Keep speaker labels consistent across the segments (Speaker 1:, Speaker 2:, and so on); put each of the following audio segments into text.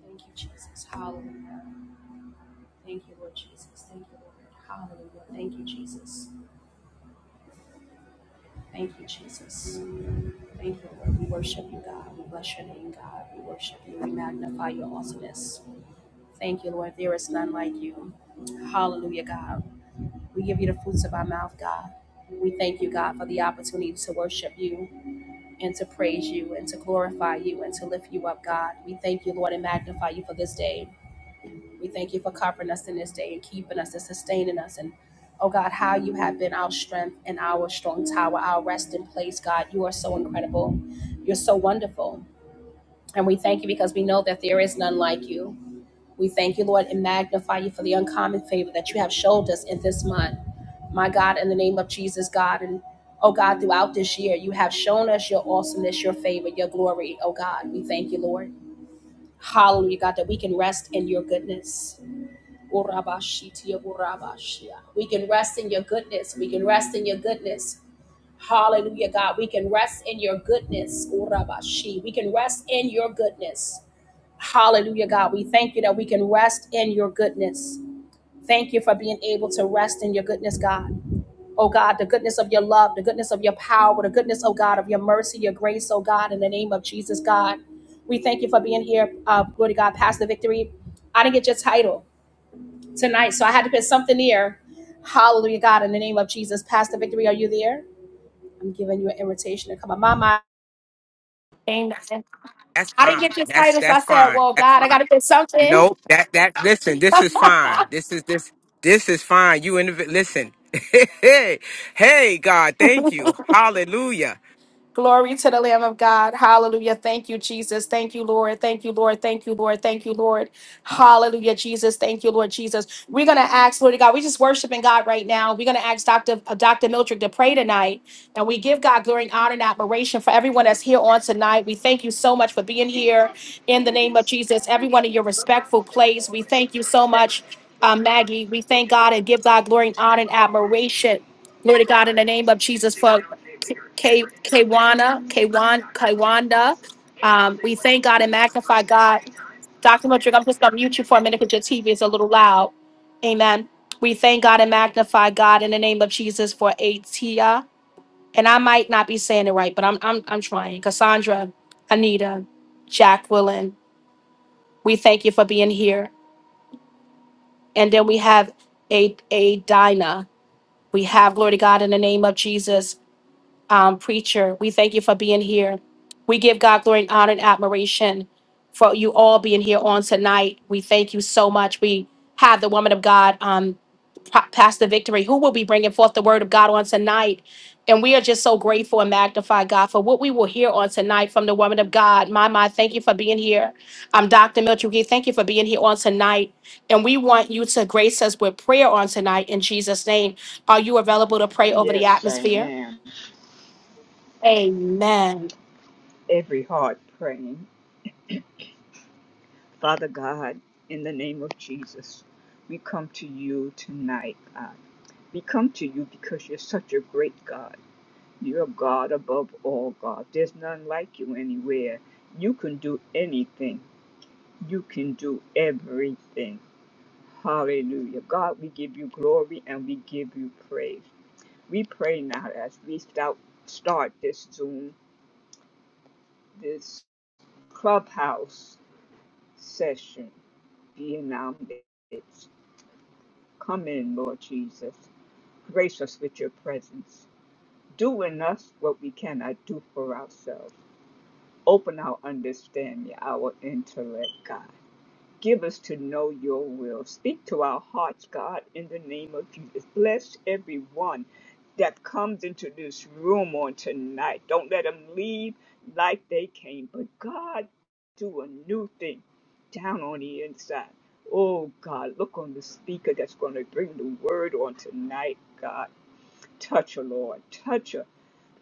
Speaker 1: Thank you, Jesus. Hallelujah. Thank you, Lord Jesus. Thank you, Lord. Hallelujah. Thank you, Jesus. Thank you, Jesus. Thank you, Lord. We worship you, God. We bless your name, God. We worship you. We magnify your awesomeness. Thank you, Lord. There is none like you. Hallelujah, God. We give you the fruits of our mouth, God. We thank you, God, for the opportunity to worship you and to praise you and to glorify you and to lift you up, God. We thank you, Lord, and magnify you for this day. We thank you for covering us in this day and keeping us and sustaining us. And oh God, how you have been our strength and our strong tower, our resting place, God. You are so incredible. You're so wonderful. And we thank you because we know that there is none like you. We thank you, Lord, and magnify you for the uncommon favor that you have showed us in this month. My God, in the name of Jesus, God, and oh God, throughout this year, you have shown us your awesomeness, your favor, your glory, oh God. We thank you, Lord. Hallelujah, God, that we can rest in your goodness. Urabashiti, Urabashia. We can rest in your goodness. We can rest in your goodness. Hallelujah, God. We can rest in your goodness. Urabashi. We can rest in your goodness. Hallelujah, God. We thank you that we can rest in your goodness. Thank you for being able to rest in your goodness, God. Oh God, the goodness of your love, the goodness of your power, the goodness, oh God, of your mercy, your grace, oh God, in the name of Jesus, God. We thank you for being here, uh, Lord God, Pastor Victory. I didn't get your title tonight. So I had to put something there. Hallelujah, God, in the name of Jesus. Pastor Victory, are you there? I'm giving you an invitation to come on. Mama. Amen.
Speaker 2: That's
Speaker 1: I didn't
Speaker 2: fine.
Speaker 1: get your
Speaker 2: That's
Speaker 1: titles. I
Speaker 2: that's
Speaker 1: said,
Speaker 2: fine.
Speaker 1: well,
Speaker 2: That's
Speaker 1: God, I
Speaker 2: fine.
Speaker 1: got to put something.
Speaker 2: Nope. That that listen, this is fine. This is this this is fine. You innovative. listen. hey, hey God, thank you. Hallelujah.
Speaker 1: Glory to the Lamb of God. Hallelujah. Thank you, Jesus. Thank you, Lord. Thank you, Lord. Thank you, Lord. Thank you, Lord. Hallelujah, Jesus. Thank you, Lord Jesus. We're going to ask, Lord God, we're just worshiping God right now. We're going to ask Dr. uh, Dr. Miltrick to pray tonight. And we give God glory and honor and admiration for everyone that's here on tonight. We thank you so much for being here in the name of Jesus. Everyone in your respectful place, we thank you so much, uh, Maggie. We thank God and give God glory and honor and admiration. Lord God, in the name of Jesus, for K Kwana, Kwan Kwanda. Um, we thank God and magnify God. Dr. Modrick, I'm just gonna mute you for a minute because your TV is a little loud. Amen. We thank God and magnify God in the name of Jesus for Atia. And I might not be saying it right, but I'm I'm I'm trying. Cassandra, Anita, Jacqueline. We thank you for being here. And then we have a a Dinah. We have glory to God in the name of Jesus. um, preacher. We thank you for being here. We give God glory and honor and admiration for you all being here on tonight. We thank you so much. We have the woman of God, um, Pa- Pastor Victory, who will be bringing forth the word of God on tonight. And we are just so grateful and magnify God for what we will hear on tonight from the woman of God. My, my, thank you for being here. I'm Dr. Miltrugi. Thank you for being here on tonight. And we want you to grace us with prayer on tonight in Jesus' name. Are you available to pray over the
Speaker 3: Yes, I
Speaker 1: atmosphere?
Speaker 3: am.
Speaker 1: Amen.
Speaker 3: Every heart praying. Father God, in the name of Jesus, we come to you tonight, God. We come to you because you're such a great God. You're God above all, God. There's none like you anywhere. You can do anything, you can do everything. Hallelujah. God, we give you glory and we give you praise. We pray now as we stout- start this Zoom, this clubhouse. session. Be now midst. Come in, Lord Jesus. Grace us with your presence. Do in us what we cannot do for ourselves. Open our understanding, our intellect, God. Give us to know your will. Speak to our hearts, God, in the name of Jesus. Bless everyone that comes into this room on tonight. Don't let them leave like they came. But God, do a new thing down on the inside. Oh, God, look on the speaker that's going to bring the word on tonight, God. Touch her, Lord. Touch her.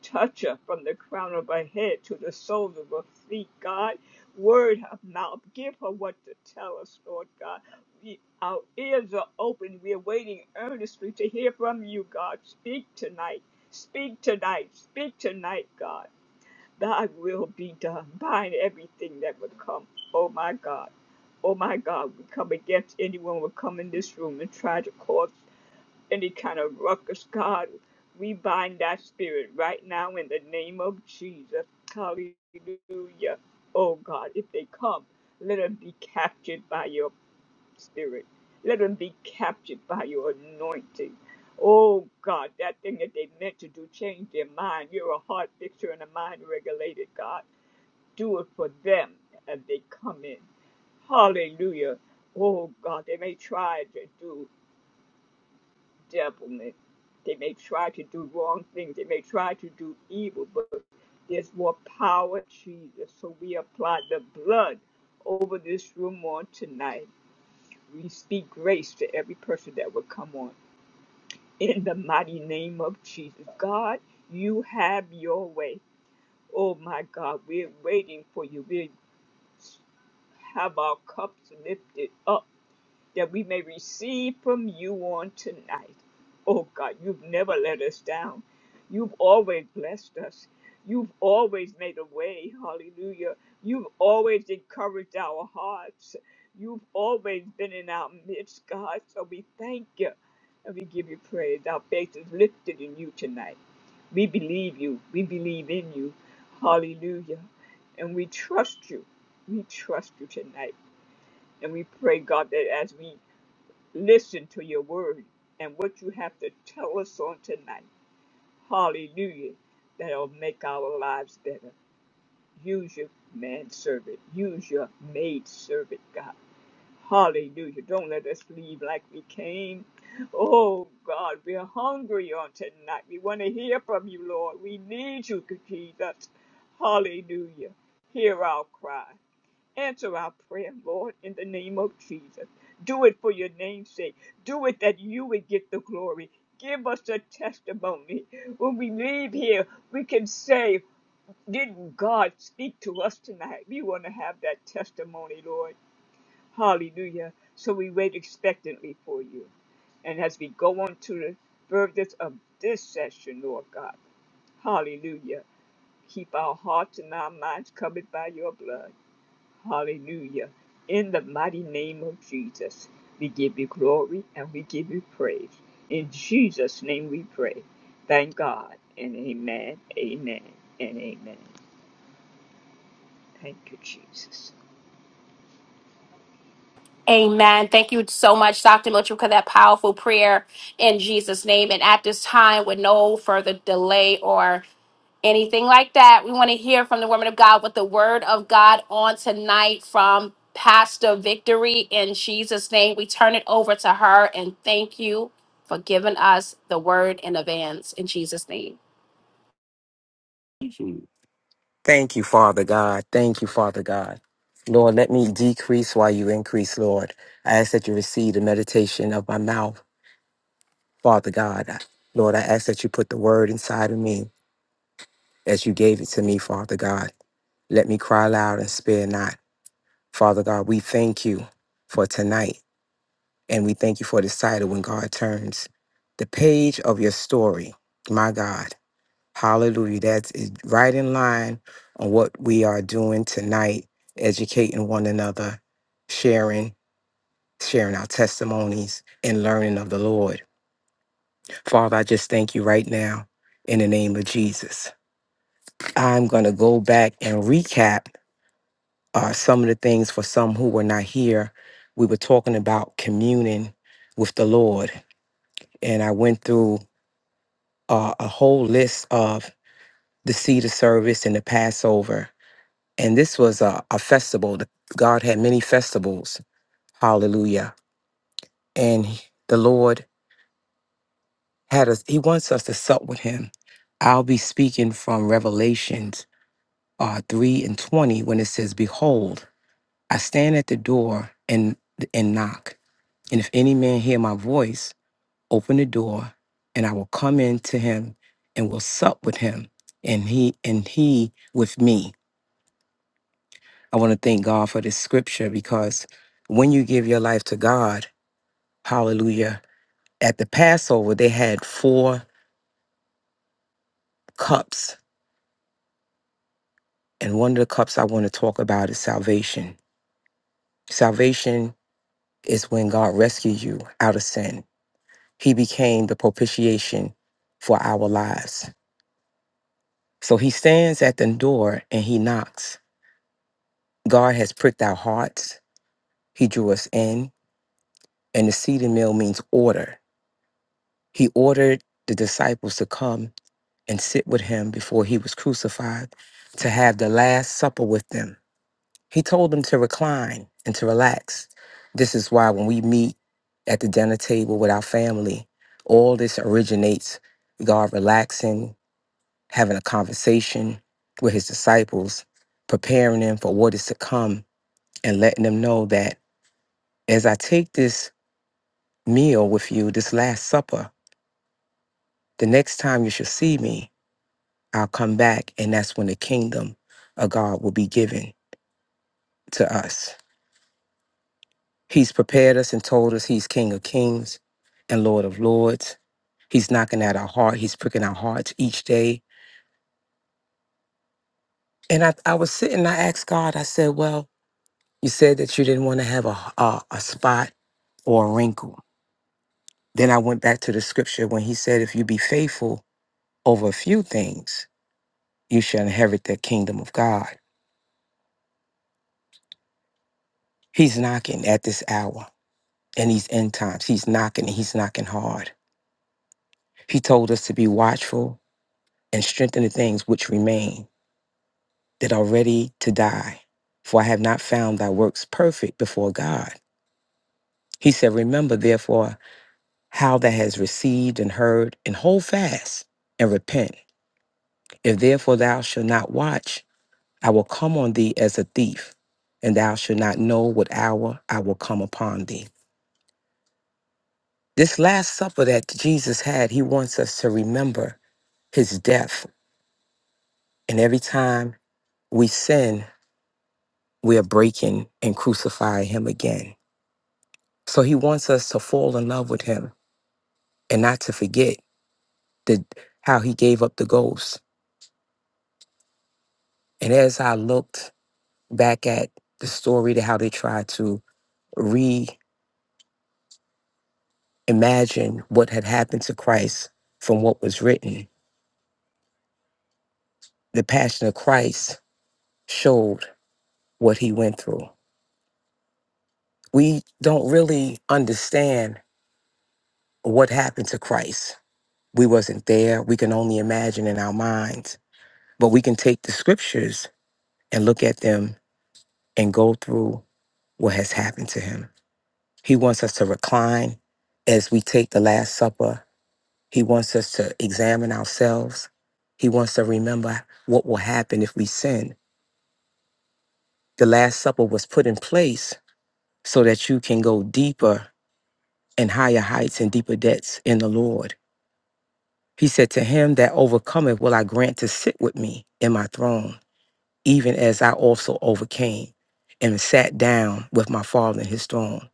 Speaker 3: Touch her from the crown of her head to the soles of her feet, God. Word her mouth. Give her what to tell us, Lord God. We, our ears are open. We are waiting earnestly to hear from you, God. Speak tonight. Speak tonight. Speak tonight, God. Thy will be done. Bind everything that would come. Oh, my God. Oh, my God. We come against anyone who would come in this room and try to cause any kind of ruckus, God. We bind that spirit right now in the name of Jesus. Hallelujah. Oh God, if they come, let them be captured by your spirit. Let them be captured by your anointing. Oh God, that thing that they meant to do, change their mind. You're a heart fixer and a mind regulated, God. Do it for them as they come in. Hallelujah. Oh God, they may try to do devilment. They may try to do wrong things. They may try to do evil, but there's more power, Jesus. So we apply the blood over this room on tonight. We speak grace to every person that will come on. In the mighty name of Jesus. God, you have your way. Oh my God, we're waiting for you. We have our cups lifted up that we may receive from you on tonight. Oh God, you've never let us down. You've always blessed us. You've always made a way. Hallelujah. You've always encouraged our hearts. You've always been in our midst, God. So we thank you and we give you praise. Our faith is lifted in you tonight. We believe you. We believe in you. Hallelujah. And we trust you. We trust you tonight. And we pray, God, that as we listen to your word and what you have to tell us on tonight. Hallelujah. That'll make our lives better. Use your manservant. Use your maidservant, God. Hallelujah. Don't let us leave like we came. Oh, God, we're hungry on tonight. We want to hear from you, Lord. We need you, Jesus. Hallelujah. Hear our cry. Answer our prayer, Lord, in the name of Jesus. Do it for your name's sake. Do it that you would get the glory. Give us a testimony. When we leave here, we can say, Didn't God speak to us tonight? We want to have that testimony, Lord. Hallelujah. So we wait expectantly for you. And as we go on to the furthest of this session, Lord God, hallelujah. Keep our hearts and our minds covered by your blood. Hallelujah. In the mighty name of Jesus, we give you glory and we give you praise. In Jesus' name we pray. Thank God and amen, amen, and amen. Thank you, Jesus.
Speaker 1: Amen. Thank you so much, Dr. Mitchell, for that powerful prayer in Jesus' name. And at this time, with no further delay or anything like that, we want to hear from the woman of God with the word of God on tonight from Pastor Victory in Jesus' name. We turn it over to her and thank you for giving us the word in advance in Jesus' name.
Speaker 2: Thank you, Father God. Thank you, Father God. Lord, let me decrease while you increase, Lord. I ask that you receive the meditation of my mouth, Father God. Lord, I ask that you put the word inside of me as you gave it to me, Father God. Let me cry loud and spare not. Father God, we thank you for tonight. And we thank you for this title when God turns the page of your story. My God. Hallelujah. That's is right in line on what we are doing tonight, educating one another, sharing, sharing our testimonies and learning of the Lord. Father, I just thank you right now in the name of Jesus. I'm going to go back and recap uh, some of the things for some who were not here. We were talking about communing with the Lord, and I went through uh, a whole list of the Cedar service and the Passover. And this was a, a festival. The- God had many festivals. Hallelujah. And he- the Lord had us, He wants us to sup with Him. I'll be speaking from Revelations uh, 3 and 20 when it says, Behold, I stand at the door and, and knock. And if any man hear my voice open the door and I will come in to him and will sup with him and he and he with me. I want to thank God for this scripture because when you give your life to God, hallelujah, at the Passover they had four cups and one of the cups I want to talk about is salvation. Salvation is when God rescued you out of sin. He became the propitiation for our lives. So he stands at the door and he knocks. God has pricked our hearts. He drew us in. And the seating meal means order. He ordered the disciples to come and sit with him before he was crucified to have the Last Supper with them. He told them to recline and to relax. This is why when we meet at the dinner table with our family, all this originates God relaxing, having a conversation with his disciples, preparing them for what is to come, and letting them know that as I take this meal with you, this Last Supper. The next time you shall see me, I'll come back, and that's when the kingdom of God will be given to us. He's prepared us and told us He's King of Kings and Lord of Lords. He's knocking at our heart, He's pricking our hearts each day. And I, I was sitting, I asked God, I said, Well, you said that you didn't want to have a, a, a spot or a wrinkle. Then I went back to the scripture when He said, If you be faithful over a few things, you shall inherit the kingdom of God. He's knocking at this hour and these end times. He's knocking and he's knocking hard. He told us to be watchful and strengthen the things which remain that are ready to die. For I have not found thy works perfect before God. He said, Remember therefore how thou hast received and heard, and hold fast and repent. If therefore thou shalt not watch, I will come on thee as a thief, and thou shalt not know what hour I will come upon thee. This Last Supper that Jesus had, he wants us to remember his death. And every time we sin, we are breaking and crucifying him again. So he wants us to fall in love with him and not to forget the, how he gave up the ghost. And as I looked back at the story to how they tried to reimagine what had happened to Christ from what was written, the Passion of Christ showed what he went through we don't really understand what happened to Christ. We wasn't there. We can only imagine in our minds, but we can take the scriptures and look at them and go through what has happened to him. He wants us to recline as we take the Last Supper. He wants us to examine ourselves. He wants to remember what will happen if we sin. The Last Supper was put in place so that you can go deeper and higher heights and deeper depths in the Lord He said, To him that overcometh will I grant to sit with me in my throne, even as I also overcame and sat down with my Father in his throne.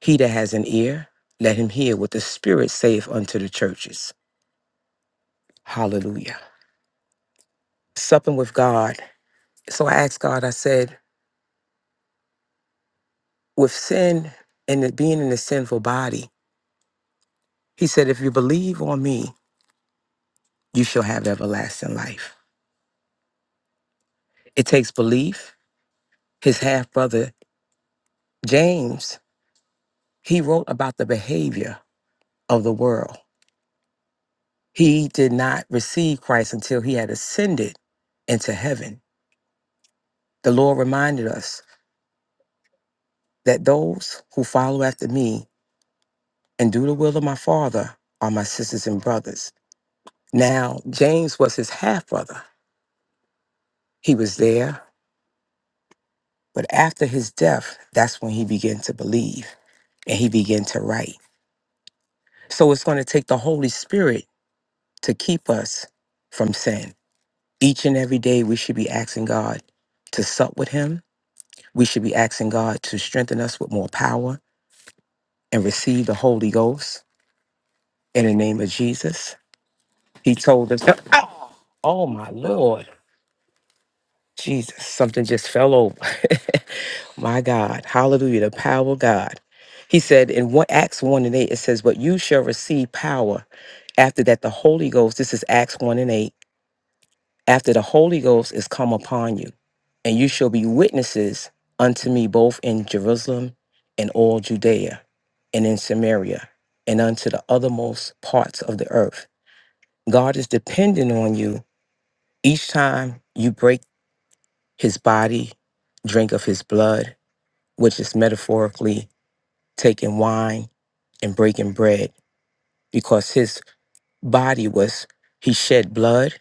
Speaker 2: He that has an ear, let him hear what the Spirit saith unto the churches. Hallelujah. Supping with God. So I asked God, I said, with sin and it being in the sinful body, he said, if you believe on me, you shall have everlasting life. It takes belief. His half brother, James, he wrote about the behavior of the world. He did not receive Christ until he had ascended into heaven. The Lord reminded us that those who follow after me and do the will of my Father are my sisters and brothers. Now, James was his half brother. He was there, but after his death, that's when he began to believe and he began to write. So it's going to take the Holy Spirit to keep us from sin. Each and every day, we should be asking God to sup with him We should be asking God to strengthen us with more power and receive the Holy Ghost in the name of Jesus. He told us, oh oh, my Lord, Jesus, something just fell over. my God, hallelujah, the power of God. He said in one, Acts 1 and 8, it says, But you shall receive power after that the Holy Ghost, this is Acts 1 and 8 after the Holy Ghost is come upon you, and you shall be witnesses unto me both in Jerusalem and all Judea and in Samaria and unto the othermost parts of the earth. God is dependent on you each time you break his body, drink of his blood, which is metaphorically taking wine and breaking bread, because his body was, he shed blood.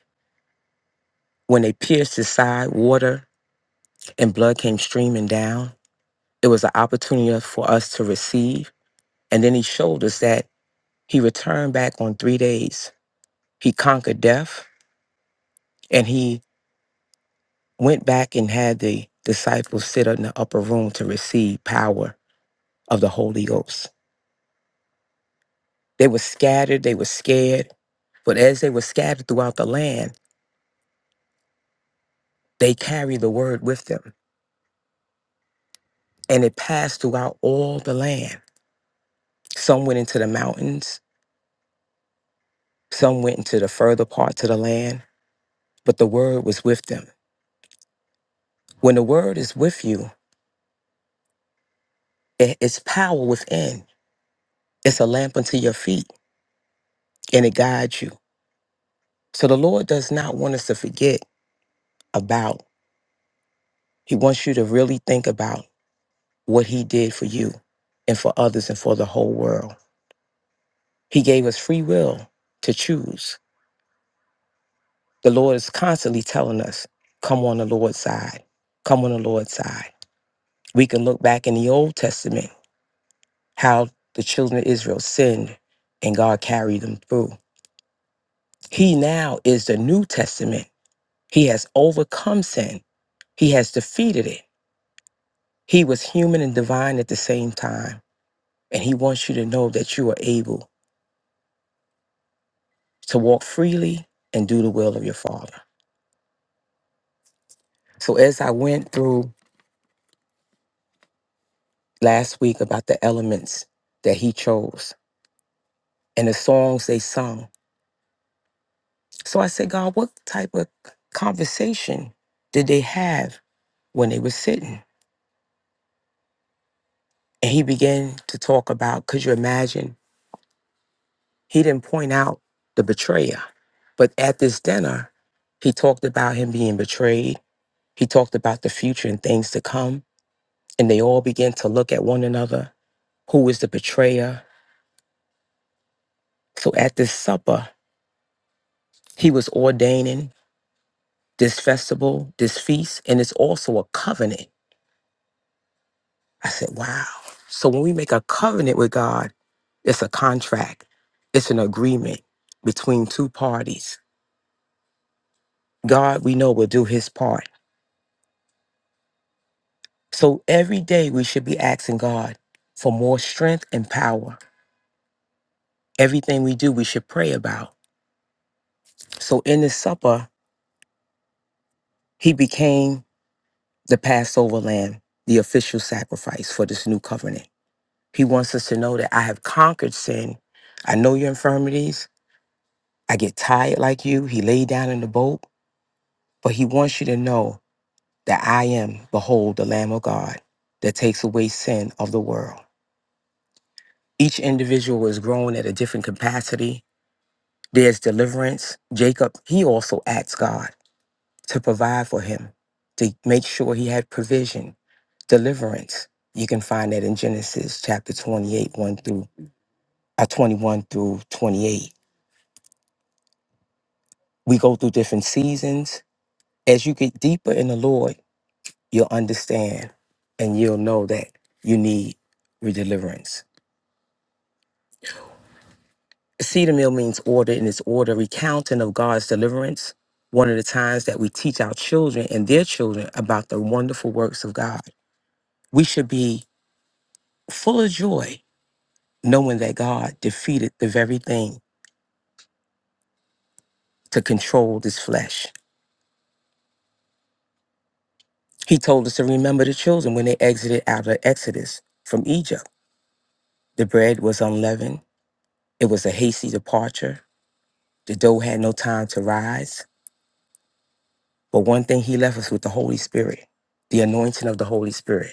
Speaker 2: When they pierced his side, water and blood came streaming down It was an opportunity for us to receive. And then he showed us that he returned back on three days. He conquered death and he went back and had the disciples sit in the upper room to receive power of the Holy Ghost. They were scattered, they were scared, but as they were scattered throughout the land, they carried the word with them. And it passed throughout all the land. Some went into the mountains, some went into the further parts of the land, but the word was with them. When the word is with you, It- It's power within. It's a lamp unto your feet and it guides you. So the Lord does not want us to forget about, He wants you to really think about what He did for you and for others and for the whole world. He gave us free will to choose. The Lord is constantly telling us, come on the Lord's side. Come on the Lord's side. We can look back in the Old Testament how the children of Israel sinned and God carried them through. He now is the New Testament He has overcome sin, He has defeated it. He was human and divine at the same time. And He wants you to know that you are able to walk freely and do the will of your Father. So, as I went through last week about the elements that He chose and the songs they sung, so I said, God, what type of conversation did they have when they were sitting? And He began to talk about, could you imagine? He didn't point out the betrayer. But at this dinner, he talked about him being betrayed. He talked about the future and things to come. And they all began to look at one another. Who is the betrayer? So at this supper, he was ordaining this festival, this feast, and it's also a covenant. I said, wow. So when we make a covenant with God, it's a contract, it's an agreement between two parties. God, we know, will do his part So every day we should be asking God for more strength and power. Everything we do, we should pray about. So in this supper, he became the Passover lamb, the official sacrifice for this new covenant. He wants us to know that I have conquered sin. I know your infirmities. I get tired like you. He laid down in the boat, but he wants you to know that I am, behold, the Lamb of God that takes away sin of the world. Each individual is growing at a different capacity There's deliverance. Jacob, he also asked God to provide for him, to make sure he had provision, deliverance. You can find that in Genesis chapter 28, 1 through uh, 21 through 28. We go through different seasons. As you get deeper in the Lord, you'll understand and you'll know that you need redeliverance. Cedar meal means order, and it's order recounting of God's deliverance. One of the times that we teach our children and their children about the wonderful works of God. We should be full of joy knowing that God defeated the very thing to control this flesh. He told us to remember the children when they exited out of Exodus from Egypt. The bread was unleavened, it was a hasty departure. The dough had no time to rise. But one thing he left us with the Holy Spirit, the anointing of the Holy Spirit.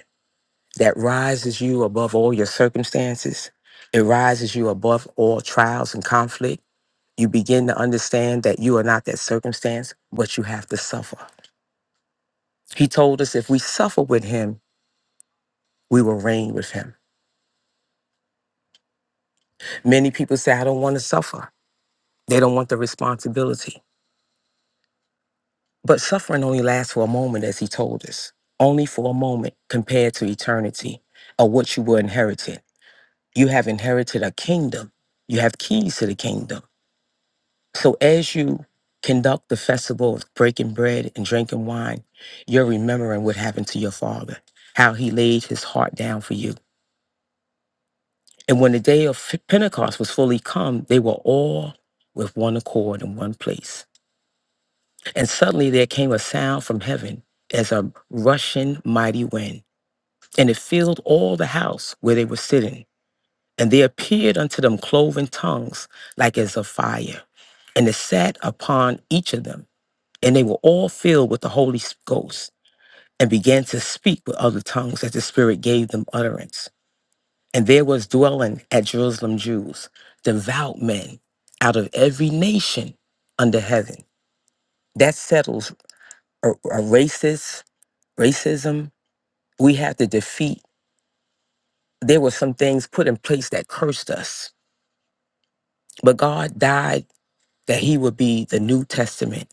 Speaker 2: that rises you above all your circumstances. It rises you above all trials and conflict. You begin to understand that you are not that circumstance, but you have to suffer. He told us if we suffer with him, we will reign with him. Many people say, I don't want to suffer. They don't want the responsibility. But suffering only lasts for a moment, as he told us, only for a moment compared to eternity or what you were inherited. You have inherited a kingdom. You have keys to the kingdom. So as you conduct the festival of breaking bread and drinking wine, you're remembering what happened to your father, how he laid his heart down for you. And when the day of Pentecost was fully come, they were all with one accord in one place. And suddenly there came a sound from heaven as a rushing mighty wind, and it filled all the house where they were sitting. And there appeared unto them cloven tongues like as of fire, and it sat upon each of them and they were all filled with the Holy Ghost and began to speak with other tongues as the Spirit gave them utterance. And there was dwelling at Jerusalem Jews, devout men out of every nation under heaven. That settles a, a racist, racism. We have to defeat. There were some things put in place that cursed us, but God died that he would be the New Testament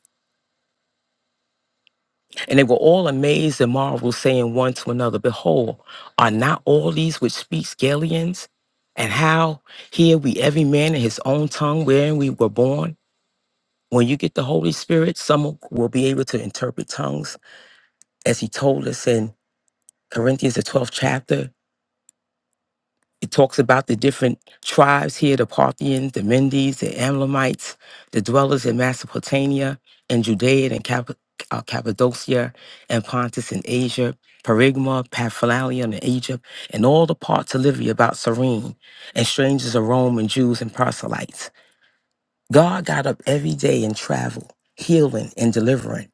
Speaker 2: And they were all amazed and marveled, saying one to another, Behold, are not all these which speak Galileans? And how hear we every man in his own tongue wherein we were born? When you get the Holy Spirit, some will be able to interpret tongues, as he told us in Corinthians, the 12th chapter. It talks about the different tribes here the Parthians, the Medes, the Amlamites, the dwellers in Mesopotamia and Judea and Cap- uh, Cappadocia and Pontus and Asia, Perigma, Paphlagonia and Egypt, and all the parts of Livia about Cyrene, and strangers of Rome and Jews and proselytes. God got up every day and traveled, healing and delivering,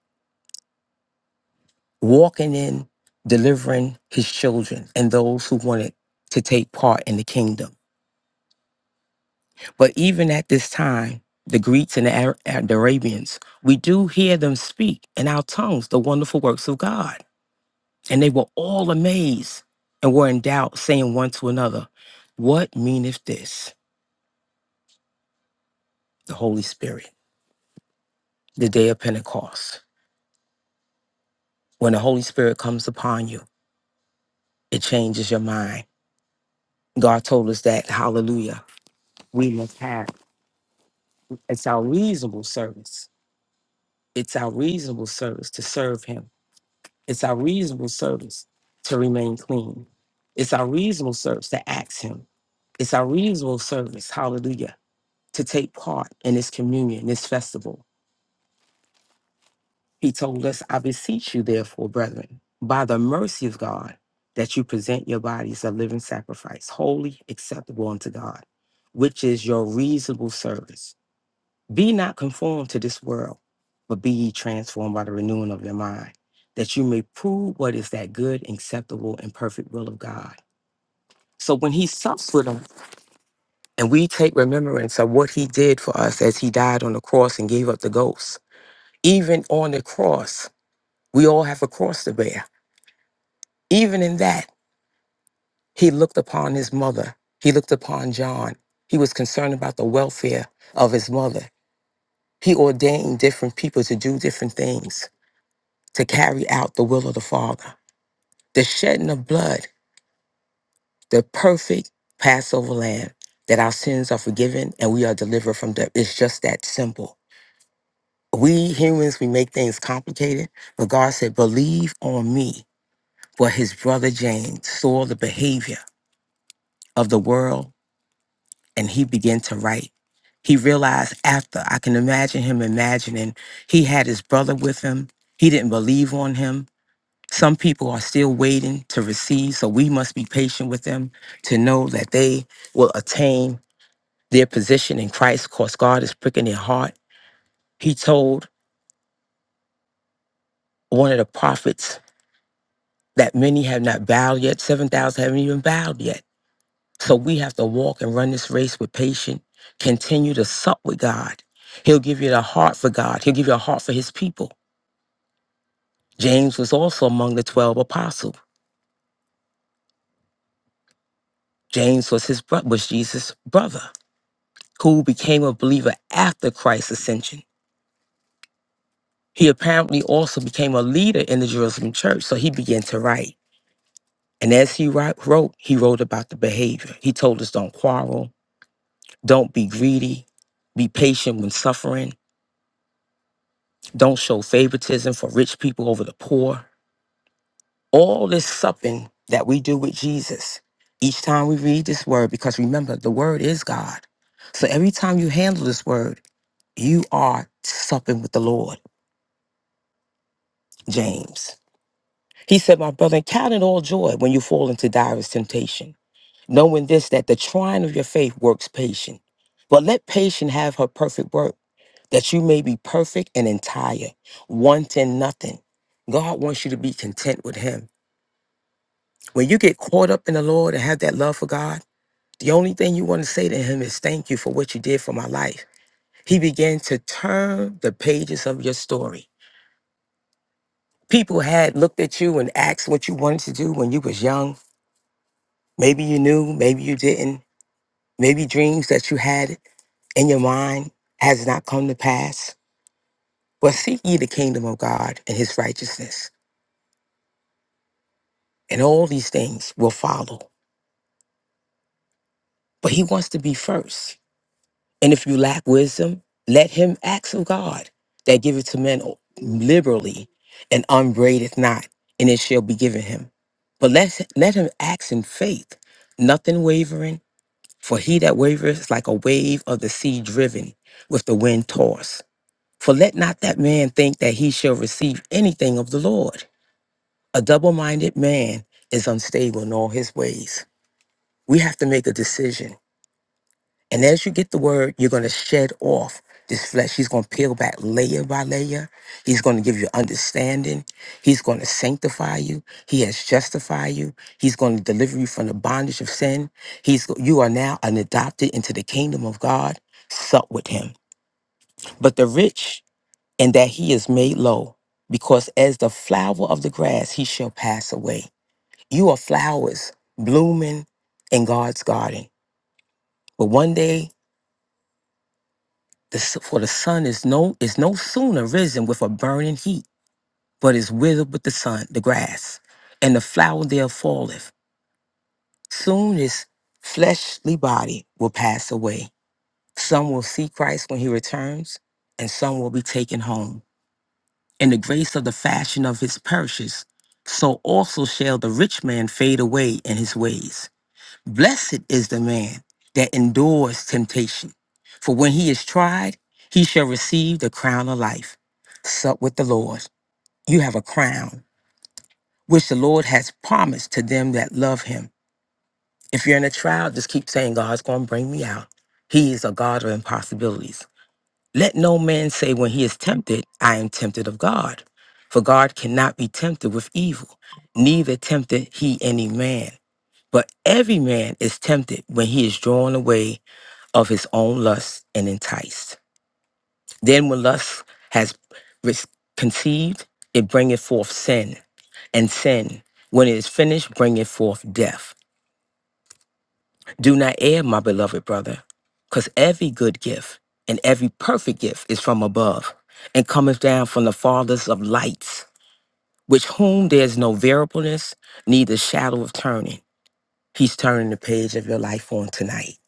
Speaker 2: walking in, delivering his children and those who wanted to take part in the kingdom. But even at this time, the Greeks and the, Ar- and the Arabians, we do hear them speak in our tongues the wonderful works of God. And they were all amazed and were in doubt, saying one to another, What meaneth this, the Holy Spirit, the day of Pentecost? When the Holy Spirit comes upon you, it changes your mind. God told us that, hallelujah, we must have. It's our reasonable service. It's our reasonable service to serve Him It's our reasonable service to remain clean. It's our reasonable service to ask Him. It's our reasonable service, hallelujah, to take part in this communion, this festival. He told us, I beseech you, therefore, brethren, by the mercy of God, that you present your bodies a living sacrifice, holy, acceptable unto God, which is your reasonable service. Be not conformed to this world, but be ye transformed by the renewing of your mind, that you may prove what is that good, acceptable, and perfect will of God. So when he sups with them, and we take remembrance of what he did for us as he died on the cross and gave up the ghost, even on the cross, we all have a cross to bear. Even in that, he looked upon his mother, he looked upon John, he was concerned about the welfare of his mother. He ordained different people to do different things to carry out the will of the Father. The shedding of blood, the perfect Passover lamb, that our sins are forgiven and we are delivered from death. It's just that simple. We humans, we make things complicated, but God said, believe on me. But his brother James saw the behavior of the world and he began to write. He realized after, I can imagine him imagining he had his brother with him. He didn't believe on him. Some people are still waiting to receive, so we must be patient with them to know that they will attain their position in Christ, because God is pricking their heart. He told one of the prophets that many have not bowed yet, 7,000 haven't even bowed yet. So we have to walk and run this race with patience, continue to sup with God. He'll give you the heart for God, He'll give you a heart for His people. James was also among the 12 apostles. James was his bro- was Jesus' brother. who became a believer after Christ's ascension. He apparently also became a leader in the Jerusalem church, so he began to write. And as he wri- wrote, he wrote about the behavior. He told us don't quarrel, don't be greedy, be patient when suffering, don't show favoritism for rich people over the poor. All this supping that we do with Jesus each time we read this word, because remember, the word is God. So every time you handle this word, you are supping with the Lord, James. He said, My brother, count it all joy when you fall into direst temptation, knowing this, that the trying of your faith works patient. But let patience have her perfect work, that you may be perfect and entire, wanting nothing. God wants you to be content with Him. When you get caught up in the Lord and have that love for God, the only thing you want to say to Him is, Thank you for what you did for my life. He began to turn the pages of your story. People had looked at you and asked what you wanted to do when you was young Maybe you knew, maybe you didn't. Maybe dreams that you had in your mind has not come to pass. But seek ye the kingdom of God and his righteousness, and all these things will follow. But he wants to be first. And if you lack wisdom, let him ask of God that giveth to men liberally and unbraideth not, and it shall be given him. But let, let him ask in faith, nothing wavering, for he that wavereth is like a wave of the sea driven with the wind tossed. For let not that man think that he shall receive anything of the Lord. A double minded man is unstable in all his ways. We have to make a decision. And as you get the word, you're going to shed off this flesh. He's going to peel back layer by layer. He's going to give you understanding. He's going to sanctify you. He has justified you. He's going to deliver you from the bondage of sin. He's you are now an adopted into the kingdom of God. Sup with him. But the rich and that he is made low, because as the flower of the grass, he shall pass away. You are flowers blooming in God's garden. But one day, the, s- for the sun is no, is no sooner risen with a burning heat, but is withered with the sun, the grass, and the flower there falleth. Soon his fleshly body will pass away. Some will see Christ when he returns, and some will be taken home. and the grace of the fashion of his perishes, so also shall the rich man fade away in his ways. Blessed is the man that endures temptation, for when he is tried, he shall receive the crown of life. Sup with the Lord. You have a crown, which the Lord has promised to them that love him. If you're in a trial, just keep saying, God's going to bring me out. He is a God of impossibilities. Let no man say when he is tempted, I am tempted of God. For God cannot be tempted with evil, neither tempted he any man. But every man is tempted when he is drawn away of his own lust and enticed. Then when lust has ris- conceived, it bringeth forth sin. And sin, when it is finished, bringeth forth death. Do not err, my beloved brother, because every good gift and every perfect gift is from above and cometh down from the fathers of lights, which whom there is no variableness, neither shadow of turning. He's turning the page of your life on tonight.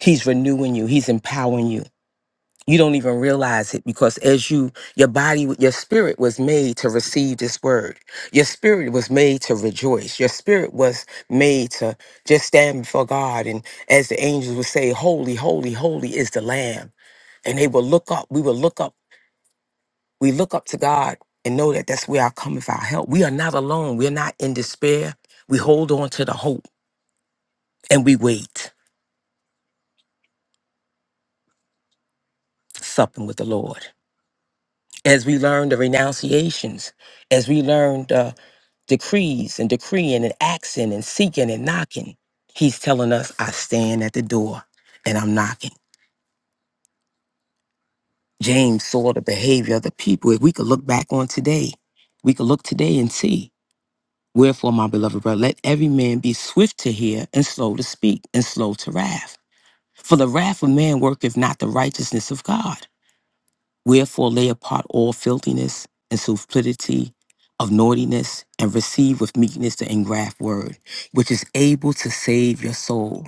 Speaker 2: He's renewing you. He's empowering you you don't even realize it because as you your body your spirit was made to receive this word your spirit was made to rejoice your spirit was made to just stand before god and as the angels would say holy holy holy is the lamb and they will look up we will look up we look up to god and know that that's where our cometh our help we are not alone we're not in despair we hold on to the hope and we wait supping with the lord as we learn the renunciations as we learned uh, decrees and decreeing and asking and seeking and knocking. He's telling us, I stand at the door and I'm knocking. James saw the behavior of the people. If we could look back on today, we could look today and see. Wherefore, my beloved brother, let every man be swift to hear and slow to speak and slow to wrath. For the wrath of man worketh not the righteousness of God. Wherefore lay apart all filthiness and superfluity of naughtiness, and receive with meekness the engraft word, which is able to save your soul.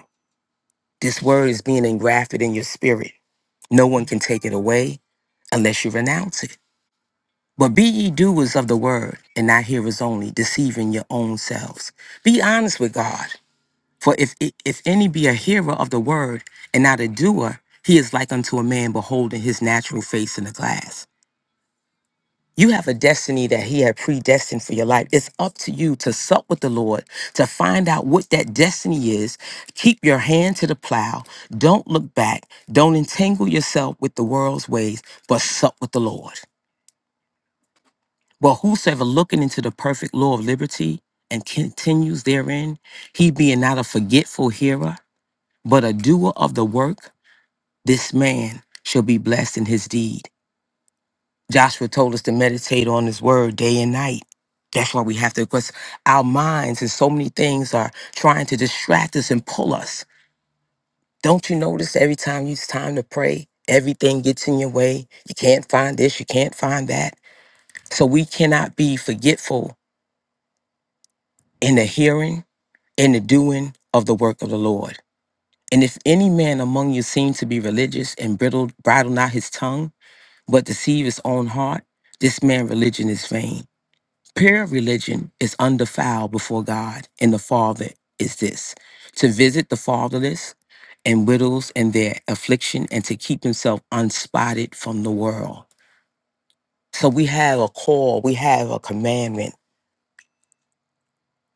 Speaker 2: This word is being engrafted in your spirit. No one can take it away unless you renounce it. But be ye doers of the word, and not hearers only, deceiving your own selves. Be honest with God. For if if any be a hearer of the word and not a doer, he is like unto a man beholding his natural face in a glass. You have a destiny that He had predestined for your life. It's up to you to sup with the Lord, to find out what that destiny is. Keep your hand to the plow. Don't look back. Don't entangle yourself with the world's ways, but sup with the Lord. Well, whosoever looking into the perfect law of liberty and continues therein, he being not a forgetful hearer, but a doer of the work, this man shall be blessed in his deed. Joshua told us to meditate on his word day and night. That's why we have to, because our minds and so many things are trying to distract us and pull us. Don't you notice every time it's time to pray, everything gets in your way? You can't find this, you can't find that. So we cannot be forgetful in the hearing and the doing of the work of the Lord. And if any man among you seem to be religious and brittle, bridle not his tongue, but deceive his own heart, this man religion is vain. Pure religion is undefiled before God and the Father is this to visit the fatherless and widows in their affliction and to keep himself unspotted from the world. So we have a call, we have a commandment,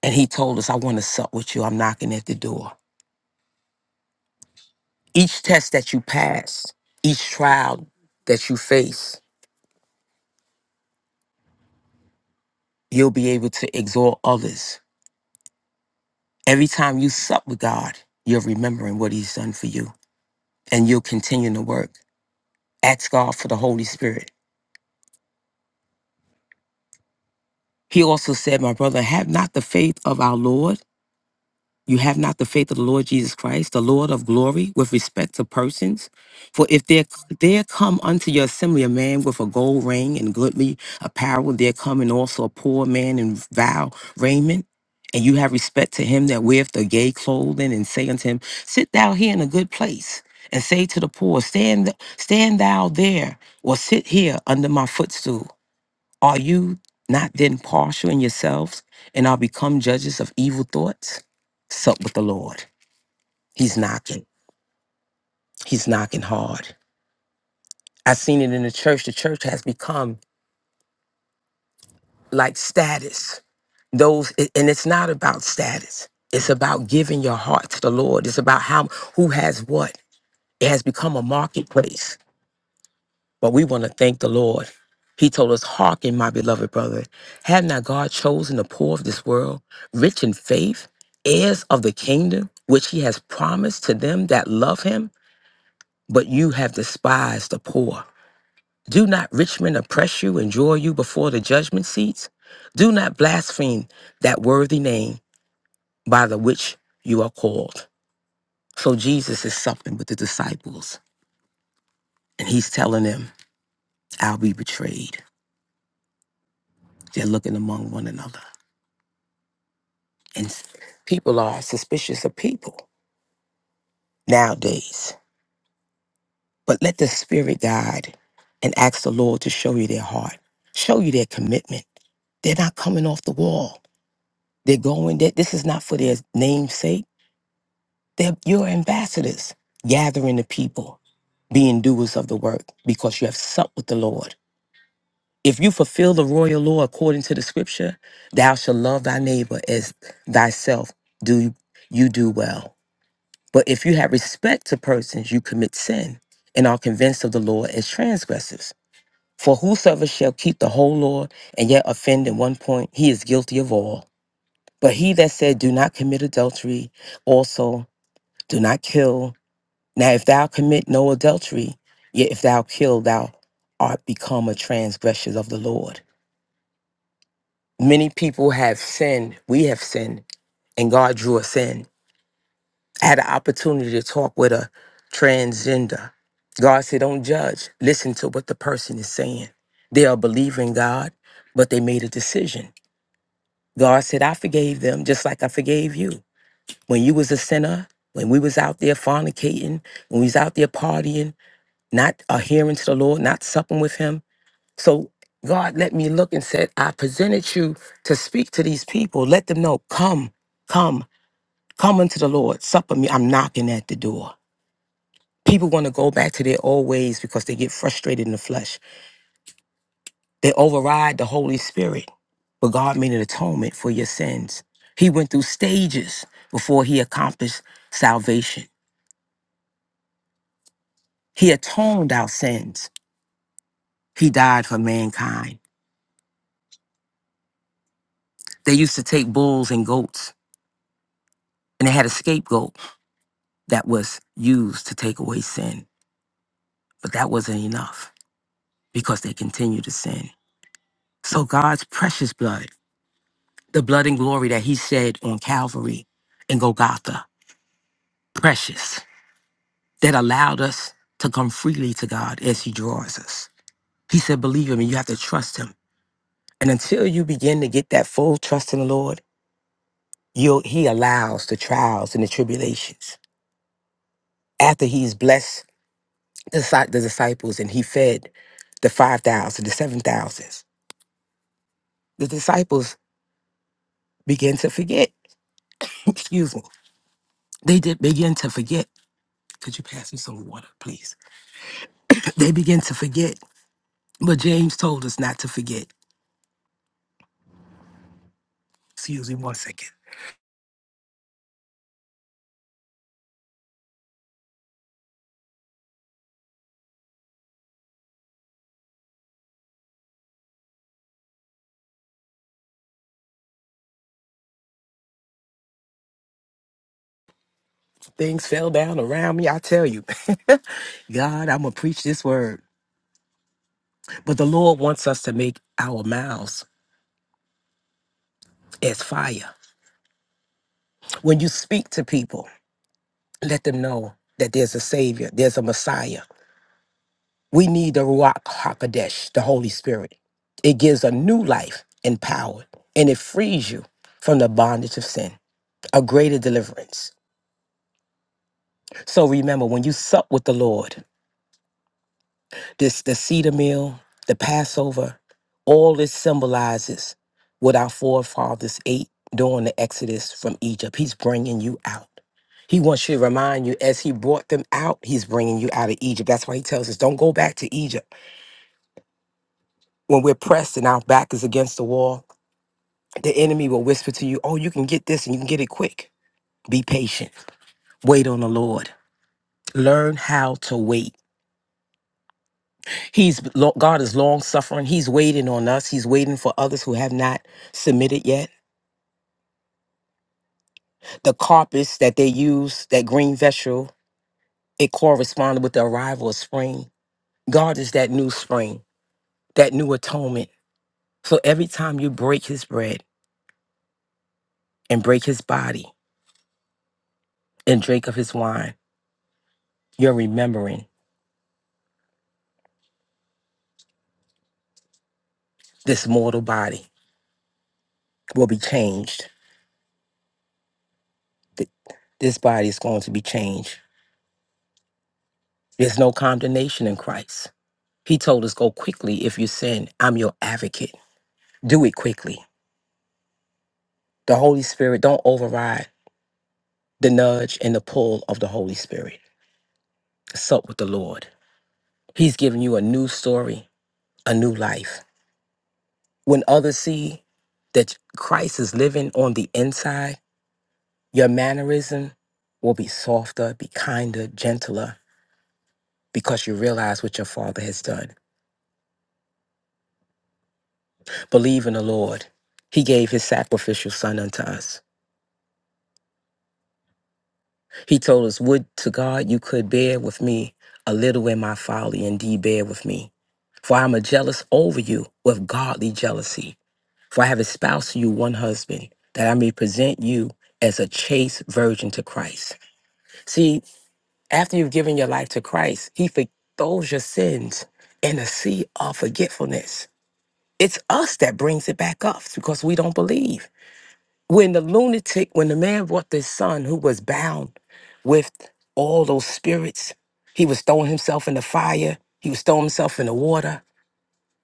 Speaker 2: and he told us, I want to sup with you. I'm knocking at the door. Each test that you pass, each trial that you face, you'll be able to exhort others. Every time you sup with God, you're remembering what he's done for you and you'll continue to work. Ask God for the Holy Spirit. He also said, My brother, have not the faith of our Lord. You have not the faith of the Lord Jesus Christ, the Lord of glory, with respect to persons. For if there, there come unto your assembly a man with a gold ring and goodly apparel, there come in also a poor man in vile raiment, and you have respect to him that weareth the gay clothing, and say unto him, Sit thou here in a good place, and say to the poor, Stand, stand thou there, or sit here under my footstool. Are you not then partial in yourselves and are become judges of evil thoughts? Sup with the Lord. He's knocking. He's knocking hard. I've seen it in the church. The church has become like status. Those a- and it's not about status. It's about giving your heart to the Lord. It's about how who has what. It has become a marketplace But we want to thank the Lord. He told us, Hearken, my beloved brother. Had not God chosen the poor of this world, rich in faith, heirs of the kingdom, which he has promised to them that love him? But you have despised the poor. Do not rich men oppress you and draw you before the judgment seats? Do not blaspheme that worthy name by the which you are called. So Jesus is supping with the disciples, and he's telling them, I'll be betrayed. They're looking among one another. And s- people are suspicious of people nowadays. But let the Spirit guide and ask the Lord to show you their heart, show you their commitment. They're not coming off the wall. They're going there. This is not for their name's sake. They're your ambassadors, gathering the people, being doers of the work because you have supped with the Lord. If you fulfill the royal law according to the scripture, thou shalt love thy neighbor as thyself, do you do well. But if you have respect to persons, you commit sin and are convinced of the law as transgressors. For whosoever shall keep the whole law and yet offend in one point, he is guilty of all. But he that said, Do not commit adultery, also do not kill. Now, if thou commit no adultery, yet if thou kill, thou art become a transgressor of the Lord. Many people have sinned. We have sinned, and God drew us in had an opportunity to talk with a transgender. God said, Don't judge. Listen to what the person is saying. They are believing God, but they made a decision. God said, I forgave them just like I forgave you. When you was a sinner, when we was out there fornicating, when we was out there partying, not adhering to the Lord, not supping with him. So God let me look and said, I presented you to speak to these people. Let them know, come, come, come unto the Lord. Sup with me. I'm knocking at the door. People want to go back to their old ways because they get frustrated in the flesh. They override the Holy Spirit. But God made an atonement for your sins. He went through stages before he accomplished salvation. He atoned our sins. He died for mankind. They used to take bulls and goats, and they had a scapegoat that was used to take away sin. But that wasn't enough because they continued to sin. So God's precious blood, the blood and glory that he shed on Calvary and Golgotha, precious that allowed us to come freely to God as He draws us. He said, Believe Him, and you have to trust Him. And until you begin to get that full trust in the Lord, you'll, He allows the trials and the tribulations. After He's blessed the, disci- the disciples and He fed the 5,000, the 7,000s, the disciples began to forget. Excuse me. They did begin to forget. Could you pass me some water, please? They begin to forget. But James told us not to forget. Excuse me one second. Things fell down around me. I tell you, God, I'm going to preach this word. But the Lord wants us to make our mouths as fire. When you speak to people, let them know that there's a Savior, there's a Messiah. We need the Ruach HaKodesh, the Holy Spirit. It gives a new life and power, and it frees you from the bondage of sin, a greater deliverance. So remember, when you sup with the Lord, This the cedar meal, the Passover, all this symbolizes what our forefathers ate during the Exodus from Egypt. He's bringing you out. He wants you to remind you as he brought them out, he's bringing you out of Egypt. That's why he tells us don't go back to Egypt. When we're pressed and our back is against the wall, the enemy will whisper to you, Oh, you can get this and you can get it quick. Be patient. Wait on the Lord. Learn how to wait He's lo- God is long suffering. He's waiting on us. He's waiting for others who have not submitted yet. The carpets that they use, that green vessel, it corresponded with the arrival of spring. God is that new spring, that new atonement. So every time you break his bread and break his body and drink of his wine, you're remembering this mortal body will be changed. Th- This body is going to be changed. There's no condemnation in Christ. He told us, Go quickly if you sin. I'm your advocate. do it quickly. The Holy Spirit, don't override the nudge and the pull of the Holy Spirit. Sup with the Lord. He's giving you a new story, a new life. When others see that Christ is living on the inside, your mannerism will be softer, be kinder, gentler, because you realize what your Father has done. Believe in the Lord. He gave his sacrificial son unto us. He told us, Would to God you could bear with me a little in my folly, and indeed bear with me. For I am a jealous over you with godly jealousy. For I have espoused to you one husband, that I may present you as a chaste virgin to Christ. See, after you've given your life to Christ, He for- throws your sins in a sea of forgetfulness. It's us that brings it back up because we don't believe. When the lunatic, when the man brought this son who was bound with all those spirits, he was throwing himself in the fire, he was throwing himself in the water.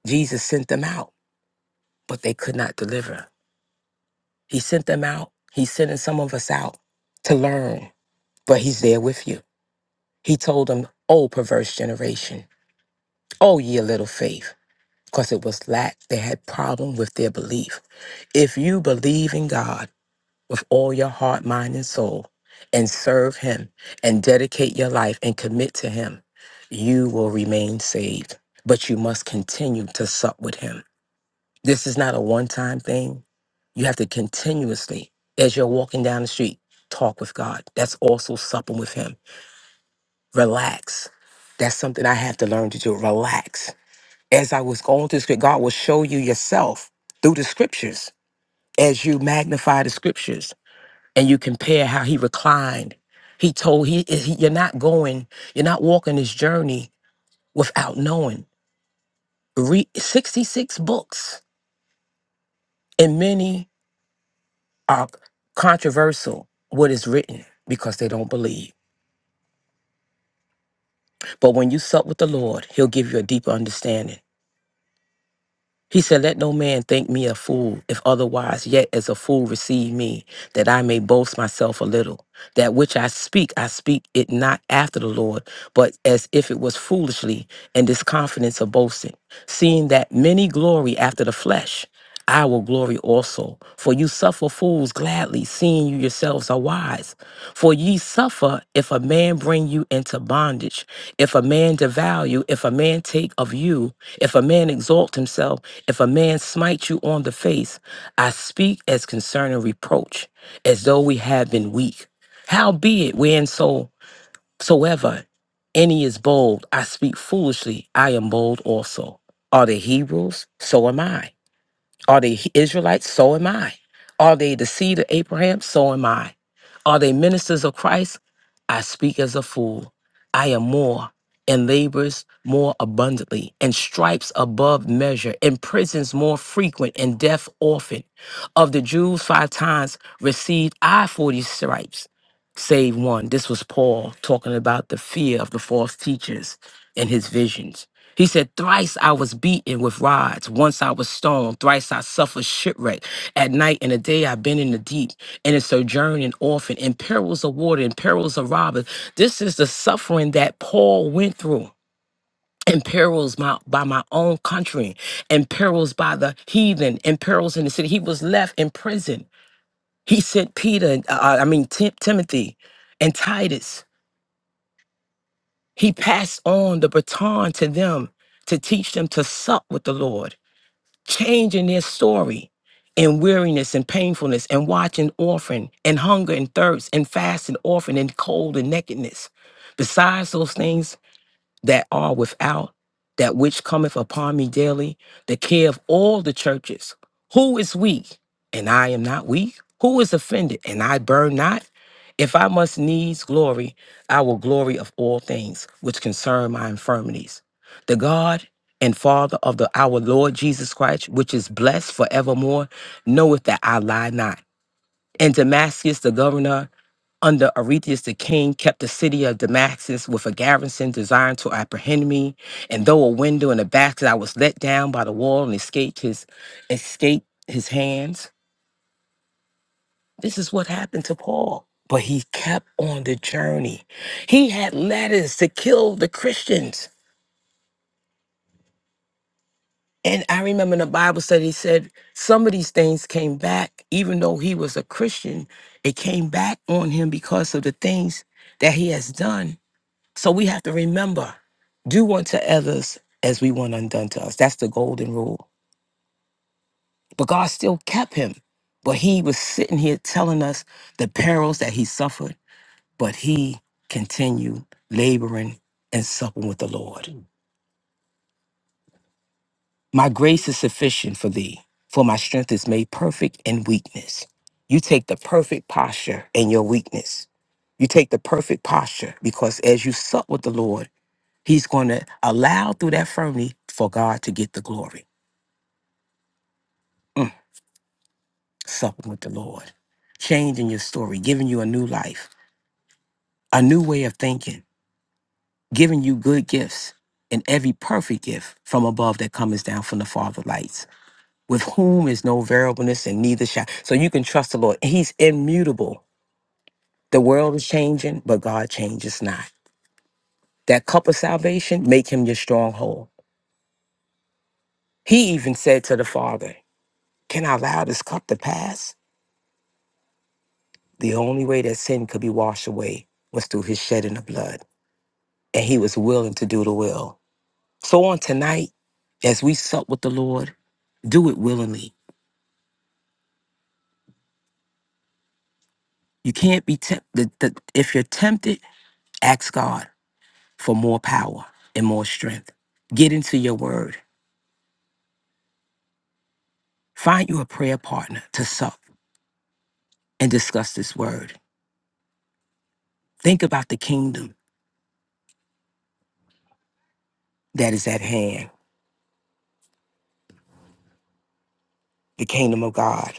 Speaker 2: Jesus sent them out. but they could not deliver. He sent them out. He's sending some of us out to learn, but he's there with you. He told them, Oh, perverse generation, oh, ye little faith, because it was lack. They had problem with their belief. If you believe in God with all your heart, mind, and soul, and serve him and dedicate your life and commit to him, you will remain saved. But you must continue to sup with him. This is not a one time thing. You have to continuously, as you're walking down the street, talk with God. That's also supping with Him. Relax. That's something I have to learn to do. Relax. As I was going through the script, God will show you yourself through the scriptures as you magnify the scriptures and you compare how He reclined. He told he, he you're not going, you're not walking this journey without knowing. Read 66 books and many are controversial what is written because they don't believe. But when you sup with the Lord, He'll give you a deeper understanding. He said, Let no man think me a fool, if otherwise, yet as a fool receive me, that I may boast myself a little. That which I speak, I speak it not after the Lord, but as if it was foolishly, and this confidence of boasting. Seeing that many glory after the flesh, I will glory also. For you suffer fools gladly, seeing you yourselves are wise. For ye suffer if a man bring you into bondage, if a man devour you, if a man take of you, if a man exalt himself, if a man smite you on the face, I speak as concerning reproach, as though we had been weak. Howbeit, wherein so soever any is bold, I speak foolishly, I am bold also. Are the Hebrews? So am I. Are they He- Israelites? So am I. Are they the seed of Abraham? So am I. Are they ministers of Christ? I speak as a fool. I am more and labors more abundantly, and stripes above measure, and prisons more frequent, and death often. Of the Jews, five times received I 40 stripes, save one. This was Paul talking about the fear of the false teachers and his visions. He said, Thrice I was beaten with rods. Once I was stoned. Thrice I suffered shipwreck. At night and a day I've been in the deep, and in sojourn and orphan, in perils of water, in perils of robbers. This is the suffering that Paul went through. In perils my, by my own country, in perils by the heathen, in perils in the city. He was left in prison. He sent Peter, uh, I mean, Tim- Timothy and Titus. He passed on the baton to them to teach them to sup with the Lord. changing their story in weariness and painfulness and watching orphan and hunger and thirst and fasting orphan and cold and nakedness. Besides those things, that are without, that which cometh upon me daily, the care of all the churches. Who is weak, and I am not weak? Who is offended, and I burn not? If I must needs glory, I will glory of all things which concern my infirmities. The God and Father of the our Lord Jesus Christ, which is blessed forevermore, knoweth that I lie not. And Damascus, the governor under Aretheus the king kept the city of Damascus with a garrison designed to apprehend me, and though a window in the basket I was let down by the wall and escaped his escaped his hands. This is what happened to Paul. But he kept on the journey. He had letters to kill the Christians. And I remember in the Bible study he said some of these things came back, even though he was a Christian, it came back on him because of the things that he has done So we have to remember do unto others as we want undone to us. That's the golden rule. But God still kept him. But he was sitting here telling us the perils that he suffered, but he continued laboring and supping with the Lord. Mm. My grace is sufficient for thee, for my strength is made perfect in weakness. You take the perfect posture in your weakness. You take the perfect posture because as you sup with the Lord, He's going to allow through that firmly for God to get the glory. Mm. Supping with the Lord, changing your story, giving you a new life, a new way of thinking, giving you good gifts, and every perfect gift from above that comes down from the Father of lights, with whom is no variableness and neither shall. So you can trust the Lord. He's immutable. The world is changing, but God changes not. That cup of salvation, make him your stronghold. He even said to the Father, Can I allow this cup to pass? The only way that sin could be washed away was through his shedding of blood, and he was willing to do the will. So on tonight, as we sup with the Lord, do it willingly. You can't be tempted. If you're tempted, ask God for more power and more strength. Get into your word. Find you a prayer partner to sup and discuss this word. Think about the kingdom that is at hand, the kingdom of God.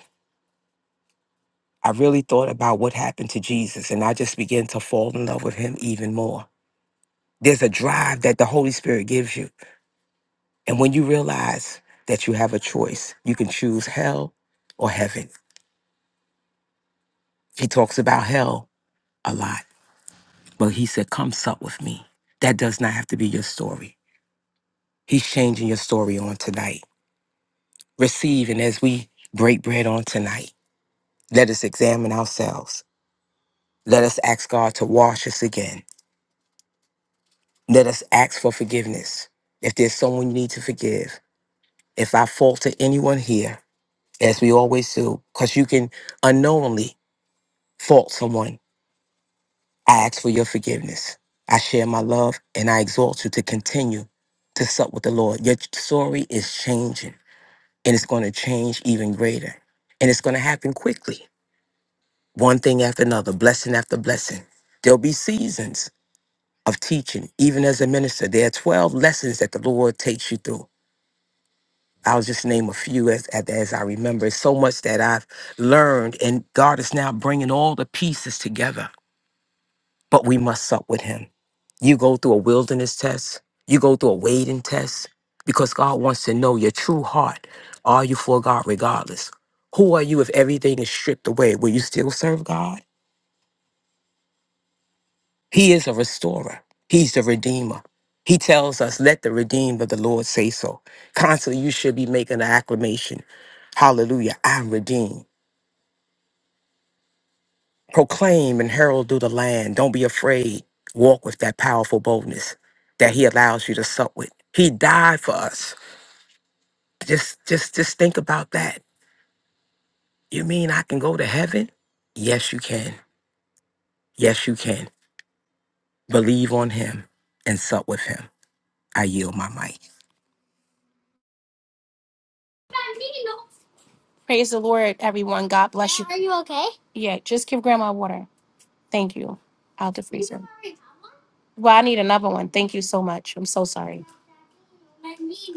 Speaker 2: I really thought about what happened to Jesus, and I just began to fall in love with him even more. There's a drive that the Holy Spirit gives you. And when you realize that you have a choice, you can choose hell or heaven. He talks about hell a lot, but he said, Come sup with me. That does not have to be your story. He's changing your story on tonight. Receive, and as we break bread on tonight, let us examine ourselves. Let us ask God to wash us again. Let us ask for forgiveness. If there's someone you need to forgive, if I fault to anyone here, as we always do, because you can unknowingly fault someone. I ask for your forgiveness. I share my love and I exhort you to continue to sup with the Lord. Your story is changing and it's going to change even greater. And it's going to happen quickly, one thing after another, blessing after blessing. There'll be seasons of teaching. Even as a minister, there are 12 lessons that the Lord takes you through. I'll just name a few as, as as I remember. It's so much that I've learned, and God is now bringing all the pieces together. But we must sup with Him. You go through a wilderness test. You go through a waiting test because God wants to know your true heart. Are you for God regardless? Who are you if everything is stripped away? Will you still serve God? He is a restorer. He's the redeemer. He tells us, let the redeemed of the Lord say so. Constantly, you should be making an acclamation. Hallelujah, I'm redeemed. Proclaim and herald through the land. Don't be afraid. Walk with that powerful boldness that he allows you to sup with. He died for us. Just just just think about that. You mean I can go to heaven? Yes, you can. Yes, you can. Believe on him and sup with him. I yield my mic.
Speaker 1: Praise the Lord, everyone. God bless you. Are you okay? Yeah, just give grandma water. Thank you. out the freezer. Well, I need another one. Thank you so much. I'm so sorry.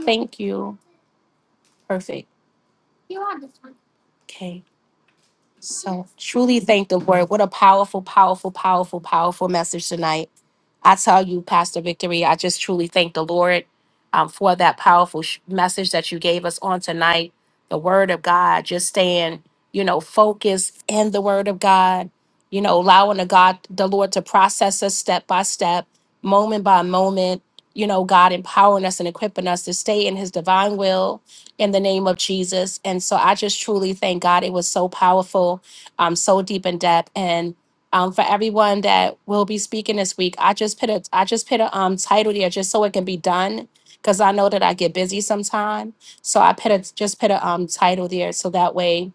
Speaker 1: Thank you. Perfect. Okay. So truly thank the Lord. What a powerful, powerful, powerful, powerful message tonight. I tell you, Pastor Victory, I just truly thank the Lord um, for that powerful sh- message that you gave us on tonight. The Word of God, just staying, you know, focused in the Word of God, you know, allowing the God, the Lord, to process us step by step, moment by moment. You know, God empowering us and equipping us to stay in His divine will in the name of Jesus. And so, I just truly thank God. It was so powerful, um, so deep in depth, and um, for everyone that will be speaking this week. I just put a I just put a um title there just so it can be done because I know that I get busy sometime. So I put a just put a um title there so that way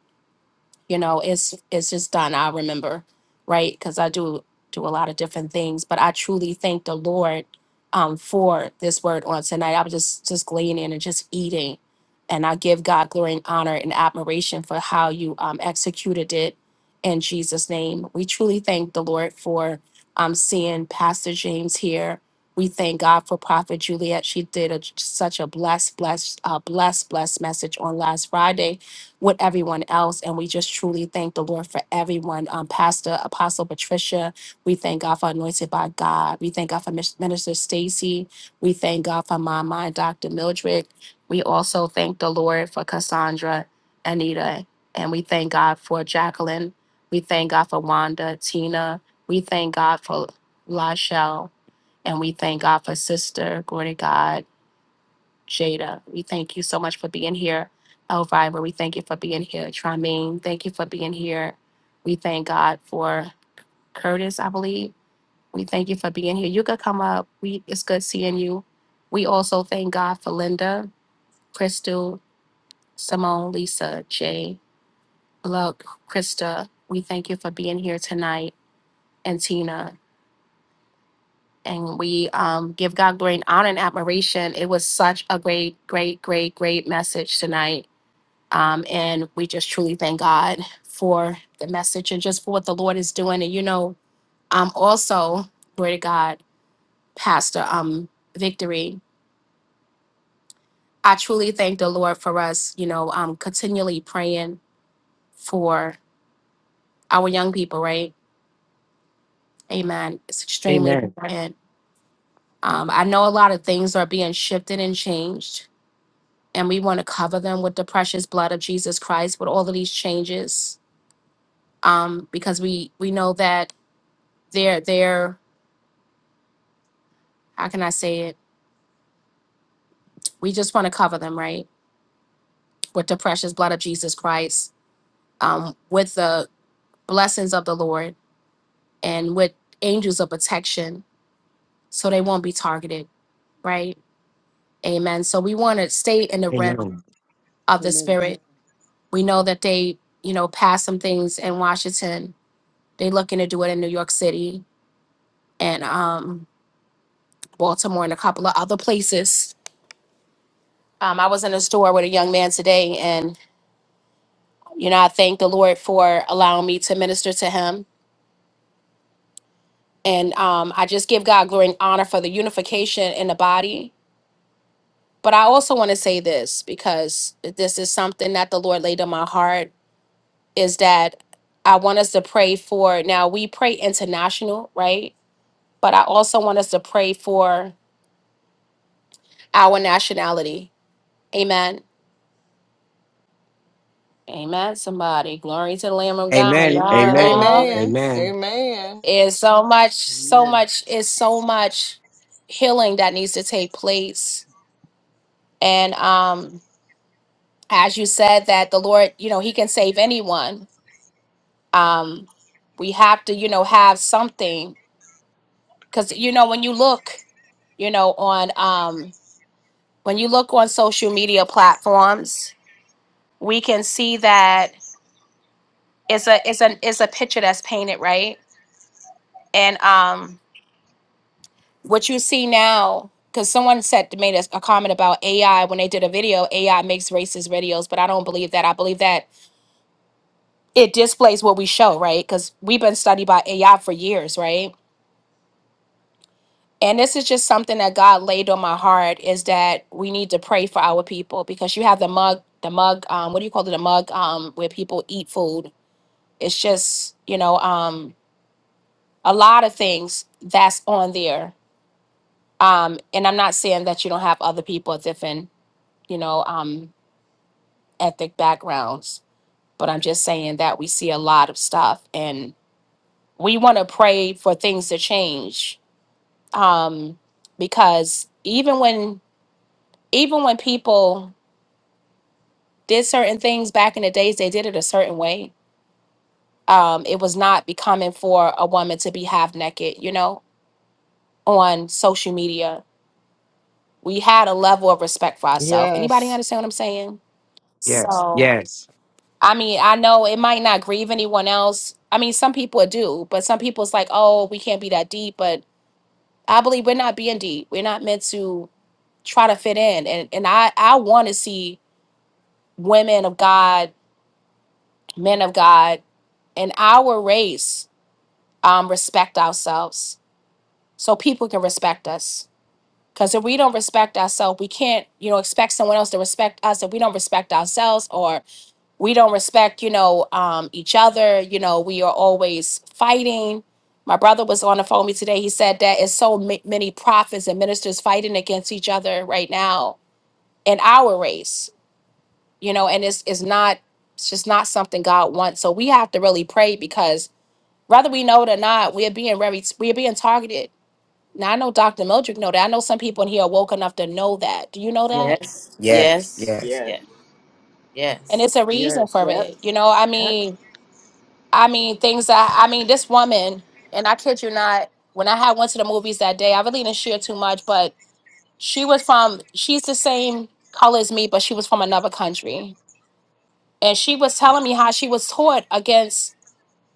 Speaker 1: you know it's it's just done i remember right because i do do a lot of different things but i truly thank the lord um for this word on tonight i was just just gleaning and just eating and i give god glory and honor and admiration for how you um executed it in jesus name we truly thank the lord for um seeing pastor james here we thank god for prophet juliet she did a, such a blessed blessed uh, blessed blessed message on last friday with everyone else. And we just truly thank the Lord for everyone. Um, Pastor Apostle Patricia, we thank God for Anointed by God. We thank God for Mis- Minister Stacy. We thank God for Mama and Dr. Mildred. We also thank the Lord for Cassandra, Anita, and we thank God for Jacqueline. We thank God for Wanda, Tina. We thank God for Lachelle, and we thank God for Sister, glory to God. Jada. We thank you so much for being here. Elvira, we thank you for being here. Trameen, thank you for being here. We thank God for Curtis, I believe. We thank you for being here. You could come up. We it's good seeing you. We also thank God for Linda, Crystal, Simone, Lisa, Jay, Luck, Krista. We thank you for being here tonight. And Tina. And we um, give God great honor and admiration. It was such a great, great, great, great message tonight Um, and we just truly thank God for the message and just for what the Lord is doing. And you know, um, also, glory to God, Pastor um, Victory. I truly thank the Lord for us, you know, um, continually praying for our young people, right? Amen. It's extremely
Speaker 2: Amen.
Speaker 1: important. Um, I know a lot of things are being shifted and changed, and we want to cover them with the precious blood of Jesus Christ with all of these changes, um, because we we know that they're there how can I say it? We just want to cover them, right? With the precious blood of Jesus Christ, um, with the blessings of the Lord, and with angels of protection, so they won't be targeted, right? Amen. So we want to stay in the realm
Speaker 2: Amen.
Speaker 1: of the
Speaker 4: Amen.
Speaker 1: spirit. We know that they, you know, passed some things in Washington. They're looking to do it in New York City and um, Baltimore and a couple of other places. Um, I was in a store with a young man today, and you know, I thank the Lord for allowing me to minister to him And um, I just give God glory and honor for the unification in the body. But I also want to say this because this is something that the Lord laid on my heart is that I want us to pray for. Now, we pray international, right? But I also want us to pray for our nationality. Amen. Amen. Somebody, glory to the Lamb of God.
Speaker 2: Amen.
Speaker 4: Amen.
Speaker 2: Amen.
Speaker 1: Y'all up.
Speaker 5: Amen.
Speaker 4: Amen.
Speaker 2: Amen.
Speaker 5: Amen.
Speaker 1: Is so much, so
Speaker 4: Amen.
Speaker 1: much, is so much healing that needs to take place. And um, as you said that the lord you know he can save anyone um we have to you know have something because you know when you look you know on um when you look on social media platforms we can see that it's a it's an it's a picture that's painted right and um what you see now because someone said made a, a comment about ai when they did a video ai makes racist videos but i don't believe that i believe that it displays what we show, right? Because we've been studied by AI for years, right? And this is just something that God laid on my heart is that we need to pray for our people because you have the mug, the mug, um, what do you call it? The mug um, where people eat food. It's just, you know, um, a lot of things that's on there. Um, and I'm not saying that you don't have other people of different, you know, um, ethnic backgrounds, but I'm just saying that we see a lot of stuff and we want to pray for things to change um, because even when even when people did certain things back in the days, they did it a certain way. Um, it was not becoming for a woman to be half naked, you know, on social media. We had a level of respect for ourselves. Anybody
Speaker 5: Yes.
Speaker 1: understand what I'm saying?
Speaker 2: Yes.
Speaker 1: So,
Speaker 2: Yes.
Speaker 1: I mean, I know it might not grieve anyone else. I mean, some people it do, but some people it's like, oh, we can't be that deep. But I believe we're not being deep. We're not meant to try to fit in. And and I I want to see women of God, men of God in our race um, respect ourselves so people can respect us. Because if we don't respect ourselves, we can't, you know, expect someone else to respect us if we don't respect ourselves or we don't respect, you know, um, each other. You know, we are always fighting. My brother was on the phone with me today. He said that it's so ma- many prophets and ministers fighting against each other right now in our race you know and it's it's not it's just not something god wants so we have to really pray because whether we know it or not we're being very we're being targeted now i know dr mildred know that i know some people in here are woke enough to know that do you know that
Speaker 6: Yes.
Speaker 2: Yes.
Speaker 6: Yes.
Speaker 2: Yes.
Speaker 3: Yes.
Speaker 6: Yes.
Speaker 1: and
Speaker 6: Yes.
Speaker 1: it's a reason
Speaker 4: Yes.
Speaker 1: for
Speaker 6: Yep.
Speaker 1: it you know i
Speaker 6: Yep.
Speaker 1: mean i mean things that i mean this woman and i kid you not when i had went to the movies that day i really didn't share too much but she was from she's the same color as me but she was from another country and she was telling me how she was taught against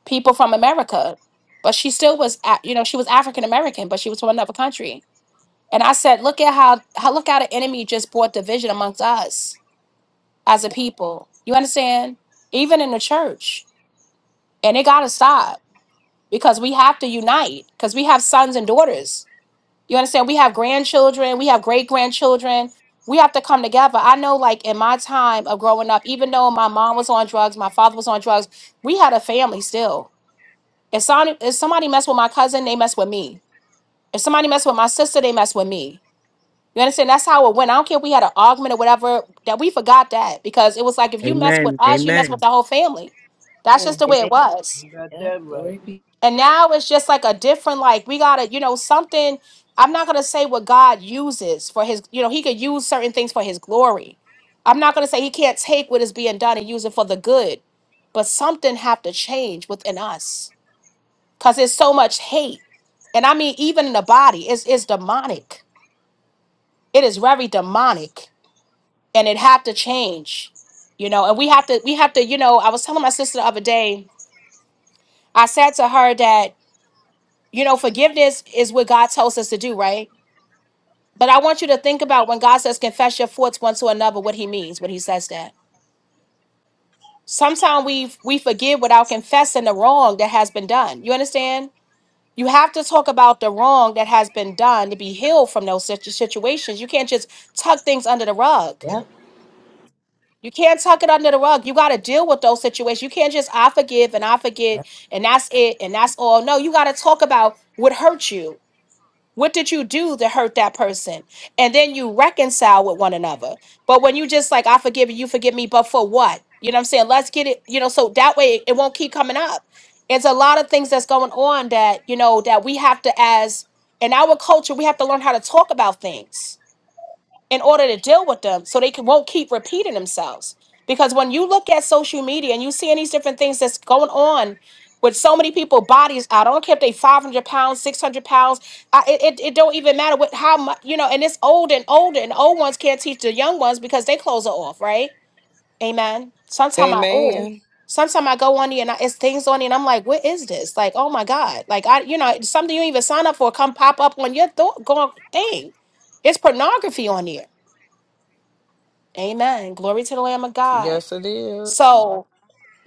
Speaker 1: people from America, but she still was, a- you know, she was African American, but she was from another country. And I said, look at how, how look how the enemy just brought division amongst us as a people. You understand? Even in the church, and it gotta stop because we have to unite because we have sons and daughters. You understand? We have grandchildren, we have great grandchildren. We have to come together. I know, like in my time of growing up, even though my mom was on drugs, my father was on drugs, we had a family still If, some, if somebody mess with my cousin, they mess with me. If somebody mess with my sister, they mess with me. You understand? That's how it went. I don't care if we had an argument or whatever, that we forgot that because it was like if you mess with
Speaker 2: Amen.
Speaker 1: us, you mess with
Speaker 2: Amen.
Speaker 1: the whole family. That's
Speaker 4: Amen.
Speaker 1: just the way it
Speaker 6: Amen.
Speaker 1: was.
Speaker 4: You got
Speaker 6: Yep.
Speaker 4: that right.
Speaker 6: Glory be.
Speaker 1: And now it's just like a different, like we gotta, you know, something. I'm not gonna say what God uses for his, you know, he could use certain things for his glory. I'm not gonna say he can't take what is being done and use it for the good, but something have to change within us because it's so much hate. And I mean, even in the body, it's, it's demonic. It is very demonic. And it had to change, you know, and we have to, we have to, you know, I was telling my sister the other day, I said to her that, you know, forgiveness is what God tells us to do, right? But I want you to think about when God says confess your faults one to another, what he means when he says that. Sometimes we we forgive without confessing the wrong that has been done. You understand? You have to talk about the wrong that has been done to be healed from those situ- situations. You can't just tuck things under the rug.
Speaker 6: Yep.
Speaker 1: You can't tuck it under the rug. You got to deal with those situations. You can't just I forgive and I forget
Speaker 6: Yep.
Speaker 1: and that's it and that's all. No, you got to talk about what hurt you. What did you do to hurt that person? And then you reconcile with one another. But when you just like, I forgive you, you forgive me, but for what? You know what I'm saying? Let's get it, you know, so that way it won't keep coming up. It's a lot of things that's going on that, you know, that we have to, as in our culture, we have to learn how to talk about things in order to deal with them so they can, won't keep repeating themselves. Because when you look at social media and you see these different things that's going on with so many people bodies out, I don't care if they 500 pounds, 600 pounds, I, it, it, it don't even matter what, how much, you know, and it's old and older and old ones can't teach the young ones because they clothes are off, right? Amen. Sometime I, oh,
Speaker 5: Amen.
Speaker 1: sometime I go on here and I, it's things on here and I'm like, what is this? Like, oh my God. Like I, you know, it's something you don't even sign up for come pop up on your th- going thing. It's pornography on here Amen. Glory to the Lamb of God.
Speaker 5: Yes, it is.
Speaker 1: So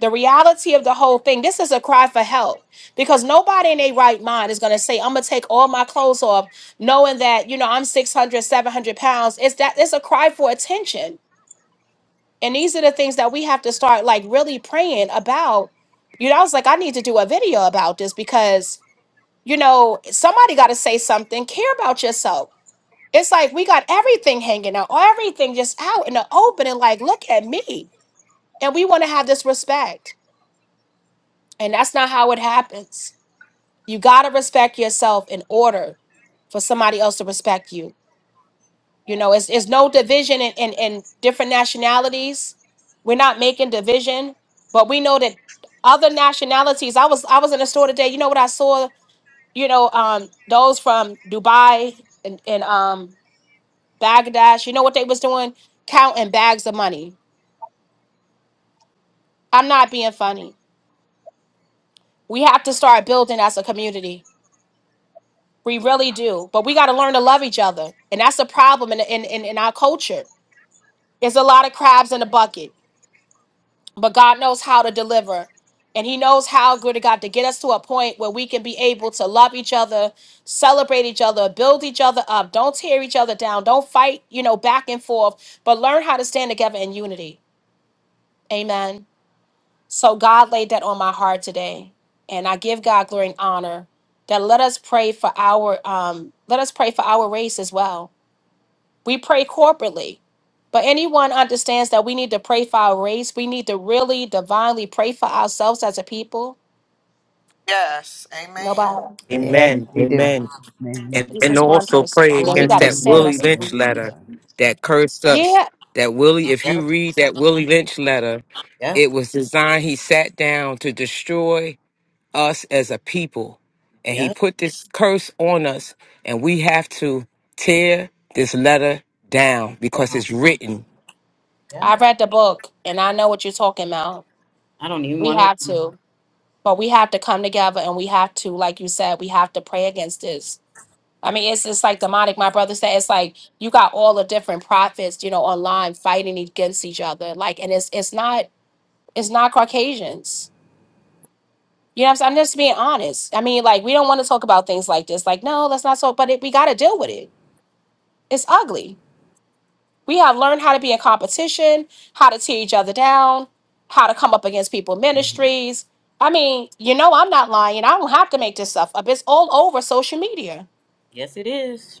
Speaker 1: the reality of the whole thing, this is a cry for help because nobody in their right mind is going to say, I'm going to take all my clothes off knowing that, you know, I'm six hundred, seven hundred pounds. It's that it's a cry for attention. And these are the things that we have to start like really praying about. You know, I was like, I need to do a video about this because, you know, somebody got to say something, care about yourself. It's like we got everything hanging out, everything just out in the open and like, look at me. And we want to have this respect. And that's not how it happens. You got to respect yourself in order for somebody else to respect you. You know, it's, it's no division in, in, in different nationalities. We're not making division, but we know that other nationalities. I was I was in a store today. You know what I saw? You know, um, those from Dubai and, and um Bangladesh. You know what they was doing? Counting bags of money. I'm not being funny. We have to start building as a community We really do. But we got to learn to love each other. And that's a problem in, in, in, in our culture. There's a lot of crabs in the bucket, but God knows how to deliver. And He knows how good to God to get us to a point where we can be able to love each other, celebrate each other, build each other up. Don't tear each other down. Don't fight, you know, back and forth, but learn how to stand together in unity. Amen. So God laid that on my heart today. And I give God glory and honor that let us pray for our um let us pray for our race as well We pray corporately. But anyone understands that we need to pray for our race. We need to really divinely pray for ourselves as a people.
Speaker 5: Yes. Amen.
Speaker 1: Nobody.
Speaker 7: Yes,
Speaker 2: Amen.
Speaker 7: we do.
Speaker 2: Amen.
Speaker 7: Amen.
Speaker 2: and,
Speaker 1: This
Speaker 2: and
Speaker 1: is one
Speaker 2: also
Speaker 1: person. I
Speaker 2: pray
Speaker 1: mean,
Speaker 6: Glory
Speaker 1: we
Speaker 2: against
Speaker 1: got to
Speaker 6: be.
Speaker 2: that
Speaker 1: examine
Speaker 7: Hallelujah.
Speaker 2: Willie
Speaker 1: ourselves.
Speaker 2: Lynch
Speaker 6: Yep.
Speaker 2: letter that cursed us.
Speaker 1: Yeah,
Speaker 2: That Willie, if you read that Willie Lynch letter,
Speaker 6: Yep.
Speaker 2: it was designed, he sat down to destroy us as a people. And he
Speaker 6: Yep.
Speaker 2: put this curse on us, and we have to tear this letter down because it's written.
Speaker 6: Yep.
Speaker 1: I read the book and I know what you're talking about.
Speaker 6: I don't even
Speaker 1: We
Speaker 6: want
Speaker 1: have
Speaker 6: to.
Speaker 1: to, but we have to come together and we have to, like you said, we have to pray against this. I mean, it's it's like demonic. My brother said it's like you got all the different prophets, you know, online fighting against each other. Like, and it's it's not it's not Caucasians You know what I'm saying? I'm just being honest. I mean, like, we don't want to talk about things like this. Like, no, let's not so, but it, we got to deal with it. It's ugly. We have learned how to be in competition, how to tear each other down, how to come up against people in
Speaker 7: Mm-hmm.
Speaker 1: ministries. I mean, you know, I'm not lying. I don't have to make this stuff up. It's all over social media.
Speaker 6: Yes, it is.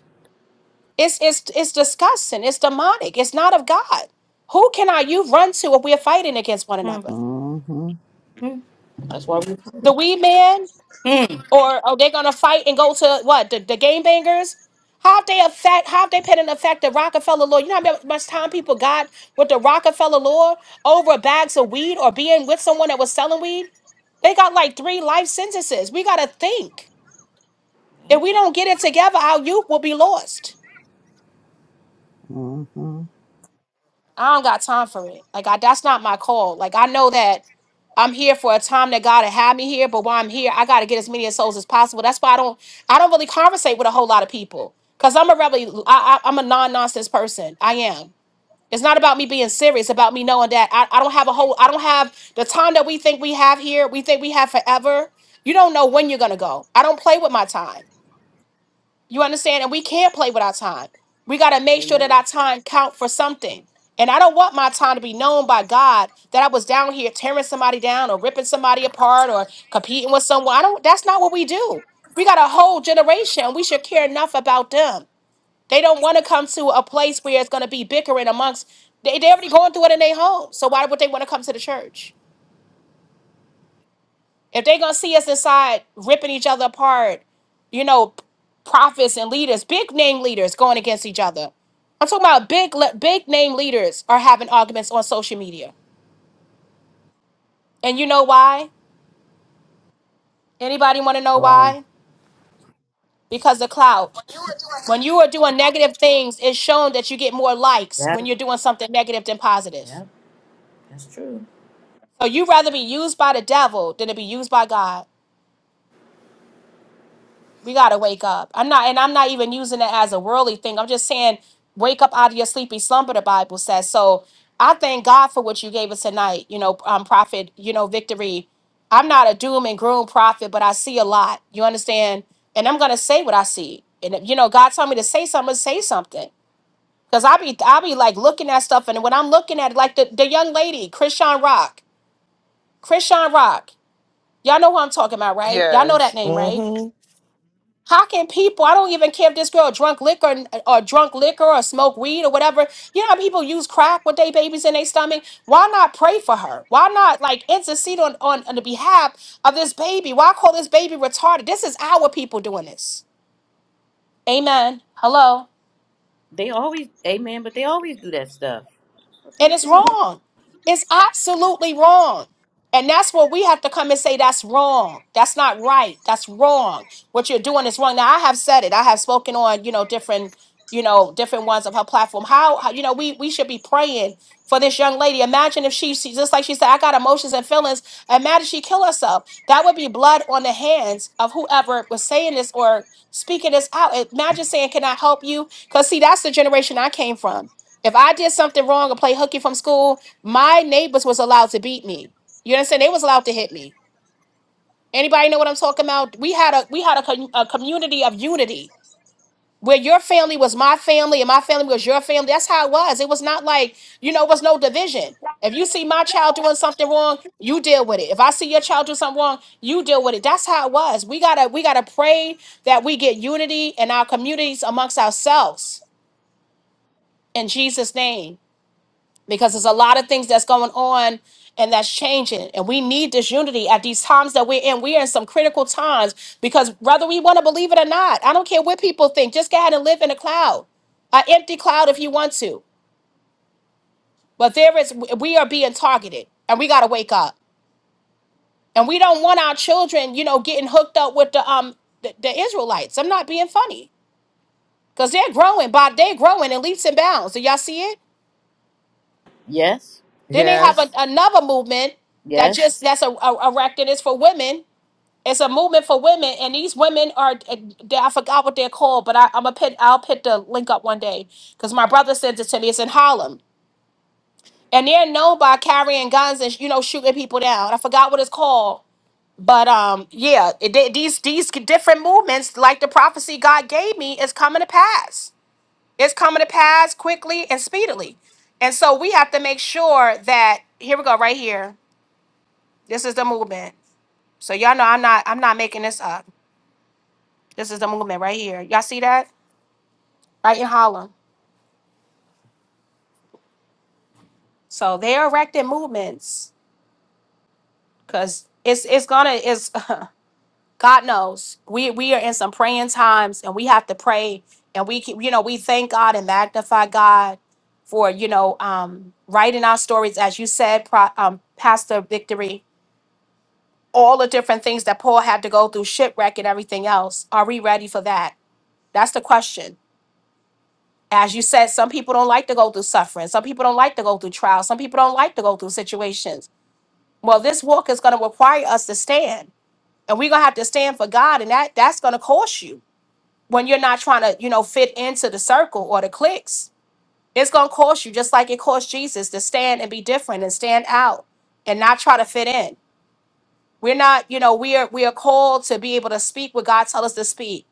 Speaker 1: It's it's it's disgusting. It's demonic. It's not of God. Who can our youth run to if we're fighting against one
Speaker 6: Hmm.
Speaker 1: another?
Speaker 6: Hmm. That's why we.
Speaker 1: The weed man?
Speaker 6: Hmm.
Speaker 1: Or are they gonna fight and go to what the, the game bangers? How have they affect? How have they put an effect the Rockefeller law? You know how much time people got with the Rockefeller law over bags of weed or being with someone that was selling weed? They got like three life sentences. We gotta think. If
Speaker 6: Yep.
Speaker 1: we don't get it together, our youth will be lost.
Speaker 7: Mm-hmm.
Speaker 1: I don't got time for it. Like I, that's not my call. Like I know that I'm here for a time that God had had me here, but while I'm here, I got to get as many souls as possible. That's why I don't I don't really conversate with a whole lot of people because I'm a rebel. I, I, I'm a non nonsense person. I am. It's not about me being serious. It's about me knowing that I, I don't have a whole. I don't have the time that we think we have here. We think we have forever. You don't know when you're gonna go. I don't play with my time. You understand? And we can't play with our time. We got to make sure
Speaker 4: Amen.
Speaker 1: that our time count for something. And I don't want my time to be known by God that I was down here tearing somebody down or ripping somebody apart or competing with someone. I don't that's not what we do. We got a whole generation and we should care enough about them. They don't want to come to a place where it's going to be bickering amongst they they already going through it in their home. So why would they want to come to the church? If they're gonna see us inside ripping each other apart, you know, prophets and leaders, big name leaders going against each other. I'm talking about big le- big name leaders are having arguments on social media. And you know why? Anybody want to know
Speaker 7: Boy,
Speaker 1: why? Because the clout. When you are doing negative things, it's shown that you get more likes when
Speaker 6: Yep.
Speaker 1: you're doing something negative than positive.
Speaker 6: Yep. That's true.
Speaker 1: So you rather be used by the devil than to be used by God. We gotta wake up. I'm not, and I'm not even using it as a worldly thing. I'm just saying, wake up out of your sleepy slumber. The Bible says. So I thank God for what you gave us tonight. You know, um, prophet. You know, victory. I'm not a doom and gloom prophet, but I see a lot. You understand? And I'm gonna say what I see. And if, you know, God told me to say something. I'm gonna Say something. Cause I be I be like looking at stuff, and when I'm looking at it, like the, the young lady, Krishan Rock, Krishan Rock, y'all know who I'm talking about, right? Y'all know that
Speaker 5: Yes.
Speaker 1: name, right?
Speaker 5: Mm-hmm.
Speaker 1: How can people? I don't even care if this girl drunk liquor or drunk liquor or smoke weed or whatever. You know, how people use crack with their babies in their stomach. Why not pray for her? Why not like intercede on, on on the behalf of this baby? Why call this baby retarded? This is our people doing this. Amen. Hello.
Speaker 6: They always, amen, but they always do that stuff. That's what they
Speaker 1: And it's
Speaker 6: do.
Speaker 1: wrong. It's absolutely wrong. And that's where we have to come and say that's wrong. That's not right. That's wrong. What you're doing is wrong. Now I have said it. I have spoken on, you know, different, you know, different ones of her platform. How, how you know, we we should be praying for this young lady. Imagine if she, she just like she said, I got emotions and feelings. Imagine she kill herself. That would be blood on the hands of whoever was saying this or speaking this out. Imagine saying, Can I help you? Because see, that's the generation I came from. If I did something wrong or play hooky from school, my neighbors was allowed to beat me. You understand? They was allowed to hit me. Anybody know what I'm talking about? We had a we had a, com- a community of unity where your family was my family and my family was your family. That's how it was. It was not like you know, it was no division. If you see my child doing something wrong, you deal with it. If I see your child do something wrong, you deal with it. That's how it was. We gotta we gotta pray that we get unity in our communities amongst ourselves in Jesus' name. because there's a lot of things that's going on and that's changing. And we need this unity at these times that we're in. We're in some critical times because whether we want to believe it or not, I don't care what people think, just go ahead and live in a cloud, an empty cloud if you want to. But there is, we are being targeted and we got to wake up. And we don't want our children, you know, getting hooked up with the, um, the, the Israelites. I'm not being funny because they're growing, but they're growing in leaps and bounds. Do y'all see it?
Speaker 6: Yes.
Speaker 1: Then they have a,
Speaker 5: Yes.
Speaker 1: another movement that
Speaker 6: Yes.
Speaker 1: just that's a, a, a rec for women. It's a movement for women, and these women are uh, they- I forgot what they're called, but I, I'm a pit. I'll put the link up one day because my brother sent it to me. It's in Harlem, and they're known by carrying guns and you know shooting people down. I forgot what it's called, but um, yeah, it, they- these these different movements, like the prophecy God gave me, is coming to pass. It's coming to pass quickly and speedily, and so we have to make sure that here we go right here this is the movement. So y'all know I'm not I'm not making this up. This is the movement right here. Y'all see that? Right in Harlem. So they're erecting movements because it's it's gonna it's God knows we we are in some praying times and we have to pray and we can, you know we thank God and magnify God for you know um writing our stories as you said Pro, um Pastor Victory all the different things that Paul had to go through shipwreck and everything else are we ready for that that's the question as you said, some people don't like to go through suffering. Some people don't like to go through trials. Some people don't like to go through situations. Well, this walk is going to require us to stand, and we're going to have to stand for God, and that that's going to cost you when you're not trying to, you know, fit into the circle or the cliques. It's going to cost you, just like it cost Jesus to stand and be different and stand out and not try to fit in. We're not, you know, we are we are called to be able to speak what God tells us to speak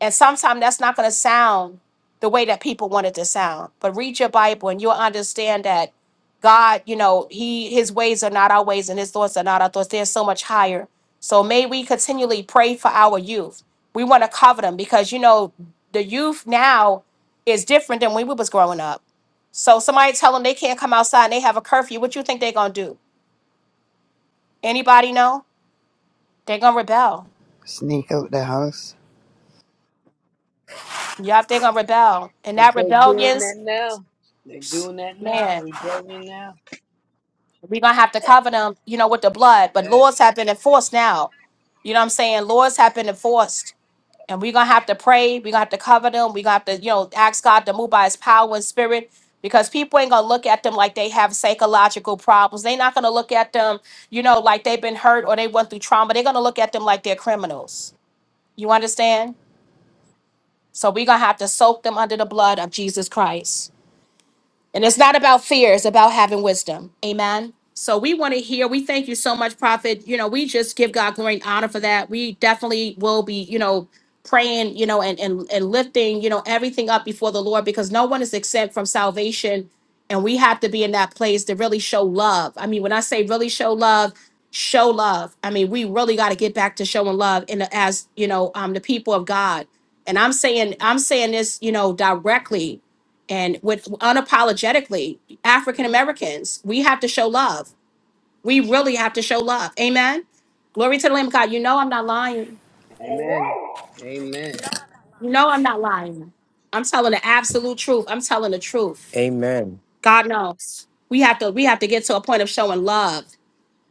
Speaker 1: and sometimes that's not going to sound the way that people want it to sound. But read your Bible and you'll understand that God, you know, He His ways are not our ways and His thoughts are not our thoughts. They're so much higher. So may we continually pray for our youth. We want to cover them because you know the youth now is different than when we was growing up. So somebody tell them they can't come outside and they have a curfew. What you think they're gonna do? Anybody know? They're gonna rebel.
Speaker 7: sneak out the house.
Speaker 1: Yup, they're gonna rebel. And that
Speaker 4: But they doing
Speaker 1: rebellions,
Speaker 4: that now. They doing that now.
Speaker 1: man.
Speaker 4: Rebellion now.
Speaker 1: We're gonna have to cover them, you know, with the blood. But
Speaker 4: Yeah.
Speaker 1: laws have been enforced now. You know what I'm saying? Laws have been enforced. And we're gonna have to pray. We're gonna have to cover them. We're gonna have to, you know, ask God to move by his power and spirit. Because people ain't gonna look at them like they have psychological problems. They're not gonna look at them, you know, like they've been hurt or they went through trauma. They're gonna look at them like they're criminals. You understand? So we're gonna have to soak them under the blood of Jesus Christ. And it's not about fear, it's about having wisdom. Amen. So we want to hear. We thank you so much, Prophet. You know, we just give God glory and honor for that. We definitely will be, you know, praying, you know, and and, and lifting, you know, everything up before the Lord because no one is exempt from salvation. And we have to be in that place to really show love. I mean, when I say really show love, show love. I mean, we really got to get back to showing love in the, as, you know, um the people of God. And I'm saying, I'm saying this, you know, directly and with unapologetically African Americans, we have to show love. We really have to show love. Amen. Glory to the Lamb of God. You know I'm not lying.
Speaker 4: Amen. Amen.
Speaker 1: You know I'm not lying. I'm telling the absolute truth. I'm telling the truth.
Speaker 2: Amen.
Speaker 1: God knows. We have to we have to get to a point of showing love.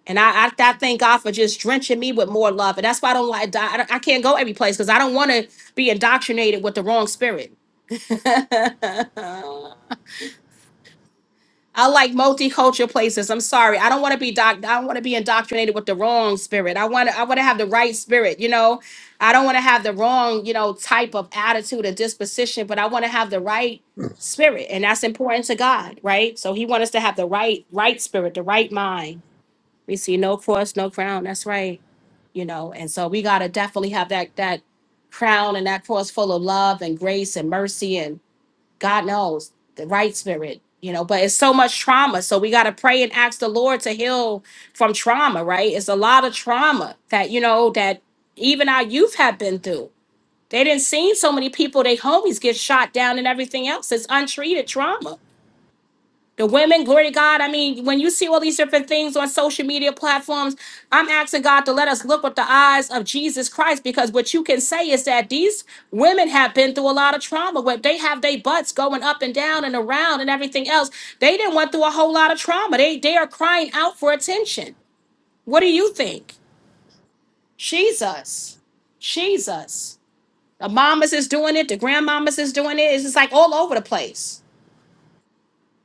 Speaker 1: And I, I, I thank God for just drenching me with more love. And that's why I don't like I, don't- I can't go every place because I don't want to be indoctrinated with the wrong spirit. I like multicultural places. I'm sorry. I don't want to be doc. I don't want to be indoctrinated with the wrong spirit. I want to. I want to have the right spirit. You know, I don't want to have the wrong, you know, type of attitude or disposition, but I want to have the right spirit, and that's important to God, right? So He wants us to have the right, right spirit, the right mind. We see no cross, no crown. That's right. You know, and so we gotta definitely have that that crown and that cross full of love and grace and mercy and God knows the right spirit, you know, but it's so much trauma. So we got to pray and ask the Lord to heal from trauma, right? It's a lot of trauma that, you know, that even our youth have been through. They didn't see so many people, they homies get shot down and everything else. It's untreated trauma. The women, glory to God. I mean, when you see all these different things on social media platforms, I'm asking God to let us look with the eyes of Jesus Christ because what you can say is that these women have been through a lot of trauma When they have their butts going up and down and around and everything else. They didn't went through a whole lot of trauma. They they are crying out for attention. What do you think? Jesus. Jesus. The mamas is doing it, the grandmamas is doing it. It's just like all over the place.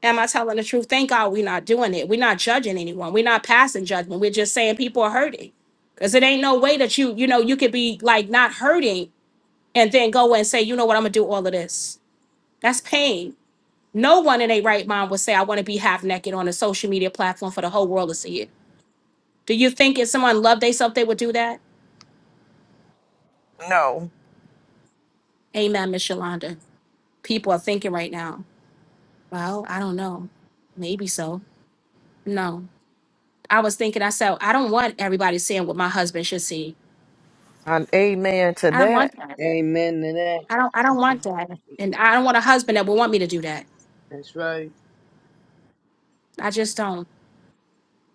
Speaker 1: Am I telling the truth? Thank God we're not doing it. We're not judging anyone. We're not passing judgment. We're just saying people are hurting. Because it ain't no way that you, you know, you could be like not hurting and then go and say, you know what, I'm going to do all of this. That's pain. No one in a right mind would say, I want to be half naked on a social media platform for the whole world to see it. Do you think if someone loved themselves, they would do that?
Speaker 5: No.
Speaker 1: Amen, Miss Yolanda. People are thinking right now, well, I don't know. Maybe so. No. I was thinking, I said, I don't want everybody seeing what my husband should see.
Speaker 5: And amen to
Speaker 1: I don't
Speaker 5: that.
Speaker 1: want that.
Speaker 4: Amen to
Speaker 1: I don't I don't want
Speaker 4: that.
Speaker 1: that. And I don't want a husband that will want me to do that.
Speaker 4: That's right.
Speaker 1: I just don't.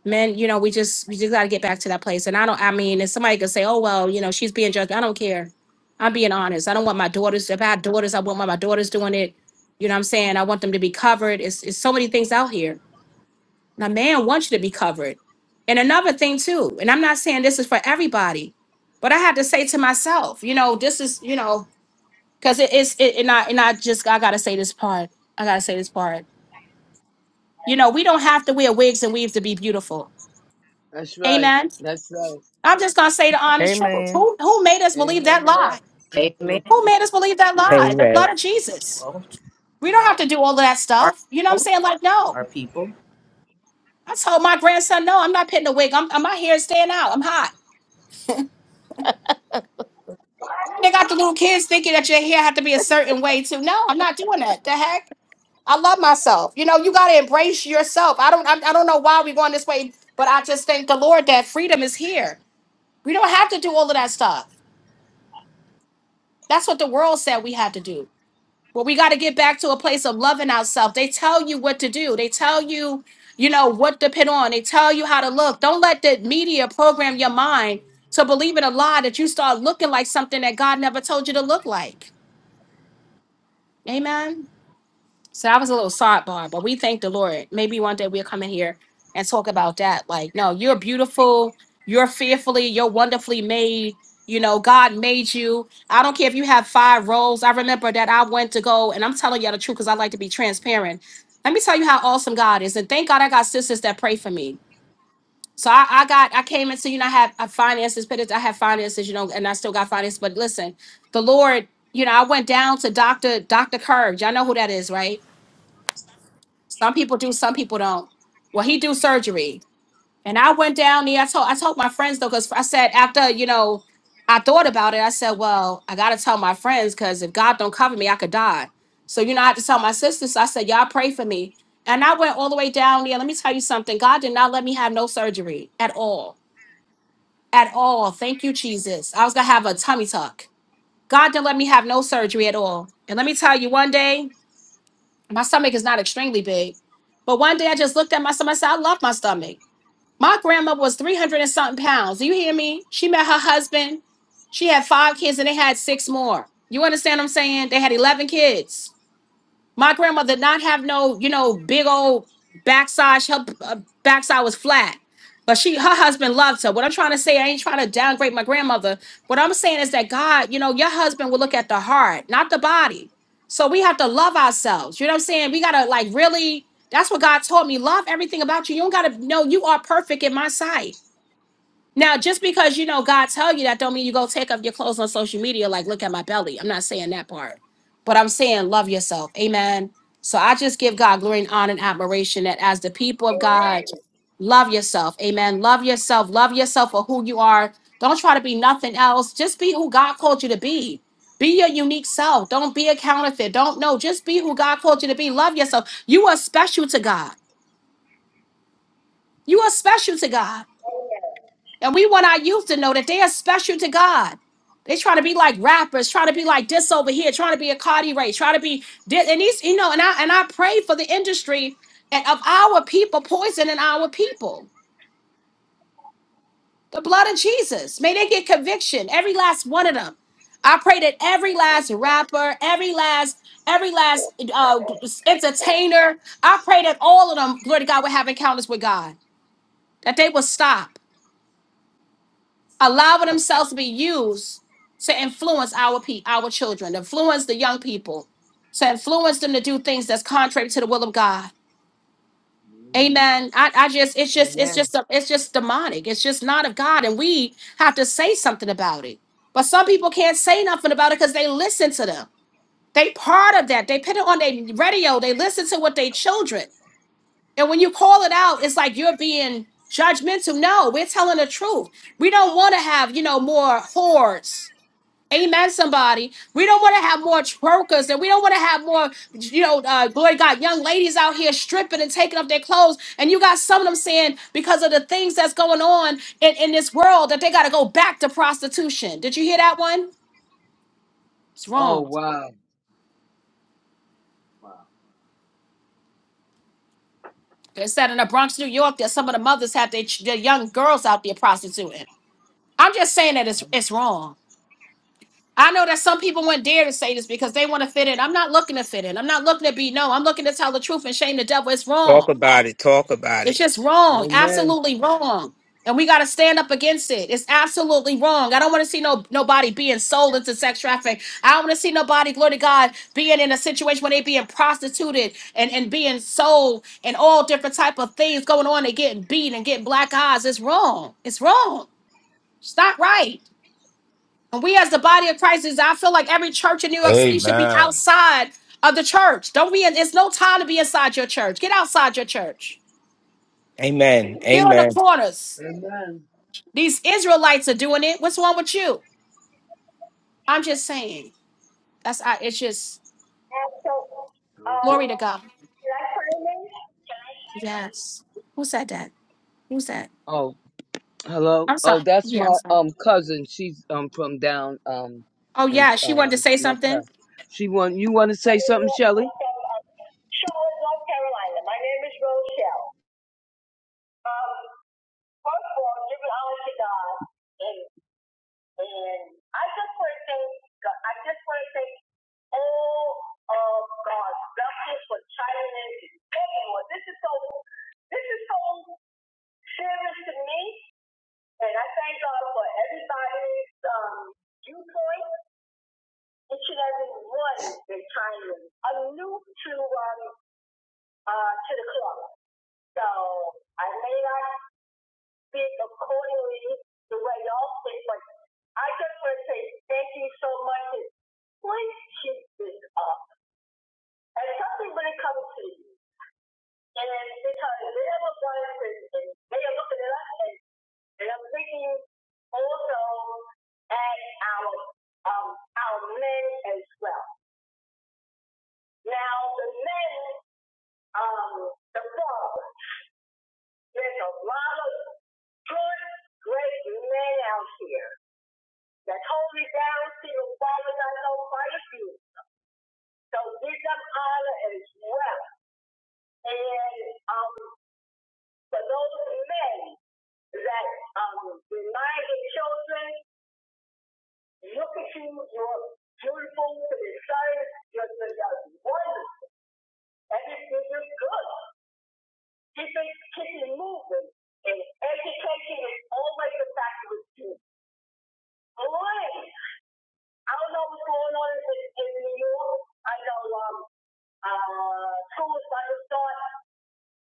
Speaker 1: Men, you know, we just we just gotta get back to that place. And I don't I mean, if somebody could say, Oh well, you know, she's being judged, I don't care. I'm being honest. I don't want my daughters if I had daughters, I wouldn't want my daughters doing it. You know what I'm saying? I want them to be covered. It's it's so many things out here. And a man wants you to be covered. And another thing too, and I'm not saying this is for everybody, but I had to say to myself, you know, this is, you know, Cause it is it and I and I just I gotta say this part. I gotta say this part. You know, we don't have to wear wigs and weaves to be beautiful.
Speaker 4: That's right.
Speaker 1: Amen.
Speaker 4: That's right.
Speaker 1: I'm just gonna say the honest truth.
Speaker 5: Amen.
Speaker 1: Who who made us
Speaker 4: Amen
Speaker 1: believe that
Speaker 4: to that.
Speaker 1: lie?
Speaker 6: Amen.
Speaker 4: yes.
Speaker 1: Who made us believe that lie? The blood
Speaker 2: Amen.
Speaker 1: of Jesus.
Speaker 6: Well,
Speaker 1: We don't have to do all of that
Speaker 6: our
Speaker 1: stuff. You know what I'm
Speaker 6: people.
Speaker 1: saying? Like, no.
Speaker 6: Our people.
Speaker 1: I told my grandson, no, I'm not putting a wig. I'm, I'm my hair is staying out. I'm hot. They got the little kids thinking that your hair have to be a certain way too. No, I'm not doing that. The heck? I love myself. You know, you got to embrace yourself. I don't, I, I don't know why we're going this way, but I just thank the Lord that freedom is here. We don't have to do all of that stuff. That's what the world said we had to do. But we got to get back to a place of loving ourselves. They tell you what to do. They tell you, you know, what to put on. They tell you how to look. Don't let the media program your mind to believe in a lie that you start looking like something that God never told you to look like. Amen. So that was a little sidebar, but we thank the Lord. Maybe one day we'll come in here and talk about that. Like, no, you're beautiful. You're fearfully. You're wonderfully made. You know, God made you. I don't care if you have five roles. I remember that I went to go, and I'm telling y'all the truth because I like to be transparent. Let me tell you how awesome God is, and thank God I got sisters that pray for me. So I, I got, I came into, you know, I have I finances, but I have finances, you know, and I still got finances. But listen, the Lord, you know, I went down to Doctor Doctor Curve. Y'all know who that is, right? Some people do, some people don't. Well, he do surgery, and I went down there. I told I told my friends though, because I said after you know, I thought about it. I said, well, I gotta tell my friends because if God don't cover me, I could die. So you know, I had to tell my sisters. So I said, y'all pray for me. And I went all the way down there. Let me tell you something. God did not let me have no surgery at all, at all. Thank you, Jesus. I was gonna have a tummy tuck. God didn't let me have no surgery at all. And let me tell you, one day my stomach is not extremely big. But one day I just looked at my stomach. I said, I love my stomach. My grandma was 300 and something pounds. Do you hear me? She met her husband. She had five kids and they had six more. You understand what I'm saying? They had 11 kids. My grandmother did not have no, you know, big old backside. Her uh, backside was flat, but she, her husband loved her. What I'm trying to say, I ain't trying to downgrade my grandmother. What I'm saying is that God, you know, your husband will look at the heart, not the body. So we have to love ourselves. You know what I'm saying? We gotta like really. That's what God told me. Love everything about you. You don't gotta know you are perfect in my sight. Now, just because you know God tell you that don't mean you go take off your clothes on social media, like look at my belly. I'm not saying that part. But I'm saying love yourself. Amen. So I just give God glory and honor and admiration that as the people of God, love yourself. Amen. Love yourself. Love yourself for who you are. Don't try to be nothing else. Just be who God called you to be. Be your unique self. Don't be a counterfeit. Don't know. Just be who God called you to be. Love yourself. You are special to God. You are special to God. And we want our youth to know that they are special to God. They try to be like rappers, try to be like this over here, trying to be a Cardi Ray, try to be this, and these, you know, and I and I pray for the industry and of our people, poisoning our people. The blood of Jesus. May they get conviction, every last one of them. I pray that every last rapper, every last, every last uh, entertainer, I pray that all of them, glory to God, will have encounters with God. That they will stop. allowing themselves to be used to influence our pe- our children, influence the young people, to influence them to do things that's contrary to the will of God.
Speaker 4: Mhm.
Speaker 1: Amen. I, I just it's just it's
Speaker 4: Amen.
Speaker 1: just a, it's just demonic. It's just not of God, and we have to say something about it. But some people can't say nothing about it because they listen to them. They part of that. They put it on their radio. They listen to what they children. And when you call it out, it's like you're being judgmental. No, we're telling the truth. We don't want to have, you know, more whores Amen, somebody. We don't want to have more twerkers and we don't want to have more, you know, uh, glory to God, young ladies out here stripping and taking off their clothes. And you got some of them saying because of the things that's going on in, in this world that they got to go back to prostitution. Did you hear that one? It's
Speaker 4: Oh
Speaker 1: wrong.
Speaker 4: wow. Wow.
Speaker 1: They said in the Bronx, New York, that some of the mothers have their, ch- their young girls out there prostituting. I'm just saying that it's, it's wrong. I know that some people wouldn't dare to say this because they want to fit in. I'm not looking to fit in. I'm not looking to be known. I'm looking to tell the truth and shame the devil. It's wrong.
Speaker 2: Talk about it. Talk about
Speaker 1: It's
Speaker 2: it.
Speaker 1: just wrong,
Speaker 4: Amen.
Speaker 1: absolutely wrong. And we got to stand up against it. It's absolutely wrong. I don't want to see no nobody being sold into sex trafficking. I don't want to see nobody, glory to God, being in a situation where they being prostituted and, and being sold and all different type of things going on. They getting beat and getting black eyes. It's wrong. It's wrong. It's not right. And we as the body of Christ is, I feel like every church in New York City should be
Speaker 8: Amen.
Speaker 1: outside of the church. Don't be in, it's no time to be inside your church. Get outside your church.
Speaker 2: Amen.
Speaker 1: Get on the
Speaker 2: Amen.
Speaker 1: corners.
Speaker 4: Amen.
Speaker 1: These Israelites are doing it. What's wrong with you? I'm just saying. That's I it's just
Speaker 4: And so, um,
Speaker 1: glory to God.
Speaker 4: can I sign in?
Speaker 1: Yes. Who said that? Who said?
Speaker 4: Can I sign in? Oh, hello.
Speaker 1: I'm
Speaker 4: Oh,
Speaker 1: sorry.
Speaker 4: that's
Speaker 1: Yeah, I'm
Speaker 4: my
Speaker 1: sorry.
Speaker 4: um cousin. She's um from down um
Speaker 1: Oh
Speaker 4: and
Speaker 1: yeah, she wanted
Speaker 4: um
Speaker 1: to say
Speaker 4: North Carolina.
Speaker 1: something.
Speaker 4: She want you want to say something, Shelley? From um, Charlotte, North Carolina. My name is Rochelle. Um, first of all, give it honor to God. And I just want to thank, God- I just want to thank all of God's blessings for chiming in everyone. This is so, this is so serious to me, and I thank God for everybody's um, viewpoint. Each and every one is chiming in. I'm new to um, uh, to the club, so I may not. speak accordingly the way y'all speak. But I just want to say thank you so much. please keep this up. And something really comes to you. And because they have a voice and, and they are looking at us and, and I'm thinking also at our um our men as well. Now the men, um, the fathers, there's a lot of good, great men out here. that hold me down still falling on no Christ you. So give them honor as well. And um, for those men that um, remind their children, look at you, you're beautiful to the sun, you're, you're, you're wonderful. Everything is good. Keep it, keep it moving. And education is always a factor of two. Learn I don't know what's going on in, in New York. I know um, uh, school is going to start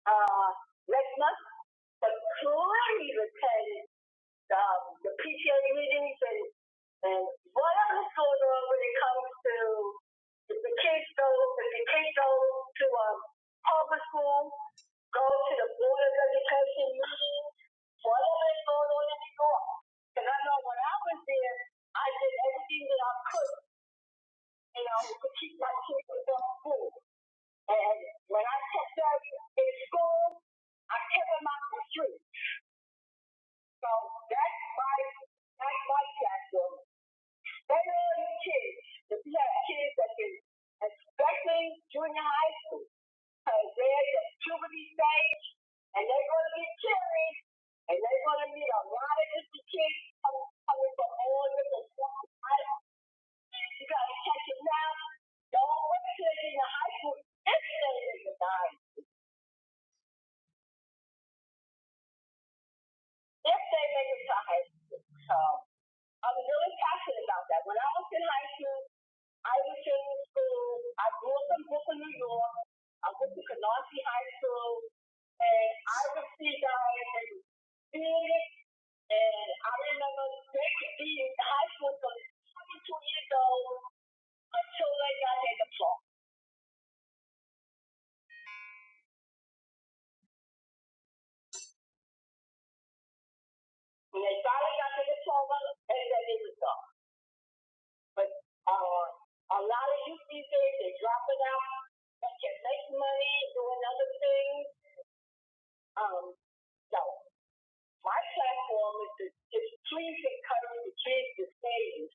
Speaker 4: uh, next month, but please attend the, the PTA meetings and, and whatever's going on when it comes to if the kids go, if the kids go to um, public school, go to the Board of Education meeting, whatever is going on in New York. Because I know when I was there, I did everything that I could you know, to keep my kids above school. And when I kept them in school, I kept them out the street. So that's my that's my factor. They are kids. If you have kids that can especially junior high school, because they're at the puberty stage and they're gonna get carried and they're gonna meet a lot of different kids coming from all different walks You gotta catch it now. Don't wait till you're in your high school. This thing is a dime. This thing is a high school. So I'm really passionate about that. When I was in high school, I was in school. I grew up in Brooklyn, New York. I went to Canarsie High School, and I would see guys and big. And I remember they could be in high school from 22 years old until they got their diploma. When they finally got to the diploma, and then it was done. But uh, a lot of youth these days, they drop it out and can make money doing other things. Um, so my platform is to just please encourage the kids to save you.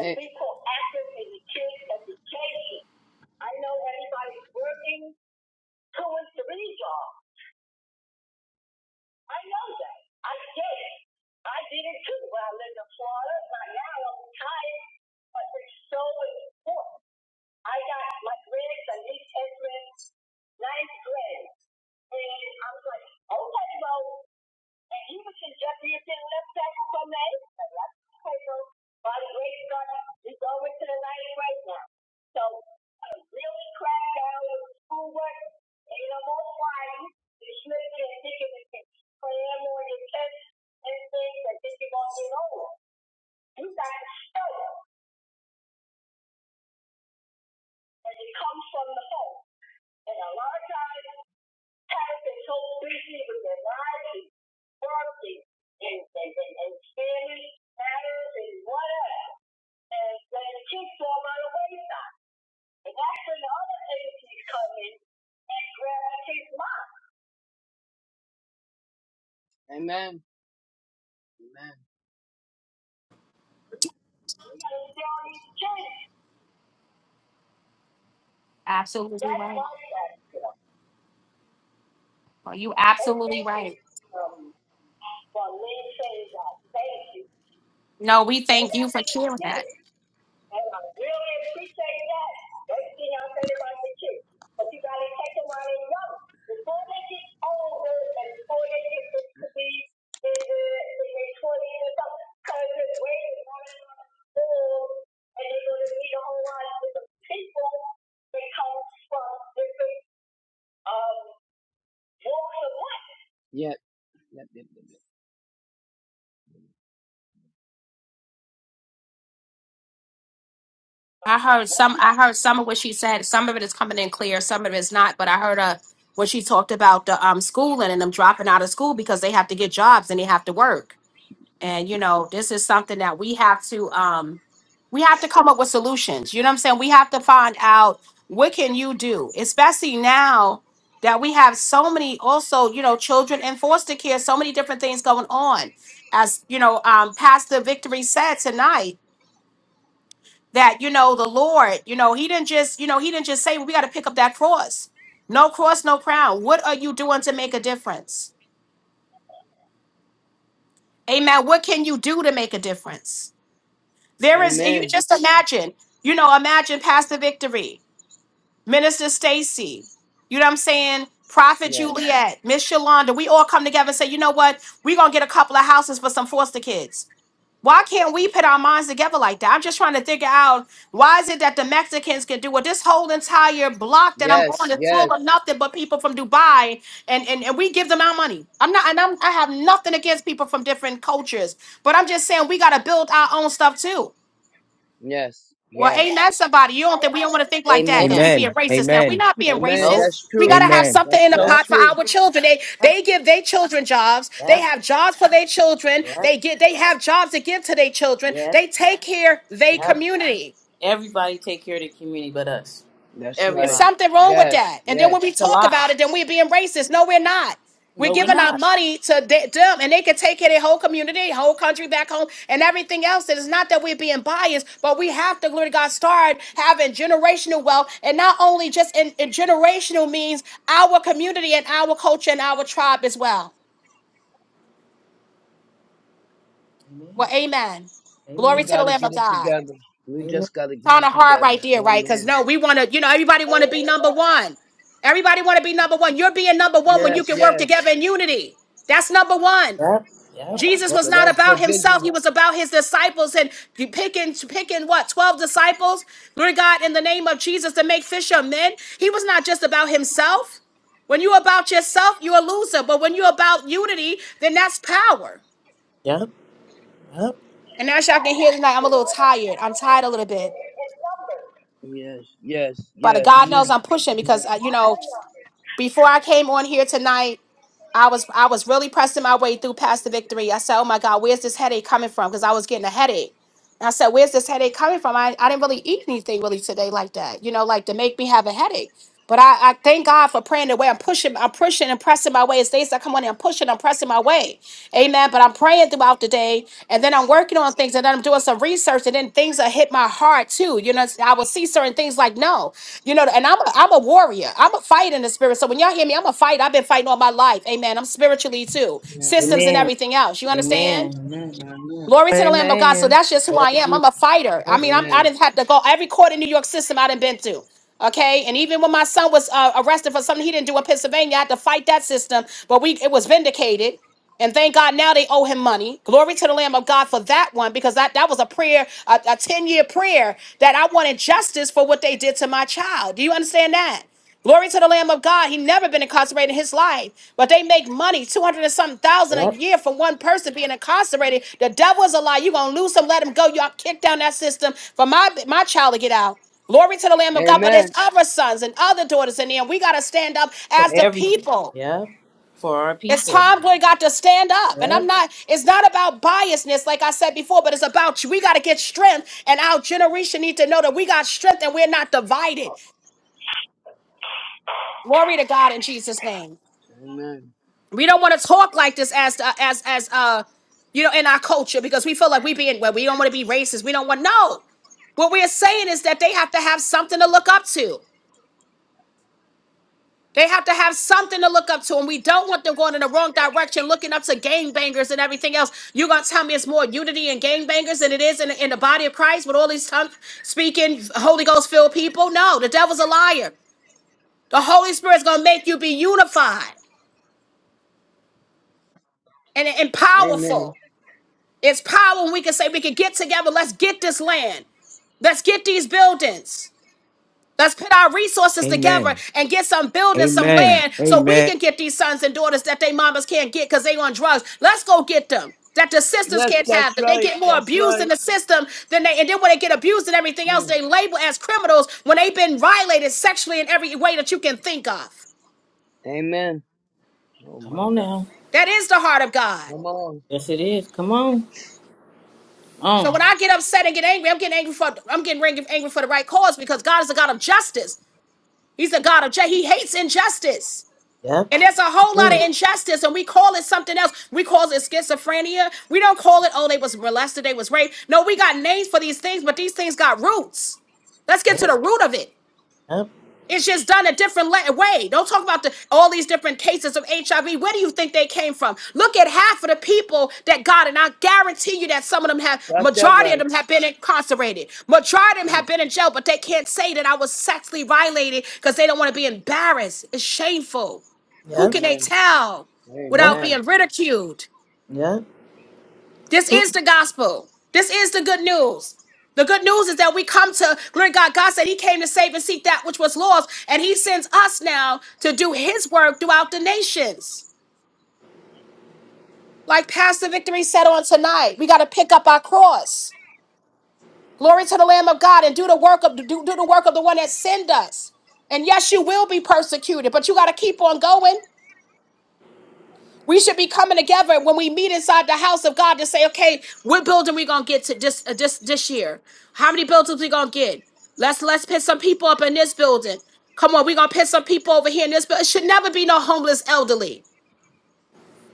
Speaker 4: and Hey, be proactive in the kids' education. I know everybody's working two and three jobs. I know that. I get it. I did it too when I lived in Florida. Not now, I'm retired. But it's so important. I got my grades, I need 10th grade, ninth grade. And I was like, okay, well, and even since Jeffrey is in left side from A, the eighth side, that's By the grace of God, he's over to the ninth right now. So uh, really cracked down with schoolwork. And you know, most wives, you should get thinking and think, cram on your test and things that this is going to get over. You got to show it. And it comes from the home. And a lot of times I've been so busy with their lives and work and, and, and, and, family matters and whatever. And then the kids fall by the wayside. And that's when the other entities come in and grab the kids' mind. Amen. Amen. You gotta on these kids.
Speaker 1: Absolutely
Speaker 4: That's my
Speaker 1: right.
Speaker 4: platform.
Speaker 1: Are you
Speaker 4: And
Speaker 1: absolutely
Speaker 4: thank you
Speaker 1: right?
Speaker 4: um, for Lynn saying that. Thank you.
Speaker 1: No, we
Speaker 4: Those
Speaker 1: thank
Speaker 4: are
Speaker 1: you for
Speaker 4: things we
Speaker 1: sharing that.
Speaker 4: did. And I really appreciate that. Everything I said about the kids. But you gotta take them while they young. Before they get older and before they get this to be in their in their twenties and stuff, because this way is running on and they're gonna meet a whole lot of different people that come from different um walks of life. Yep. Yep. Yep. Yep.
Speaker 1: I heard
Speaker 4: yep.
Speaker 1: some I heard some of what she said. Some of it is coming in clear, some of it is not, but I heard uh when she talked about the um schooling and them dropping out of school because they have to get jobs and they have to work. And you know, this is something that we have to um we have to come up with solutions. You know what I'm saying? We have to find out what can you do, especially now that we have so many also, you know, children in foster care, so many different things going on. As you know, um Pastor Victory said tonight that, you know, the Lord, you know, he didn't just, you know, he didn't just say we got to pick up that cross. No cross, no crown. What are you doing to make a difference? Amen. What can you do to make a difference? There is,
Speaker 4: Amen.
Speaker 1: you just imagine, you know, imagine Pastor Victory, Minister Stacy, you know what I'm saying? Prophet
Speaker 4: Yes.
Speaker 1: Juliet, Miss Shalonda, we all come together and say, you know what? We're going to get a couple of houses for some foster kids. Why can't we put our minds together like that? I'm just trying to figure out why is it that the Mexicans can do it? This whole entire block that I'm
Speaker 4: Yes.
Speaker 1: on is full
Speaker 4: Yes.
Speaker 1: of nothing but people from Dubai, and, and, and we give them our money. I'm not, and I'm, I have nothing against people from different cultures, but I'm just saying we got to build our own stuff too.
Speaker 4: Yes.
Speaker 1: Well,
Speaker 4: Yeah. Yes.
Speaker 1: ain't that somebody? You don't think we don't want to
Speaker 4: I
Speaker 1: think like that because
Speaker 6: Amen.
Speaker 1: we being
Speaker 2: Amen.
Speaker 1: racist now. we
Speaker 2: Amen.
Speaker 1: not being
Speaker 4: Amen.
Speaker 6: Nope.
Speaker 1: racist.
Speaker 4: That's
Speaker 1: We
Speaker 4: true.
Speaker 1: gotta have
Speaker 2: Amen.
Speaker 1: something in
Speaker 4: That's
Speaker 1: the
Speaker 4: so
Speaker 6: Yep.
Speaker 1: pot for
Speaker 4: true.
Speaker 1: our children. They
Speaker 6: Yep.
Speaker 1: they give their children jobs. They
Speaker 6: Yep.
Speaker 1: have jobs for their children.
Speaker 6: Yep.
Speaker 1: They get they have jobs to give to their children.
Speaker 6: Yes,
Speaker 1: They take care of their
Speaker 6: yep.
Speaker 1: community.
Speaker 6: Everybody take care of the community but us.
Speaker 4: That's
Speaker 1: It's
Speaker 4: right.
Speaker 6: Everybody.
Speaker 1: something wrong with
Speaker 4: Yes,
Speaker 1: that. And then
Speaker 4: yes.
Speaker 1: when we
Speaker 6: It's a
Speaker 1: talk
Speaker 6: lot.
Speaker 1: about it, then we're being racist. No, we're not. We're
Speaker 6: No, we're
Speaker 1: giving our
Speaker 6: not.
Speaker 1: money to de- them, and they can take care of their whole community, whole country back home, and everything else. It is not that we're being biased, but we have to, glory to God, start having generational wealth, and not only just in, in generational means our community and our culture and our tribe as well.
Speaker 6: Amen.
Speaker 1: Well, amen.
Speaker 6: Amen.
Speaker 1: Glory
Speaker 4: We
Speaker 1: to the
Speaker 4: got to
Speaker 1: Lamb
Speaker 4: get
Speaker 1: of
Speaker 4: it
Speaker 1: God.
Speaker 4: together. We
Speaker 6: Amen.
Speaker 4: just got to get
Speaker 1: kind
Speaker 4: it
Speaker 1: of hard
Speaker 4: together.
Speaker 1: right there, right? Because
Speaker 4: Amen.
Speaker 1: no, we want to, you know, everybody want to be number one. Everybody want to be number one. You're being number one when you
Speaker 4: Yes,
Speaker 1: can work
Speaker 4: yes.
Speaker 1: together in unity. That's number one.
Speaker 6: Yep. Yep.
Speaker 1: Jesus
Speaker 6: Yep.
Speaker 1: was
Speaker 4: So
Speaker 1: not
Speaker 4: that's the
Speaker 1: about himself.
Speaker 4: vision.
Speaker 1: He was about his disciples and you picking, picking what, 12 disciples? Glory to God in the name of Jesus to make fish of men. He was not just about himself. When you are about yourself, you're a loser. But when you're about unity, then that's power.
Speaker 6: Yep. Yep.
Speaker 1: And as y'all can hear tonight, I'm a little tired. I'm tired a little bit.
Speaker 4: Yes, yes,
Speaker 1: But
Speaker 4: yes.
Speaker 1: God knows
Speaker 9: Amen.
Speaker 1: I'm pushing
Speaker 9: Yes,
Speaker 1: because, uh, you know, before I came on here tonight, I was I was really pressing my way through past the victory. I said, "Oh my God, where's this headache coming from?" Because I was getting a headache. I said, where's this headache coming from? I, I didn't really eat anything really today like that, you know, like to make me have a headache. But I, I thank God for praying the way I'm pushing, I'm pushing and pressing my way. It's days I come on and I'm pushing, I'm pressing my way. Amen. But I'm praying throughout the day and then I'm working on things and then I'm doing some research and then things that hit my heart too. You know, I will see certain things like, no, you know, and I'm a, I'm a warrior. I'm a fight in the spirit. So when y'all hear me, I'm a fight. I've been fighting all my life. Amen. I'm spiritually too.
Speaker 9: yes.
Speaker 1: Systems and
Speaker 6: Amen.
Speaker 1: everything else. You understand?
Speaker 6: Amen.
Speaker 9: Amen. Amen.
Speaker 1: Glory to the Lamb of God. So
Speaker 5: Amen.
Speaker 1: that's just who I
Speaker 6: Glory
Speaker 1: am.
Speaker 6: be.
Speaker 1: I'm a fighter. I
Speaker 6: Yep.
Speaker 1: mean, I'm, I
Speaker 4: Amen.
Speaker 1: didn't have to go every court in New York system I did been to. Okay, and even when my son was uh, arrested for something he didn't do in Pennsylvania, I had to fight that system. But we it was vindicated, and thank God now they owe him money. Glory to the Lamb of God for that one because that that was a prayer, a ten year prayer that I wanted justice for what they did to my child. Do you understand that? Glory to the Lamb of God. He never been incarcerated in his life. But they make money, 200 and something thousand a
Speaker 6: Yep.
Speaker 1: year from one person being incarcerated. The devil is a lie. You're going to lose him. Let him go. Y'all kick down that system for my, my child to get out. Glory to the Lamb of God. But there's
Speaker 4: Amen.
Speaker 1: other sons and other daughters in there. And we got to stand up as
Speaker 6: For
Speaker 1: the
Speaker 6: every.
Speaker 1: people.
Speaker 6: Yep. For our
Speaker 1: It's
Speaker 6: people.
Speaker 1: time we got to stand up. And I'm
Speaker 6: Yep.
Speaker 1: not, it's not about biasness, like I said before, but it's about you. we got to get strength. And our generation need to know that we got strength and we're not divided. Glory to God in Jesus' name.
Speaker 4: Amen.
Speaker 1: We don't want to talk like this as uh, as as uh you know in our culture because we feel like we being well we don't want to be racist. We don't want no. What we're saying is that they have to have something to look up to. They have to have something to look up to, and we don't want them going in the wrong direction, looking up to gangbangers and everything else. You're gonna tell me it's more unity in gangbangers than it is in, in the body of Christ with all these tongue speaking, Holy Ghost filled people? No, the devil's a liar. The Holy Spirit's gonna make you be unified and, and
Speaker 4: Amen.
Speaker 1: powerful. It's power when we can say we can get together. Let's get this land. Let's get these buildings. Let's put our resources together
Speaker 2: Amen.
Speaker 1: and get some buildings, some
Speaker 2: Amen.
Speaker 1: land, so we
Speaker 2: Amen.
Speaker 1: can get these sons and daughters that they mamas can't get because they on drugs. Let's go get them. That the sisters
Speaker 4: Yes,
Speaker 1: can't have
Speaker 4: that's
Speaker 1: them. They
Speaker 4: right.
Speaker 1: get more
Speaker 4: That's
Speaker 1: abused
Speaker 4: right.
Speaker 1: in the system than they, and then when they get abused and everything else,
Speaker 4: Mm.
Speaker 1: they label as criminals when they've been violated sexually in every way that you can think of.
Speaker 4: Amen. Oh
Speaker 6: Come
Speaker 4: my
Speaker 6: on
Speaker 4: God.
Speaker 6: now.
Speaker 1: That is the heart of God.
Speaker 4: Come on.
Speaker 6: Yes, it is. Come on.
Speaker 1: So
Speaker 6: On.
Speaker 1: when I get upset and get angry, I'm getting angry for I'm getting angry angry for the right cause because God is a God of justice. He's a God of justice. He hates injustice.
Speaker 6: Yep.
Speaker 1: And there's a whole lot of
Speaker 6: True.
Speaker 1: injustice, and we call it something else. We call it schizophrenia. We don't call it, oh, they was molested, they was raped. No, we got names for these things, but these things got roots. Let's get to
Speaker 6: Yep.
Speaker 1: the root of it.
Speaker 6: Yep.
Speaker 1: It's just done a different le- way. Don't talk about the, all these different cases of HIV. Where do you think they came from? Look at half of the people that got, it. and I guarantee you that some of them have,
Speaker 4: that's that
Speaker 1: majority of
Speaker 4: right.
Speaker 1: them have been incarcerated. Majority of them
Speaker 4: Mm.
Speaker 1: have been in jail, but they can't say that I was sexually violated because they don't want to be embarrassed. It's shameful. Who
Speaker 6: Yep.
Speaker 1: can they
Speaker 4: Amen.
Speaker 1: tell
Speaker 6: Yep.
Speaker 1: without
Speaker 4: Amen.
Speaker 1: being ridiculed?
Speaker 6: Yep. It's
Speaker 1: This
Speaker 6: true.
Speaker 1: is the gospel. This is the good news. The good news is that we come to glory to God. God said He came to save and seek that which was lost, and He sends us now to do His work throughout the nations. Like Pastor Victory said on tonight, we got to pick up our cross. Glory to the Lamb of God and do the work of do, do the work of the one that sent us. And yes, you will be persecuted, but you got to keep on going. We should be coming together when we meet inside the house of God to say, okay, what building we gonna get to this uh, this this year? How many buildings we gonna get? Let's let's put some people up in this building. Come on, we gonna put some people over here in this building. It should never be no homeless elderly.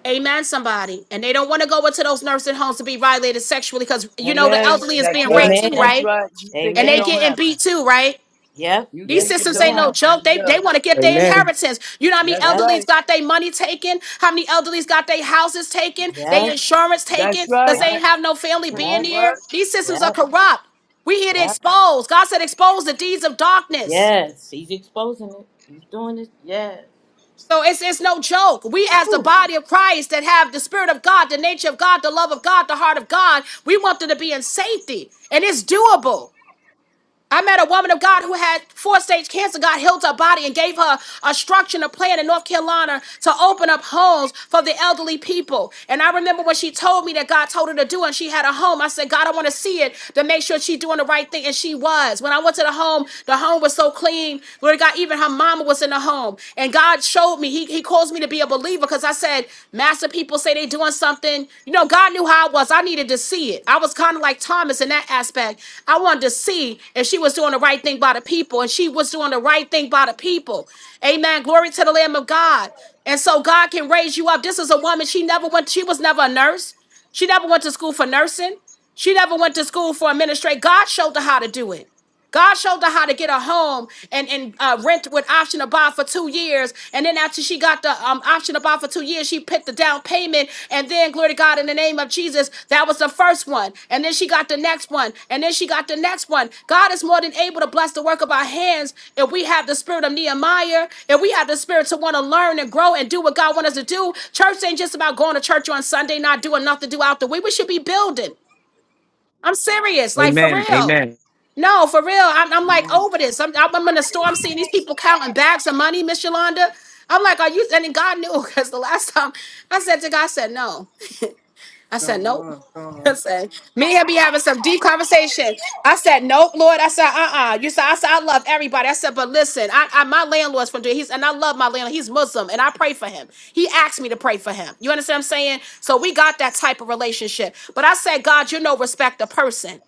Speaker 1: Amen, somebody. And they don't want to go into those nursing homes to be violated sexually because you know the
Speaker 4: Amen.
Speaker 1: elderly is
Speaker 4: That's
Speaker 1: being
Speaker 4: right.
Speaker 1: raped too,
Speaker 6: Amen.
Speaker 4: That's
Speaker 1: right?
Speaker 4: right. You think
Speaker 1: And
Speaker 4: it
Speaker 1: they
Speaker 6: Amen.
Speaker 4: don't
Speaker 1: getting
Speaker 4: happen.
Speaker 1: beat too, right?
Speaker 6: Yep.
Speaker 4: You
Speaker 1: These
Speaker 4: think
Speaker 6: Yes,
Speaker 4: it
Speaker 1: systems
Speaker 4: don't
Speaker 1: ain't
Speaker 6: ma'am.
Speaker 1: no
Speaker 4: happen.
Speaker 1: joke.
Speaker 4: It
Speaker 1: They they
Speaker 4: does.
Speaker 1: want to get their
Speaker 2: Amen.
Speaker 1: inheritance. You know how many
Speaker 4: That's
Speaker 6: Yep,
Speaker 1: elderly's
Speaker 4: right.
Speaker 1: got their money taken? How many elderly's got their houses taken, their
Speaker 6: yep,
Speaker 1: insurance
Speaker 4: That's
Speaker 1: taken, because
Speaker 4: right.
Speaker 1: they ain't
Speaker 6: yep,
Speaker 1: have no family
Speaker 6: yep,
Speaker 1: being here?
Speaker 4: What?
Speaker 1: These systems are
Speaker 6: yep,
Speaker 1: corrupt. We here to
Speaker 6: yep.
Speaker 1: expose. God said, expose the deeds of darkness.
Speaker 6: Yes, he's exposing it. He's doing it. Yes.
Speaker 1: So it's it's no joke. We as the body of Christ that have the spirit of God, the nature of God, the love of God, the heart of God, we want them to be in safety. And it's doable. I met a woman of God who had four stage cancer. God healed her body and gave her a structure and a plan in North Carolina to open up homes for the elderly people. And I remember when she told me that God told her to do it and she had a home. I said, God, I want to see it to make sure she's doing the right thing. And she was. When I went to the home, the home was so clean. Lord God, even her mama was in the home. And God showed me, He, he calls me to be a believer because I said, Master, people say they doing something. You know, God knew how I was. I needed to see it. I was kind of like Thomas in that aspect. I wanted to see if she was doing the right thing by the people, and she was doing the right thing by the people. Amen. Glory to the Lamb of God. And so God can raise you up. This is a woman. She never went, she was never a nurse. She never went to school for nursing. She never went to school for a ministry. God showed her how to do it. God showed her how to get a home and, and uh, rent with option to buy for two years. And then after she got the um, option to buy for two years, she picked the down payment. And then, glory to God, in the name of Jesus, that was the first one. And then she got the next one. And then she got the next one. God is more than able to bless the work of our hands if we have the spirit of Nehemiah, if we have the spirit to want to learn and grow and do what God wants us to do. Church ain't just about going to church on Sunday, not doing nothing to do out the way. We should be building. I'm serious, like for
Speaker 2: Amen.
Speaker 1: real.
Speaker 2: Amen.
Speaker 1: No, for real. I'm, I'm like
Speaker 9: Amen.
Speaker 1: over this. I'm, I'm I'm in the store. I'm seeing these people counting bags of money, Miss Yolanda. I'm like, are you? And then God knew because the last time I said to God, I said no. I
Speaker 9: Go,
Speaker 1: said nope.
Speaker 9: Lord. Go,
Speaker 1: I said me and her be having some deep conversation. I said nope, Lord. I said uh uh. You said I said I love everybody. I said but listen, I, I my landlord's from there. He's and I love my landlord. He's Muslim and I pray for him. He asked me to pray for him. You understand what I'm saying? So we got that type of relationship. But I said, God, you know, respect the person.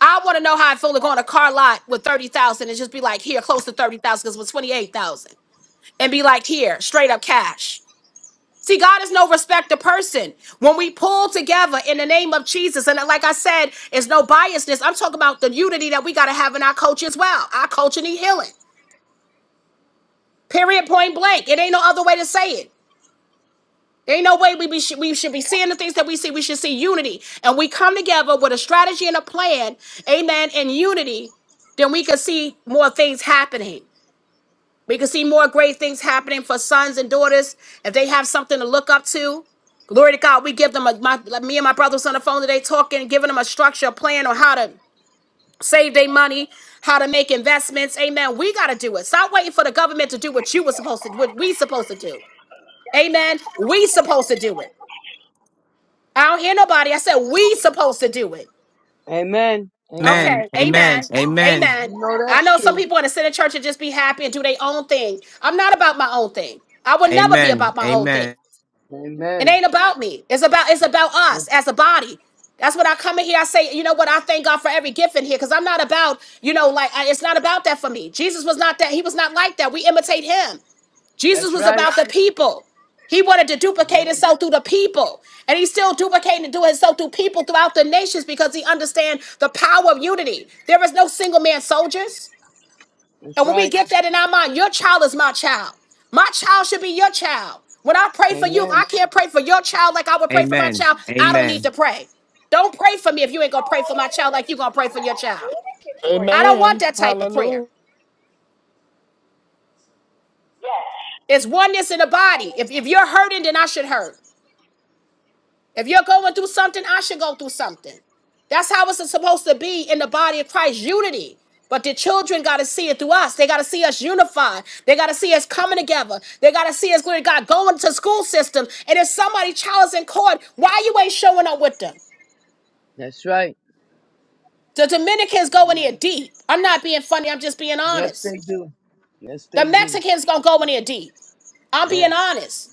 Speaker 1: I want to know how I feel to go on a car lot with 30,000 and just be like, here, close to 30,000 because it was 28,000 and be like, here, straight up cash. See, God is no respecter person. When we pull together in the name of Jesus, and like I said, it's no biasness. I'm talking about the unity that we got to have in our culture as well. Our culture need healing. Period, point blank. It ain't no other way to say it. There ain't no way we, be, sh- we should be seeing the things that we see. We should see unity. And we come together with a strategy and a plan, amen, and unity, then we can see more things happening. We can see more great things happening for sons and daughters. If they have something to look up to, glory to God, we give them a, my, like me and my brother was on the phone today talking, giving them a structure, a plan on how to save their money, how to make investments. Amen. We got to do it. Stop waiting for the government to do what you were supposed to, what we supposed to do. Amen. We supposed to do it. I don't hear nobody. I said we supposed to do it.
Speaker 4: Amen.
Speaker 2: Amen.
Speaker 4: Amen.
Speaker 1: Okay.
Speaker 2: Amen.
Speaker 1: Amen.
Speaker 2: Amen.
Speaker 1: Amen.
Speaker 4: You know
Speaker 1: I
Speaker 4: that's
Speaker 1: know some
Speaker 4: true.
Speaker 1: people in the center church would just be happy and do their own thing. I'm not about my own thing. I will never be
Speaker 2: Amen.
Speaker 1: about my own thing.
Speaker 2: Amen.
Speaker 1: It
Speaker 4: Amen.
Speaker 1: ain't about me. It's about it's about us as a body. That's what I come in here. I say, you know what? I thank God for every gift in here because I'm not about, you know, like I, it's not about that for me. Jesus was not that. He was not like that. We imitate him. Jesus
Speaker 4: That's
Speaker 1: was
Speaker 4: right.
Speaker 1: about the people. He wanted to duplicate
Speaker 4: Amen.
Speaker 1: himself through the people. And he's still duplicating and doing himself through people throughout the nations because he understands the power of unity. There is no single man soldiers.
Speaker 4: That's
Speaker 1: And when we
Speaker 4: right.
Speaker 1: get that in our mind, your child is my child. My child should be your child. When I pray for you, if I
Speaker 4: Amen.
Speaker 1: can't pray for your child like I would pray for my
Speaker 2: Amen.
Speaker 1: child, I don't need to
Speaker 2: Amen.
Speaker 1: pray. Don't pray for me if you ain't gonna pray for my child like you gonna pray for your child. I don't want
Speaker 5: Amen.
Speaker 1: that type of prayer.
Speaker 5: Hallelujah.
Speaker 4: Yes.
Speaker 1: It's oneness in the body. If, if you're hurting, then I should hurt. If you're going through something, I should go through something. That's how it's supposed to be in the body of Christ unity. But the children got to see it through us. They got to see us unified. They got to see us coming together. They got to see us, glory to God, going to school system. And if somebody child is in court, why you ain't showing up with them?
Speaker 4: That's right.
Speaker 1: The Dominicans go in
Speaker 4: Mhm.
Speaker 1: here deep. I'm not being funny. I'm just being
Speaker 4: Yes, they
Speaker 1: honest.
Speaker 4: do. Yes,
Speaker 1: The
Speaker 4: they do.
Speaker 1: Mexicans gonna go in here deep. I'm being
Speaker 4: Yes.
Speaker 1: honest.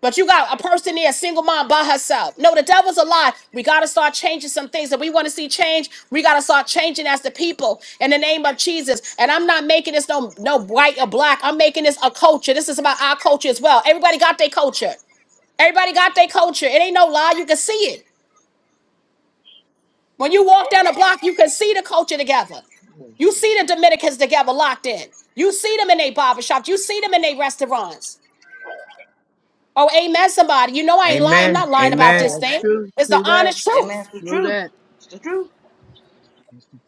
Speaker 1: But you got a person there, a single mom by herself. No, the devil's a lie. We got to start changing some things. If we want to see change, we got to start changing as the people in the name of Jesus. And I'm not making this no, no white or black. I'm making this a culture. This is about our culture as well. Everybody got their culture. Everybody got their culture. It ain't no lie. You can see it. When you walk down the block, you can see the culture together. You see the Dominicans together locked in. You see them in their barbershops. You see them in their restaurants. Oh, amen, somebody. You know I ain't lying. I'm
Speaker 2: Amen.
Speaker 1: not lying about
Speaker 2: Amen.
Speaker 1: this
Speaker 6: Amen.
Speaker 4: That's
Speaker 1: thing.
Speaker 4: true.
Speaker 1: It's the
Speaker 4: True that.
Speaker 1: honest
Speaker 6: Amen.
Speaker 1: truth.
Speaker 6: It's the
Speaker 4: True
Speaker 6: truth.
Speaker 4: that.
Speaker 6: It's the truth.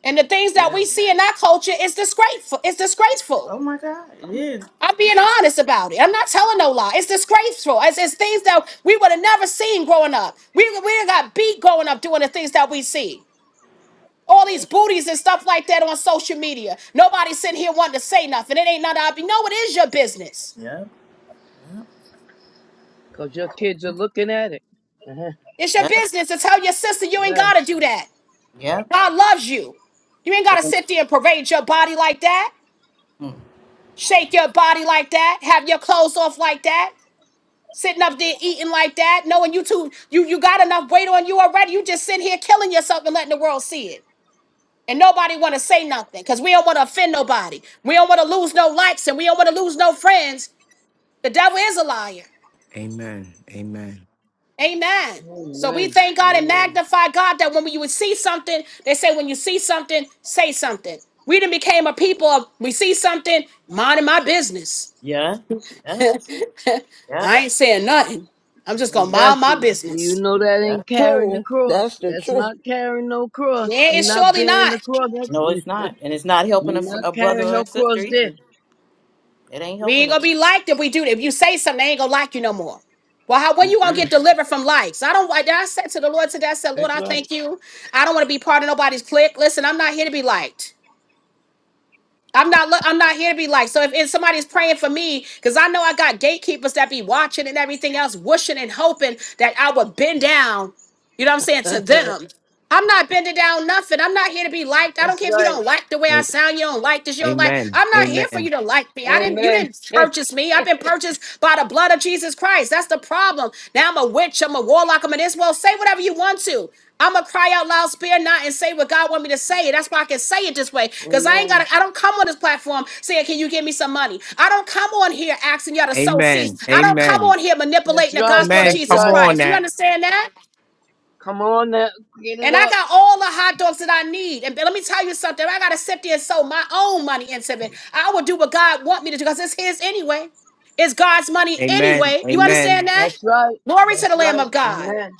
Speaker 1: And the things that we
Speaker 4: Yes.
Speaker 1: see in our culture is disgraceful. It's disgraceful.
Speaker 6: Oh my God, it is.
Speaker 1: I'm being honest about it. I'm not telling no lie. It's disgraceful. It's, it's things that we would have never seen growing up. We, we got beat growing up doing the things that we see. All these booties and stuff like that on social media. Nobody sitting here wanting to say nothing. It ain't none of our be. No, it is your business.
Speaker 6: Yep,
Speaker 4: Because your kids are looking at it. Uh-huh.
Speaker 1: It's your
Speaker 6: yep,
Speaker 1: business to tell your sister you ain't
Speaker 4: Yes.
Speaker 1: gotta do that.
Speaker 6: yep.
Speaker 1: God loves you. You ain't got to sit there and parade your body like that,
Speaker 6: Mm.
Speaker 1: shake your body like that, have your clothes off like that, sitting up there eating like that, knowing you too, you, you got enough weight on you already. You just sitting here killing yourself and letting the world see it. And nobody want to say nothing because we don't want to offend nobody. We don't want to lose no likes and we don't want to lose no friends. The devil is a liar.
Speaker 2: Amen. Amen.
Speaker 1: Amen. So we
Speaker 4: Amen.
Speaker 1: thank God and
Speaker 4: Amen.
Speaker 1: magnify God that when you would see something, they say when you see something, say something. We done became a people of we see something, minding my business.
Speaker 6: Yeah, yep, yep,
Speaker 1: I ain't saying nothing. I'm just gonna
Speaker 4: But that's
Speaker 1: mind my
Speaker 4: the, you
Speaker 1: business.
Speaker 4: know that ain't
Speaker 6: yep.
Speaker 4: carrying the
Speaker 5: True. That's
Speaker 4: cross.
Speaker 5: the
Speaker 4: That's
Speaker 5: truth.
Speaker 4: not carrying no cross.
Speaker 1: Yeah,
Speaker 4: we
Speaker 1: it's
Speaker 4: not
Speaker 1: surely
Speaker 4: bearing
Speaker 1: not.
Speaker 4: the cross. That's,
Speaker 6: No, it's not. And it's not
Speaker 4: we
Speaker 6: helping a, fr-
Speaker 4: not
Speaker 6: a brother
Speaker 4: carrying
Speaker 6: or
Speaker 4: no
Speaker 6: a sister
Speaker 4: cross there.
Speaker 6: either. It ain't
Speaker 1: We ain't
Speaker 6: helping
Speaker 1: gonna
Speaker 6: us.
Speaker 1: be liked if we do that. If you say something, they ain't gonna like you no more. Well, how when you gonna get
Speaker 4: Mm-mm.
Speaker 1: delivered from likes? I don't. I, I said to the Lord today, I said, Lord,
Speaker 4: That's
Speaker 1: I
Speaker 4: right.
Speaker 1: thank you. I don't want to be part of nobody's clique. Listen, I'm not here to be liked. I'm not. look- I'm not here to be like. So if, if somebody's praying for me, because I know I got gatekeepers that be watching and everything else, wishing and hoping that I would bend down you know what I'm saying? To them. I'm not bending down nothing. I'm not here to be liked. I don't
Speaker 4: That's
Speaker 1: care if you
Speaker 4: right.
Speaker 1: don't like the way I
Speaker 2: A-
Speaker 1: sound. You don't like this. You don't like.
Speaker 2: Amen.
Speaker 1: I'm not here for you
Speaker 2: Amen.
Speaker 1: to like me. I didn't. You
Speaker 4: Amen.
Speaker 1: didn't purchase me. I've been purchased by the blood of Jesus Christ. That's the problem. Now I'm a witch. I'm a warlock. I'm an this. Well, say whatever you want to. I'm gonna cry out loud, spare not, and say what God want me to say. And that's why I can say it this way. Cause I ain't
Speaker 4: Amen.
Speaker 1: gotta. I don't come on this platform saying, "Can you give me some money?" I don't come on here asking y'all to sow
Speaker 2: Amen.
Speaker 1: seeds. I don't come
Speaker 2: Amen.
Speaker 1: on here
Speaker 4: That's
Speaker 1: manipulating the
Speaker 4: right.
Speaker 1: gospel of
Speaker 2: Amen.
Speaker 4: That's
Speaker 1: Jesus
Speaker 2: Come
Speaker 4: right.
Speaker 2: on
Speaker 1: Christ. You
Speaker 2: now.
Speaker 1: understand that?
Speaker 4: Come on now. Get it
Speaker 1: And I
Speaker 4: up.
Speaker 1: got all the hot dogs that I need. And let me tell you something. I gotta sit there and sow my own money into it. I will do what God want me to do because it's his anyway. It's God's money
Speaker 2: Amen.
Speaker 1: anyway. You understand
Speaker 2: Amen.
Speaker 1: that?
Speaker 4: That's right.
Speaker 1: Glory to the
Speaker 4: That's
Speaker 1: Lamb
Speaker 4: right.
Speaker 1: of God.
Speaker 4: Amen.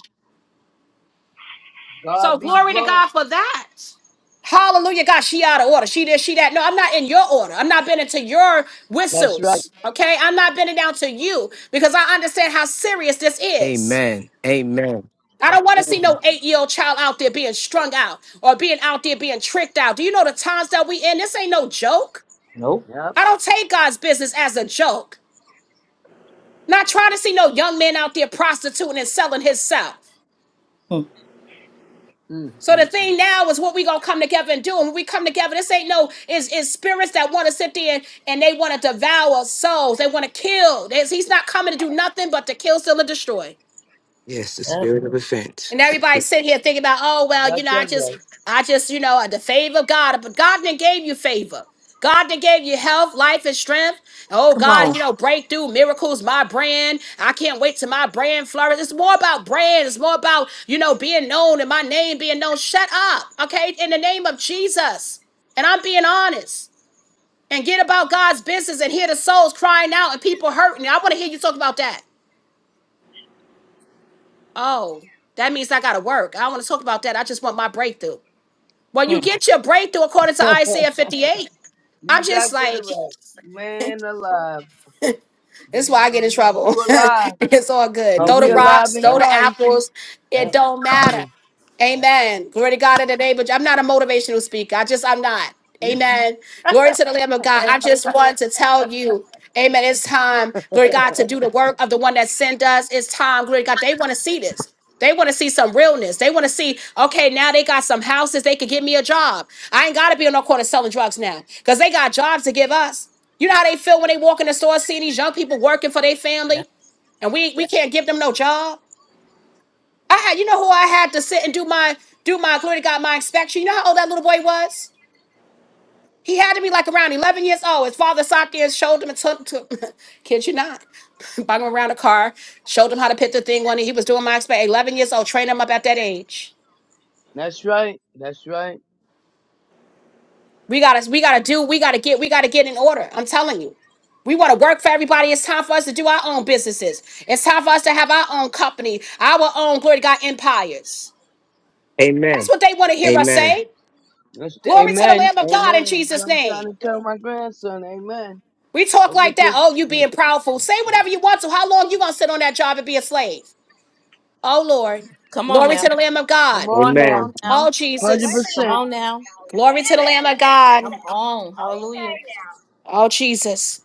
Speaker 4: God
Speaker 1: So
Speaker 4: be the
Speaker 1: glory to
Speaker 4: glory.
Speaker 1: God for that. Hallelujah. God, she out of order. She this, she that. No, I'm not in your order. I'm not bending to your
Speaker 4: That's right.
Speaker 1: whistles. Okay? I'm not bending down to you because I understand how serious this is.
Speaker 2: Amen. Amen.
Speaker 1: I don't want to see
Speaker 6: Amen.
Speaker 1: no eight year old child out there being strung out or being out there being tricked out. Do you know the times that we in? This ain't no joke.
Speaker 6: Nope.
Speaker 4: Yep.
Speaker 1: I don't take God's business as a joke. Not trying to see no young man out there prostituting and selling himself.
Speaker 6: Hmm.
Speaker 4: mm
Speaker 1: So the
Speaker 4: mm mm.
Speaker 1: thing now is what we gonna come together and do. And when we come together, this ain't no is is spirits that want to sit there and, and they want to devour souls. They want to kill. There's- he's not coming to do nothing but to kill, steal, and destroy.
Speaker 2: Yes, the
Speaker 6: Yep.
Speaker 2: spirit of offense.
Speaker 1: And everybody sitting here thinking about, oh well,
Speaker 4: Got
Speaker 1: you know, I
Speaker 4: that
Speaker 1: just,
Speaker 4: right.
Speaker 1: I just, you know, the favor of God, but God then gave you favor. God then gave you health, life, and strength. Oh
Speaker 6: Come
Speaker 1: God,
Speaker 6: on.
Speaker 1: you know, breakthrough, miracles, my brand. I can't wait till my brand flourish. It's more about brand. It's more about, you know, being known and my name being known. Shut up. Okay. In the name of Jesus. And I'm being honest. And get about God's business and hear the souls crying out and people hurting. I want to hear you talk about that. Oh, that means I gotta work. I don't want to talk about that. I just want my breakthrough. Well, you
Speaker 6: Hmm.
Speaker 1: get your breakthrough according to Isaiah 58. I'm
Speaker 4: You got
Speaker 1: just
Speaker 4: that
Speaker 1: like,
Speaker 4: right. Man alive.
Speaker 1: this is
Speaker 4: Man,
Speaker 1: why I get
Speaker 4: are
Speaker 1: in
Speaker 4: we
Speaker 1: trouble.
Speaker 4: still alive?
Speaker 1: it's all good.
Speaker 4: Are
Speaker 6: Me
Speaker 1: Throw the
Speaker 4: we
Speaker 6: too.
Speaker 4: alive
Speaker 1: rocks,
Speaker 4: in
Speaker 1: throw
Speaker 6: Yep,
Speaker 1: the
Speaker 4: Christ?
Speaker 1: apples. It
Speaker 6: yep,
Speaker 1: don't
Speaker 4: Hmm.
Speaker 1: matter. Amen. Glory to God in the name of I'm not a motivational speaker. I just I'm not. Amen. Glory to the Lamb of God. I just want to tell you, Amen. It's time, glory to God, to do the work of the one that sent us. It's time, glory to God. They want to see this. They want to see some realness. They want to see, okay, now they got some houses. They could give me a job. I ain't got to be on no corner selling drugs now because they got jobs to give us. You know how they feel when they walk in the store seeing these young people working for their
Speaker 6: yep.
Speaker 1: family? and we we can't give them no job. I had, you know who I had to sit and do my do my glory to God my inspection. You know how old that little boy was? He had to be like around 11 years old. His father sat there and showed him and took, took kid you not, brought him around the car, showed him how to put the thing on it. He was doing my inspection. 11 years old, train him up at that age.
Speaker 4: That's right. That's right.
Speaker 1: We gotta, we gotta do, we gotta get, we gotta get in order. I'm telling you. We want to work for everybody. It's time for us to do our own businesses. It's time for us to have our own company, our own glory to God empires. That's
Speaker 2: Amen.
Speaker 1: what they want to hear us
Speaker 2: Amen.
Speaker 1: say.
Speaker 4: That's the,
Speaker 1: Glory to the
Speaker 4: amen.
Speaker 1: Lamb of God
Speaker 4: Amen.
Speaker 1: in
Speaker 4: That's what
Speaker 1: Jesus'
Speaker 4: I'm
Speaker 1: name.
Speaker 4: trying to tell my grandson. Amen.
Speaker 1: We talk
Speaker 4: Go get
Speaker 1: like that.
Speaker 4: this.
Speaker 1: Oh, you
Speaker 4: Mm.
Speaker 1: being proudful. Say whatever you want to. How long you gonna sit on that job and be a slave? Oh Lord.
Speaker 6: Come on
Speaker 1: Glory to
Speaker 6: now.
Speaker 1: the Lamb of
Speaker 4: Come
Speaker 1: God.
Speaker 4: on
Speaker 6: Come
Speaker 4: now.
Speaker 6: on
Speaker 2: Amen.
Speaker 6: now.
Speaker 1: Oh
Speaker 4: Hundred
Speaker 1: Jesus.
Speaker 6: Come
Speaker 4: percent.
Speaker 6: on now.
Speaker 1: Glory to the Lamb of God.
Speaker 6: Come on. Hallelujah.
Speaker 1: Oh Jesus.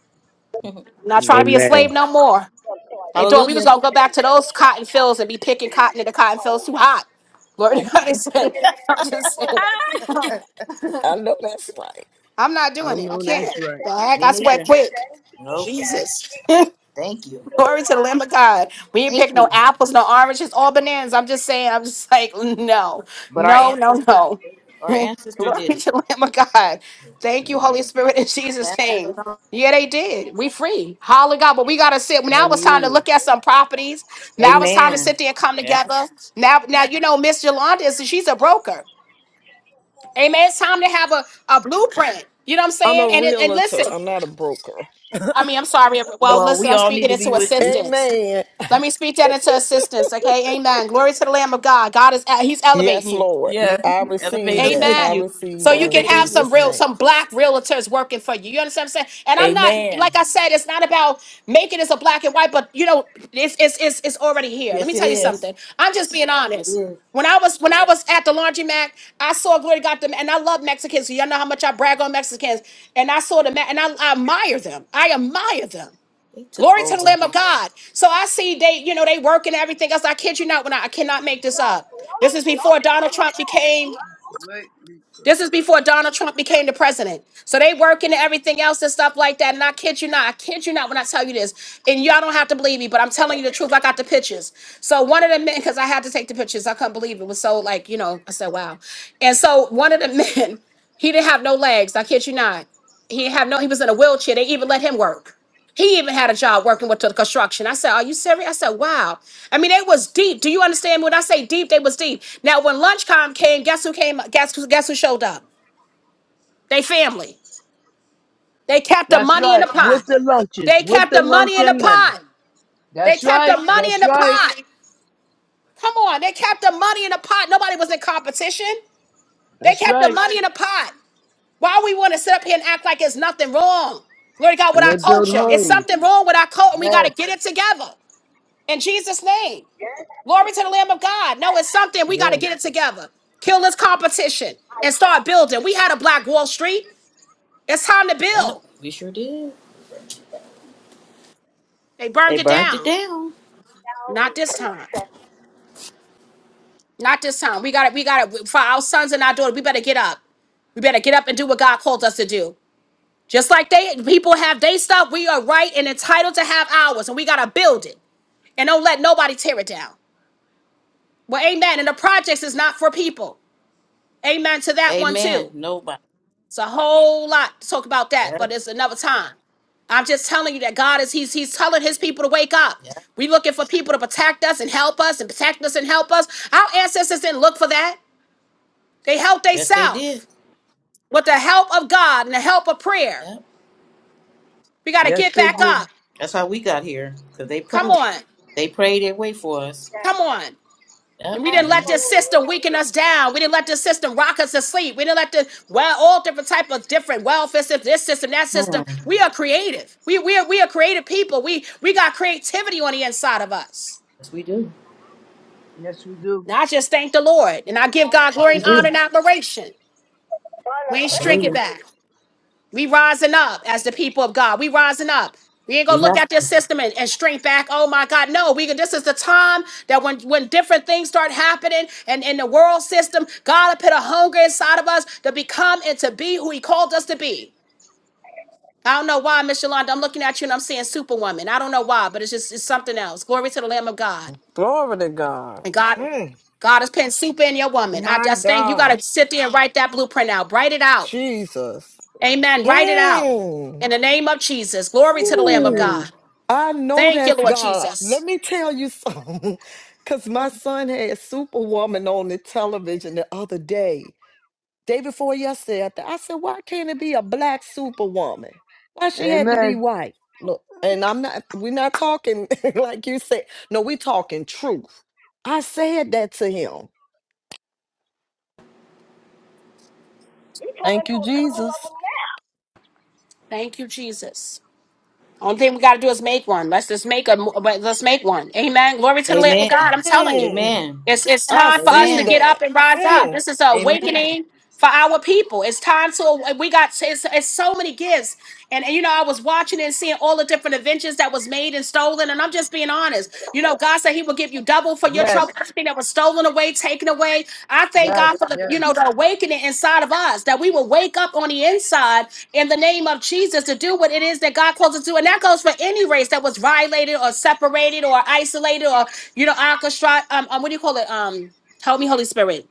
Speaker 1: I'm not
Speaker 4: Mm.
Speaker 1: trying to be a slave
Speaker 2: Amen.
Speaker 1: no more. They thought we was
Speaker 6: Hallelujah.
Speaker 1: gonna go back to those cotton fields and be picking cotton and the cotton fields too hot. Glory to God. It's- I'm just saying.
Speaker 5: I know that's right.
Speaker 1: I'm not
Speaker 4: I
Speaker 1: doing it. I
Speaker 4: know that's
Speaker 1: can't.
Speaker 4: right.
Speaker 1: The heck
Speaker 6: Me
Speaker 1: I sweat
Speaker 6: neither.
Speaker 1: quick.
Speaker 6: Nope.
Speaker 1: Jesus.
Speaker 6: Thank you.
Speaker 1: Glory to the Lamb of God. We ain't pick
Speaker 6: Thank
Speaker 1: no
Speaker 6: you.
Speaker 1: apples, no oranges, all bananas. I'm just saying, I'm just like, no,
Speaker 6: But our
Speaker 1: no, no,
Speaker 6: ancestors
Speaker 1: no.
Speaker 6: did it. Our ancestor
Speaker 1: Glory
Speaker 6: did it.
Speaker 1: to the Lamb of God. Thank you, Holy Spirit, in
Speaker 6: We
Speaker 1: Jesus'
Speaker 6: passed the
Speaker 1: name.
Speaker 6: baton.
Speaker 1: Yeah, they did. We free. Holy God. But we gotta sit. Now it's time to
Speaker 4: Hallelujah.
Speaker 1: look at some properties. Now it's time to
Speaker 6: Amen.
Speaker 1: sit there and come
Speaker 6: Yeah.
Speaker 1: together. Now, now you know Miss Yolanda is she's a broker. Amen. It's time to have a, a blueprint. You know what I'm
Speaker 5: I'm
Speaker 1: saying?
Speaker 5: a
Speaker 1: And it, and
Speaker 5: realtor.
Speaker 1: listen,
Speaker 5: I'm not a broker.
Speaker 1: I mean, I'm sorry. Well,
Speaker 6: Well,
Speaker 1: listen,
Speaker 6: we
Speaker 1: I'm
Speaker 6: all need
Speaker 1: speaking
Speaker 6: to be
Speaker 1: into
Speaker 6: with you.
Speaker 1: assistance.
Speaker 5: Amen.
Speaker 1: Let me speak that into assistance. Okay. Amen. Glory to the Lamb of God. God is He's elevating
Speaker 5: Yes,
Speaker 1: you.
Speaker 5: Lord.
Speaker 6: Yeah.
Speaker 5: I
Speaker 6: Elevate
Speaker 5: receive
Speaker 6: us
Speaker 5: that.
Speaker 6: with
Speaker 5: I
Speaker 1: Amen.
Speaker 6: you.
Speaker 5: receive
Speaker 1: So
Speaker 5: that
Speaker 1: you can
Speaker 5: in
Speaker 6: Elevate
Speaker 1: have
Speaker 6: us with
Speaker 1: some
Speaker 5: Jesus'
Speaker 1: real,
Speaker 6: you.
Speaker 5: name.
Speaker 1: some black realtors working for you. You understand what I'm saying? And I'm not, like
Speaker 6: Amen.
Speaker 1: I said, it's not about making this a black and white, but you know, it's it's it's, it's already here. Let
Speaker 6: Yes,
Speaker 1: me
Speaker 6: it
Speaker 1: tell you
Speaker 6: is.
Speaker 1: something. I'm just being
Speaker 6: It
Speaker 1: honest.
Speaker 6: is.
Speaker 1: When I was when I was at the laundromat, I saw Glory to God them, and I love Mexicans. So y'all know how much I brag on Mexicans, and I saw them, and I, I admire them. I admire them.
Speaker 6: They took
Speaker 1: Glory to the
Speaker 6: over.
Speaker 1: Lamb of God. So I see they, you know, they work and everything else. I kid you not, when I, I cannot make this up. This is before Donald Trump became. This is before Donald Trump became the president. So they working and everything else and stuff like that. And I kid you not, I kid you not when I tell you this. And y'all don't have to believe me, but I'm telling you the truth. I got the pictures. So one of the men, because I had to take the pictures, I couldn't believe it. was so like, you know, I said, wow. And so one of the men, he didn't have no legs. I kid you not. He didn't have no, he was in a wheelchair. They even let him work. He even had a job working with the construction. I said, "Are you serious?" I said, "Wow." I mean, it was deep. Do you understand when I say deep? They was deep. Now, when lunchtime came, guess who came? Guess who? Guess who showed up? They family. They kept the
Speaker 4: That's
Speaker 1: money in
Speaker 4: right.
Speaker 1: the
Speaker 4: With
Speaker 1: pot.
Speaker 4: the lunches,
Speaker 1: They
Speaker 4: with
Speaker 1: kept
Speaker 4: the
Speaker 1: the money in the
Speaker 4: luncheon money.
Speaker 1: pot. They
Speaker 4: That's
Speaker 1: kept the
Speaker 4: right.
Speaker 1: money
Speaker 4: That's
Speaker 1: in the
Speaker 4: right.
Speaker 1: pot. Come on, they kept the money in the pot. Nobody was in competition. They
Speaker 4: That's
Speaker 1: kept the
Speaker 4: right.
Speaker 1: money in the pot. Why we want to sit up here and act like it's nothing wrong? Glory to God with
Speaker 4: And
Speaker 1: our
Speaker 4: they build
Speaker 1: culture. It's
Speaker 4: homes.
Speaker 1: something wrong with our culture, and we got
Speaker 4: Yes.
Speaker 1: to get it together in Jesus' name. Glory to the Lamb of God. No, it's something we got
Speaker 4: Yes.
Speaker 1: to get it together. Kill this competition and start building. We had a Black Wall Street. It's time to
Speaker 6: Yep.
Speaker 1: build.
Speaker 6: We sure did.
Speaker 1: They burned
Speaker 6: They
Speaker 1: it
Speaker 6: burnt it
Speaker 1: down.
Speaker 6: down.
Speaker 1: Not this time. Not this time. We got it. We got it for our sons and our daughters. We better get up. We better get up and do what God called us to do. Just like they people have their stuff, we are right and entitled to have ours, and we gotta build it and don't let nobody tear it down. Well, amen. And the projects is not for people. Amen to that one
Speaker 6: Amen.
Speaker 1: too.
Speaker 6: Nobody.
Speaker 1: It's a whole lot to talk about that, but
Speaker 6: Yep.
Speaker 1: it's another time. I'm just telling you that God is He's He's telling His people to wake up.
Speaker 6: Yep.
Speaker 1: We looking for people to protect us and help us and protect us and help us. Our ancestors didn't look for that. They helped
Speaker 6: Yes, they did.
Speaker 1: themselves with the help of God and the help of prayer.
Speaker 6: Yep.
Speaker 1: We got to
Speaker 4: Yes,
Speaker 1: get
Speaker 4: they
Speaker 1: back
Speaker 4: do.
Speaker 1: up.
Speaker 6: That's how we got here. Because they
Speaker 1: Come
Speaker 6: prayed.
Speaker 1: on.
Speaker 6: They prayed their way for us.
Speaker 1: Come on. And
Speaker 6: Yep.
Speaker 1: We didn't
Speaker 4: Mhm.
Speaker 1: let this system weaken us down. We didn't let this system rock us to sleep. We didn't let the well, all different type of different welfare system, this system, that system.
Speaker 6: Hmm.
Speaker 1: We are creative. We we are, we are creative people. We we got creativity on the inside of us.
Speaker 6: Yes, we do.
Speaker 4: Yes, we do.
Speaker 1: And I just thank the Lord, and I give God glory
Speaker 6: We
Speaker 1: and honor
Speaker 6: do.
Speaker 1: and admiration. We ain't shrinking
Speaker 6: Hallelujah.
Speaker 1: back. We rising up as the people of God. We rising up. We ain't
Speaker 6: We
Speaker 1: gonna look
Speaker 6: have.
Speaker 1: at this system and, and shrink back. Oh my God, no. We can, this is the time that when when different things start happening and in the world system, God will put a hunger inside of us to become and to be who He called us to be. I don't know why, Miss Yolanda. I'm looking at you and I'm seeing Superwoman. I don't know why, but it's just it's something else. Glory to the Lamb of God.
Speaker 5: Glory to God.
Speaker 1: And God,
Speaker 5: Mm.
Speaker 1: God has put super in your woman. I
Speaker 5: My
Speaker 1: just think you
Speaker 5: God,
Speaker 1: gotta sit there and write that blueprint out. Write it out.
Speaker 5: Jesus.
Speaker 1: Amen. Write it out
Speaker 5: Mm.
Speaker 1: in the name of Jesus. Glory to the Lamb of
Speaker 4: Amen.
Speaker 5: Ooh,
Speaker 1: God.
Speaker 5: I know
Speaker 1: Thank you,
Speaker 5: that's
Speaker 1: Lord
Speaker 5: God. Let
Speaker 1: Jesus.
Speaker 5: me tell you something. Because my son had Superwoman on the television the other day, day before yesterday. I, th- I said, why can't it be a black Superwoman? Why she had to be
Speaker 4: Amen.
Speaker 5: white? Look, and I'm not, we're not talking like you said. No, we talking truth. I said that to him.
Speaker 4: You're talking
Speaker 5: Thank
Speaker 4: to
Speaker 5: you,
Speaker 4: a couple of
Speaker 5: Jesus.
Speaker 4: them now.
Speaker 1: Thank you, Jesus. Only thing we got to do is make one. Let's just make a. Let's make one. Amen. Glory to the Lamb of
Speaker 6: Amen.
Speaker 1: God. I'm telling you,
Speaker 5: Mm.
Speaker 6: Amen.
Speaker 1: it's it's
Speaker 5: I
Speaker 1: time for us
Speaker 5: see
Speaker 1: to
Speaker 6: Amen.
Speaker 1: get up
Speaker 5: that.
Speaker 1: and rise up.
Speaker 5: Mm.
Speaker 1: This is an
Speaker 6: Amen.
Speaker 1: awakening for our people. It's time to. We got. It's, it's so many gifts, and, and you know I was watching and seeing all the different inventions that was made and stolen. And I'm just being honest. You know, God said He will give you double for your
Speaker 4: Yes.
Speaker 1: trouble. Everything that was stolen away, taken away. I thank
Speaker 4: Yes.
Speaker 1: God for the, you
Speaker 4: Yes.
Speaker 1: know, the awakening inside of us that we will wake up on the inside in the name of Jesus to do what it is that God calls us to. And that goes for any race that was violated or separated or isolated or, you know, orchestra. Um, um, what do you call it? Um, help me, Holy Spirit.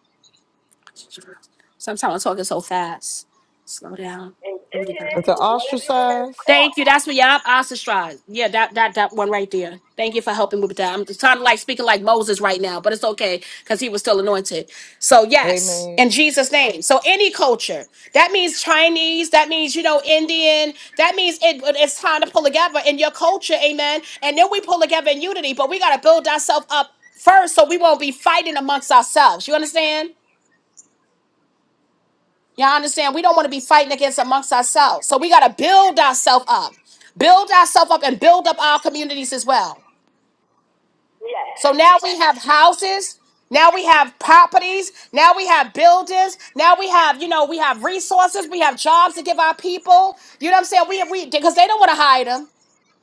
Speaker 1: Sometimes I'm talking so fast. Slow down.
Speaker 4: Indigenous
Speaker 5: And To
Speaker 4: or whatever you want to
Speaker 5: ostracize?
Speaker 4: call.
Speaker 1: Thank you. That's what Yeah, all ostracized. Yeah, that that that one right there. Thank you for helping me with that. I'm kind of like speaking like Moses right now, but it's okay because he was still anointed. So yes,
Speaker 5: Amen.
Speaker 1: in Jesus' name. So any culture that means Chinese, that means you know Indian, that means it, it's time to pull together in your culture, amen. And then we pull together in unity, but we gotta build ourselves up first so we won't be fighting amongst ourselves. You understand? Y'all understand? We don't want to be fighting against amongst ourselves. So we got to build ourselves up, build ourselves up, and build up our communities as well.
Speaker 4: Yes.
Speaker 1: So now we have houses. Now we have properties. Now we have buildings. Now we have, you know, we have resources. We have jobs to give our people. You know what I'm saying? We, we, because they don't want to hire them.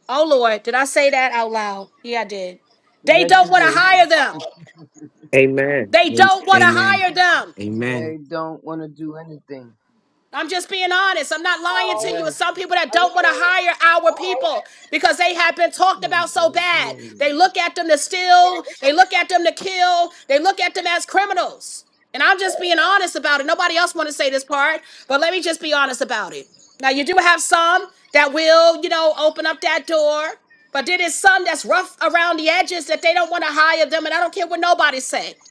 Speaker 1: Oh Lord, did I say that out loud? Yeah, I did. They
Speaker 4: Yes,
Speaker 1: don't
Speaker 4: you
Speaker 1: want to
Speaker 4: did.
Speaker 1: hire them.
Speaker 4: Uh,
Speaker 2: Amen.
Speaker 1: They don't want to
Speaker 2: Amen.
Speaker 1: hire them.
Speaker 2: Amen.
Speaker 4: They don't want to do anything.
Speaker 1: I'm just being honest. I'm not lying
Speaker 4: um,
Speaker 1: to you. It's some
Speaker 4: Yes.
Speaker 1: people that
Speaker 4: are you
Speaker 1: don't want to
Speaker 4: saying,
Speaker 1: hire our
Speaker 4: okay,
Speaker 1: people because they have been
Speaker 4: Come
Speaker 1: talked
Speaker 4: on,
Speaker 1: about so
Speaker 4: Shirley. Come on.
Speaker 1: bad.
Speaker 4: man.
Speaker 1: They look at them to
Speaker 4: yeah,
Speaker 1: steal,
Speaker 4: we can.
Speaker 1: they look at them to kill, they look at them as criminals. And I'm just being honest about it. Nobody else want to say this part, but let me just be honest about it. Now you do have some that will, you know, open up that door, but there is some that's rough around the edges that they don't want to hire them, and I don't care what nobody say.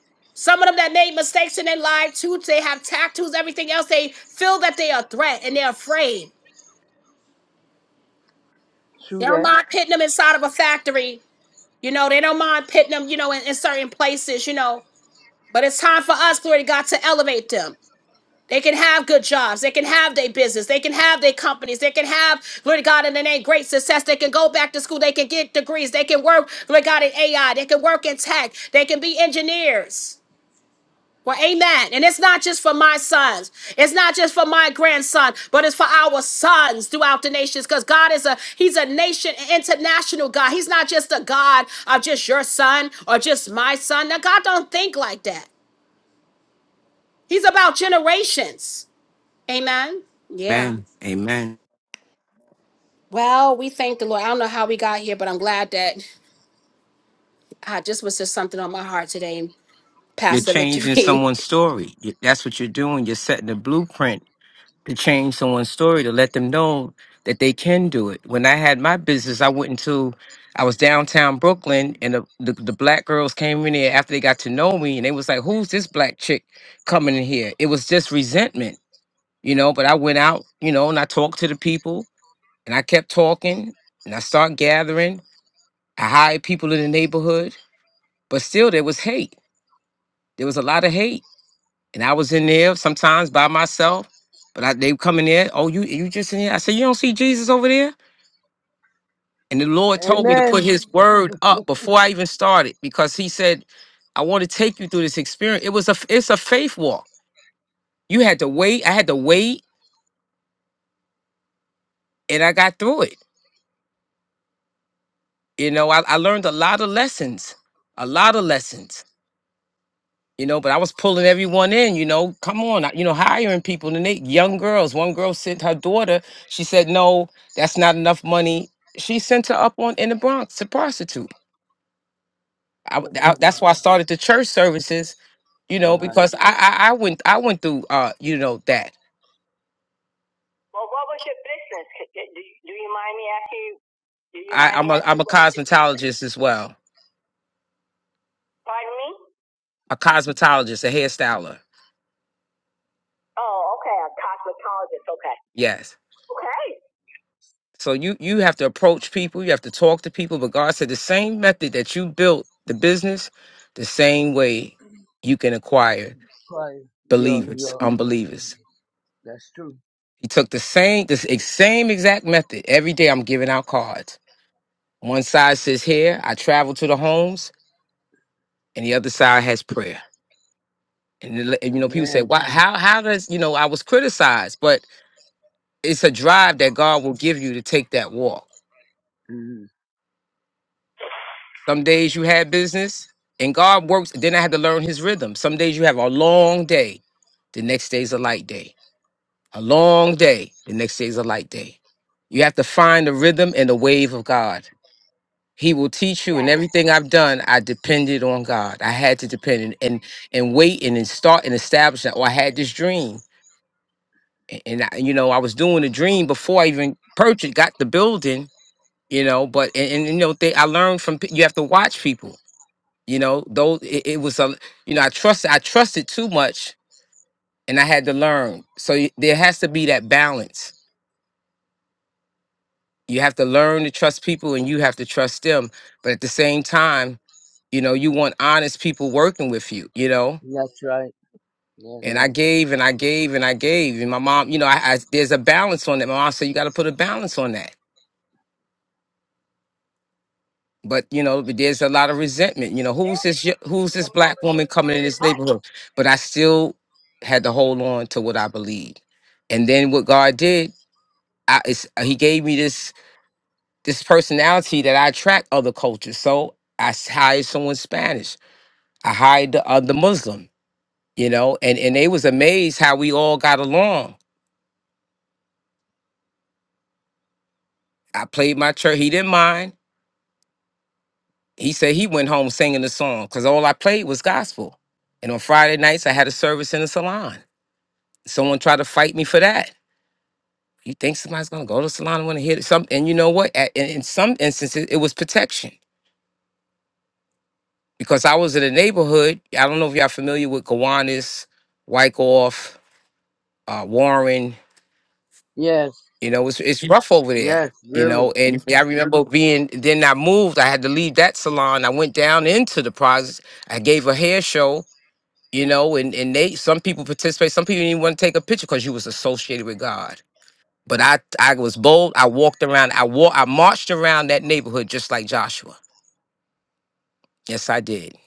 Speaker 1: Some of them that made mistakes in their life too, they have tattoos, everything else. They feel that they are a threat and they're afraid.
Speaker 4: True
Speaker 1: They don't
Speaker 4: that.
Speaker 1: mind pitting them inside of a factory. You know, they don't mind pitting them, you know, in, in certain places, you know. But it's time for us, glory to God, to elevate them. They can have good jobs. They can have their business. They can have their companies. They can have, glory to God, in the name, great success. They can go back to school. They can get degrees. They can work, glory to God, in AI. They can work in tech. They can be engineers. Well, amen. And it's not just for my sons. It's not just for my grandson, but it's for our sons throughout the nations. Because God is a He's a nation international God. He's not just a God of just your son or just my son. Now, God don't think like that. He's about generations. Amen. Yeah.
Speaker 2: Amen. Amen.
Speaker 1: Well, we thank the Lord. I don't know how we got here, but I'm glad that I just was just something on my heart today.
Speaker 2: You're
Speaker 1: Pastor
Speaker 2: changing
Speaker 1: Victory.
Speaker 2: someone's story. You- That's what you're doing. You're setting the blueprint to change someone's story to let them know that they can do it. When I had my business, I went into I was downtown Brooklyn and the, the, the black girls came in there after they got to know me and they was like, Who's this black chick coming in here? It was just resentment, you know, but I went out, you know, and I talked to the people and I kept talking and I started gathering. I hired people in the neighborhood, but still there was hate. There was a lot of hate and I was in there sometimes by myself, but I, they come in there. Oh, you you just in here? I said, you don't see Jesus over there? And the Lord told me to
Speaker 4: Amen.
Speaker 2: put His word up before I even started because He said, I want to take you through this experience. It was a f- it's a faith walk. You had to wait. I had to wait, and I got through it. You know, I, I learned a lot of lessons, a lot of lessons you know. But I was pulling everyone in, you know. Come on, I- you know, hiring people and they young girls. One girl sent her daughter. She said, "No, that's not enough money." She sent her up on in the Bronx to prostitute. I, w-
Speaker 4: Oh my
Speaker 2: I- that's why I
Speaker 4: God.
Speaker 2: started the church services, you know,
Speaker 4: Right.
Speaker 2: because I I, I went I went through uh you know that
Speaker 4: Well, what was your business? Could- Do do you, do you mind me asking you? Do you
Speaker 2: I,
Speaker 4: mind me
Speaker 2: I'm a
Speaker 4: asking
Speaker 2: I'm a
Speaker 4: what was your business?
Speaker 2: cosmetologist as well,
Speaker 4: Pardon me?
Speaker 2: a cosmetologist, a hairstyler.
Speaker 4: Oh, okay, a cosmetologist. Okay.
Speaker 2: Yes.
Speaker 4: Okay.
Speaker 2: So you you have to approach people, you have to talk to people. But God said the same method that you built the business, the same way you can acquire
Speaker 4: pray your
Speaker 2: believers,
Speaker 4: your
Speaker 2: unbelievers.
Speaker 4: that's true.
Speaker 2: He took the same the ex- same exact method. Every day I'm giving out cards. One side says here, I travel to the homes, and the other side has prayer. And, it- and, you know, people say,
Speaker 4: Amen.
Speaker 2: "Why? How? How does you know?" I was criticized, but it's a drive that God will give you to take that walk
Speaker 4: hmm
Speaker 2: Some days you had business and God works. Then I had to learn his rhythm. Some days you have a long day. The next day's a light day. A long day. The next day's a light day. You have to find the rhythm and the wave of God. He will teach you. And everything I've done, I depended on God. I had to depend and and, and wait and, and start and establish that. Oh, I had this dream. And, and I, you know, I was doing the dream before I even purchased, got the building, you know, but and, and you know, they I learned from pe- you have to watch people You know, though it, it was a you know I trusted I trusted too much, and I had to learn. So y- there has to be that balance. You have to learn to trust people, and you have to trust them. But at the same time, you know, you want honest people working with you. You know.
Speaker 4: That's right.
Speaker 2: And
Speaker 4: Yes.
Speaker 2: I gave and I gave and I gave. And my mom, you know, I, I there's a balance on that. My mom said, you got to put a balance on that but you know but there's a lot of resentment you know who's this yo- who's this black woman coming in this neighborhood but i still had to hold on to what i believed and then what god did I, it's, he gave me this this personality that i attract other cultures so i s- hired someone spanish i hired the other muslim you know and and they was amazed how we all got along i played my church he didn't mind he said he went home singing the song because all i played was gospel and on friday nights i had a service in the salon someone tried to fight me for that. You think somebody's gonna go to the salon and want to hear some? And you know what? At- in, in some instances, it was protection because I was in a neighborhood. I don't know if y'all familiar with Gowanus, Wyckoff, uh, Warren.
Speaker 4: Yes.
Speaker 2: You know, it's it's rough over there.
Speaker 4: Yes.
Speaker 2: You
Speaker 4: Really.
Speaker 2: know, and I remember being. Then I moved. I had to leave that salon. I went down into the project. I gave a hair show. You know, and and they some people participate. Some people didn't even want to take a picture because you was associated with God. But I I was bold. I walked around. I walk. I marched around that neighborhood just like Joshua. Yes, I did.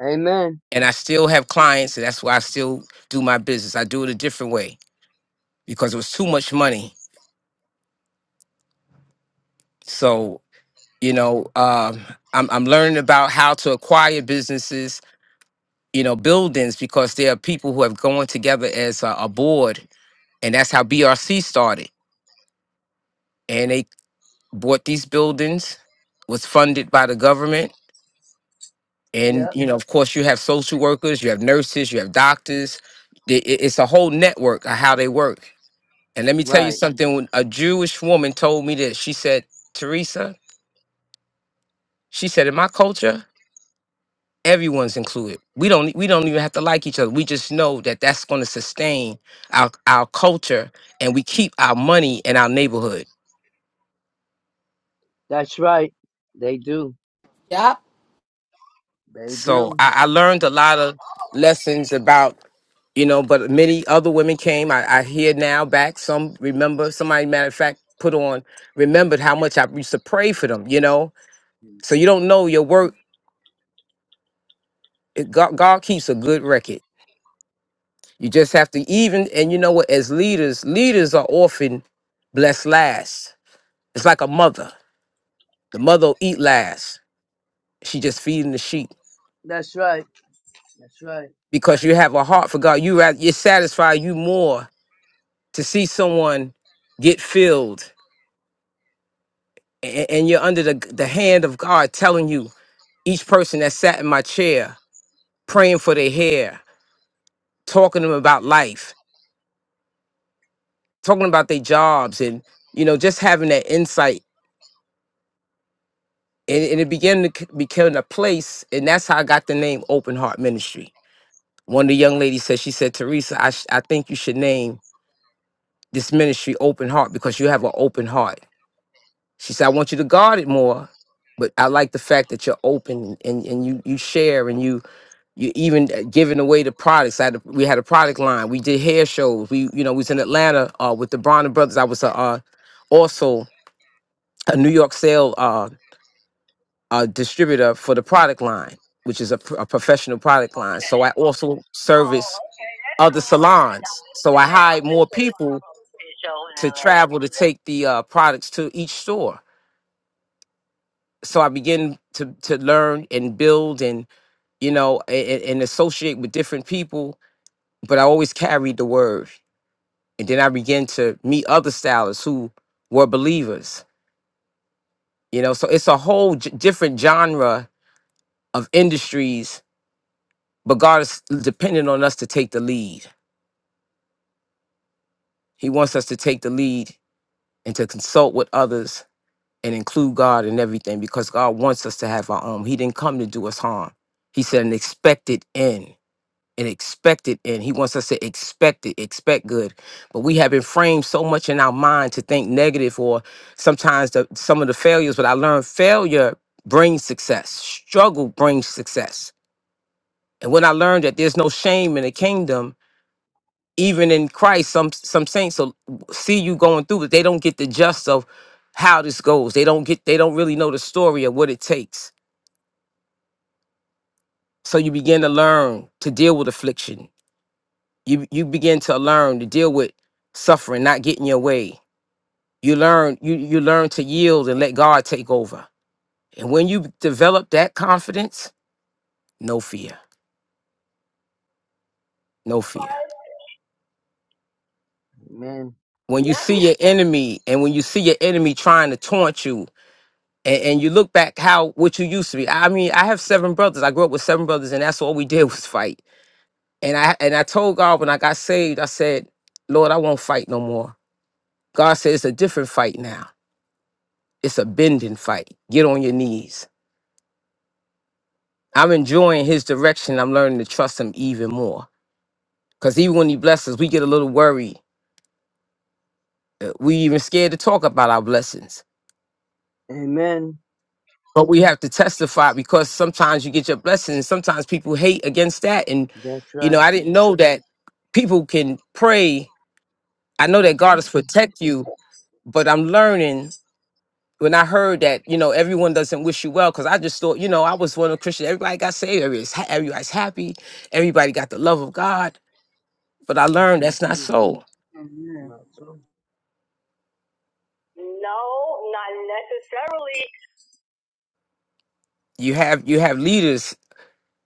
Speaker 4: Amen.
Speaker 2: And I still have clients, and that's why I still do my business. I do it a different way because it was too much money. So you know, um, I'm I'm learning about how to acquire businesses, you know, buildings because there are people who have gone together as a, a board, and that's how BRC started. And they bought these buildings, was funded by the government and
Speaker 4: Yep.
Speaker 2: you know of course you have social workers you have nurses you have doctors The- i- it's a whole network of how they work and let me tell you
Speaker 4: Right.
Speaker 2: something when a jewish woman told me that she said teresa she said in my culture everyone's included we don't e, we don't even have to like each other we just know that that's going to sustain our our culture and we keep our money in our neighborhood
Speaker 4: That's right. They do.
Speaker 1: yep.
Speaker 4: They
Speaker 2: So
Speaker 4: do.
Speaker 2: I, I learned a lot of lessons about, you know, but many other women came. I, I hear now back. Some remember, somebody, matter of fact, put on, remembered how much I used to pray for them, you know? So you don't know your work. It- God, God keeps a good record. You just have to even, and you know what, as leaders, leaders are often blessed last. It's like a mother. The mother will eat last. She just feeding the sheep
Speaker 4: That's right. That's right.
Speaker 2: because you have a
Speaker 4: Okay.
Speaker 2: heart for God. You ra- you're satisfied you more to see someone get filled and, and you're under the, the hand of God telling you each person that sat in my chair praying for their hair, talking to them about life, talking about their jobs and you know just having that insight and, and it began to c- become a place and that's how I got the name Open Heart Ministry. One of the young ladies said she said Teresa I, sh- I think you should name this ministry Open Heart because you have an open heart She said, I want you to guard it more, but I like the fact that you're open and, and you you share and you you even uh, giving away the products. I had a, we had a product line. We did hair shows. We you know we was in Atlanta uh, with the Bronner Brothers. I was a, uh, also a New York sale uh, uh, distributor for the product line, which is a, pr- a professional product line.
Speaker 4: Okay.
Speaker 2: So I also
Speaker 4: Oh,
Speaker 2: service
Speaker 4: Okay.
Speaker 2: other
Speaker 4: Oh. I've been, I've
Speaker 2: salons.
Speaker 4: been to
Speaker 2: So I
Speaker 4: Atlanta.
Speaker 2: hired
Speaker 4: I've
Speaker 2: more people
Speaker 4: been to a show in
Speaker 2: to
Speaker 4: Atlanta Atlanta
Speaker 2: travel to
Speaker 4: before.
Speaker 2: take the uh, products to each store. so I begin to to learn and build and you know and, and associate with different people. But I always carried the word, and then I began to meet other stylists who were believers. You know, so it's a whole j- different genre of industries. But God is dependent on us to take the lead. He wants us to take the lead and to consult with others and include God in everything because God wants us to have our own. He didn't come to do us harm. He said an expected end. and expect it. And he wants us to expect it, expect good. But we have been framed so much in our mind to think negative or sometimes the, some of the failures. But I learned failure brings success, struggle brings success. And when I learned that there's no shame in the kingdom, even in Christ, some some saints will see you going through, it. they don't get the gist of how this goes. They don't get they don't really know the story of what it takes. So you begin to learn to deal with affliction you you begin to learn to deal with suffering not getting your way you learn you you learn to yield and let god take over and when you develop that confidence no fear no fear
Speaker 4: to Amen.
Speaker 2: when you see
Speaker 4: Yep.
Speaker 2: your enemy and when you see your enemy trying to taunt you and, and you look back how what you used to be i mean i have seven brothers i grew up with seven brothers and that's all we did was fight and i and i told god when i got saved i said lord i won't fight no more god said it's a different fight now it's a bending fight get on your knees I'm enjoying his direction. I'm learning to trust him even more. Because even when he blesses, we get a little worried. Uh, We even scared to talk about our blessings.
Speaker 4: Amen.
Speaker 2: But we have to testify because sometimes you get your blessings. Sometimes people hate against that. And,
Speaker 4: That's
Speaker 2: you know,
Speaker 4: right.
Speaker 2: I didn't know that people can pray. I know that God is
Speaker 4: against you.
Speaker 2: protect you, but I'm learning when I heard that, you know, everyone doesn't wish you well. Because I just thought, you know, I was one of the Christians. Everybody got saved. Everybody's, ha- everybody's happy. Everybody got the love of God. But I
Speaker 4: That's
Speaker 2: learned
Speaker 4: not
Speaker 2: that's not
Speaker 4: true.
Speaker 2: so
Speaker 9: Lord.
Speaker 4: It's
Speaker 9: Amen.
Speaker 4: not true. No, not necessarily.
Speaker 2: you have you have leaders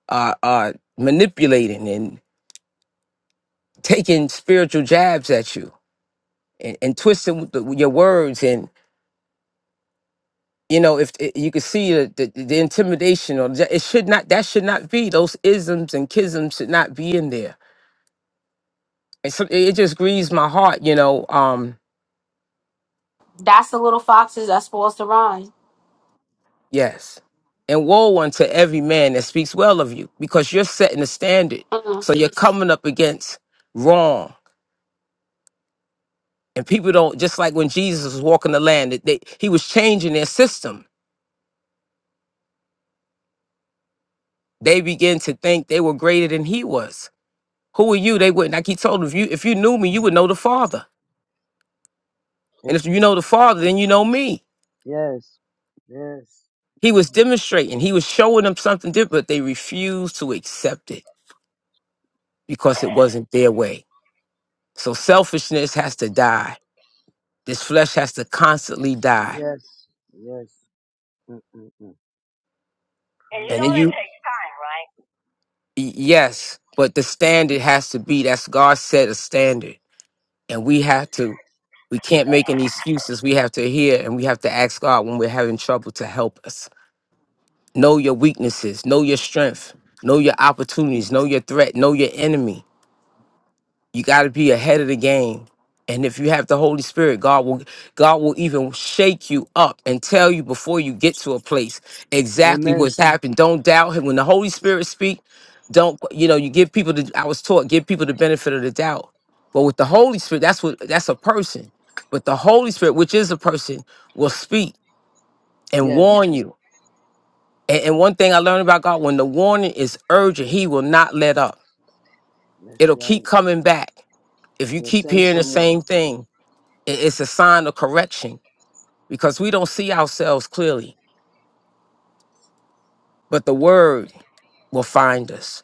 Speaker 2: uh, uh, manipulating and taking spiritual jabs at you and, and twisting the, your words and you know if it, you can see the, the, the intimidation or the- it should not that should not be those isms and kisms should not be in there and so it just grieves my heart you know um
Speaker 1: That's the little foxes that's supposed to run.
Speaker 2: yes and woe unto every man that speaks well of you because you're setting a standard so
Speaker 1: Mm.
Speaker 2: you're coming up against wrong And people don't just like when Jesus was walking the land, that they, he was changing their system. They began to think they were greater than he was. Who are you? They wouldn't. Like he told them, if you if you knew me, you would know the Father. And
Speaker 4: Mm,
Speaker 2: if you know the Father, then you know me.
Speaker 4: Yes, yes,
Speaker 2: He was demonstrating, he was showing them something different, but they refused to accept it because it wasn't their way. So selfishness has to die. This flesh has to constantly die.
Speaker 4: yes, yes. Mm, mm, mm. And you
Speaker 2: And
Speaker 4: know
Speaker 2: then
Speaker 4: the that
Speaker 2: you
Speaker 4: takes time,
Speaker 2: y- yes, but the standard has to be that's God set a standard and we have to we can't make any excuses we have to hear and we have to ask god when we're having trouble to help us know your weaknesses know your strength know your opportunities know your threat know your enemy you got to be ahead of the game. And if you have the Holy Spirit, God will God will even shake you up and tell you before you get to a place
Speaker 4: right?
Speaker 2: exactly
Speaker 4: Amen.
Speaker 2: what's Mhm. happened. Don't doubt him. When the Holy Spirit speak, don't you know, you give people the I was taught, give people the benefit of the doubt. But with the Holy Spirit, that's what that's a person. But the Holy Spirit, which is a person, will speak and
Speaker 4: Yes,
Speaker 2: warn you. And, and one thing I learned about God, when the warning is urgent, he will not let up.
Speaker 4: that's
Speaker 2: It'll keep
Speaker 4: right.
Speaker 2: coming back. If you
Speaker 4: Yeah,
Speaker 2: keep
Speaker 4: send
Speaker 2: hearing the
Speaker 4: someone.
Speaker 2: same thing, I- It's a sign of correction because we don't see ourselves clearly, but the word will find us.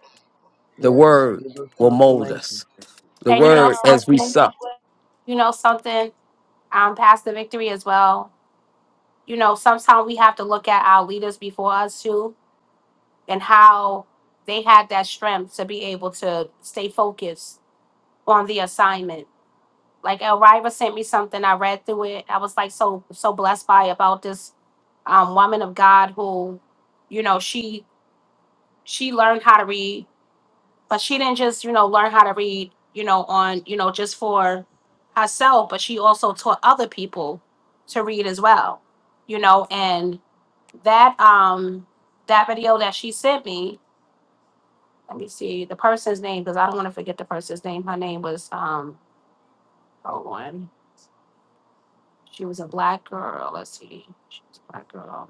Speaker 2: The
Speaker 4: Yes,
Speaker 2: word
Speaker 4: give us
Speaker 2: will mold
Speaker 4: confirmation.
Speaker 2: us. The
Speaker 1: And
Speaker 4: I
Speaker 1: you know
Speaker 2: word
Speaker 4: know,
Speaker 2: as we
Speaker 1: something?
Speaker 4: and
Speaker 2: suck.
Speaker 4: that's what
Speaker 1: you know something um past the victory as well you know sometimes we have to look at our leaders before us too and how they had that strength to be able to stay focused on the assignment like elvira sent me something i read through it i was like so so blessed by it about this um, woman of god who you know she she learned how to read but she didn't just you know learn how to read you know on you know just for herself but she also taught other people to read as well you know and that um that video that she sent me let me see the person's name because i don't want to forget the person's name her name was um hold on she was a black girl let's see she was a black girl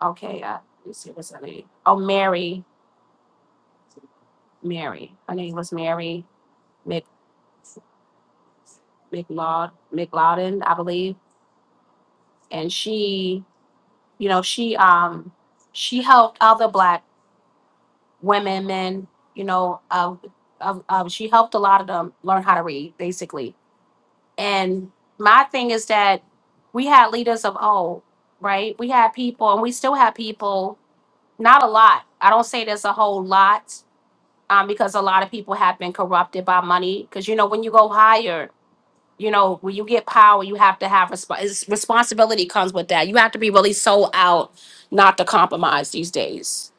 Speaker 1: okay uh, let me see what's her name oh mary mary her name was mary Mc, McLeod McLeodin, i believe and she you know she um she helped other black women men you know uh, uh, uh, she helped a lot of them learn how to read basically and my thing is that we had leaders of old right we had people and we still have people not a lot i don't say there's a whole lot um, because a lot of people have been corrupted by money because you know when you go higher you know, when you get power, you have to have resp- it's- responsibility comes with that. You have to be really sold out not to compromise these days.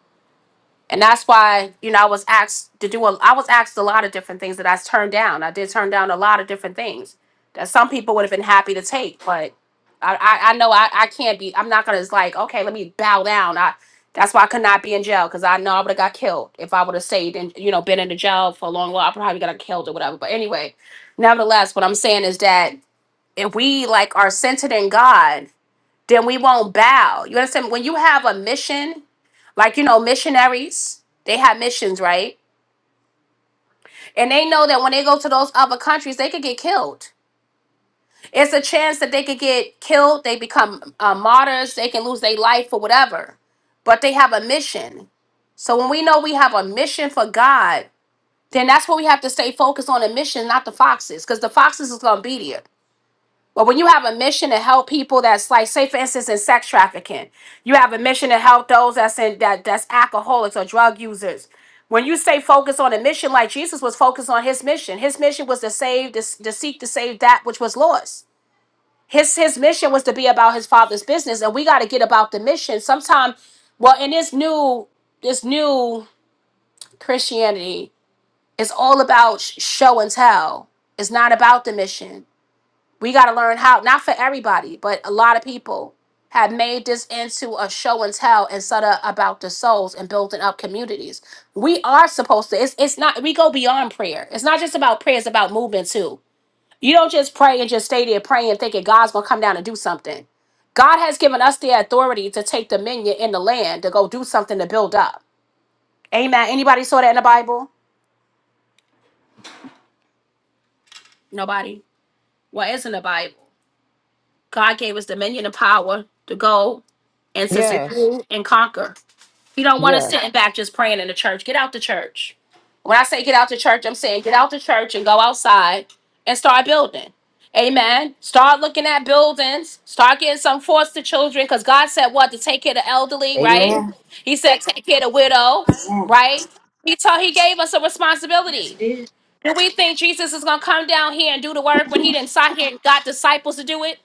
Speaker 1: And that's why, you know, I was asked to do a I was asked a lot of different things that I turned down. I did turn down a lot of different things that some people would have been happy to take, but I, I, I know I, I can't be I'm not gonna just like, okay, let me bow down. I that's why I could not be in jail because I know I would have got killed if I would have stayed and you know been in the jail for a long while. I probably got killed or whatever. But anyway, nevertheless, what I'm saying is that if we like are centered in God, then we won't bow. You understand? When you have a mission, like you know, missionaries, they have missions, right? And they know that when they go to those other countries, they could get killed. It's a chance that they could get killed. They become uh, martyrs. They can lose their life or whatever. But they have a mission. So when we know we have a mission for God, then that's what we have to stay focused on the mission, not the foxes, because the foxes is gonna be there But when you have a mission to help people that's like, say for instance, in sex trafficking, you have a mission to help those that's in that that's alcoholics or drug users. When you say focus on a mission, like Jesus was focused on his mission. His mission was to save, to, to seek to save that which was lost. His his mission was to be about his father's business, and we got to get about the mission. Sometime, well, in this new this new Christianity, it's all about sh- show and tell. It's not about the mission. We got to learn how, not for everybody, but a lot of people have made this into a show and tell instead of about the souls and building up communities. We are supposed to, it's, it's not, we go beyond prayer. It's not just about prayer, it's about movement too. You don't just pray and just stay there praying thinking God's going to come down and do something. God has given us the authority to take dominion in the land to go do something to build up. Amen. Anybody saw that in the Bible? Nobody. What is in the Bible? God gave us dominion and power to go and to
Speaker 5: Yes.
Speaker 1: subdue and conquer. You don't want us sitting
Speaker 5: Yes.
Speaker 1: back just praying in the church. When I say get out to church, I'm saying get out to church and go outside and start building. Amen. Start looking at buildings. Start getting some force to children because God said what? To take care of the elderly, right?
Speaker 6: Amen.
Speaker 1: He said take care of the widow, right? He told he gave us a
Speaker 6: Yes,
Speaker 1: responsibility.
Speaker 6: it is.
Speaker 1: Do we think Jesus is gonna come down here and do the work when he didn't sat here and got disciples to do it?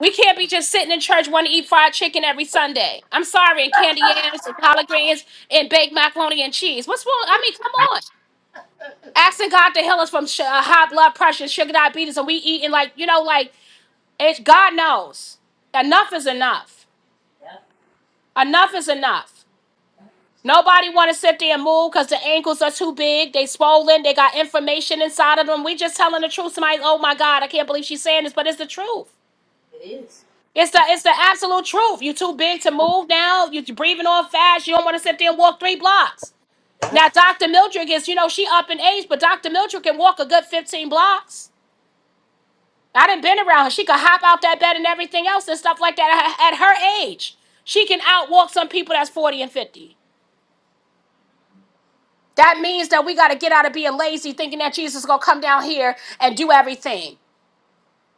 Speaker 1: We can't be just sitting in church wanting to eat fried chicken every Sunday. I'm sorry, and candy yams and collard greens and baked macaroni and cheese. What's wrong? I mean, come on. Asking God to heal us from sh- uh, high blood pressure, sugar diabetes, and we eating like, you know, like, it's, God knows. Enough is enough. Enough is enough. Nobody want to sit there and move because the ankles are too big. They swollen. They got information inside of them. We just telling the truth. Somebody, oh my God, I can't believe she's saying this, but it's the truth.
Speaker 6: It is.
Speaker 1: It's the it's the absolute truth. You're too big to move now. You're breathing on fast. You don't want to sit there and walk three blocks. Now, Dr. Mildred is, you know, she up in age, but Dr. Mildred can walk a good 15 blocks. I didn't been around her. She could hop out that bed and everything else and stuff like that at at her age. She can outwalk some people that's 40 and 50. That means that we got to get out of being lazy thinking that Jesus is going to come down here and do everything.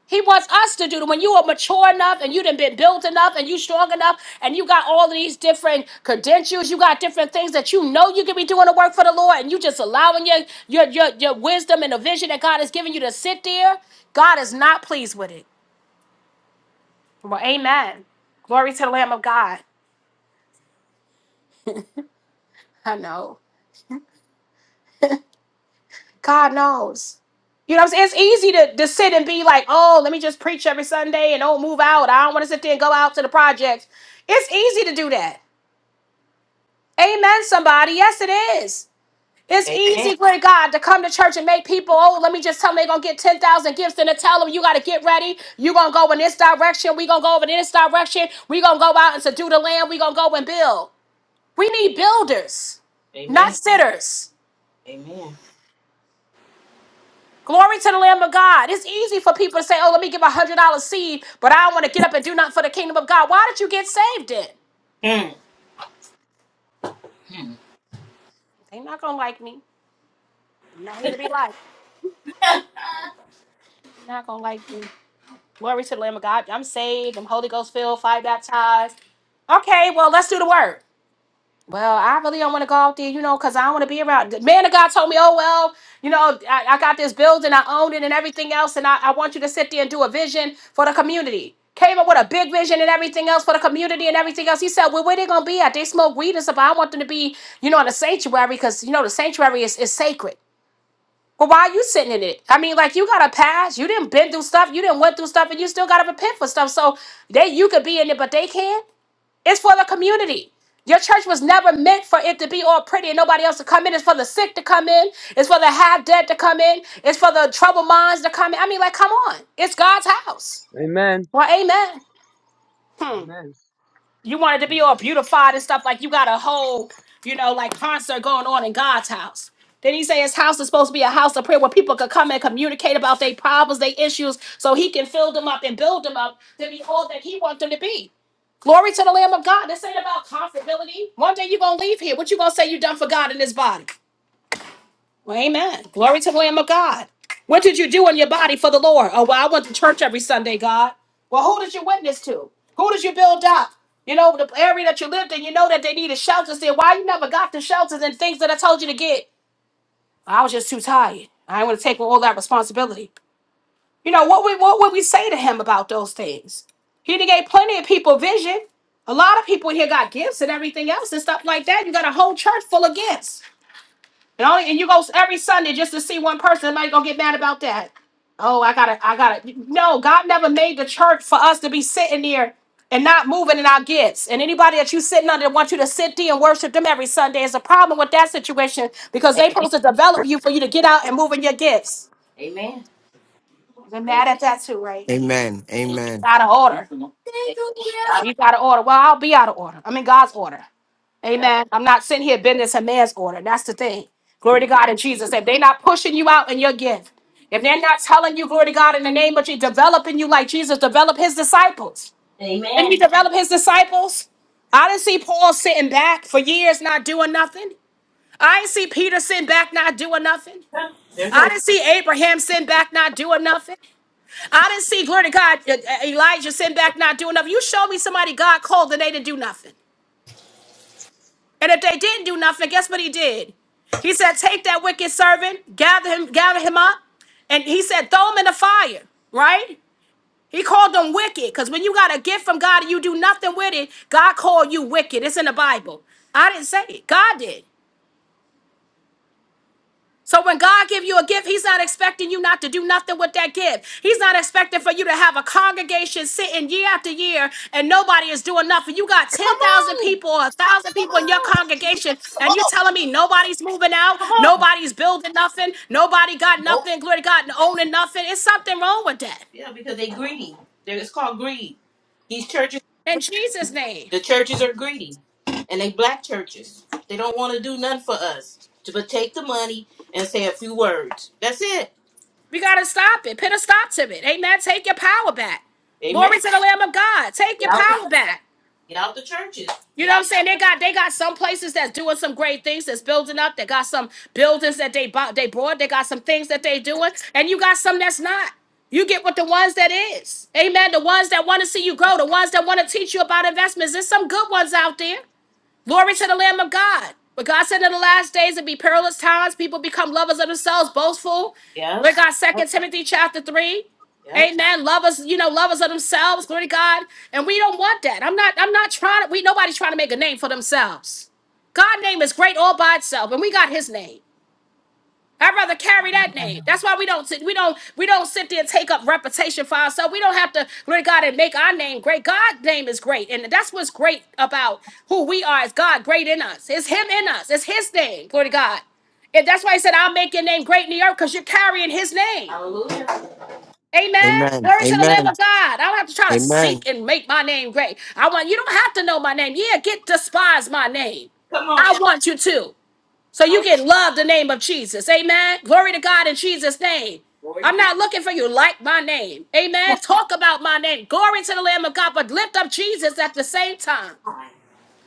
Speaker 1: He wants us to do it. When you are mature enough and you done been built enough and you strong enough and you got all of these different credentials, you got different things that you know you can be doing the work for the Lord and you just allowing your, your, your, your wisdom and the vision that God has given you to sit there, God is not pleased with it. Well, amen. Glory to the Lamb of God. I know. God knows. You know what I'm saying? It's easy to, to sit and be like, oh, let me just preach every Sunday and don't move out. I don't want to sit there and go out to the projects. It's easy to do that. Amen, somebody. Yes, it is. It's
Speaker 6: Amen.
Speaker 1: easy, great God, to come to church and make people, oh, let me just tell them they're going to get 10,000 gifts and to tell them you got to get ready. You're going to go in this direction. We're going to go over in this direction. We're going to go out and subdue the land. We're going to go and build. We need builders, not
Speaker 6: Amen.
Speaker 1: sitters.
Speaker 6: Amen.
Speaker 1: Glory to the Lamb of God. It's easy for people to say, oh, let me give a $100 seed, but I don't want to get up and do nothing for the kingdom of God. Why did you get saved then?
Speaker 6: Hmm.
Speaker 1: They're not going to like me. I'm not here to be liked. They're not going to like me. Glory to the Lamb of God. I'm saved. I'm Holy Ghost filled, fire baptized. Okay, well, let's do the work. Well, I really don't want to go out there, you know, because I don't want to be around. The man of God told me, oh, well, you know, I, I got this building, I own it and everything else, and I, I want you to sit there and do a vision for the community. Came up with a big vision and everything else for the community and everything else. He said, well, where they going to be at? They smoke weed and stuff. I want them to be, you know, in a sanctuary because, you know, the sanctuary is, is sacred. Well, why are you sitting in it? I mean, like you got a past. You didn't been through stuff. You didn't went through stuff, and you still got to repent for stuff. So they, you could be in it, but they can't. It's for the community. Your church was never meant for it to be all pretty and nobody else to come in. It's for the sick to come in. It's for the half dead to come in. It's for the troubled minds to come in. I mean, like, come on. It's God's house.
Speaker 4: Amen.
Speaker 1: Well, amen. Hmm
Speaker 4: Amen.
Speaker 1: you wanted to be all beautified and stuff like you got a whole you know like concert going on in god's house then he said his house is supposed to be a house of prayer where people could come and communicate about their problems their issues so he can fill them up and build them up to be all that he wants them to be glory to the lamb of god this ain't about comfortability one day you're gonna leave here what you gonna say you done for god in this body well, amen. Glory to the Lamb of God. What did you do in your body for the Lord? Oh, well, I went to church every Sunday, God. Well, who did you witness to? Who did you build up? You know, the area that you lived in, you know that they needed shelters there. Why you never got the shelters and things that I told you to get? I was just too tired. I didn't want to take all that responsibility. You know, what, we, what would we say to him about those things? He done gave plenty of people vision. A lot of people in here got gifts and everything else and stuff like that. You got a whole church full of gifts. And only and you go every Sunday just to see one person. Somebody gonna get mad about that. Oh, I gotta, I gotta. No, God never made the church for us to be sitting there and not moving in our gifts. And anybody that you sitting under wants you to sit there and worship them every Sunday is a problem with that situation because they
Speaker 6: A-
Speaker 1: supposed to develop you for you to get out and move in your gifts.
Speaker 6: Amen.
Speaker 1: They're
Speaker 6: A-
Speaker 1: mad at that too, right?
Speaker 2: Amen.
Speaker 6: a-
Speaker 1: She's
Speaker 2: Amen.
Speaker 1: out of order.
Speaker 6: a-
Speaker 1: She's out of order. Well, I'll be out of order. I'm in God's order.
Speaker 6: Yep.
Speaker 1: Amen. I'm not sitting here bending to man's order. That's the thing. Glory to God in Jesus. If they're not pushing you out in your gift, if they're not telling you, glory to God, in the name of Jesus, developing you like Jesus, develop his disciples. Didn't he
Speaker 6: Amen.
Speaker 1: develop his disciples? I didn't see Paul sitting back for years not doing nothing. I didn't see Peter sitting back not doing nothing.
Speaker 6: There's
Speaker 1: I
Speaker 6: no
Speaker 1: didn't see Abraham sitting back not doing nothing. I didn't see glory to God. uh, uh, Elijah sent back not doing nothing. You showed me somebody God called and they didn't do nothing. And if they didn't do nothing, guess what he did? He said, "Take that wicked servant, gather him, gather him up," and he said, "Throw him in the fire." Right? He called them wicked because when you got a gift from God and you do nothing with it, God called you wicked. It's in the Bible. I didn't say it. God did. So when God give you a gift, he's not expecting you not to do nothing with that gift. He's not expecting for you to have a congregation sitting year after year and nobody is doing nothing. You got
Speaker 6: come
Speaker 1: 10,000
Speaker 6: on,
Speaker 1: people or 1,000
Speaker 6: come
Speaker 1: people in your
Speaker 6: on,
Speaker 1: congregation
Speaker 6: come
Speaker 1: and you're
Speaker 6: on,
Speaker 1: telling me nobody's moving out,
Speaker 6: come on.
Speaker 1: nobody's building nothing, nobody got
Speaker 6: Nope.
Speaker 1: nothing, glory to God, and owning nothing. It's something wrong with that.
Speaker 6: Yeah, because they greedy. They're, it's called greed. These churches.
Speaker 1: In Jesus' name,
Speaker 6: The churches are greedy, and they black churches. They don't want to do nothing for us, to but take the money and say a few words. That's it.
Speaker 1: we got to stop it. Put a stop to it. Amen. Take your power back.
Speaker 6: Amen.
Speaker 1: Glory to the Lamb of God. Take
Speaker 6: Get
Speaker 1: your
Speaker 6: out the
Speaker 1: power back.
Speaker 6: get out the churches.
Speaker 1: You
Speaker 6: Get
Speaker 1: know what I'm
Speaker 6: out.
Speaker 1: saying? They got they got some places that's doing some great things that's building up. They got some buildings that they bought, they bought. They got some things that they doing, and you got some that's not. You get with the ones that is. Amen. The ones that want to see you grow, the ones that want to teach you about investments. There's some good ones out there. Glory to the Lamb of God. But God said in the last days it would be perilous times. People become lovers of themselves, boastful.
Speaker 6: Yep.
Speaker 1: Look at
Speaker 6: Yep.
Speaker 1: Second Timothy chapter 3.
Speaker 6: Yep.
Speaker 1: Amen. Lovers, you know, lovers of themselves. Glory to God. And we don't want that. I'm not, I'm not trying to, we nobody's trying to make a name for themselves. God's name is great all by itself, and we got his name. I'd rather carry that name.
Speaker 5: Hallelujah.
Speaker 1: That's why we don't sit- we don't we don't sit there and take up reputation for ourselves. We don't have to glory to God and make our name great. God's name is great, and that's what's great about who we are. Is God great in us? It's Him in us. It's His name. Glory to God. And that's why He said, "I'll make your name great in the earth," because you're carrying His name.
Speaker 6: Hallelujah.
Speaker 1: Amen.
Speaker 2: Amen.
Speaker 1: Glory to the Lamb
Speaker 2: Amen.
Speaker 1: of God. I don't have to try to
Speaker 2: Amen.
Speaker 1: seek and make my name great. I want you don't have to know my name. Yeah, get despise my name.
Speaker 6: Come on
Speaker 1: I want you to. So you
Speaker 6: now.
Speaker 1: can love the name of Jesus. Amen. Glory to God in Jesus' name.
Speaker 6: Hallelujah. Glory
Speaker 1: I'm
Speaker 6: be. to
Speaker 1: not looking for you. Like my name. Amen. Talk about my name. Glory to the Lamb of God, but lift up Jesus at the same time.
Speaker 6: God.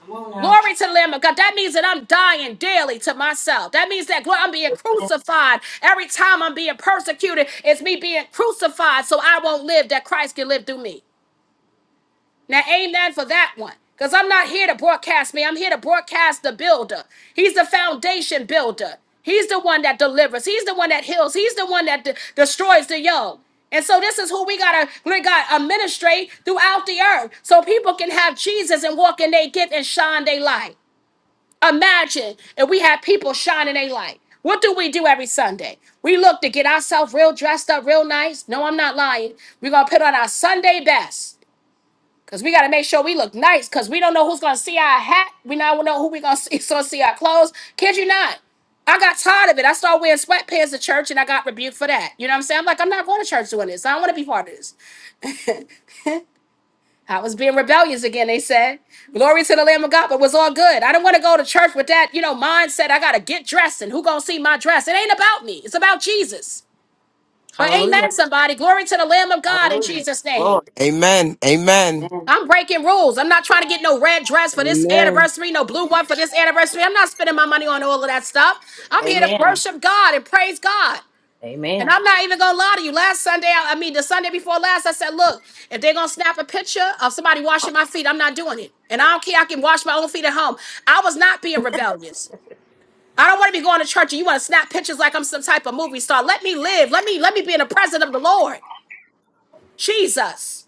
Speaker 6: Come on now.
Speaker 1: Glory to the Lamb of God. That means that I'm dying daily to myself. That means that gl- I'm being crucified. Every time I'm being persecuted, it's me being crucified so I won't live, that Christ can live through me. Now, amen for that one. Because I'm not here to broadcast me. I'm here to broadcast the builder. He's the foundation builder. He's the one that delivers. He's the one that heals. He's the one that de- destroys the young. And so this is who we gotta we gotta administrate throughout the earth so people can have Jesus and walk in their gift and shine their light. Imagine if we had people shining their light. What do we do every Sunday? We look to get ourselves real dressed up, real nice. No, I'm not lying. We're gonna put on our Sunday best. Cause we gotta make sure we look nice. Cause we don't know who's gonna see our hat. We don't know who we gonna see. So see our clothes. Kid you not. I got tired of it. I started wearing sweatpants to church, and I got rebuked for that. You know what I'm saying? I'm like, I'm not going to church doing this. I don't want to be part of this. I was being rebellious again. They said, "Glory to the Lamb of God," but it was all good. I don't want to go to church with that, you know, mindset. I gotta get dressed, and who gonna see my dress? It ain't about me. It's about Jesus. But
Speaker 6: Hallelujah.
Speaker 1: amen, somebody. Glory to the Lamb of God in
Speaker 6: Hallelujah.
Speaker 1: Jesus' name.
Speaker 6: Glory.
Speaker 2: Amen. Amen.
Speaker 6: Amen.
Speaker 1: I'm breaking rules. I'm not trying to get no red dress for this
Speaker 4: Amen.
Speaker 1: anniversary, no blue one for this anniversary. I'm not spending my money on all of that stuff. I'm here to
Speaker 6: Amen.
Speaker 1: worship God and praise God. And
Speaker 6: Amen.
Speaker 1: I'm not even gonna lie to you. Last Sunday, I I mean the Sunday before last, I said, look, if they're gonna snap a picture of somebody washing my feet, I'm not doing it. And I don't care, I can wash my own feet at home. I was not being rebellious. I don't want to be going to church and you want to snap pictures like I'm some type of movie star. Let me live. Let me let me be in the presence of the Lord. Jesus.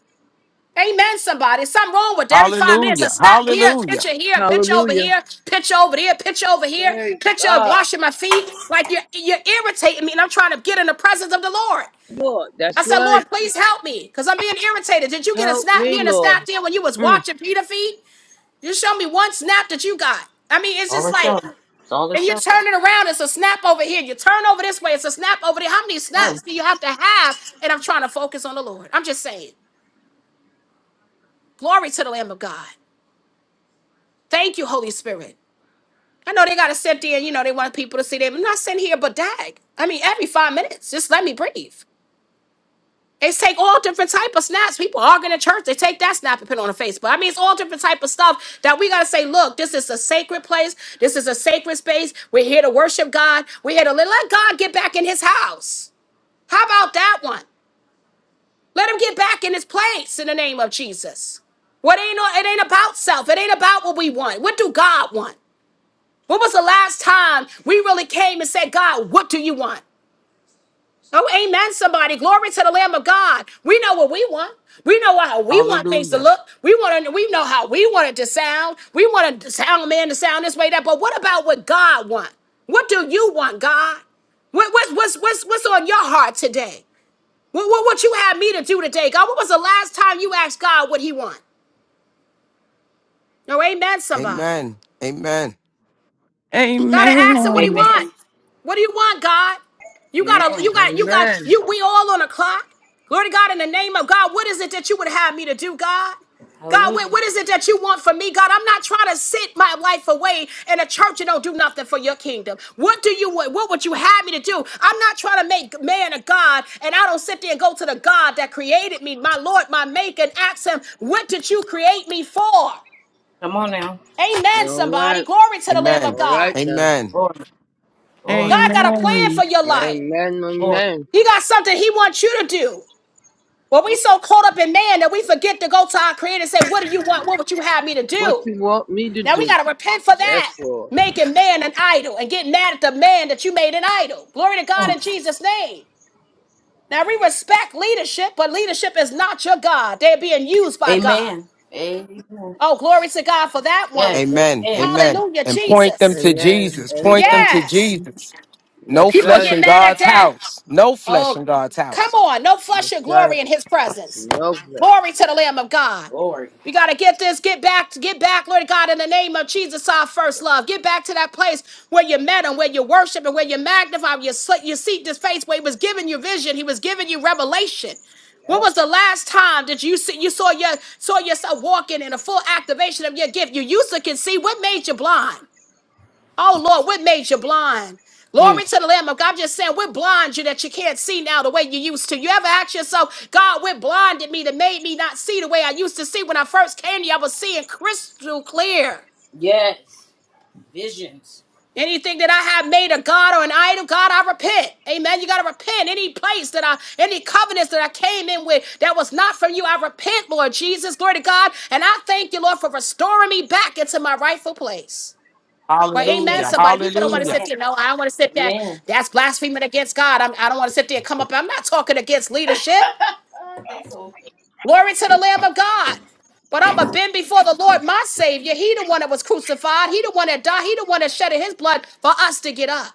Speaker 1: Amen, somebody. Something wrong with every five minutes. A
Speaker 2: Hallelujah.
Speaker 1: snap here, a
Speaker 2: Hallelujah.
Speaker 1: picture here, a picture over
Speaker 4: Hallelujah.
Speaker 1: here, picture over there, picture over here,
Speaker 4: Praise
Speaker 1: picture of
Speaker 4: God.
Speaker 1: washing my feet. Like you're, you're irritating me, and I'm trying to get in the presence of the Lord.
Speaker 4: Lord,
Speaker 1: I
Speaker 4: that's
Speaker 1: said,
Speaker 4: right.
Speaker 1: Lord, please help me, because I'm being irritated. Did you get a
Speaker 4: Help
Speaker 1: snap here
Speaker 4: me,
Speaker 1: and a
Speaker 4: Lord.
Speaker 1: snap there when you was
Speaker 4: Mm.
Speaker 1: watching Peter feed? You show me one snap that you got. I mean, it's
Speaker 6: All
Speaker 1: just
Speaker 6: the
Speaker 1: like,
Speaker 6: show. It's all the
Speaker 1: and you
Speaker 6: show.
Speaker 1: turn it around, it's a snap over here. You turn over this way, it's a snap over there. How many
Speaker 6: No.
Speaker 1: snaps do you have to have? And I'm trying to focus on the Lord. I'm just saying, glory to the Lamb of God. Thank you, Holy Spirit. I know they got to sit there and, you know, they want people to see them. I'm not sitting here, but dag. I mean, every five minutes, just let me breathe. They take all different type of snaps. People arguing in church, they take that snap and put it on the Facebook. I mean, it's all different type of stuff that we got to say, look, this is a sacred place. This is a sacred space. We're here to worship God. We're here to let let God get back in his house. How about that one? Let him get back in his place in the name of Jesus. What ain't, it ain't about self. It ain't about what we want. What do God want? When was the last time we really came and said, God, what do you want? Oh, amen, somebody. Glory to the Lamb of God. We know what we want. We know how we want things to
Speaker 2: Hallelujah.
Speaker 1: look. We want to, we know how we want it to sound. We want a sound man to sound this way, that. But what about what God wants? What do you want, God? What, what, what's, what's, what's on your heart today? What, what, what you had me to do today, God? What was the last time you asked God what he want? No, amen, somebody. Gotta
Speaker 10: Amen.
Speaker 1: ask him what he want.
Speaker 6: Amen.
Speaker 1: What do you want, God? You gotta,
Speaker 6: Amen.
Speaker 1: you got, you
Speaker 4: Amen.
Speaker 1: got, you. We all on a clock. Glory to God in the name of God. What is it that you would have me to do, God? God, what,
Speaker 6: Hallelujah.
Speaker 1: what is it that you want from me, God? I'm not trying to sit my life away in a church and don't do nothing for your kingdom. What do you want? What would you have me to do? I'm not trying to make man a God and I don't sit there and go to the God that created me, my Lord, my maker, and ask him, what did you create me for?
Speaker 6: Come on now.
Speaker 1: Amen,
Speaker 4: All
Speaker 1: somebody.
Speaker 4: right.
Speaker 1: Glory to the Lamb of
Speaker 2: Amen.
Speaker 4: All
Speaker 1: God.
Speaker 4: right now.
Speaker 2: Amen.
Speaker 6: Glory. Glory.
Speaker 1: God
Speaker 10: Amen.
Speaker 1: got a plan for your life.
Speaker 4: Amen.
Speaker 6: Glory.
Speaker 4: Amen.
Speaker 1: He got something He wants you to do. But we
Speaker 6: Glory.
Speaker 1: so caught up in man that we forget to go to our Creator and say, "What do you want? What would you have me to
Speaker 4: What
Speaker 1: do?"
Speaker 4: you want me to
Speaker 1: Now we
Speaker 4: do?
Speaker 1: got to repent for
Speaker 4: Yes,
Speaker 1: that,
Speaker 4: Lord.
Speaker 1: making man an idol and getting mad at the man that you made an idol. Glory to God in Jesus' name. Now we respect leadership, but leadership is not your God. They're being used by God.
Speaker 6: Amen. Amen.
Speaker 1: Oh, glory to God for that one.
Speaker 6: Yes.
Speaker 2: Amen.
Speaker 6: Amen.
Speaker 2: Amen.
Speaker 1: Hallelujah,
Speaker 2: And point them
Speaker 1: Jesus.
Speaker 2: to
Speaker 4: Amen.
Speaker 2: Jesus. Point
Speaker 6: Amen.
Speaker 2: them to
Speaker 1: Yes.
Speaker 2: Jesus. No
Speaker 4: That's
Speaker 1: People
Speaker 2: flesh
Speaker 4: right.
Speaker 1: get
Speaker 2: in
Speaker 1: mad at
Speaker 2: God's
Speaker 1: that.
Speaker 2: house. No flesh
Speaker 1: Oh,
Speaker 2: in God's
Speaker 1: come
Speaker 2: house.
Speaker 1: on. No flush your
Speaker 4: That's
Speaker 1: glory
Speaker 4: right.
Speaker 1: in his presence.
Speaker 4: No flesh.
Speaker 1: Glory to the Lamb of God.
Speaker 6: Glory.
Speaker 1: We got to get this, get back, get back, Lord God, in the name of Jesus, our first love. Get back to that place where you met him, where you worship and where you magnify, you, sl- you seek this face where he was giving you vision, he was giving you revelation. When
Speaker 6: Yeah.
Speaker 1: was the last time that you see, you saw your saw yourself walking in a full activation of your gift? You used to can see what made you blind. Oh Lord, what made you blind?
Speaker 6: Mm.
Speaker 1: Glory to the Lamb of God. I'm just saying, we're blind you that you can't see now the way you used to. You ever ask yourself, God, what blinded me that made me not see the way I used to see when I first came to you? I was seeing crystal clear.
Speaker 6: Yes. Visions.
Speaker 1: Anything that I have made a God or an idol, God, I repent. Amen. You got to repent. Any place that I, any covenants that I came in with that was not from you, I repent, Lord Jesus. Glory to God. And I thank you, Lord, for restoring me back into my rightful place. Well, amen,
Speaker 6: Amen.
Speaker 2: Hallelujah.
Speaker 1: somebody. People don't want to
Speaker 6: Amen.
Speaker 2: Hallelujah.
Speaker 1: sit there. No, I don't want to sit there.
Speaker 6: Amen.
Speaker 1: That's blaspheming against God. I'm, I don't want to sit there and come up. I'm not talking against leadership.
Speaker 6: I think so.
Speaker 1: Glory to the Lamb of God. But I'm a bend before the Lord, my Savior. He the one that was crucified. He the one that died. He the one that shed his blood for us to get up.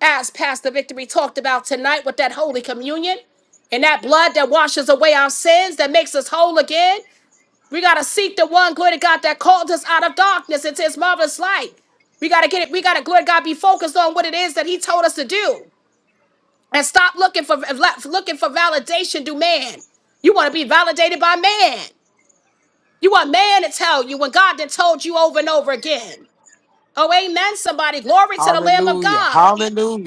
Speaker 1: As Pastor Victory talked about tonight with that Holy Communion and that blood that washes away our sins, that makes us whole again. We got to seek the one, glory to God, that called us out of darkness into his marvelous light. We got to get it. We got to, glory to God, be focused on what it is that he told us to do and stop looking for looking for validation through man. You want to be validated by man. You want man to tell you when God done told you over and over again. Oh, amen, somebody. Glory to the Lamb of
Speaker 2: Hallelujah.
Speaker 1: God.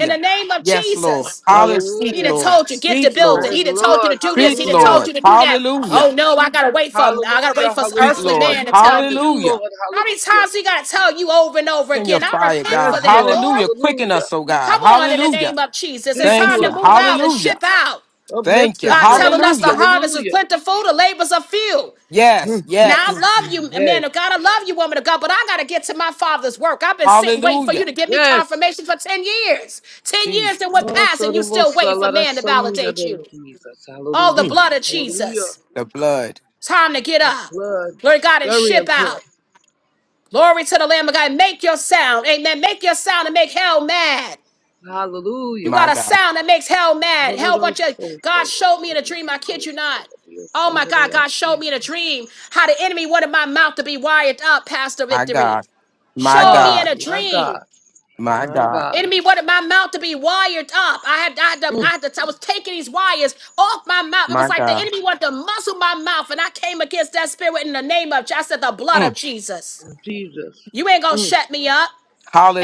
Speaker 1: In the name of
Speaker 2: Yes, Lord.
Speaker 1: Jesus.
Speaker 2: Hallelujah. Speak,
Speaker 1: He
Speaker 4: Hallelujah.
Speaker 1: done
Speaker 2: Lord.
Speaker 1: told you, get the
Speaker 2: Speak,
Speaker 1: building.
Speaker 4: Praise
Speaker 2: Lord.
Speaker 1: He
Speaker 4: the
Speaker 1: done told you
Speaker 4: Lord.
Speaker 1: to do this.
Speaker 2: Speak,
Speaker 1: He done
Speaker 4: Hallelujah.
Speaker 1: told
Speaker 2: Lord.
Speaker 1: you to do that.
Speaker 2: Hallelujah.
Speaker 1: Oh no, I gotta wait for I gotta wait
Speaker 4: Hallelujah.
Speaker 1: for
Speaker 2: Speak,
Speaker 1: earthly
Speaker 4: Hallelujah.
Speaker 2: Lord.
Speaker 1: man to
Speaker 4: We
Speaker 1: tell
Speaker 4: thank
Speaker 1: me.
Speaker 4: you,
Speaker 2: Hallelujah.
Speaker 4: Lord.
Speaker 1: How many
Speaker 4: Hallelujah.
Speaker 1: times we got to tell you over and over
Speaker 2: Send your
Speaker 1: again? I
Speaker 2: fire,
Speaker 1: repent
Speaker 4: Yes,
Speaker 1: for
Speaker 2: God.
Speaker 1: that,
Speaker 4: Lord.
Speaker 1: Lord.
Speaker 2: Hallelujah. Quicken
Speaker 4: Hallelujah.
Speaker 2: us, oh God.
Speaker 1: Come on in the
Speaker 2: Hallelujah.
Speaker 1: name of Jesus.
Speaker 4: Speak
Speaker 1: It's
Speaker 2: Thank
Speaker 4: to
Speaker 1: time to
Speaker 2: you.
Speaker 4: us,
Speaker 1: move
Speaker 4: Lord.
Speaker 1: out and ship
Speaker 2: Hallelujah.
Speaker 1: out.
Speaker 2: Thank
Speaker 4: Uplift
Speaker 2: you.
Speaker 4: us,
Speaker 1: God
Speaker 4: Lord.
Speaker 1: telling us the
Speaker 2: Hallelujah.
Speaker 1: harvest is
Speaker 4: Hallelujah.
Speaker 1: plentiful, the labors are few.
Speaker 2: Yes,
Speaker 4: Mm, mm,
Speaker 1: Now, I
Speaker 2: yes.
Speaker 4: mm,
Speaker 1: love
Speaker 4: mm.
Speaker 1: you, man
Speaker 4: Yes.
Speaker 1: of God. I love you, woman of God, but I got to get to my father's work. I've been sitting waiting for you
Speaker 2: Hallelujah.
Speaker 1: to give me
Speaker 4: Yes.
Speaker 1: confirmation for 10 years. 10 years
Speaker 2: Jesus.
Speaker 1: that went
Speaker 4: Oh,
Speaker 1: past, and
Speaker 4: so
Speaker 1: you
Speaker 4: the
Speaker 1: still
Speaker 4: most
Speaker 1: waiting for
Speaker 4: salada
Speaker 1: man to
Speaker 4: sunda
Speaker 1: validate
Speaker 4: de
Speaker 1: you.
Speaker 4: Jesus.
Speaker 1: Oh, the
Speaker 4: Hallelujah.
Speaker 2: Mm.
Speaker 1: blood of
Speaker 4: Hallelujah.
Speaker 1: Jesus.
Speaker 2: The blood.
Speaker 1: Time to get
Speaker 4: The
Speaker 1: up.
Speaker 4: blood,
Speaker 1: Lord God, and
Speaker 4: very
Speaker 1: ship out.
Speaker 4: important.
Speaker 1: Glory to the Lamb of God. Make your sound. Amen. Make your sound and make hell mad. You
Speaker 4: Hallelujah.
Speaker 2: My
Speaker 1: got a
Speaker 2: God.
Speaker 1: sound that makes hell mad. Hell,
Speaker 4: Hallelujah.
Speaker 1: what you,
Speaker 4: So,
Speaker 1: God
Speaker 4: so,
Speaker 1: showed me
Speaker 4: so,
Speaker 1: in a dream. I
Speaker 4: so,
Speaker 1: kid you
Speaker 4: so,
Speaker 1: not.
Speaker 4: the
Speaker 1: Oh my
Speaker 4: sunda de
Speaker 1: God, God showed me in a
Speaker 4: Jesus.
Speaker 1: dream how the enemy wanted my mouth to be wired up, Pastor
Speaker 2: My
Speaker 1: Victory.
Speaker 2: God. My
Speaker 1: Showed me
Speaker 4: Oh,
Speaker 1: in
Speaker 2: God.
Speaker 1: a
Speaker 4: my
Speaker 1: dream.
Speaker 4: God.
Speaker 2: My
Speaker 4: My
Speaker 2: God.
Speaker 4: God.
Speaker 1: Enemy wanted my mouth to be wired up. I had, I had, to, I
Speaker 4: Mm,
Speaker 1: had to, I was taking these wires off my mouth. It was
Speaker 2: My
Speaker 1: like the
Speaker 2: God.
Speaker 1: enemy wanted to muscle my mouth, and I came against that spirit in the name of, I said, the blood
Speaker 2: Mm.
Speaker 1: of Jesus.
Speaker 4: Jesus.
Speaker 1: You ain't gonna
Speaker 4: Mm,
Speaker 1: shut me up.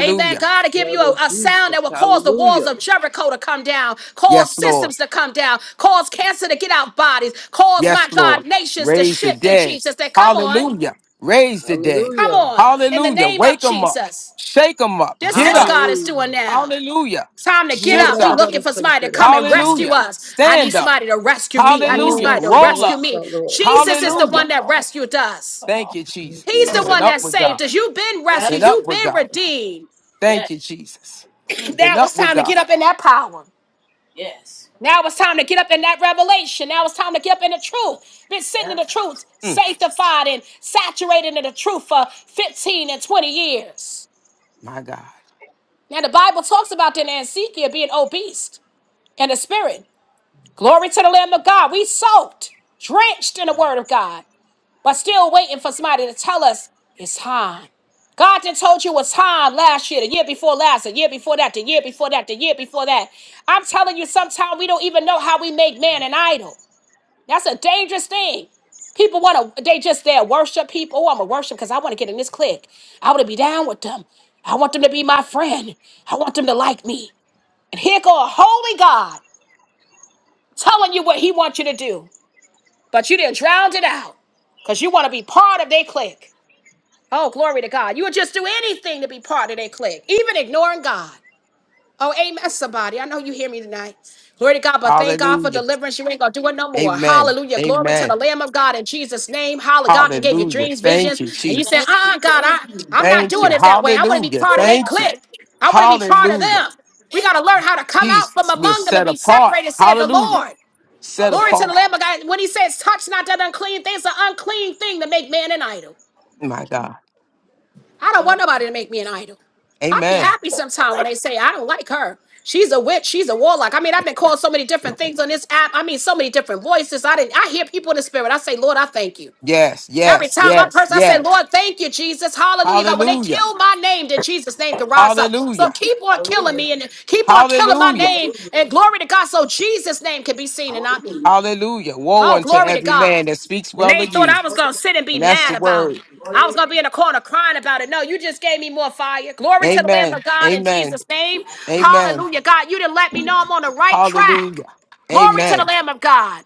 Speaker 1: Amen. God to give
Speaker 4: blood
Speaker 1: you a,
Speaker 4: of
Speaker 1: a sound
Speaker 4: Jesus.
Speaker 1: that will cause the walls
Speaker 4: Hallelujah.
Speaker 1: of Jericho to come down, cause
Speaker 2: Yes, Lord.
Speaker 1: systems to come down, cause cancer to get out bodies, cause
Speaker 2: Yes,
Speaker 1: my
Speaker 2: Lord.
Speaker 1: God, nations to
Speaker 2: Raise the
Speaker 1: shift in
Speaker 2: dead.
Speaker 1: Jesus. That come on,
Speaker 2: Hallelujah. Raise the dead.
Speaker 1: come
Speaker 4: Hallelujah.
Speaker 1: on, in the
Speaker 2: Hallelujah.
Speaker 1: name of
Speaker 2: Wake them up.
Speaker 1: Jesus.
Speaker 2: Shake them up.
Speaker 1: This is
Speaker 2: Get
Speaker 1: what
Speaker 2: up.
Speaker 1: God is
Speaker 4: Hallelujah.
Speaker 1: doing now.
Speaker 2: Hallelujah.
Speaker 1: It's Time to get
Speaker 4: Oh,
Speaker 2: Shift
Speaker 4: da,
Speaker 1: up. We
Speaker 4: da,
Speaker 2: up.
Speaker 4: da, da,
Speaker 1: looking for
Speaker 4: sunda
Speaker 1: somebody to
Speaker 4: de-
Speaker 1: come and
Speaker 4: sunda
Speaker 1: rescue
Speaker 2: Hallelujah.
Speaker 4: de
Speaker 1: us.
Speaker 4: Jesus.
Speaker 1: I need
Speaker 2: Stand up.
Speaker 1: somebody to rescue me. I need
Speaker 2: Hallelujah.
Speaker 4: Oh,
Speaker 1: somebody to
Speaker 4: so the
Speaker 2: Roll
Speaker 1: rescue
Speaker 2: up.
Speaker 4: most
Speaker 1: me.
Speaker 4: salada, Lord
Speaker 1: Jesus is the
Speaker 4: Jesus.
Speaker 6: Come
Speaker 2: Hallelujah.
Speaker 1: one that
Speaker 6: on.
Speaker 1: rescued us.
Speaker 6: Come
Speaker 2: Thank you,
Speaker 4: Thank
Speaker 2: Jesus.
Speaker 4: you,
Speaker 1: He's the
Speaker 2: He's
Speaker 4: Lord
Speaker 2: an
Speaker 6: on.
Speaker 1: one that
Speaker 4: Jesus.
Speaker 2: upward God.
Speaker 1: saved us. You've been
Speaker 6: Yep.
Speaker 2: An
Speaker 1: rescued. You've
Speaker 2: upward
Speaker 1: been
Speaker 2: God.
Speaker 4: Yes,
Speaker 1: redeemed.
Speaker 6: Yeah.
Speaker 2: Thank you, Jesus.
Speaker 6: Thank
Speaker 4: yes,
Speaker 6: you.
Speaker 2: An
Speaker 1: Now it's
Speaker 2: upward
Speaker 1: time to
Speaker 2: God.
Speaker 1: get up in that power.
Speaker 6: Yes.
Speaker 1: Now it's time to get up in that revelation. Now it's time to get up in the truth. Been sitting in the
Speaker 6: Yep.
Speaker 1: truth,
Speaker 2: Mm,
Speaker 1: sanctified and saturated in the truth for 15 and 20 years.
Speaker 2: my God.
Speaker 1: Now the Bible talks about then Ezekiel being obese in the spirit. Glory to the Lamb of God. We soaked, drenched in the word of God, but still waiting for somebody to tell us it's time. God then told you it's time last year, the year before last, the year before that, the year before that, the year before that. I'm telling you, sometimes we don't even know how we make man an idol. That's a dangerous thing. People want to, they just there worship people. Oh, I'm going to worship because I want to get in this clique. I want to be down with them. I want them to be my friend. I want them to like me. And here go a holy God telling you what he wants you to do. But you didn't drown it out because you want to be part of their clique. Oh, glory to God. You would just do anything to be part of their clique, even ignoring God. Oh, amen, somebody. I know you hear me tonight. Glory to God, but thank God for
Speaker 2: Hallelujah.
Speaker 1: deliverance. You ain't gonna do it no more.
Speaker 2: Amen.
Speaker 1: Hallelujah. Glory to the
Speaker 2: Amen.
Speaker 1: Lamb of God in Jesus' name. Hallelujah. God can give you
Speaker 2: Hallelujah.
Speaker 1: dreams, visions,
Speaker 2: Thank you,
Speaker 1: and you say,
Speaker 6: Thank
Speaker 2: Jesus.
Speaker 6: you.
Speaker 1: uh-uh, God,
Speaker 6: Thank
Speaker 1: I,
Speaker 6: you.
Speaker 1: I'm not
Speaker 2: Thank
Speaker 1: doing
Speaker 2: you.
Speaker 1: it that way. I want to be
Speaker 2: Hallelujah.
Speaker 1: part of
Speaker 6: Woo.
Speaker 1: their
Speaker 2: Thank you.
Speaker 1: clique. I want to be part of
Speaker 2: Hallelujah.
Speaker 1: them. We
Speaker 6: Thank
Speaker 1: gotta
Speaker 6: you.
Speaker 1: learn how to come out
Speaker 2: Jesus,
Speaker 1: from
Speaker 2: we're
Speaker 1: among them and
Speaker 2: set
Speaker 1: be
Speaker 2: apart.
Speaker 1: separated, said the
Speaker 2: Hallelujah.
Speaker 1: Lord.
Speaker 2: Set
Speaker 6: Hallelujah.
Speaker 1: Glory to the
Speaker 2: apart.
Speaker 1: Lamb of God. When he says, touch not that unclean thing, it's an unclean thing to make man an idol.
Speaker 2: My God.
Speaker 1: I don't
Speaker 6: Glory.
Speaker 1: want nobody to make me an idol. I'd be
Speaker 2: Amen.
Speaker 1: happy sometime when they say I don't like her. She's a witch. She's a warlock. I mean, I've been called so many different things on this app. I mean, so many different voices. I didn't. I hear people in the spirit. I say, Lord, I thank you.
Speaker 2: Yes,
Speaker 1: Every
Speaker 2: yes,
Speaker 1: time I
Speaker 2: yes,
Speaker 1: purse, I say,
Speaker 2: yes.
Speaker 1: Lord, thank you, Jesus. Hallelujah, God. When they
Speaker 2: Hallelujah.
Speaker 1: kill my name, then Jesus' name can rise up. So
Speaker 2: Hallelujah.
Speaker 1: keep on killing me and keep on killing my
Speaker 2: Hallelujah.
Speaker 1: name. And glory to God, so Jesus' name can be seen and not me.
Speaker 2: Hallelujah. Woe
Speaker 1: Oh,
Speaker 2: unto
Speaker 1: glory to
Speaker 2: every
Speaker 1: God.
Speaker 2: man that speaks
Speaker 1: And
Speaker 2: well
Speaker 1: they
Speaker 2: of
Speaker 1: thought
Speaker 2: you.
Speaker 1: I was going to sit and be
Speaker 2: And that's
Speaker 1: mad
Speaker 2: the
Speaker 1: about it.
Speaker 2: word.
Speaker 1: I was going to be in the corner crying about it. No, you just gave me more fire. Glory to the Lamb
Speaker 2: Amen.
Speaker 1: of God in
Speaker 2: Amen.
Speaker 1: Jesus' name.
Speaker 2: Amen.
Speaker 1: Hallelujah, God. You didn't let me know I'm on the right track.
Speaker 2: Hallelujah.
Speaker 1: Glory to the
Speaker 2: Amen.
Speaker 1: Lamb of God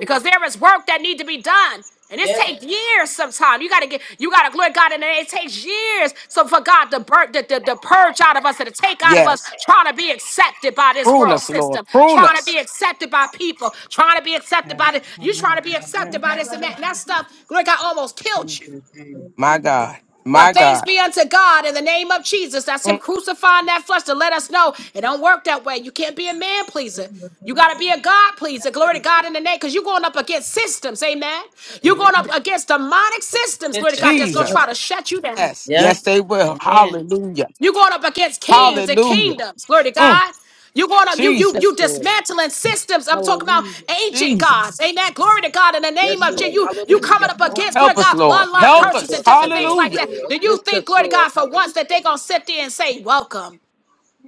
Speaker 1: because there is work that need to be done and it
Speaker 6: Yeah.
Speaker 1: takes years sometimes you got to get you got to glory god and it takes years so for god to burn to, to, to purge out of us and to take out of us
Speaker 2: Yes.
Speaker 1: trying to be accepted by this
Speaker 2: Prune,
Speaker 1: world
Speaker 2: Lord.
Speaker 1: system
Speaker 2: Prune
Speaker 1: trying to
Speaker 2: us.
Speaker 1: be accepted by people trying to be accepted by
Speaker 9: Yes.
Speaker 1: the you trying
Speaker 9: Amen.
Speaker 1: to be accepted
Speaker 9: Amen.
Speaker 1: by this and that and that stuff glory god almost killed
Speaker 9: Thank
Speaker 1: you
Speaker 9: you, Jesus.
Speaker 2: My God.
Speaker 1: but
Speaker 2: My
Speaker 1: thanks
Speaker 2: God.
Speaker 1: be unto God in the name of Jesus. That's Him
Speaker 2: Mm.
Speaker 1: crucifying that flesh to let us know it don't work that way. You can't be a man pleaser. You got to be a God pleaser. Glory to God in the name, because you're going up against systems. Amen. You're going up
Speaker 6: Amen.
Speaker 1: against demonic systems. Glory to
Speaker 6: Wisdom.
Speaker 1: God that's going to try
Speaker 6: Yep.
Speaker 2: Jesus.
Speaker 1: to shut you down.
Speaker 2: Yes.
Speaker 6: Yep.
Speaker 2: Yes, they will.
Speaker 6: Amen.
Speaker 2: Hallelujah.
Speaker 1: You're going up against
Speaker 6: Amen.
Speaker 1: kings and
Speaker 2: Hallelujah.
Speaker 1: kingdoms. Glory to
Speaker 2: Mm.
Speaker 1: God. You're going to you
Speaker 2: Jesus,
Speaker 1: you you
Speaker 4: yes, Lord.
Speaker 1: dismantling systems. I'm talking about
Speaker 4: Hallelujah.
Speaker 1: ancient
Speaker 2: Jesus,
Speaker 1: gods. Amen. Glory to God. In the name
Speaker 4: Yes,
Speaker 1: of Jesus,
Speaker 4: Lord.
Speaker 1: you you
Speaker 6: Jesus.
Speaker 4: Hallelujah.
Speaker 1: coming up
Speaker 6: Yep.
Speaker 1: against glory
Speaker 2: help
Speaker 1: to
Speaker 2: us,
Speaker 1: God
Speaker 2: Lord.
Speaker 4: We
Speaker 1: bloodline
Speaker 2: Help
Speaker 4: thank you,
Speaker 1: curses
Speaker 2: us.
Speaker 1: and
Speaker 4: Lord.
Speaker 1: different
Speaker 4: Cover
Speaker 1: things
Speaker 4: us,
Speaker 1: like
Speaker 2: Hallelujah.
Speaker 1: that.
Speaker 4: Lord.
Speaker 1: Do you
Speaker 4: Uplift
Speaker 1: think
Speaker 4: us,
Speaker 1: glory to
Speaker 4: Lord.
Speaker 1: God for once that
Speaker 4: Hallelujah.
Speaker 1: they gonna sit there and say welcome?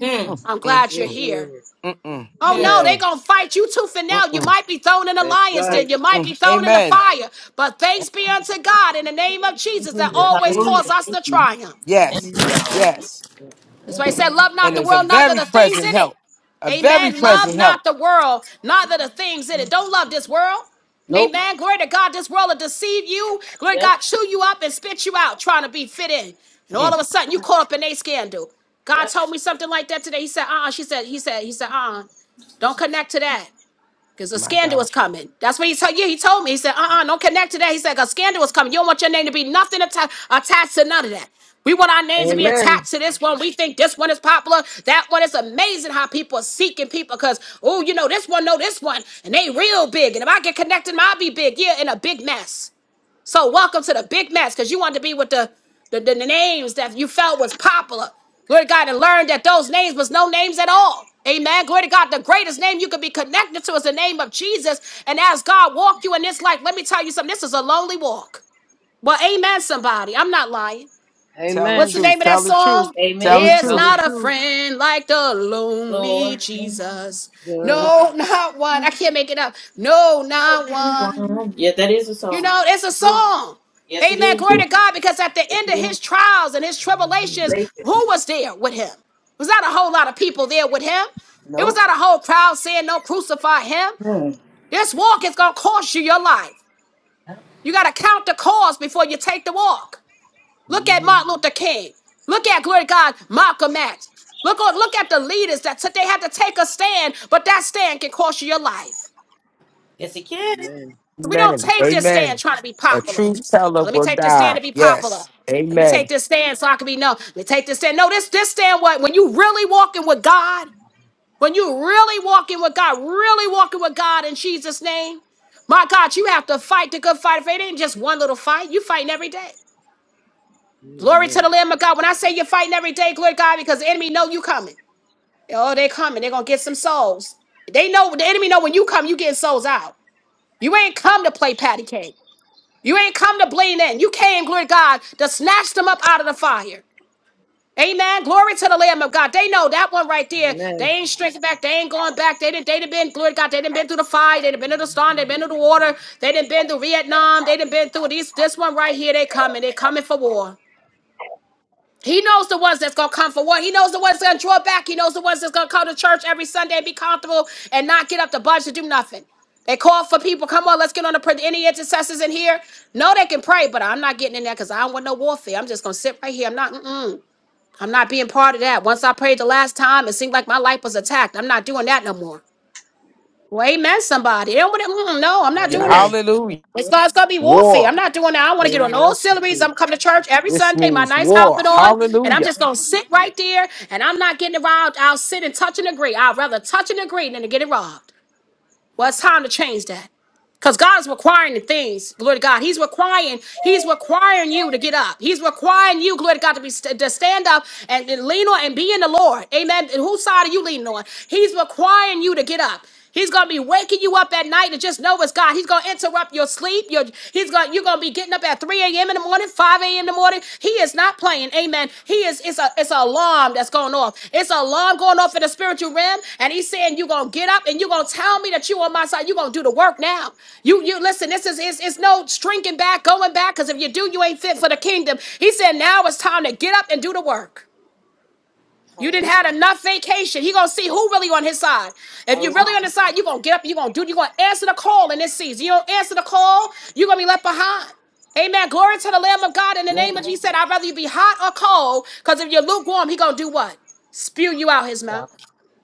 Speaker 6: Hmm.
Speaker 2: Mm,
Speaker 1: I'm
Speaker 2: mm,
Speaker 1: glad you're
Speaker 2: mm,
Speaker 1: here.
Speaker 4: Mm-mm.
Speaker 2: mm, mm,
Speaker 1: Oh
Speaker 6: Hmm.
Speaker 4: Yes,
Speaker 1: no, they
Speaker 2: mm, mm,
Speaker 1: gonna fight you too for
Speaker 2: mm,
Speaker 1: now. You
Speaker 2: mm,
Speaker 1: might be thrown in the
Speaker 4: that's
Speaker 1: lion's
Speaker 2: mm,
Speaker 4: right.
Speaker 1: den. You might be
Speaker 2: mm.
Speaker 1: thrown in the
Speaker 2: Amen.
Speaker 1: fire. But thanks be unto God in the name of Jesus that
Speaker 6: Jesus.
Speaker 4: Lord
Speaker 1: always
Speaker 6: Hallelujah.
Speaker 1: calls
Speaker 4: Jesus.
Speaker 1: us to triumph.
Speaker 6: Thank you.
Speaker 2: Yes, yes.
Speaker 1: That's why he said, Love not
Speaker 2: And
Speaker 1: the
Speaker 2: it's a
Speaker 1: world, neither
Speaker 2: very
Speaker 1: the things
Speaker 2: present
Speaker 1: in it.
Speaker 2: help, a very
Speaker 1: Amen. Love
Speaker 2: present help.
Speaker 1: not the world, neither the things in it. Don't love this world.
Speaker 6: Nope.
Speaker 1: Amen. Glory to God. This world will deceive you. Glory to
Speaker 6: Yep.
Speaker 1: God, chew you up and spit you out trying to be fit in. And all
Speaker 2: Mm,
Speaker 1: of a sudden, you caught up in a scandal. God
Speaker 6: Yep.
Speaker 1: told me something like that today. He said, uh uh She said, He said, He said, uh uh uh. do not connect to that. Because a
Speaker 2: my
Speaker 1: scandal
Speaker 2: God.
Speaker 1: was coming. That's what he told you. He told me. He said, uh-uh, don't connect to that. He said, a scandal was coming. You don't want your name to be nothing atta- attached to none of that. We want our names to be
Speaker 4: Amen.
Speaker 1: attached to this one. We think this one is popular. That one is amazing how people are seeking people because, oh, you know, this one know this one. And they real big. And if I get connected, I'll be big. Yeah, in a big mess. So welcome to the big match because you wanted to be with the, the, the, the names that you felt was popular. Glory to God and learned that those names was no names at all. Amen. Glory to God. The greatest name you could be connected to is the name of Jesus. And as God walk you in this life, let me tell you something. This is a lonely walk. Well, amen, somebody. I'm not lying.
Speaker 2: Tell the
Speaker 1: What's
Speaker 4: Amen.
Speaker 1: the
Speaker 2: truth.
Speaker 1: name of that
Speaker 2: Tell the truth.
Speaker 1: song?
Speaker 2: Tell the
Speaker 6: Amen.
Speaker 1: There's
Speaker 4: Tell
Speaker 2: truth.
Speaker 4: the
Speaker 1: not a
Speaker 4: truth.
Speaker 1: friend like the lonely
Speaker 6: Lord, who's
Speaker 1: Jesus.
Speaker 6: on
Speaker 4: Jesus.
Speaker 1: No, not one. I can't make it up. No, not
Speaker 6: the
Speaker 1: one.
Speaker 6: one? Yeah, that is a
Speaker 1: You
Speaker 6: song.
Speaker 1: know, it's a
Speaker 6: Yes,
Speaker 1: song.
Speaker 6: it
Speaker 1: Amen.
Speaker 6: is.
Speaker 1: Glory to God. Because at the
Speaker 6: Yes,
Speaker 1: end
Speaker 6: it
Speaker 1: of
Speaker 6: is.
Speaker 1: his trials and his
Speaker 4: Mhm.
Speaker 1: tribulations,
Speaker 6: They-
Speaker 1: who was there with him? Was not a whole lot of people there with him? It was
Speaker 6: Nope.
Speaker 1: not a whole crowd saying, No, crucify him.
Speaker 6: Hmm.
Speaker 1: This walk is going to cost you your life. You got to count the cost before you take the walk. Look at
Speaker 4: Mhm.
Speaker 1: Martin Luther King. Look at, glory to God, Malcolm X. Look, on, look at the leaders that said they had to take a stand, but that stand can cost you your life.
Speaker 6: Yes, it can.
Speaker 4: Amen.
Speaker 1: We don't
Speaker 2: Amen.
Speaker 1: take this stand
Speaker 2: Amen.
Speaker 1: trying to be
Speaker 2: A
Speaker 1: popular.
Speaker 2: truth teller
Speaker 1: Oh, let me
Speaker 2: will
Speaker 1: take this stand
Speaker 2: die.
Speaker 1: to be popular.
Speaker 2: Yes.
Speaker 1: Let me
Speaker 2: Amen.
Speaker 1: take this stand so I can be known. Let me take this stand. No, this this stand what when you really walking with God, when you really walking with God, really walking with God in Jesus' name, my God, you have to fight the good fight. If it ain't just one little fight, you fighting every day. Glory to
Speaker 4: Amen.
Speaker 1: the Lamb of God. When I say you're fighting every day, glory to God, because the enemy know you coming. Oh, they coming. They're gonna get some souls. They know the enemy know when you come, you getting souls out. You ain't come to play patty cake. You ain't come to blend in. You came, glory to God, to snatch them up out of the fire. Amen. Glory to the Lamb of God. They know that one right there.
Speaker 4: Amen.
Speaker 1: They ain't shrinking back. They ain't going back. They didn't. They didn't been. Glory to God. They didn't been through the fire. They didn't been through the storm. They done been through the water. They didn't been through Vietnam. They didn't been through these. This one right here. They coming. They coming for war. He knows the ones that's gonna come for what. He knows the ones that's gonna draw back. He knows the ones that's gonna come to church every Sunday and be comfortable and not get up the budget to do nothing. They call for people. Come on, let's get on the prayer. Any intercessors in here? No, they can pray, but I'm not getting in there because I don't want no warfare. I'm just gonna sit right here. I'm not. Mm-mm. I'm not being part of that. Once I prayed the last time, it seemed like my life was attacked. I'm not doing that no more. Well, amen. Somebody. They don't want to. Mm, no, I'm not
Speaker 2: Yeah.
Speaker 1: doing
Speaker 4: Amen.
Speaker 1: that.
Speaker 2: Hallelujah.
Speaker 1: It's
Speaker 6: Amen.
Speaker 1: not, it's gonna be warfare.
Speaker 2: War.
Speaker 1: I'm not doing that. I want to
Speaker 4: Tell
Speaker 1: get
Speaker 4: you
Speaker 1: on all
Speaker 4: that's the
Speaker 1: cylinders.
Speaker 4: truth.
Speaker 1: I'm coming to church every
Speaker 2: This
Speaker 1: Sunday, my
Speaker 2: means
Speaker 1: nice
Speaker 2: war.
Speaker 1: outfit on, and I'm
Speaker 2: Hallelujah.
Speaker 1: just gonna sit right there and I'm not getting robbed. I'll sit and touch and agree. I'd rather touch and agree than to get it robbed. Well, it's time to change that. Because God is requiring the things, glory to God. He's requiring, He's requiring you to get up. He's requiring you, glory to God, to be to stand up and, and lean on and be in the Lord. Amen. And whose side are you leaning on? He's requiring you to get up. He's gonna be waking you up at night and just know it's God. He's gonna interrupt your sleep. Your, he's gonna you're gonna be getting up at 3 a.m in the morning, 5 a.m. in the morning. He is not playing. Amen. He is it's a it's an alarm that's going off. It's an alarm going off in the spiritual realm. And he's saying, You're gonna get up and you're gonna tell me that you on my side. You're gonna do the work now. You you listen, this is it's, it's no shrinking back, going back, because if you do, you ain't fit for the kingdom. He said, Now it's time to get up and do the work. You didn't
Speaker 6: Hallelujah.
Speaker 1: had enough vacation. He gonna see who really on his side. If you
Speaker 6: Hallelujah.
Speaker 1: really on his side, you gonna get up and you gonna do. You gonna answer the call in this season. You don't answer the call, you gonna be left behind. Amen. Glory to the Lamb of God. In the name of
Speaker 6: Amen.
Speaker 1: Jesus, he said, "I'd rather you be hot or cold, because if you're lukewarm, he gonna do what? Spew you out his
Speaker 6: God.
Speaker 1: mouth."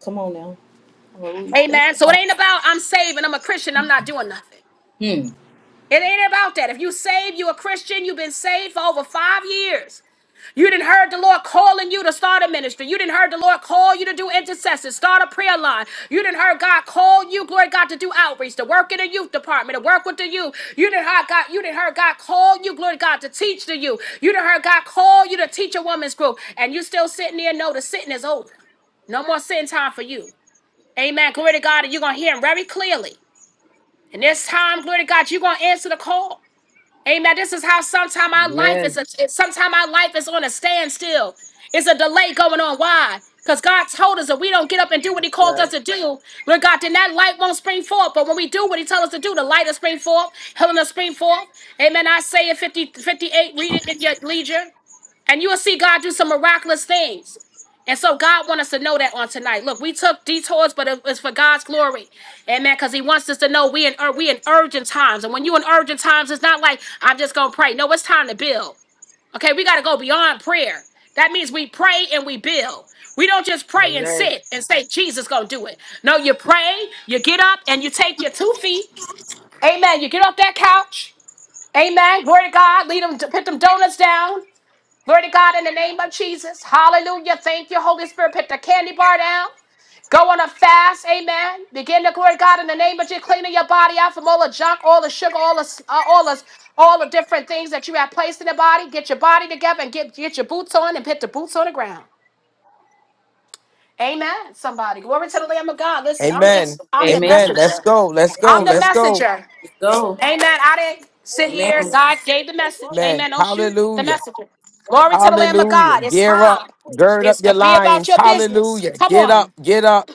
Speaker 6: Come on now. Hallelujah. Thank you,
Speaker 1: Amen. So it
Speaker 6: God.
Speaker 1: ain't about I'm saved and I'm a Christian. I'm not doing nothing.
Speaker 6: Hmm.
Speaker 1: It ain't about that. If you saved, you a Christian, you've been saved for over five years. You didn't heard the Lord calling you to start a ministry. You didn't heard the Lord call you to do intercession, start a prayer line. You didn't heard God call you, glory to God, to do outreach, to work in the youth department, to work with the youth. You didn't heard God, you didn't heard God call you, glory to God, to teach the youth. You didn't heard God call you to teach a woman's group. And you still sitting there, no, the sitting is over. No more sitting time for you. Amen. Glory to God. And you're going to hear him very clearly. And this time, glory to God, you're going to answer the call. Amen. This is how sometime our life
Speaker 4: Amen.
Speaker 1: is. A, sometime our life is on a standstill. It's a delay going on. Why? Because God told us that we don't get up and do what He
Speaker 4: That's
Speaker 1: called us
Speaker 4: right.
Speaker 1: to do. Lord God, then that light won't spring forth. But when we do what He tells us to do, the light will spring forth. Healing will spring forth. Amen. I say in 50, 58, read it in your leisure. And you will see God do some miraculous things. And so God wants us to know that on tonight. Look, we took detours, but it was for God's glory. Amen. Because He wants us to know we in ur- we in urgent times. And when you in urgent times, it's not like I'm just gonna pray. No, it's time to build. Okay, we gotta go beyond prayer. That means we pray and we build. We don't just pray and sit and say Jesus gonna do it. No, you pray, you get up, and you take your two feet. Amen. You get off that couch. Amen. Glory to God. Lead them, put them donuts down. Glory to God in the name of Jesus. Hallelujah. Thank you, Holy Spirit. Put the candy bar down. Go on a fast, amen. Begin to glory God in the name of Jesus, cleaning your body out from all the junk, all the sugar, all the uh, all the all the different things that you have placed in the body. Get your body together and get get your boots on and put the boots on the ground. Amen. Somebody, glory to the Lamb of God. Listen, I'm
Speaker 2: Amen.
Speaker 1: just I'm the
Speaker 6: Amen.
Speaker 2: Amen.
Speaker 6: Let's
Speaker 2: Let's
Speaker 1: messenger.
Speaker 2: go. Let's go.
Speaker 1: I'm the
Speaker 2: Let's go.
Speaker 1: messenger.
Speaker 6: go.
Speaker 4: Amen.
Speaker 1: Amen. I didn't sit here.
Speaker 4: Amen.
Speaker 6: Amen.
Speaker 1: God gave the
Speaker 4: They want
Speaker 1: message.
Speaker 4: to
Speaker 2: Amen.
Speaker 1: Amen. Don't shoot the
Speaker 2: Hallelujah.
Speaker 4: talk
Speaker 1: messenger. Glory to
Speaker 4: everything
Speaker 1: the
Speaker 4: and
Speaker 1: Lamb of
Speaker 4: everything
Speaker 2: Hallelujah.
Speaker 1: God.
Speaker 4: else
Speaker 1: It's
Speaker 4: that
Speaker 2: Gear
Speaker 4: is in
Speaker 1: time.
Speaker 2: up.
Speaker 4: between. The
Speaker 2: Gird up
Speaker 1: It's a
Speaker 2: your
Speaker 1: be about
Speaker 2: lions.
Speaker 1: your business.
Speaker 2: Hallelujah.
Speaker 1: Come
Speaker 2: Get up.
Speaker 1: on.
Speaker 2: Get up.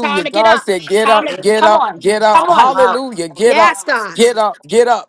Speaker 1: Time to get
Speaker 2: God
Speaker 1: up.
Speaker 2: said, get
Speaker 1: Time
Speaker 2: up,
Speaker 1: to
Speaker 6: Yeah.
Speaker 2: get
Speaker 1: come
Speaker 2: up,
Speaker 1: on.
Speaker 2: get up.
Speaker 1: Come
Speaker 6: All come
Speaker 1: on.
Speaker 6: out.
Speaker 2: Hallelujah. Get up.
Speaker 1: Yes, God.
Speaker 2: Get up, get up,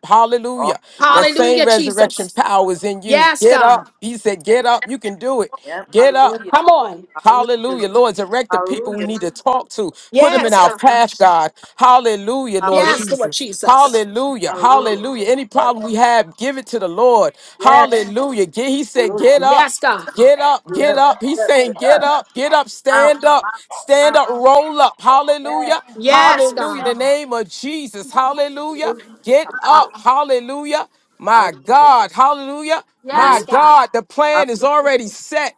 Speaker 6: All.
Speaker 2: hallelujah. That same
Speaker 1: Hallelujah,
Speaker 2: resurrection
Speaker 1: Jesus.
Speaker 2: power is in you.
Speaker 1: Yes,
Speaker 2: Get up.
Speaker 1: God.
Speaker 2: He said, Get up, you can do it.
Speaker 6: Yep.
Speaker 2: Get up,
Speaker 6: Hallelujah.
Speaker 1: Come on.
Speaker 6: Hallelujah.
Speaker 2: Hallelujah, Lord. Direct the people we
Speaker 6: Hallelujah.
Speaker 2: need to talk to. Put them in
Speaker 1: Yes,
Speaker 2: our
Speaker 1: God.
Speaker 2: path, God. Hallelujah, Lord
Speaker 6: Hallelujah.
Speaker 1: Yes, Lord
Speaker 2: Jesus.
Speaker 1: Jesus.
Speaker 2: Hallelujah.
Speaker 6: Hallelujah.
Speaker 2: Hallelujah. Any problem we have, give it to the Lord.
Speaker 6: Yeah.
Speaker 2: Hallelujah. Get, he said,
Speaker 6: Lord,
Speaker 2: get up.
Speaker 1: Yes, God.
Speaker 2: Get up,
Speaker 6: Get
Speaker 2: get
Speaker 6: up.
Speaker 2: up. He's
Speaker 6: Get up.
Speaker 2: saying,
Speaker 6: Get
Speaker 2: get
Speaker 6: up.
Speaker 2: up, get up,
Speaker 6: Out.
Speaker 2: stand
Speaker 6: Come
Speaker 2: up,
Speaker 6: out. Come
Speaker 2: stand
Speaker 6: out.
Speaker 2: up, roll up.
Speaker 6: Yeah.
Speaker 2: Hallelujah.
Speaker 6: Come out
Speaker 1: Yes,
Speaker 6: to the
Speaker 2: Hallelujah. In
Speaker 1: God.
Speaker 6: cell.
Speaker 2: the name of Jesus. Hallelujah.
Speaker 6: Hallelujah.
Speaker 2: Get
Speaker 6: Come out.
Speaker 2: up. Hallelujah. My
Speaker 6: Hallelujah.
Speaker 2: God. Hallelujah.
Speaker 1: Yes,
Speaker 2: My
Speaker 6: Hallelujah.
Speaker 1: God.
Speaker 2: God, the plan is already set.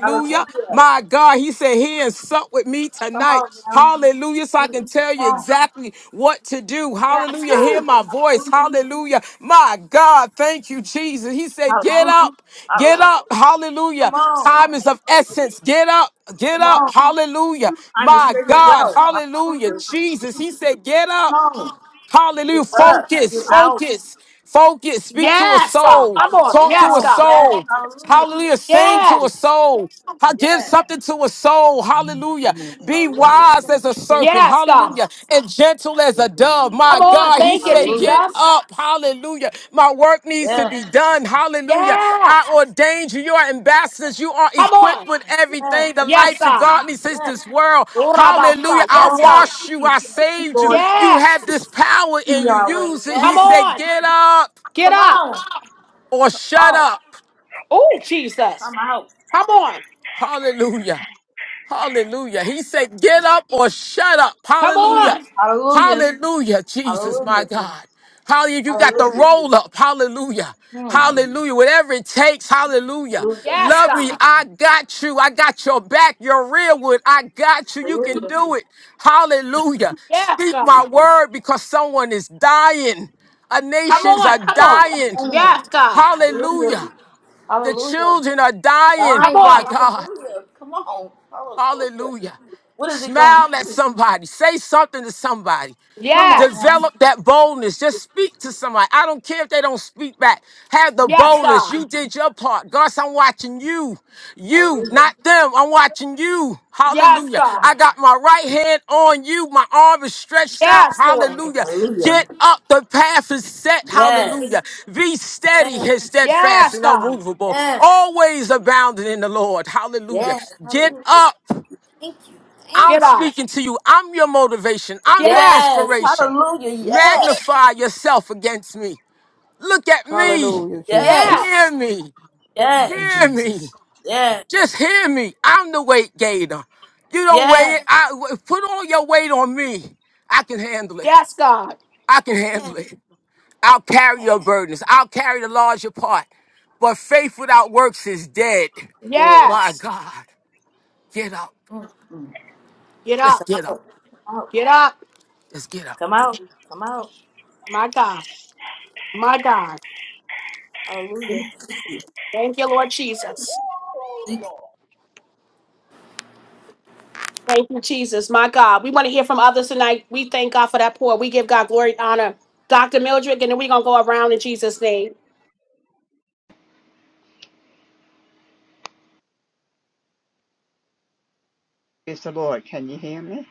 Speaker 6: Hallelujah. Hallelujah.
Speaker 2: My God, he said, He and sup with me me
Speaker 6: Come
Speaker 2: tonight.
Speaker 6: on now.
Speaker 2: Hallelujah. So I can tell
Speaker 6: Come
Speaker 2: you
Speaker 6: on.
Speaker 2: exactly what to do.
Speaker 1: Yes,
Speaker 2: Hallelujah. Hear
Speaker 1: God.
Speaker 6: Woo.
Speaker 2: my voice.
Speaker 6: Hallelujah.
Speaker 2: Hallelujah. My God. Thank you, Jesus. He said, Get
Speaker 6: Hallelujah.
Speaker 2: up. Get
Speaker 6: Hallelujah.
Speaker 2: up. Hallelujah.
Speaker 6: Come on.
Speaker 2: Time is of
Speaker 6: Hallelujah.
Speaker 2: essence. Get up. Get
Speaker 6: Come
Speaker 2: up.
Speaker 6: on.
Speaker 2: Hallelujah.
Speaker 6: Time to
Speaker 2: My
Speaker 6: share your
Speaker 2: God.
Speaker 6: well.
Speaker 2: Hallelujah.
Speaker 6: Hallelujah.
Speaker 2: Jesus. He said, Get
Speaker 6: Come
Speaker 2: up.
Speaker 6: on. Get
Speaker 2: Hallelujah.
Speaker 6: up.
Speaker 2: Focus,
Speaker 6: Get out.
Speaker 2: focus, focus. Speak to a
Speaker 1: Yes, God.
Speaker 2: soul.
Speaker 1: Come on.
Speaker 2: Talk
Speaker 6: Come
Speaker 2: to
Speaker 1: Yes,
Speaker 2: a
Speaker 6: on.
Speaker 1: God.
Speaker 6: Yes.
Speaker 2: soul.
Speaker 6: Hallelujah.
Speaker 2: Hallelujah. Sing to a
Speaker 1: Yes.
Speaker 2: soul. Ha- Give
Speaker 6: Yes.
Speaker 2: something to a soul. Hallelujah.
Speaker 9: Yes,
Speaker 2: Be
Speaker 6: Hallelujah.
Speaker 2: wise as a serpent.
Speaker 1: Yes, God.
Speaker 2: Hallelujah. And gentle as a dove.
Speaker 1: Come
Speaker 2: My
Speaker 1: on.
Speaker 2: God, he
Speaker 9: amen.
Speaker 1: Thank you,
Speaker 2: said,
Speaker 6: Hallelujah.
Speaker 2: Get
Speaker 1: Jesus.
Speaker 2: up. Hallelujah. My work needs to
Speaker 6: Yes.
Speaker 2: be done. Hallelujah. I
Speaker 1: Yes.
Speaker 2: ordained you. You are ambassadors. You are
Speaker 1: Come
Speaker 2: equipped
Speaker 1: on.
Speaker 2: with
Speaker 6: Yes.
Speaker 2: everything. The
Speaker 1: Yes,
Speaker 2: life and
Speaker 1: sir.
Speaker 2: godliness is
Speaker 6: Yes.
Speaker 2: this world. Hallelujah.
Speaker 1: Urabasha.
Speaker 6: Come
Speaker 2: I
Speaker 1: Yes,
Speaker 6: on.
Speaker 1: sir.
Speaker 6: Thank
Speaker 2: washed you.
Speaker 6: you. Thank
Speaker 2: I
Speaker 6: you,
Speaker 2: saved you.
Speaker 6: Lord. Thank
Speaker 2: You had
Speaker 1: Yes.
Speaker 2: this power
Speaker 6: you,
Speaker 2: and you.
Speaker 6: Yahweh.
Speaker 2: Use it.
Speaker 1: Come
Speaker 2: He
Speaker 6: Yes.
Speaker 2: said,
Speaker 1: on.
Speaker 2: get up
Speaker 1: Get
Speaker 6: Come
Speaker 1: up.
Speaker 6: on.
Speaker 2: or
Speaker 6: oh,
Speaker 2: shut
Speaker 6: on.
Speaker 2: up.
Speaker 1: Oh, Jesus.
Speaker 6: Come out.
Speaker 1: Come on.
Speaker 2: Hallelujah. Hallelujah. He said, get up or shut up.
Speaker 1: Come
Speaker 6: Mm.
Speaker 2: Hallelujah.
Speaker 1: on.
Speaker 6: Hallelujah.
Speaker 2: Hallelujah, Jesus, my
Speaker 6: Hallelujah.
Speaker 2: God. Hallelujah. You got the
Speaker 6: Hallelujah.
Speaker 2: roll up. Hallelujah. Hallelujah. Whatever it takes. Hallelujah.
Speaker 6: Hallelujah.
Speaker 1: Yes,
Speaker 2: Love me.
Speaker 1: God.
Speaker 2: I got you. I got your back. You're real with. I got you. You can
Speaker 6: Hallelujah.
Speaker 2: do it. Hallelujah.
Speaker 1: Yes,
Speaker 2: Speak
Speaker 1: God.
Speaker 2: my word because someone is dying. Our
Speaker 1: Come
Speaker 2: nations are
Speaker 1: on. Come on.
Speaker 2: dying.
Speaker 6: Amen.
Speaker 1: Yes, God.
Speaker 6: Hallelujah.
Speaker 2: Hallelujah. The
Speaker 6: Hallelujah.
Speaker 2: children are dying.
Speaker 1: Come
Speaker 6: Dying.
Speaker 2: My
Speaker 1: on.
Speaker 2: God.
Speaker 6: Hallelujah. Come on. Hallelujah.
Speaker 2: Hallelujah.
Speaker 6: What is it going to
Speaker 2: Smile at
Speaker 6: be?
Speaker 2: somebody. Say something to somebody.
Speaker 6: Come on
Speaker 1: Yes.
Speaker 6: now.
Speaker 2: Develop that boldness. Just speak to somebody. I don't care if they don't speak back. Have the
Speaker 1: Yes,
Speaker 2: boldness.
Speaker 1: God.
Speaker 2: You did your part. God, I'm watching you. You,
Speaker 6: Hallelujah.
Speaker 2: not them. I'm watching you.
Speaker 1: Yes,
Speaker 2: Hallelujah.
Speaker 1: God.
Speaker 2: I got my right hand on you. My arm is stretched out.
Speaker 1: Yes, Lord.
Speaker 2: Hallelujah.
Speaker 6: Hallelujah.
Speaker 2: Get up. The path is set.
Speaker 6: Yes.
Speaker 2: Hallelujah. Be steady and steadfast
Speaker 1: Yes,
Speaker 2: and
Speaker 1: God.
Speaker 2: unmovable.
Speaker 6: Yes.
Speaker 2: Always abounding in the Lord. Hallelujah.
Speaker 6: Yes.
Speaker 2: Get
Speaker 6: Hallelujah.
Speaker 2: up. I'm
Speaker 1: Get up.
Speaker 2: speaking to you. I'm your motivation. I'm your
Speaker 1: Yes.
Speaker 6: Yes.
Speaker 2: inspiration.
Speaker 6: Hallelujah. Yes.
Speaker 2: Magnify yourself against me. Look at me.
Speaker 5: Hallelujah,
Speaker 6: Yes.
Speaker 5: Jesus.
Speaker 2: Hear
Speaker 1: Yes.
Speaker 2: me.
Speaker 5: Thank
Speaker 6: Yes.
Speaker 5: you,
Speaker 2: Hear me.
Speaker 5: Jesus.
Speaker 6: Yes.
Speaker 2: Just hear me. I'm the weight gainer. You don't weigh
Speaker 6: Yes.
Speaker 2: it. I put all your weight on me. I can handle it.
Speaker 1: Yes, God.
Speaker 2: I can
Speaker 6: Yes.
Speaker 2: handle it. I'll carry your burdens. I'll carry the larger part. But faith without works is dead.
Speaker 6: Yes.
Speaker 2: My
Speaker 1: Yes.
Speaker 2: God. Get up.
Speaker 1: Get up.
Speaker 2: Just get up.
Speaker 1: Get up.
Speaker 2: Just get up.
Speaker 6: Come out. Come out.
Speaker 1: My God. My God.
Speaker 6: Hallelujah.
Speaker 1: Thank you, Lord
Speaker 4: war
Speaker 1: Jesus.
Speaker 4: goes on.
Speaker 1: Thank you, Jesus. My God. We want to hear from others tonight. We thank God for that pour. We give God glory and honor. Dr. Mildred, and then we're going to go around in Jesus' name.
Speaker 3: Praise the Lord. Can you hear me?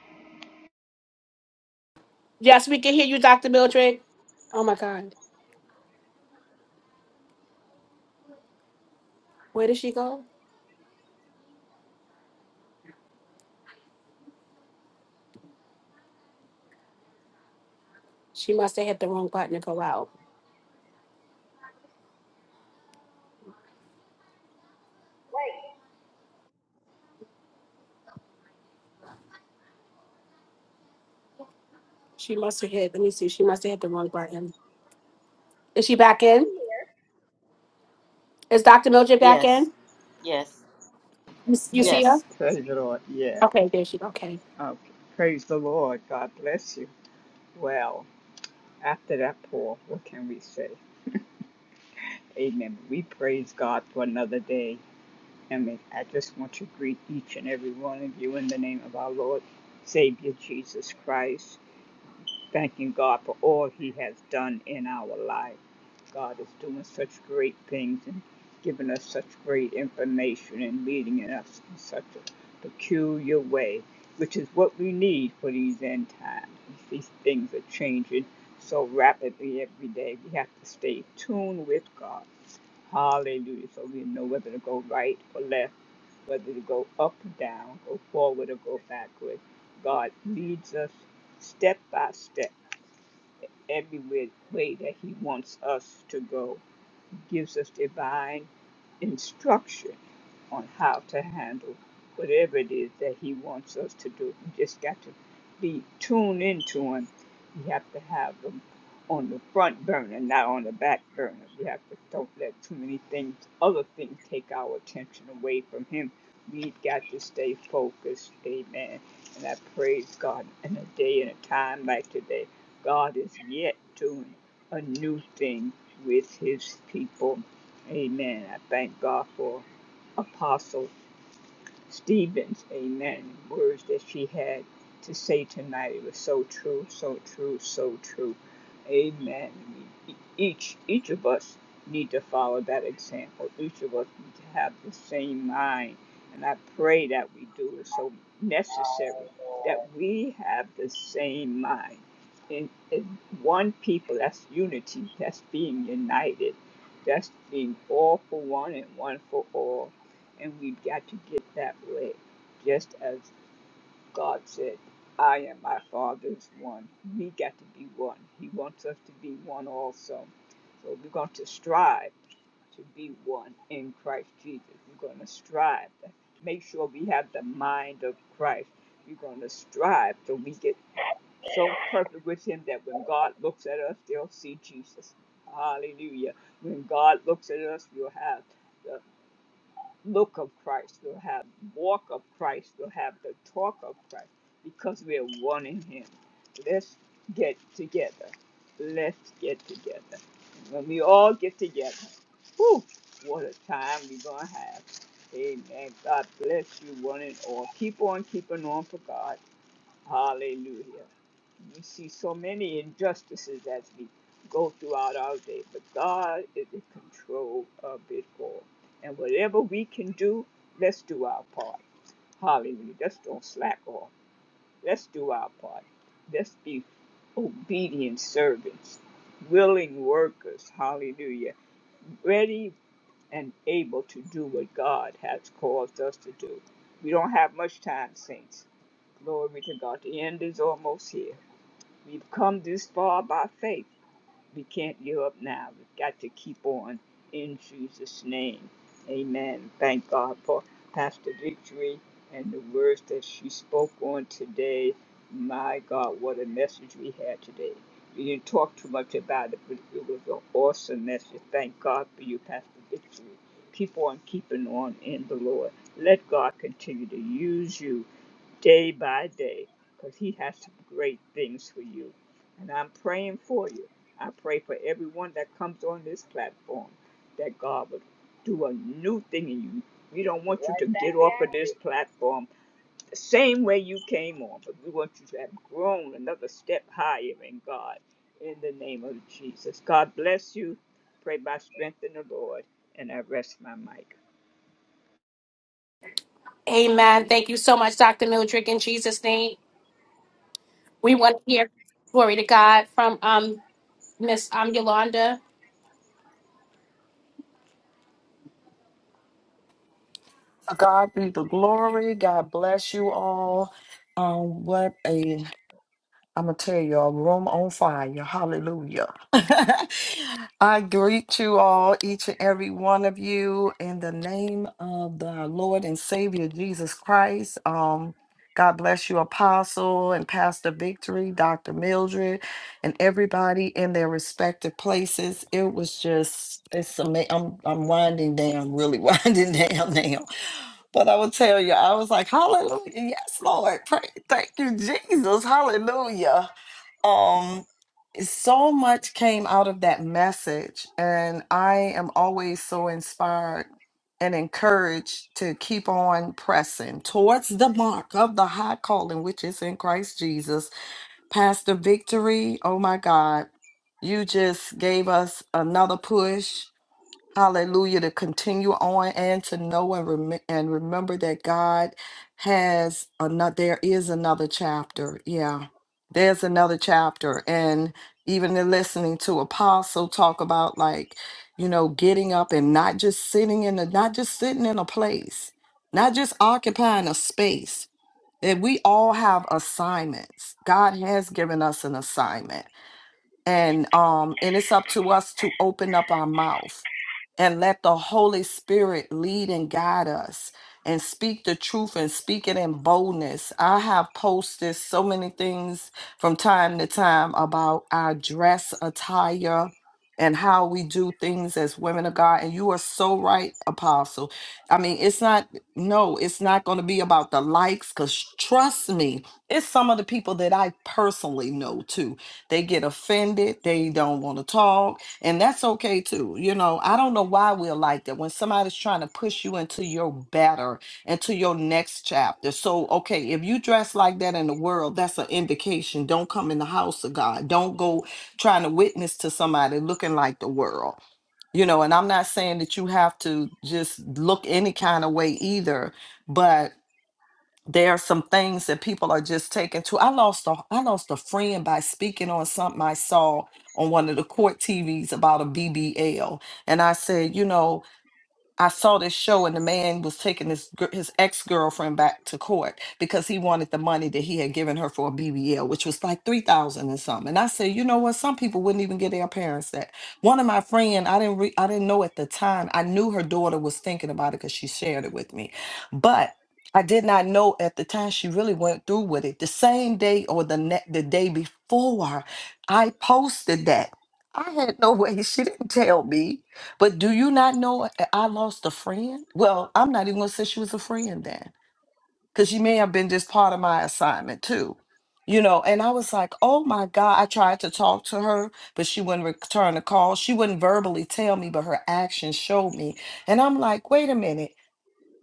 Speaker 1: Yes, we can hear you, Dr. Mildred. Oh, my God. Where did she go? She must have hit the wrong button to go out.
Speaker 4: Wait,
Speaker 1: She must have hit, let me see. She must have hit the wrong button. Is she back
Speaker 4: I'm
Speaker 1: in?
Speaker 4: here.
Speaker 1: Is Dr. Mildred back
Speaker 6: Yes.
Speaker 1: in?
Speaker 6: Yes.
Speaker 1: You you
Speaker 3: Yes.
Speaker 1: see her?
Speaker 6: Yes.
Speaker 3: Praise the Lord. Yeah.
Speaker 1: Okay, there she Okay.
Speaker 3: Okay. Praise the Lord. God bless you. Well, after that pour, what can we say? Amen. We praise God for another day. Amen. I just want to greet each and every one of you in the name of our Lord, Savior Jesus Christ, thanking God for all He has done in our life. God is doing such great things and giving us such great information and leading us in such a peculiar way, which is what we need for these end times. These things are changing so rapidly every day. We have to stay tuned with God. Hallelujah. So we know whether to go right or left whether to go up or down, go forward or go backward. God leads us step by step everywhere way that He wants us to go gives us divine instruction on how to handle whatever it is that He wants us to do. We just got to be tuned into Him. We have to have them on the front burner, not on the back burner. We have to don't let too many things, other things, take our attention away from Him. We've got to stay focused. Amen. And I praise God in a day and a time like today. God is yet doing a new thing with his people. Amen. I thank God for Apostle Stevens, amen. Words that she had to say tonight. It was so true, so true, so true. Amen. E- Each each of us need to follow that example. Each of us need to have the same mind. And I pray that we do. It's so necessary that we have the same mind. In, in one people, that's unity, that's being united, that's being all for one and one for all and we've got to get that way. Just as God said, I and my Father is one. We got to be one. He wants us to be one also. So we're going to strive to be one in Christ Jesus. We're going to strive to make sure we have the mind of Christ. We're going to strive till we get so perfect with Him that when God looks at us, they'll see Jesus. Hallelujah. When God looks at us, we'll have. the look of Christ. We'll have walk of Christ. We'll have the talk of Christ because we are one in Him. Let's get together. Let's get together. When we all get together, whew, what a time we're going to have. Amen. God bless you one and all. Keep on keeping on for God. Hallelujah. We see so many injustices as we go throughout our day, but God is in control of it all. And whatever we can do, let's do our part. Hallelujah. Let's don't slack off. Let's do our part. Let's be obedient servants, willing workers. Hallelujah. Ready and able to do what God has caused us to do. We don't have much time, saints. Glory to God. The end is almost here. We've come this far by faith. We can't give up now. We've got to keep on in Jesus' name. Amen. Thank God for Pastor Victory and the words that she spoke on today. My God, what a message we had today. We didn't talk too much about it, but it was an awesome message. Thank God for you, Pastor Victory. Keep on keeping on in the Lord. Let God continue to use you day by day because He has some great things for you. And I'm praying for you. I pray for everyone that comes on this platform that God would do a new thing in you. We don't
Speaker 4: Be
Speaker 3: want you to
Speaker 4: right back
Speaker 3: get off
Speaker 4: at
Speaker 3: of this
Speaker 4: you.
Speaker 3: platform the same way you came on, but we want you to have grown another step higher in God in the name of Jesus. God bless you. Pray by strength in the Lord. And I rest my mic.
Speaker 1: Amen. Thank you so much, Dr. Mildred, in Jesus' name. We want to hear glory to God from um Miss um Yolanda.
Speaker 5: To God be the glory. God bless you all. Um, what a I'm gonna tell you all room on fire. Hallelujah. I greet you all, each and every one of you, in the name of the Lord and Savior Jesus Christ. Um, God bless you, Apostle and Pastor Victory, Dr. Mildred, and everybody in their respective places. It was just it's amazing. I'm I'm winding down, really winding down now. But I will tell you, I was like, Hallelujah, yes, Lord, pray, thank you, Jesus, Hallelujah. Um, so much came out of that message, and I am always so inspired and encouraged to keep on pressing towards the mark of the high calling which is in Christ Jesus. Pastor Victory, oh my God, you just gave us another push Hallelujah. To continue on and to know and, rem- and remember that God has another, there is another chapter. Yeah. There's another chapter. And even in listening to Apostle talk about, like, you know, getting up and not just sitting in the, not just sitting in a place, not just occupying a space, that we all have assignments. God has given us an assignment and um and it's up to us to open up our mouth and let the holy spirit lead and guide us and speak the truth and speak it in boldness i have posted so many things from time to time about our dress attire and how we do things as women of god and you are so right apostle i mean it's not no it's not going to be about the likes because trust me it's some of the people that i personally know too they get offended. They don't want to talk. And that's okay too. You know, I don't know why we're like that. When somebody's trying to push you into your better, into your next chapter. So, okay, if you dress like that in the world, that's an indication. Don't come in the house of God. Don't go trying to witness to somebody looking like the world you know and i'm not saying that you have to just look any kind of way either but there are some things that people are just taking to. I lost a I lost a friend by speaking on something I saw on one of the court TVs about a BBL. And I said, you know, I saw this show and the man was taking his gir- his ex girlfriend back to court because he wanted the money that he had given her for a BBL, which was like three thousand and something. And I said, you know what? Some people wouldn't even give their parents that. One of my friend, I didn't re- I didn't know at the time. I knew her daughter was thinking about it because she shared it with me, but I did not know at the time she really went through with it. The same day or the ne- the day before, I posted that. I had no way. She didn't tell me. But do you not know I I lost a friend? Well, I'm not even gonna say she was a friend then, because she may have been just part of my assignment too. You know, and I was like, oh my God. I tried to talk to her, but she wouldn't return the call. She wouldn't verbally tell me, but her actions showed me. And I'm like, wait a minute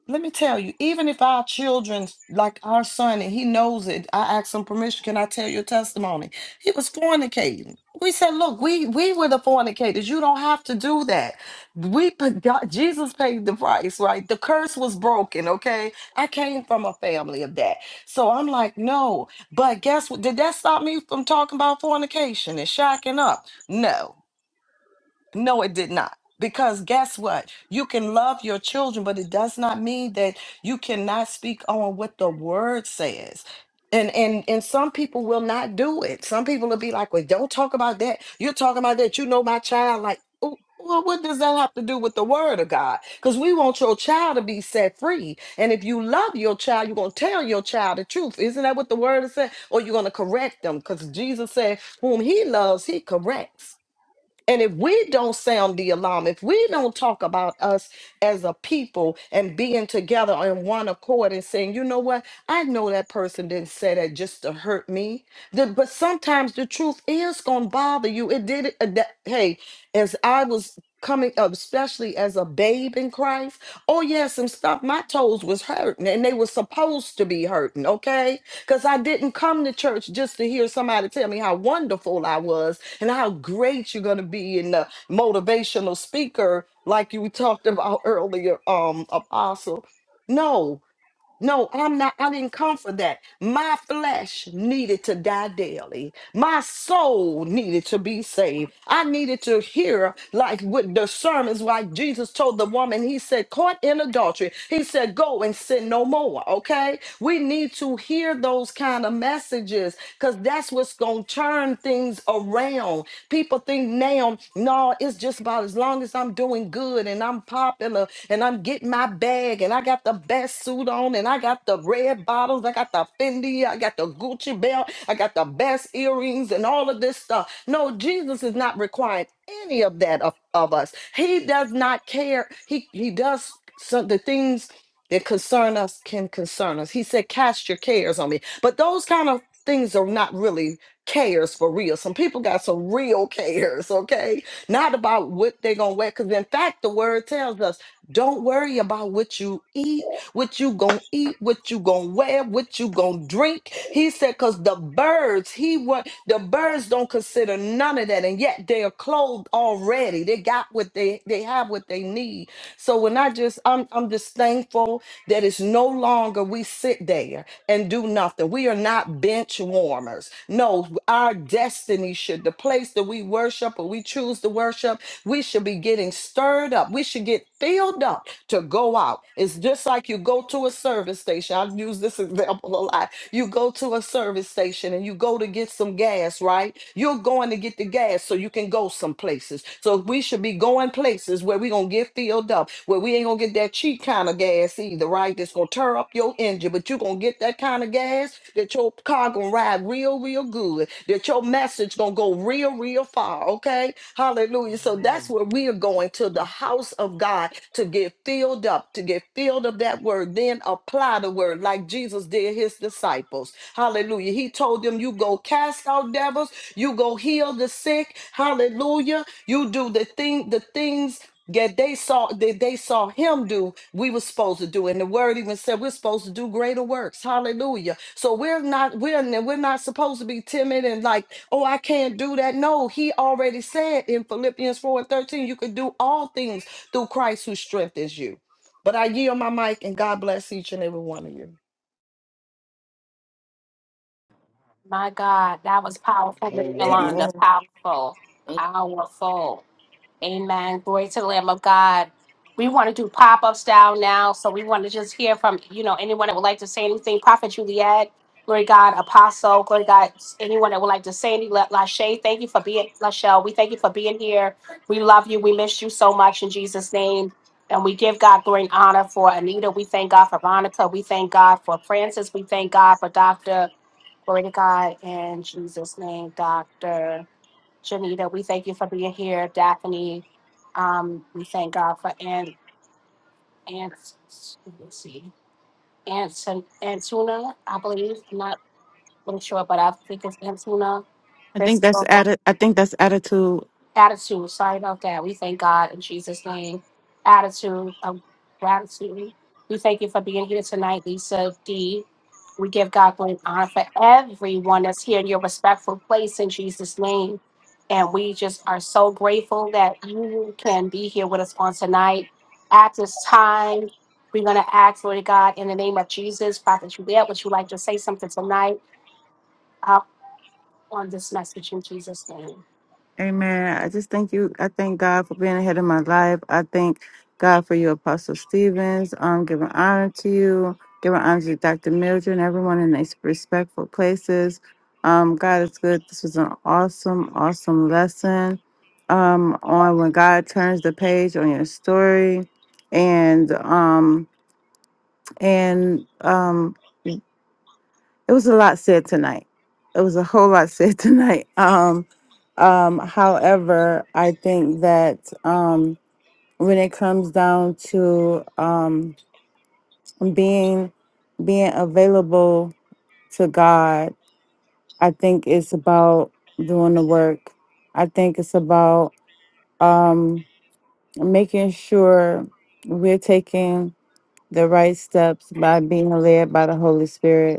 Speaker 5: let me tell you, even if our children, like our son, and he knows it, I asked him permission, can I tell your testimony? He was fornicating. We said, look, we we were the fornicators. You don't have to do that. We put God, Jesus paid the price, right? The curse was broken, okay? I came from a family of that. So I'm like, no. But guess what? Did that stop me from talking about fornication and shacking up? No. No, it did not. Because guess what? You can love your children, but it does not mean that you cannot speak on what the word says. And and and some people will not do it. Some people will be like, well, don't talk about that. You're talking about that. You know my child. Like, "Oh, well, what does that have to do with the word of God? Because we want your child to be set free. And if you love your child, you're gonna tell your child the truth. Isn't that what the word is saying? Or you're gonna correct them. Because Jesus said, Whom he loves, he corrects. And if we don't sound the alarm, if we don't talk about us as a people and being together in one accord and saying, you know what, I know that person didn't say that just to hurt me. The- but sometimes the truth is going to bother you. It did. It, uh, that, hey, as I was coming up, especially as a babe in Christ, oh, yeah, some stuff, my toes was hurting and they were supposed to be hurting, okay? Because I didn't come to church just to hear somebody tell me how wonderful I was and how great you're going to be in the motivational speaker like you talked about earlier um apostle no no, I'm not. I didn't come for that. My flesh needed to die daily. My soul needed to be saved. I needed to hear, like with the sermons, like Jesus told the woman, he said, caught in adultery, he said, go and sin no more. Okay. We need to hear those kind of messages because that's what's going to turn things around. People think now, no, it's just about as long as I'm doing good and I'm popular and I'm getting my bag and I got the best suit on and I got the red bottles, I got the Fendi, I got the Gucci belt, I got the best earrings and all of this stuff. No, Jesus is not requiring any of that of, of us. He does not care. He he does some the things that concern us can concern us. He said, cast your cares on me. But those kind of things are not really cares for real. Some people got some real cares, okay? Not about what they're gonna wear. Because in fact, the word tells us. Don't worry about what you eat, what you gonna eat, what you gonna wear, what you gonna drink. He said, because the birds, he what the birds don't consider none of that, and yet they are clothed already. They got what they they have what they need. So when I just I'm I'm just thankful that it's no longer we sit there and do nothing. We are not bench warmers. No, our destiny should the place that we worship or we choose to worship we should be getting stirred up. We should get filled up to go out. It's just like you go to a service station. I use this example a lot. You go to a service station and you go to get some gas, right? You're going to get the gas so you can go some places. So we should be going places where we're going to get filled up, where we ain't going to get that cheap kind of gas either, right? That's going to tear up your engine, but you're going to get that kind of gas prayers that your car gonna ride real, real good, that your message gonna go real, real far. Okay. Hallelujah. So
Speaker 4: Amen.
Speaker 5: that's where we are going to the house of God to get filled up, to get filled of that word, then apply the word like Jesus did his disciples. Hallelujah. He told them, You go cast out devils, you go heal the sick. Hallelujah. You do the thing, the things that they saw that they saw him do, we were supposed to do. And the word even said we're supposed to do greater works. Hallelujah. So we're not we're we're not supposed to be timid and like, oh, I can't do that. No, he already said in Philippians 4 and 13, you can do all things through Christ who strengthens you. But I yield my mic and God bless each and every one of you.
Speaker 1: My God, that was powerful, Miss
Speaker 4: Amen.
Speaker 1: Yolanda.
Speaker 6: Amen.
Speaker 1: Powerful, powerful. Amen. Glory to the Lamb of God. We want to do pop up style now. So we want to just hear from, you know, anyone that would like to say anything. Prophet Juliet, glory to God, Apostle, glory to God, anyone that would like to say anything. La- Lachey, thank you for being, Lachelle, we thank you for being here. We love you. We miss you so much in Jesus' name. And we give God glory and honor for Anita. We thank God for Monica. We thank God for Francis. We thank God for Dr. Glory to God in Jesus' name, Doctor. Janita, we thank you for being here. Daphne, um, we thank God for Aunt, Aunt, let's see, Aunt, Antuna, I believe, I'm not really sure, but I think it's Antuna,
Speaker 10: I think that's
Speaker 1: Crystal.
Speaker 10: atti- I think that's attitude.
Speaker 1: attitude. Sorry about that. We thank God in Jesus' name. Attitude of gratitude. We thank you for being here tonight, Lisa D. We give God glory and honor for everyone that's here in your respectful place in Jesus' name. And we just are so grateful that you can be here with us on tonight. At this time, we're going to ask, Lord God, in the name of Jesus, Prophet Juliet, would you like to say something tonight uh, on this message in Jesus' name?
Speaker 10: Amen. I just thank you. I thank God for being ahead of my life. I thank God for you, Apostle Stevens. Um, giving honor to you, giving honor to Dr. Mildred and everyone in these respectful places. Um, God is good. This was an awesome, awesome lesson. Um, on when God turns the page on your story, and um, and um, It was a lot said tonight. It was a whole lot said tonight. Um, um, however, I think that um, when it comes down to um, being being available to God, I think it's about doing the work. I think it's about um, making sure we're taking the right steps by being led by the Holy Spirit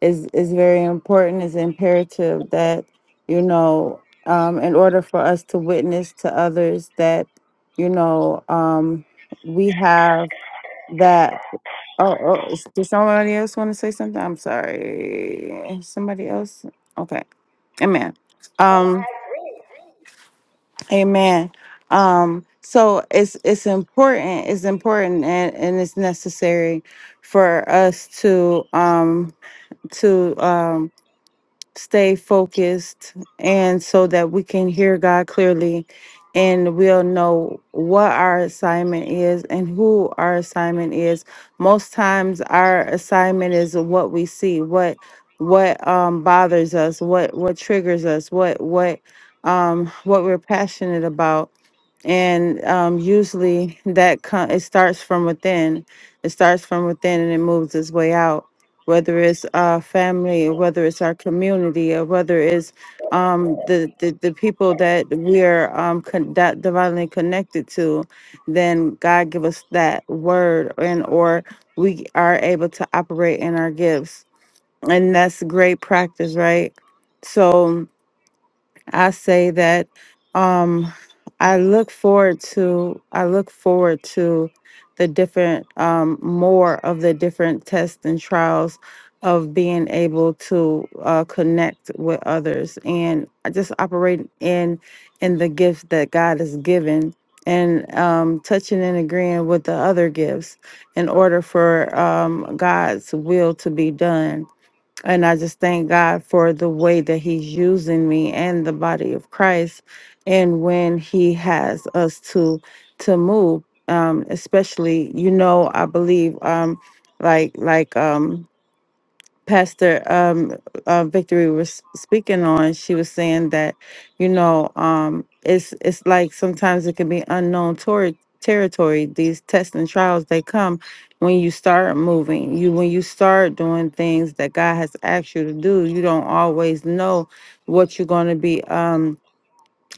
Speaker 10: is is very important. It's imperative that you know, um, in order for us to witness to others, that you know, um, we have that. Oh, oh, is- did somebody else want to say something? I'm sorry. Somebody else. Okay. Amen.
Speaker 4: So I
Speaker 10: Um,
Speaker 4: agree.
Speaker 10: amen. Um, so it's it's important. It's important and and it's necessary for us to um to um stay focused and so that we can hear God clearly and we'll know what our assignment is and who our assignment is. Most times our assignment is what we see, what what um bothers us, what what triggers us, what what um what we're passionate about. And um usually that co- it starts from within. It starts from within and it moves its way out whether it's our family, whether it's our community, or whether it's um, the, the, the people that we're um, con- that divinely connected to, then God give us that word and or we are able to operate in our gifts. And that's great practice, right? So I say that um, I look forward to I look forward to the different um, more of the different tests and trials of being able to uh, connect with others and I just operate in in the gifts that God has given and um, touching and agreeing with the other gifts in order for um, God's will to be done and I just thank God for the way that He's using me and the body of Christ. And when He has us to to move, um, especially, you know, I believe um like like um Pastor um, uh, Victory was speaking on, she was saying that, you know, um, it's it's like sometimes it can be unknown tori- territory. These tests and trials they come when you start moving. You when you start doing things that God has asked you to do. You don't always know what you're going to be. Um,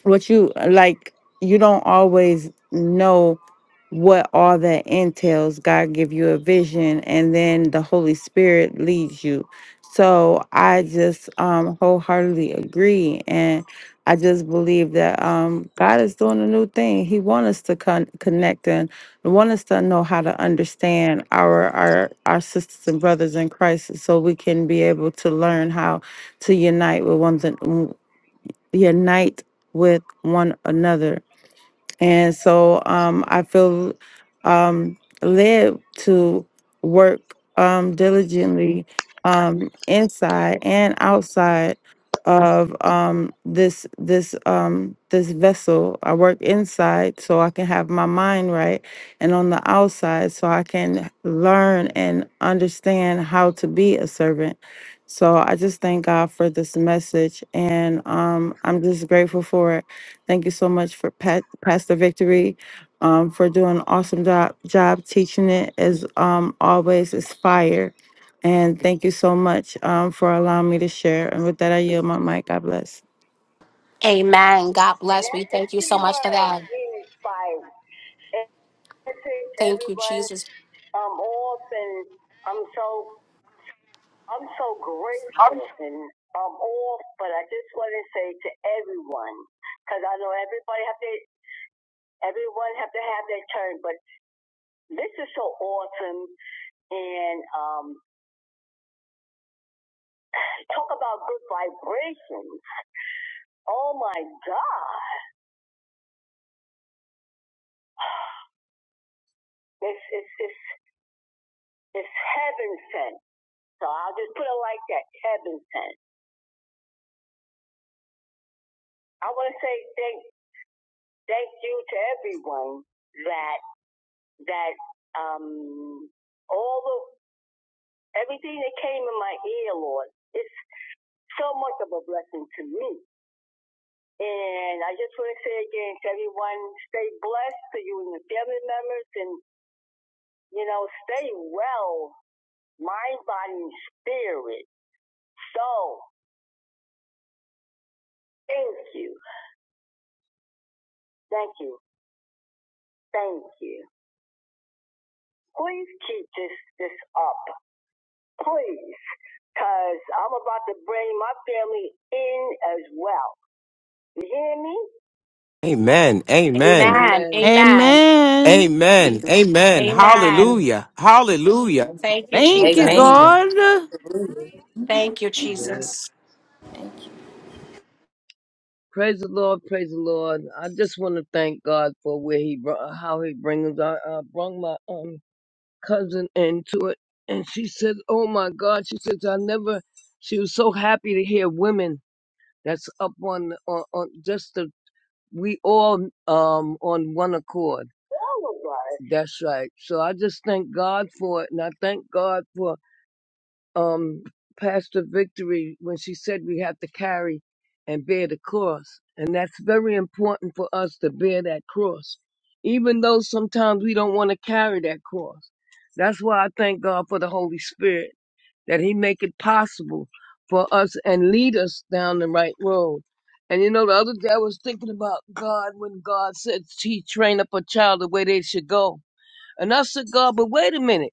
Speaker 10: what you like you don't always know what all that entails god give you a vision and then the holy spirit leads you so i just um wholeheartedly agree and i just believe that um god is doing a new thing he wants us to con- connect and want us to know how to understand our our our sisters and brothers in christ so we can be able to learn how to unite with one unite with one another and so um, I feel um, led to work um, diligently um, inside and outside of um, this this um, this vessel. I work inside so I can have my mind right, and on the outside so I can learn and understand how to be a servant. So I just thank God for this message, and um, I'm just grateful for it. Thank you so much for Pat, Pastor Victory um, for doing an awesome job, job teaching it as um, always is fire. And thank you so much um, for allowing me to share. And with that, I yield my mic. God bless.
Speaker 1: Amen. God
Speaker 4: And
Speaker 1: bless. We
Speaker 4: that's the
Speaker 1: thank you
Speaker 4: key
Speaker 1: so much for
Speaker 4: word.
Speaker 1: that.
Speaker 4: Being inspired. And I think
Speaker 1: Thank you,
Speaker 4: everyone
Speaker 1: Jesus.
Speaker 4: am off and I'm so I'm so grateful and I'm off, but I just want to say to everyone, because I know everybody have to. everyone have to have their turn, but this is so awesome. And um, talk about good vibrations. Oh my God, it's it's it's, it's heaven sent. So I'll just put it like that, heaven sent. I want to say thank thank you to everyone that that um all the everything that came in my ear, Lord. It's so much of a blessing to me. And I just want to say again to everyone, stay blessed to you and your family members and, you know, stay well, mind, body, and spirit. So, thank you. Thank you. Thank you. Please keep this, this up. Please. Cause I'm about to bring my family in as well. You hear me?
Speaker 2: Amen. Amen.
Speaker 1: Amen.
Speaker 4: Amen.
Speaker 1: Amen.
Speaker 10: Amen.
Speaker 2: Amen. Amen.
Speaker 1: Amen.
Speaker 4: Amen.
Speaker 2: Hallelujah. Hallelujah.
Speaker 1: Thank you,
Speaker 10: Thank you,
Speaker 1: Jesus.
Speaker 4: Hallelujah.
Speaker 6: Amen.
Speaker 10: God.
Speaker 1: Thank you,
Speaker 4: yes.
Speaker 1: Jesus.
Speaker 4: Praise the Lord, praise the Lord. I just want to thank God for where He brought, how He brings us. I, I brought my um cousin into it, and she said, "Oh my God," she says, "I never." She was so happy to hear women that's up on on, on just the we all um on one accord. That's right. So I just thank God for it, and I thank God for um, Pastor Victory when she said we have to carry and bear the cross. And that's very important for us to bear that cross, even though sometimes we don't want to carry that cross. That's why I thank God for the Holy Spirit that He make it possible for us and lead us down the right road. And you know, the other day I was thinking about God when God said He train up a child the way they should go. And I said, God, but wait a minute.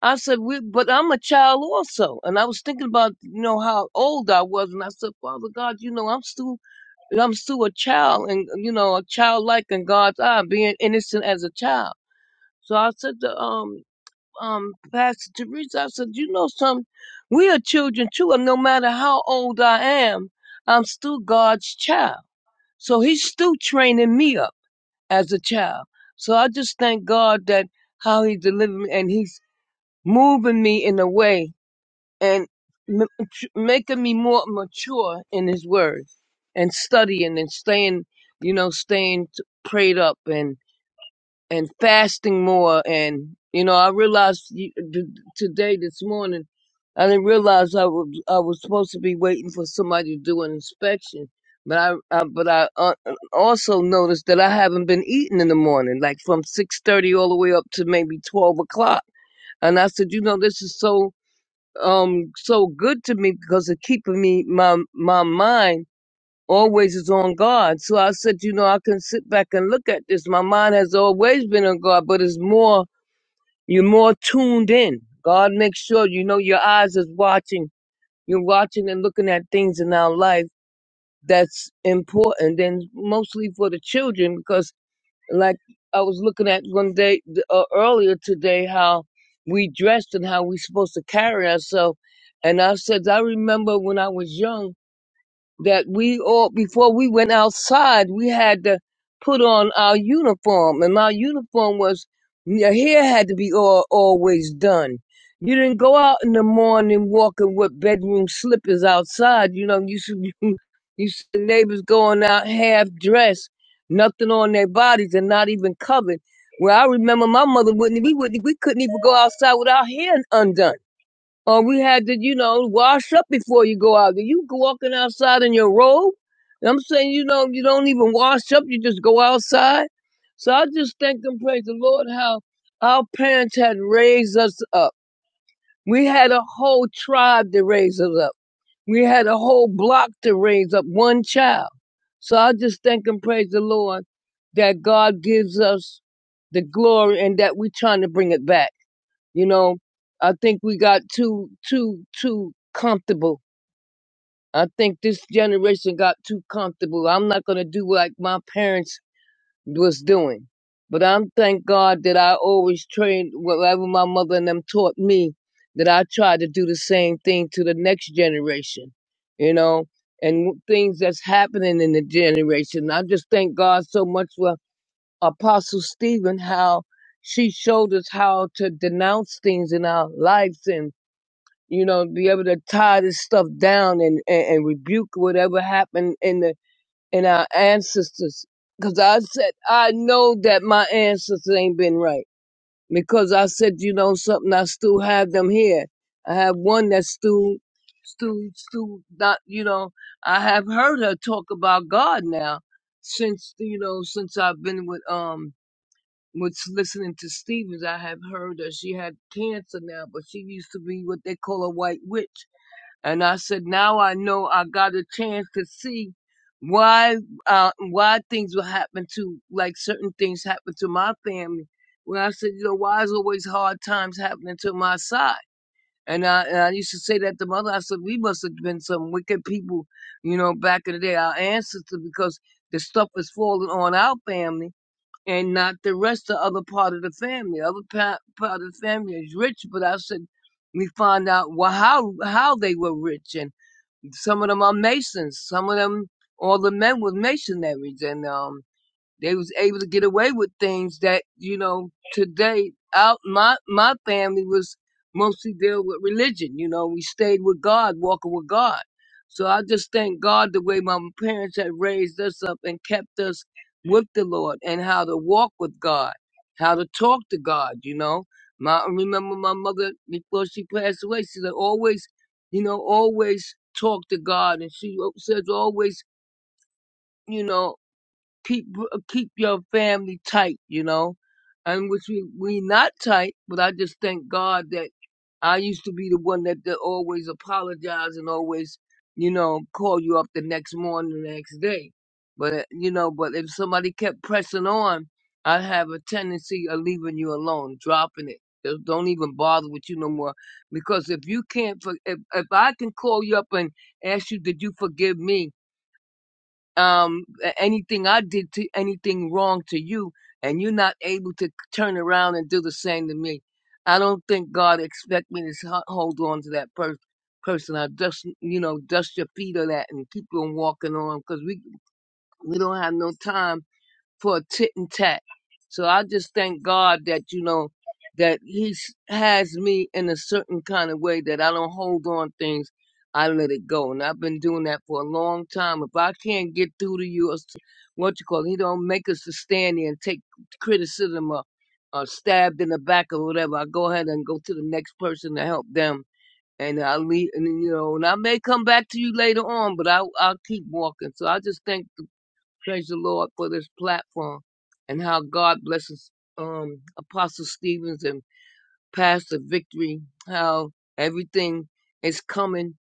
Speaker 4: I said, we, but I'm a child also. And I was thinking about, you know, how old I was. And I said, Father God, you know, I'm still, I'm still a child and, you know, a childlike in God's eye, being innocent as a child. So I said to, um, um, Pastor Teresa, I said, you know something? We are children too. And no matter how old I am, I'm still God's child. So he's still training me up as a child. So I just thank God that how he delivered me and he's moving me in a way and m- tr- making me more mature in his word and studying and staying you know staying t- prayed up and and fasting more and you know i realized y- th- today this morning i didn't realize i was i was supposed to be waiting for somebody to do an inspection but i, I but i uh, also noticed that i haven't been eating in the morning like from 6.30 all the way up to maybe 12 o'clock and i said you know this is so um so good to me because it keeping me my my mind always is on God. So I said, you know, I can sit back and look at this. My mind has always been on God, but it's more you're more tuned in. God makes sure you know your eyes is watching. You're watching and looking at things in our life that's important and mostly for the children because like I was looking at one day th- uh, earlier today how we dressed and how we supposed to carry ourselves. And I said, I remember when I was young that we all before we went outside we had to put on our uniform and my uniform was your hair had to be all, always done you didn't go out in the morning walking with bedroom slippers outside you know you see, you see the neighbors going out half dressed nothing on their bodies and not even covered well i remember my mother wouldn't we wouldn't we couldn't even go outside with our hair undone or we had to, you know, wash up before you go out. You walking outside in your robe. And I'm saying, you know, you don't even wash up. You just go outside. So I just thank and praise the Lord how our parents had raised us up. We had a whole tribe to raise us up. We had a whole block to raise up one child. So I just thank and praise the Lord that God gives us the glory and that we're trying to bring it back. You know, I think we got too too too comfortable. I think this generation got too comfortable. I'm not gonna do like my parents was doing, but I'm thank God that I always trained whatever my mother and them taught me. That I tried to do the same thing to the next generation, you know, and things that's happening in the generation. I just thank God so much for Apostle Stephen how she showed us how to denounce things in our lives and you know be able to tie this stuff down and and, and rebuke whatever happened in the in our ancestors because I said I know that my ancestors ain't been right because I said you know something I still have them here I have one that's still still still not you know I have heard her talk about God now since you know since I've been with um was listening to Stevens, I have heard that she had cancer now, but she used to be what they call a white witch. And I said, now I know I got a chance to see why uh, why things will happen to like certain things happen to my family. When I said, you know, why is always hard times happening to my side? And I, and I used to say that to mother. I said, we must have been some wicked people, you know, back in the day, our ancestors, because the stuff was falling on our family and not the rest of the other part of the family. Other pa- part of the family is rich, but I said we find out well how how they were rich, and some of them are masons, some of them all the men were masonaries, and um they was able to get away with things that, you know, today out my my family was mostly deal with religion, you know, we stayed with God, walking with God. So I just thank God the way my parents had raised us up and kept us with the Lord and how to walk with God, how to talk to God, you know. My I remember my mother before she passed away, she said always, you know, always talk to God and she says always, you know, keep keep your family tight, you know, and which we we not tight, but I just thank God that I used to be the one that, that always apologize and always, you know, call you up the next morning, the next day. But uh, you know, but if somebody kept pressing on, I have a tendency of leaving you alone, dropping it. Just Don't even bother with you no more, because if you can't, for- if if I can call you up and ask you, did you forgive me? um anything I did to anything wrong to you and you're not able to turn around and do the same to me. I don't think God expect me to ho- hold on to that per- person. I just, you know, dust your feet of that and keep on walking on because we, we don't have no time for a tit and tat. So I just thank God that, you know, that He s- has me in a certain kind of way that I don't hold on things. I let it go. And I've been doing that for a long time. If I can't get through to you, or s- what you call it, He don't make us to stand there and take criticism or, or stabbed in the back or whatever. I go ahead and go to the next person to help them. And I leave, and you know, and I may come back to you later on, but I I'll keep walking. So I just thank. Praise the Lord for this platform and how God blesses um, Apostle Stevens and Pastor Victory, how everything is coming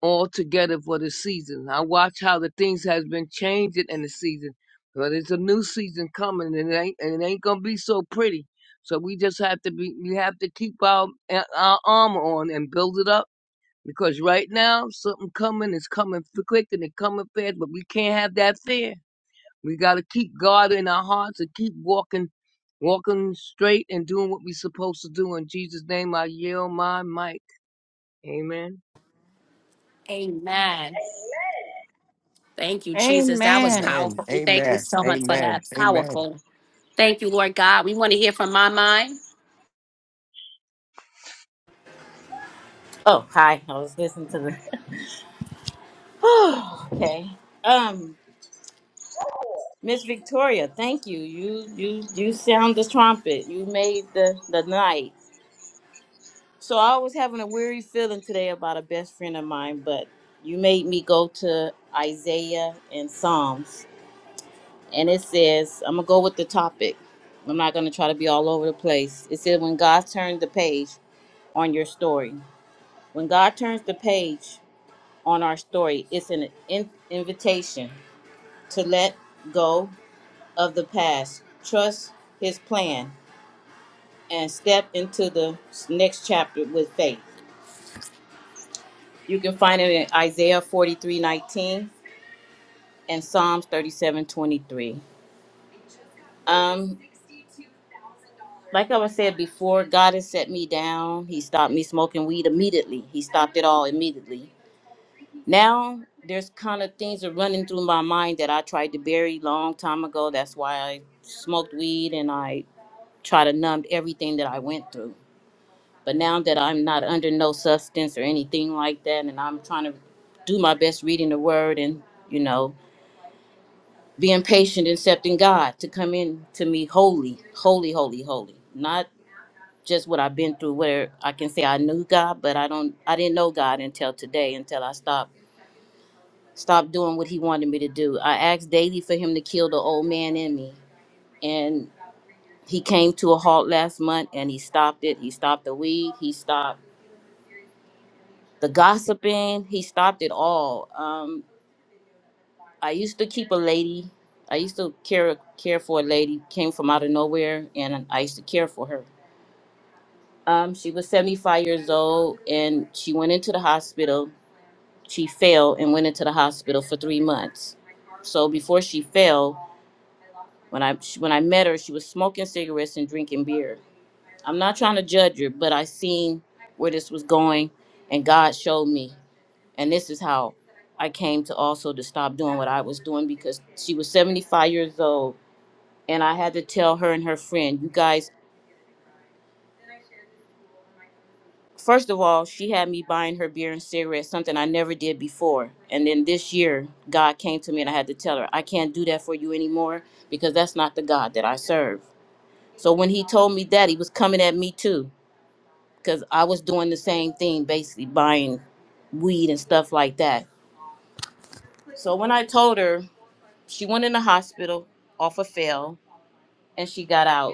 Speaker 4: all together for the season. I watch how the things has been changing in the season. But it's a new season coming and it ain't, and it ain't gonna be so pretty. So we just have to be we have to keep our our armor on and build it up because right now something coming is coming quick and it coming fast, but we can't have that fear we got to keep God in our hearts and keep walking, walking straight and doing what we're supposed to do. In Jesus' name, I yield my mic. Amen.
Speaker 1: Amen. Thank you, Jesus. That was
Speaker 10: Amen.
Speaker 1: powerful.
Speaker 2: Amen.
Speaker 1: We thank you
Speaker 2: Amen.
Speaker 1: so much for
Speaker 2: Amen.
Speaker 1: that.
Speaker 2: Amen.
Speaker 1: Powerful. Thank you, Lord God. We want to hear from Mama.
Speaker 6: Oh, hi. I was listening to the. okay. Um, Miss Victoria, thank you. You you you sound the trumpet. You made the the night. So I was having a weary feeling today about a best friend of mine, but you made me go to Isaiah and Psalms, and it says I'm gonna go with the topic. I'm not gonna try to be all over the place. It said when God turns the page on your story. When God turns the page on our story, it's an in- invitation to let go of the past, trust his plan, and step into the next chapter with faith. You can find it in Isaiah 43 19 and Psalms 37 23. Um, like I was said before, God has set me down. He stopped me smoking weed immediately. He stopped it all immediately. Now there's kind of things are running through my mind that I tried to bury long time ago. That's why I smoked weed and I try to numb everything that I went through. But now that I'm not under no substance or anything like that, and I'm trying to do my best reading the word and, you know, being patient, and accepting God to come in to me holy, holy, holy, holy. Not just what I've been through where I can say I knew God, but I don't I didn't know God until today, until I stopped stopped doing what he wanted me to do. I asked daily for him to kill the old man in me. And he came to a halt last month and he stopped it. He stopped the weed. He stopped the gossiping he stopped it all um i used to keep a lady i used to care care for a lady came from out of nowhere and i used to care for her um she was 75 years old and she went into the hospital she fell and went into the hospital for three months so before she fell when i when i met her she was smoking cigarettes and drinking beer i'm not trying to judge her but i seen where this was going and god showed me and this is how I came to also to stop doing what I was doing because she was 75 years old and I had to tell her and her friend, you guys, first of all, she had me buying her beer and cigarettes, something I never did before. And then this year, God came to me and I had to tell her, I can't do that for you anymore because that's not the God that I serve. So when he told me that, he was coming at me too because I was doing the same thing, basically buying weed and stuff like that. So when I told her She went in the hospital off a fail and she got out.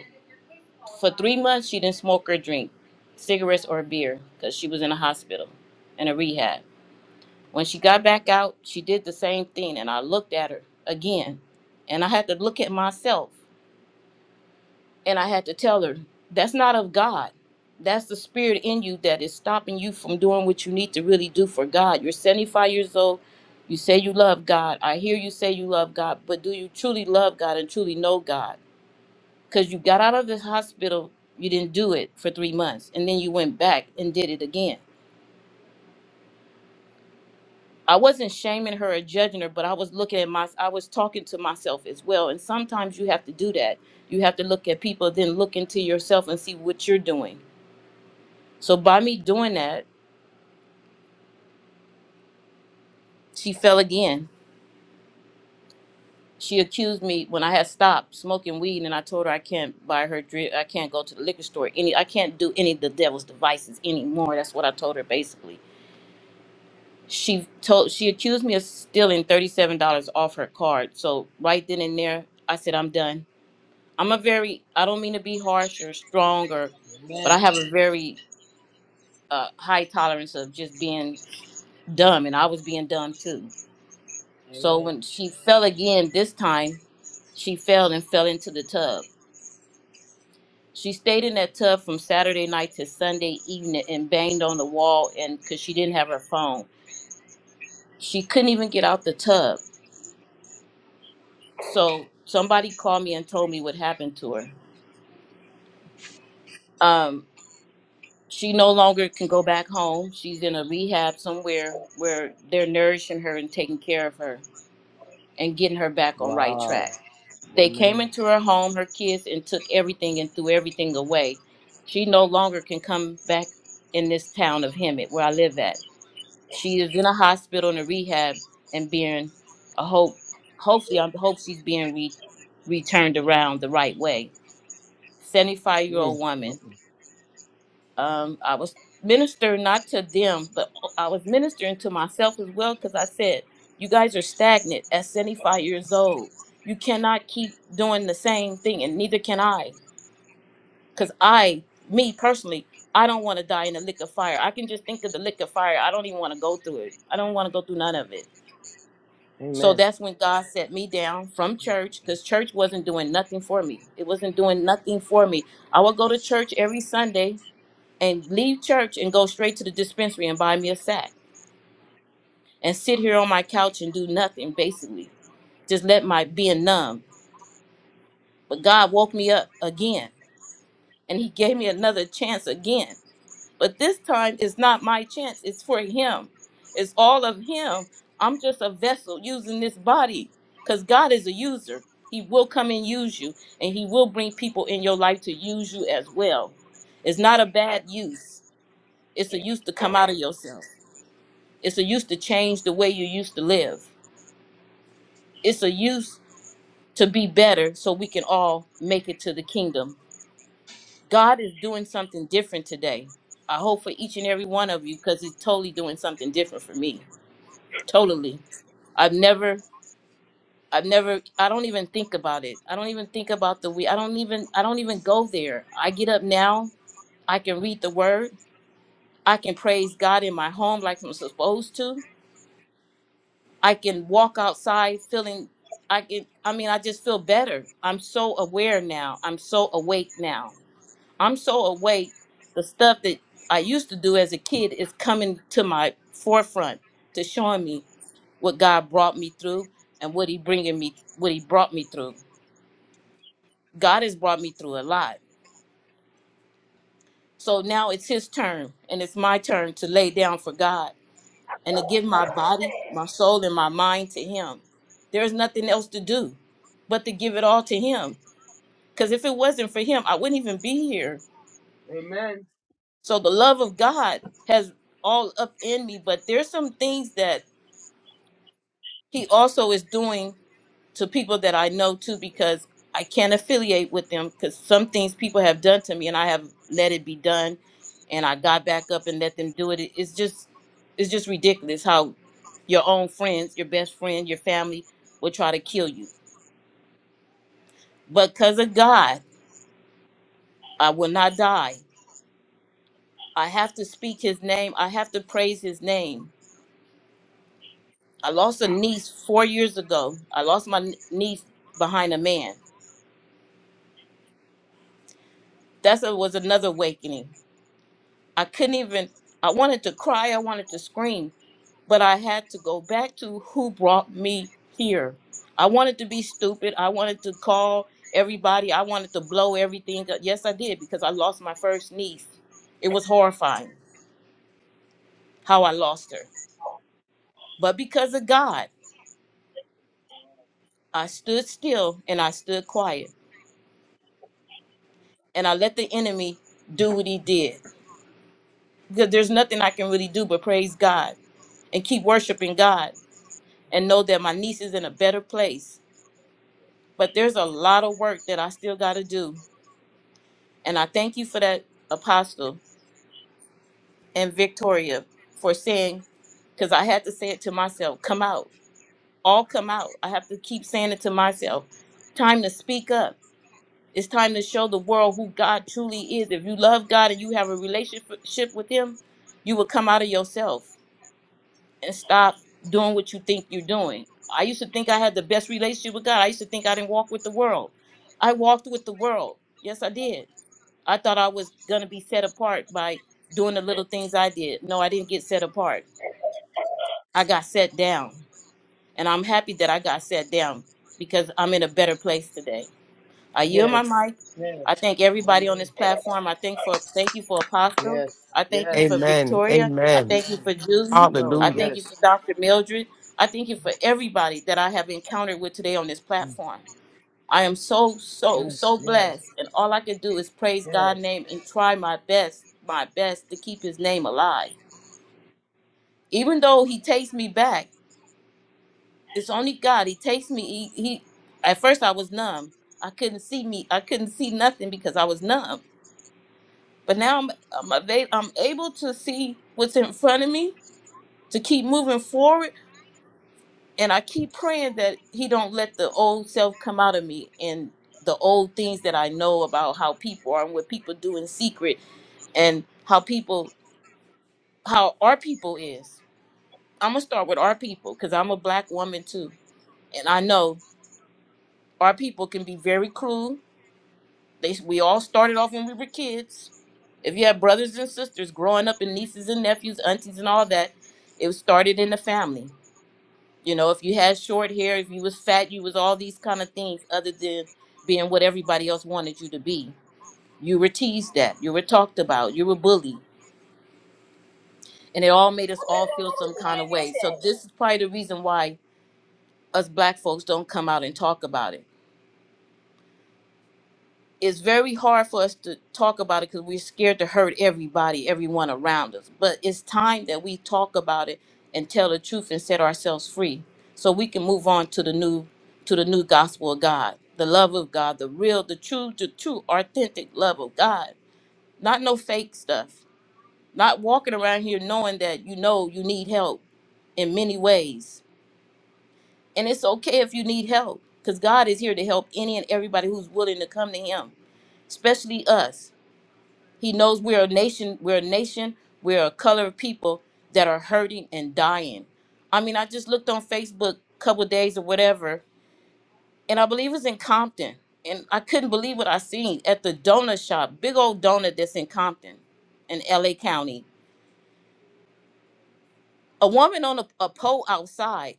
Speaker 6: For three months, she didn't smoke or drink cigarettes or beer because she was in a hospital in a rehab. When she got back out, she did the same thing. And I looked at her again and I had to look at myself and I had to tell her, that's not of God. That's the spirit in you that is stopping you from doing what you need to really do for God. You're 75 years old. You say you love God. I hear you say you love God, but do you truly love God and truly know God? because you got out of the hospital, you didn't do it for three months, and then you went back and did it again. I wasn't shaming her or judging her, but I was looking at my, I was talking to myself as well. And sometimes you have to do that. You have to look at people, then look into yourself and see what you're doing. So by me doing that, she fell again. She accused me when I had stopped smoking weed, and I told her I can't buy her drink, I can't go to the liquor store, any, I can't do any of the devil's devices anymore. That's what I told her basically she told she accused me of stealing $37 off her card so right then and there i said i'm done i'm a very i don't mean to be harsh or strong or but i
Speaker 4: Amen.
Speaker 6: have a very uh, high tolerance of just being dumb and i was being dumb too so
Speaker 4: Amen.
Speaker 6: when she fell again this time she fell and fell into the tub she stayed in that tub from saturday night to sunday evening and banged on the wall and because she didn't have her phone she couldn't even get out the tub So somebody called me and told me what happened to her. Um, she no longer can go back home. She's in a rehab somewhere where they're nourishing her and taking care of her and getting her back on right track.
Speaker 4: Wow.
Speaker 6: They came
Speaker 4: Amen.
Speaker 6: into her home, her kids, and took everything and threw everything away. She no longer can come back in this town of Hemet where I live at. She is in a hospital in a rehab and being a hope. Hopefully, I hope she's being re- returned around the right way 75 year
Speaker 4: Mm.
Speaker 6: old
Speaker 4: mm, mm.
Speaker 6: woman. Um, I was ministering not to them, but I was ministering to myself as well because I said, You guys are stagnant at 75 years old. You cannot keep doing the same thing, and neither can I. Because I, me personally, I don't want to die in a lick of fire. I can just think of the lick of fire. I don't even want to go through it. I don't want to go through none of it. So
Speaker 4: Amen.
Speaker 6: that's when God set me down from church because church wasn't doing nothing for me. It wasn't doing nothing for me. I would go to church every Sunday and leave church and go straight to the dispensary and buy me a sack and sit here on my couch and do nothing basically just let my being numb but god woke me up again and he gave me another chance again but this time it's not my chance it's for him it's all of him i'm just a vessel using this body because god is a user he will come and use you and he will bring people in your life to use you as well it's not a bad use it's a use to come out of yourself It's a use to change the way you used to live. It's a use to be better so we can all make it to the kingdom. God is doing something different today. I hope for each and every one of you because he's totally doing something different for me. Totally. I've never I've never I don't even think about it. I don't even think about the we I don't even I don't even go there. I get up now, I can read the word, I can praise God in my home like I'm supposed to. I can walk outside feeling I can I mean I just feel better. I'm so aware now. I'm so awake now. I'm so awake. The stuff that I used to do as a kid is coming to my forefront to showing me what God brought me through and what he bringing me what he brought me through. God has brought me through a lot. So now it's his turn and it's my turn to lay down for God and to give my body, my soul, and my mind to Him. There's nothing else to do but to give it all to Him. Because if it wasn't for Him, I wouldn't even be here.
Speaker 4: Amen.
Speaker 6: So the love of God has all up in me, but there's some things that He also is doing. to people that I know too because I can't affiliate with them because some things people have done to me and I have let it be done and I got back up and let them do it. It- It's just it's just ridiculous how your own friends, your best friend, your family will try to kill you. But because of God, I will not die. I have to speak his name. I have to praise his name. I lost a niece four years ago. I lost my n- niece behind a man. That was another awakening I couldn't even, I wanted to cry, I wanted to scream, but I had to go back to who brought me here. I wanted to be stupid. I wanted to call everybody. I wanted to blow everything up. Yes, I did because I lost my first niece. It was horrifying how I lost her. But because of God, I stood still and I stood quiet and I let the enemy do what he did because there's nothing I can really do but praise God and keep worshiping God and know that my niece is in a better place but there's a lot of work that I still got to do. And I thank you for that, Apostle and Victoria, for saying, because I had to say it to myself come out, all come out. I have to keep saying it to myself. Time to speak up. It's time to show the world who God truly is. If you love God and you have a relationship with Him, you will come out of yourself and stop doing what you think you're doing. I used to think I had the best relationship with God. I used to think I didn't walk with the world. I walked with the world. Yes, I did I thought I was gonna be set apart by doing the little things I did. No, I didn't get set apart. I got set down, and I'm happy that I got set down because I'm in a better place today. I yield my
Speaker 4: Yes.
Speaker 6: mic.
Speaker 4: Yes.
Speaker 6: I thank everybody on
Speaker 4: Amen.
Speaker 6: this platform. I thank for thank you for Apostle.
Speaker 4: Yes.
Speaker 6: I thank you
Speaker 4: Yes.
Speaker 6: for
Speaker 2: Amen.
Speaker 6: Victoria. I
Speaker 2: Amen.
Speaker 6: thank you for Julie.
Speaker 4: No.
Speaker 6: I
Speaker 2: Hallelujah.
Speaker 6: thank you
Speaker 4: Yes.
Speaker 6: for Dr. Mildred. I thank you for everybody that I have encountered with today on this
Speaker 4: Mm,
Speaker 6: platform. I am so, so,
Speaker 4: Yes.
Speaker 6: so
Speaker 4: Yes.
Speaker 6: blessed. And all I can do is praise
Speaker 4: Yes.
Speaker 6: God's name and try my best, my best to keep his name alive. Even though he takes me back, it's only God. He takes me, he, he at first I was numb. I couldn't see me. I couldn't see nothing because I was numb. But now I'm I'm, ava- I'm able to see what's in front of me to keep moving forward. And I keep praying that he don't let the old self come out of me and the old things that I know about how people are and what people do in secret and how people how our people is i'm gonna start with our people because i'm a black woman too and i know our people can be very cruel they we all started off when we were kids if you have brothers and sisters growing up and nieces and nephews aunties and all that it was started in the family you know if you had short hair if you was fat you was all these kind of things other than being what everybody else wanted you to be you were teased at you were talked about you were bullied and it all made us all feel some kind of way. So this is probably the reason why us black folks don't come out and talk about it. It's very hard for us to talk about it because we're scared to hurt everybody, everyone around us. But it's time that we talk about it and tell the truth and set ourselves free, so we can move on to the new, to the new gospel of God, the love of God, the real, the true, the true, authentic love of God. Not no fake stuff. Not walking around here knowing that you know you need help in many ways And it's okay if you need help because God is here to help any and everybody who's willing to come to Him, especially us. He knows we're a nation, we're a nation, we're a color of people that are hurting and dying. I mean, I just looked on Facebook a couple of days or whatever, and I believe it's in Compton. And I couldn't believe what I seen at the donut shop, big old donut that's in Compton in LA County. A woman on a, a pole outside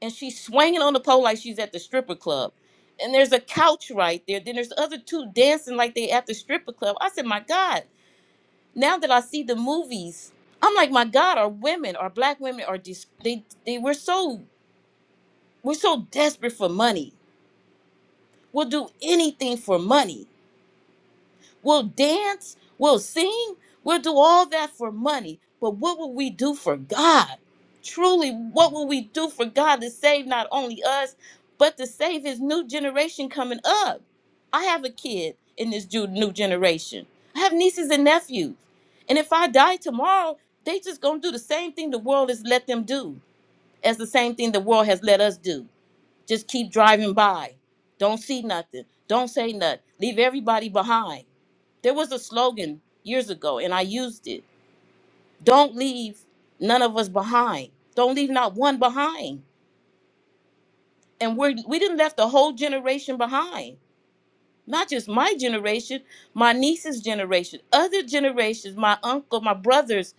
Speaker 6: and she's swinging on the pole like she's at the stripper club. And there's a couch right there. Then there's the other two dancing like they at the stripper club. I said, my God, now that I see the movies, I'm like, my God, our women, our black women are dis- they they we're so we're so desperate for money. We'll do anything for money. We'll dance, we'll sing, we'll do all that for money. But what will we do for God? Truly, what will we do for God to save not only us, but to save his new generation coming up? I have a kid in this ju- new generation. I have nieces and nephews. And if I die tomorrow, they just gonna do the same thing the world has let them do as the same thing the world has let us do. Just keep driving by. Don't see nothing. Don't say nothing. Leave everybody behind. There was a slogan years ago, and I used it. Don't leave none of us behind. Don't leave not one behind. And we're we didn't left the whole generation behind. Not just my generation, my niece's generation, other generations, my uncle, my brothers,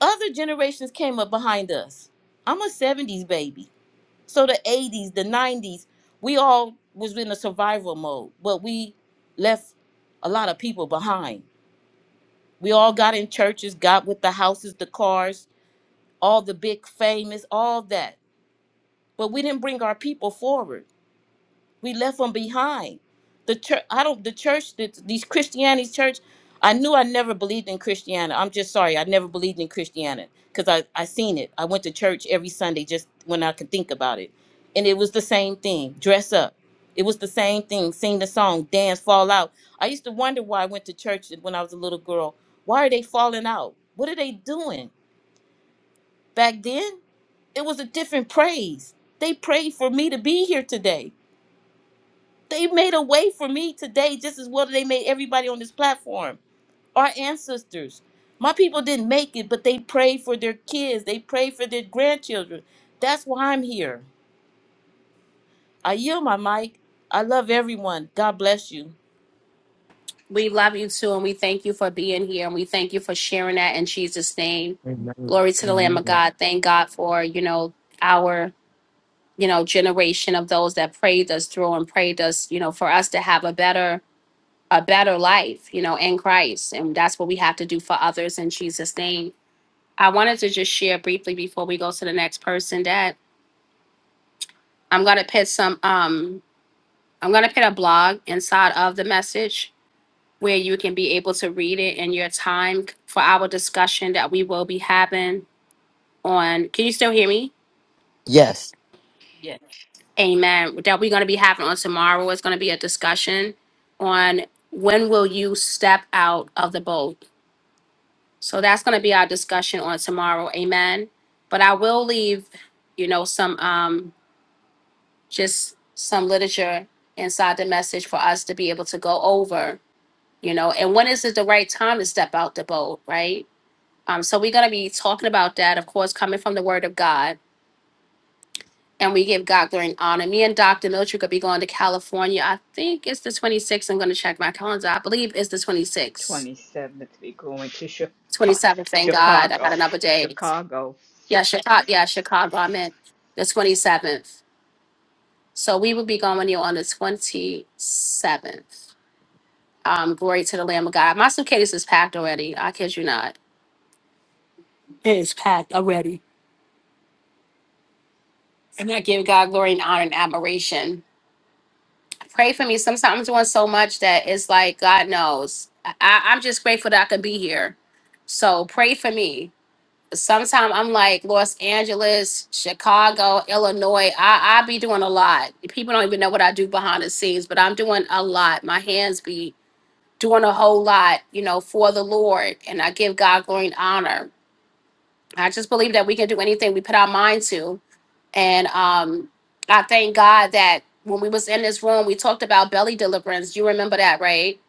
Speaker 6: other generations came up behind us. I'm a 70s baby. So the 80s, the 90s, we all was in a survival mode, but we left a lot of people behind. We all got in churches, got with the houses, the cars, all the big famous, all that. But we didn't bring our people forward. We left them behind. The church, I don't, the church, the, these Christianity church, I knew I never believed in Christianity. I'm just sorry, I never believed in Christianity because I, I seen it. I went to church every Sunday just when I could think about it. And it was the same thing dress up. It was the same thing sing the song, dance, fall out. I used to wonder why I went to church when I was a little girl. Why are they falling out? What are they doing? Back then, it was a different praise. They prayed for me to be here today. They made a way for me today just as well as they made everybody on this platform, our ancestors. My people didn't make it, but they prayed for their kids, they prayed for their grandchildren. That's why I'm here. I yield my mic. I love everyone. God bless you.
Speaker 1: We love you too, and we thank you for being here, and we thank you for sharing that in Jesus' name.
Speaker 2: Amen.
Speaker 1: Glory to the Lamb of
Speaker 2: Amen.
Speaker 1: God. Thank God for, you know, our you know, generation of those that prayed us through and prayed us, you know, for us to have a better, a better life, you know, in Christ. And that's what we have to do for others in Jesus' name. I wanted to just share briefly before we go to the next person that I'm gonna put some um I'm gonna put a blog inside of the message where you can be able to read it in your time for our discussion that we will be having on can you still hear me?
Speaker 2: Yes.
Speaker 6: Yes.
Speaker 1: Amen. That we're going to be having on tomorrow is going to be a discussion on when will you step out of the boat. So that's going to be our discussion on tomorrow. Amen. But I will leave, you know, some um just some literature inside the message for us to be able to go over, you know, and when is it the right time to step out the boat, right? Um, so we're going to be talking about that, of course, coming from the Word of God and we give God glory and honor. Me and Dr. Miltrick will be going to California. I think it's the 26th. I'm going to check my calendar. I believe it's the 26th.
Speaker 3: 27th, we're going to Chicago,
Speaker 1: 27th. Thank God. I got
Speaker 3: Chicago,
Speaker 1: another day.
Speaker 3: Chicago.
Speaker 1: Yeah, Chicago. Yeah, Chicago. I'm the 27th. So we will be going you on the 27th. Um, glory to the Lamb of God. My suitcase is packed already. I kid you not. And I give God glory and honor and admiration pray for me. Sometimes I'm doing so much that it's like God knows. I, I- am just grateful that I could be here. So pray for me. Sometimes I'm like Los Angeles, Chicago, Illinois. I I be doing a lot. People don't even know what I do behind the scenes, but I'm doing a lot. My hands be doing a whole lot, you know, for the Lord, and I give God glory and honor. I just believe that we can do anything we put our mind to and um, I thank God that when we was in this room, we talked about belly deliverance. You remember that, right?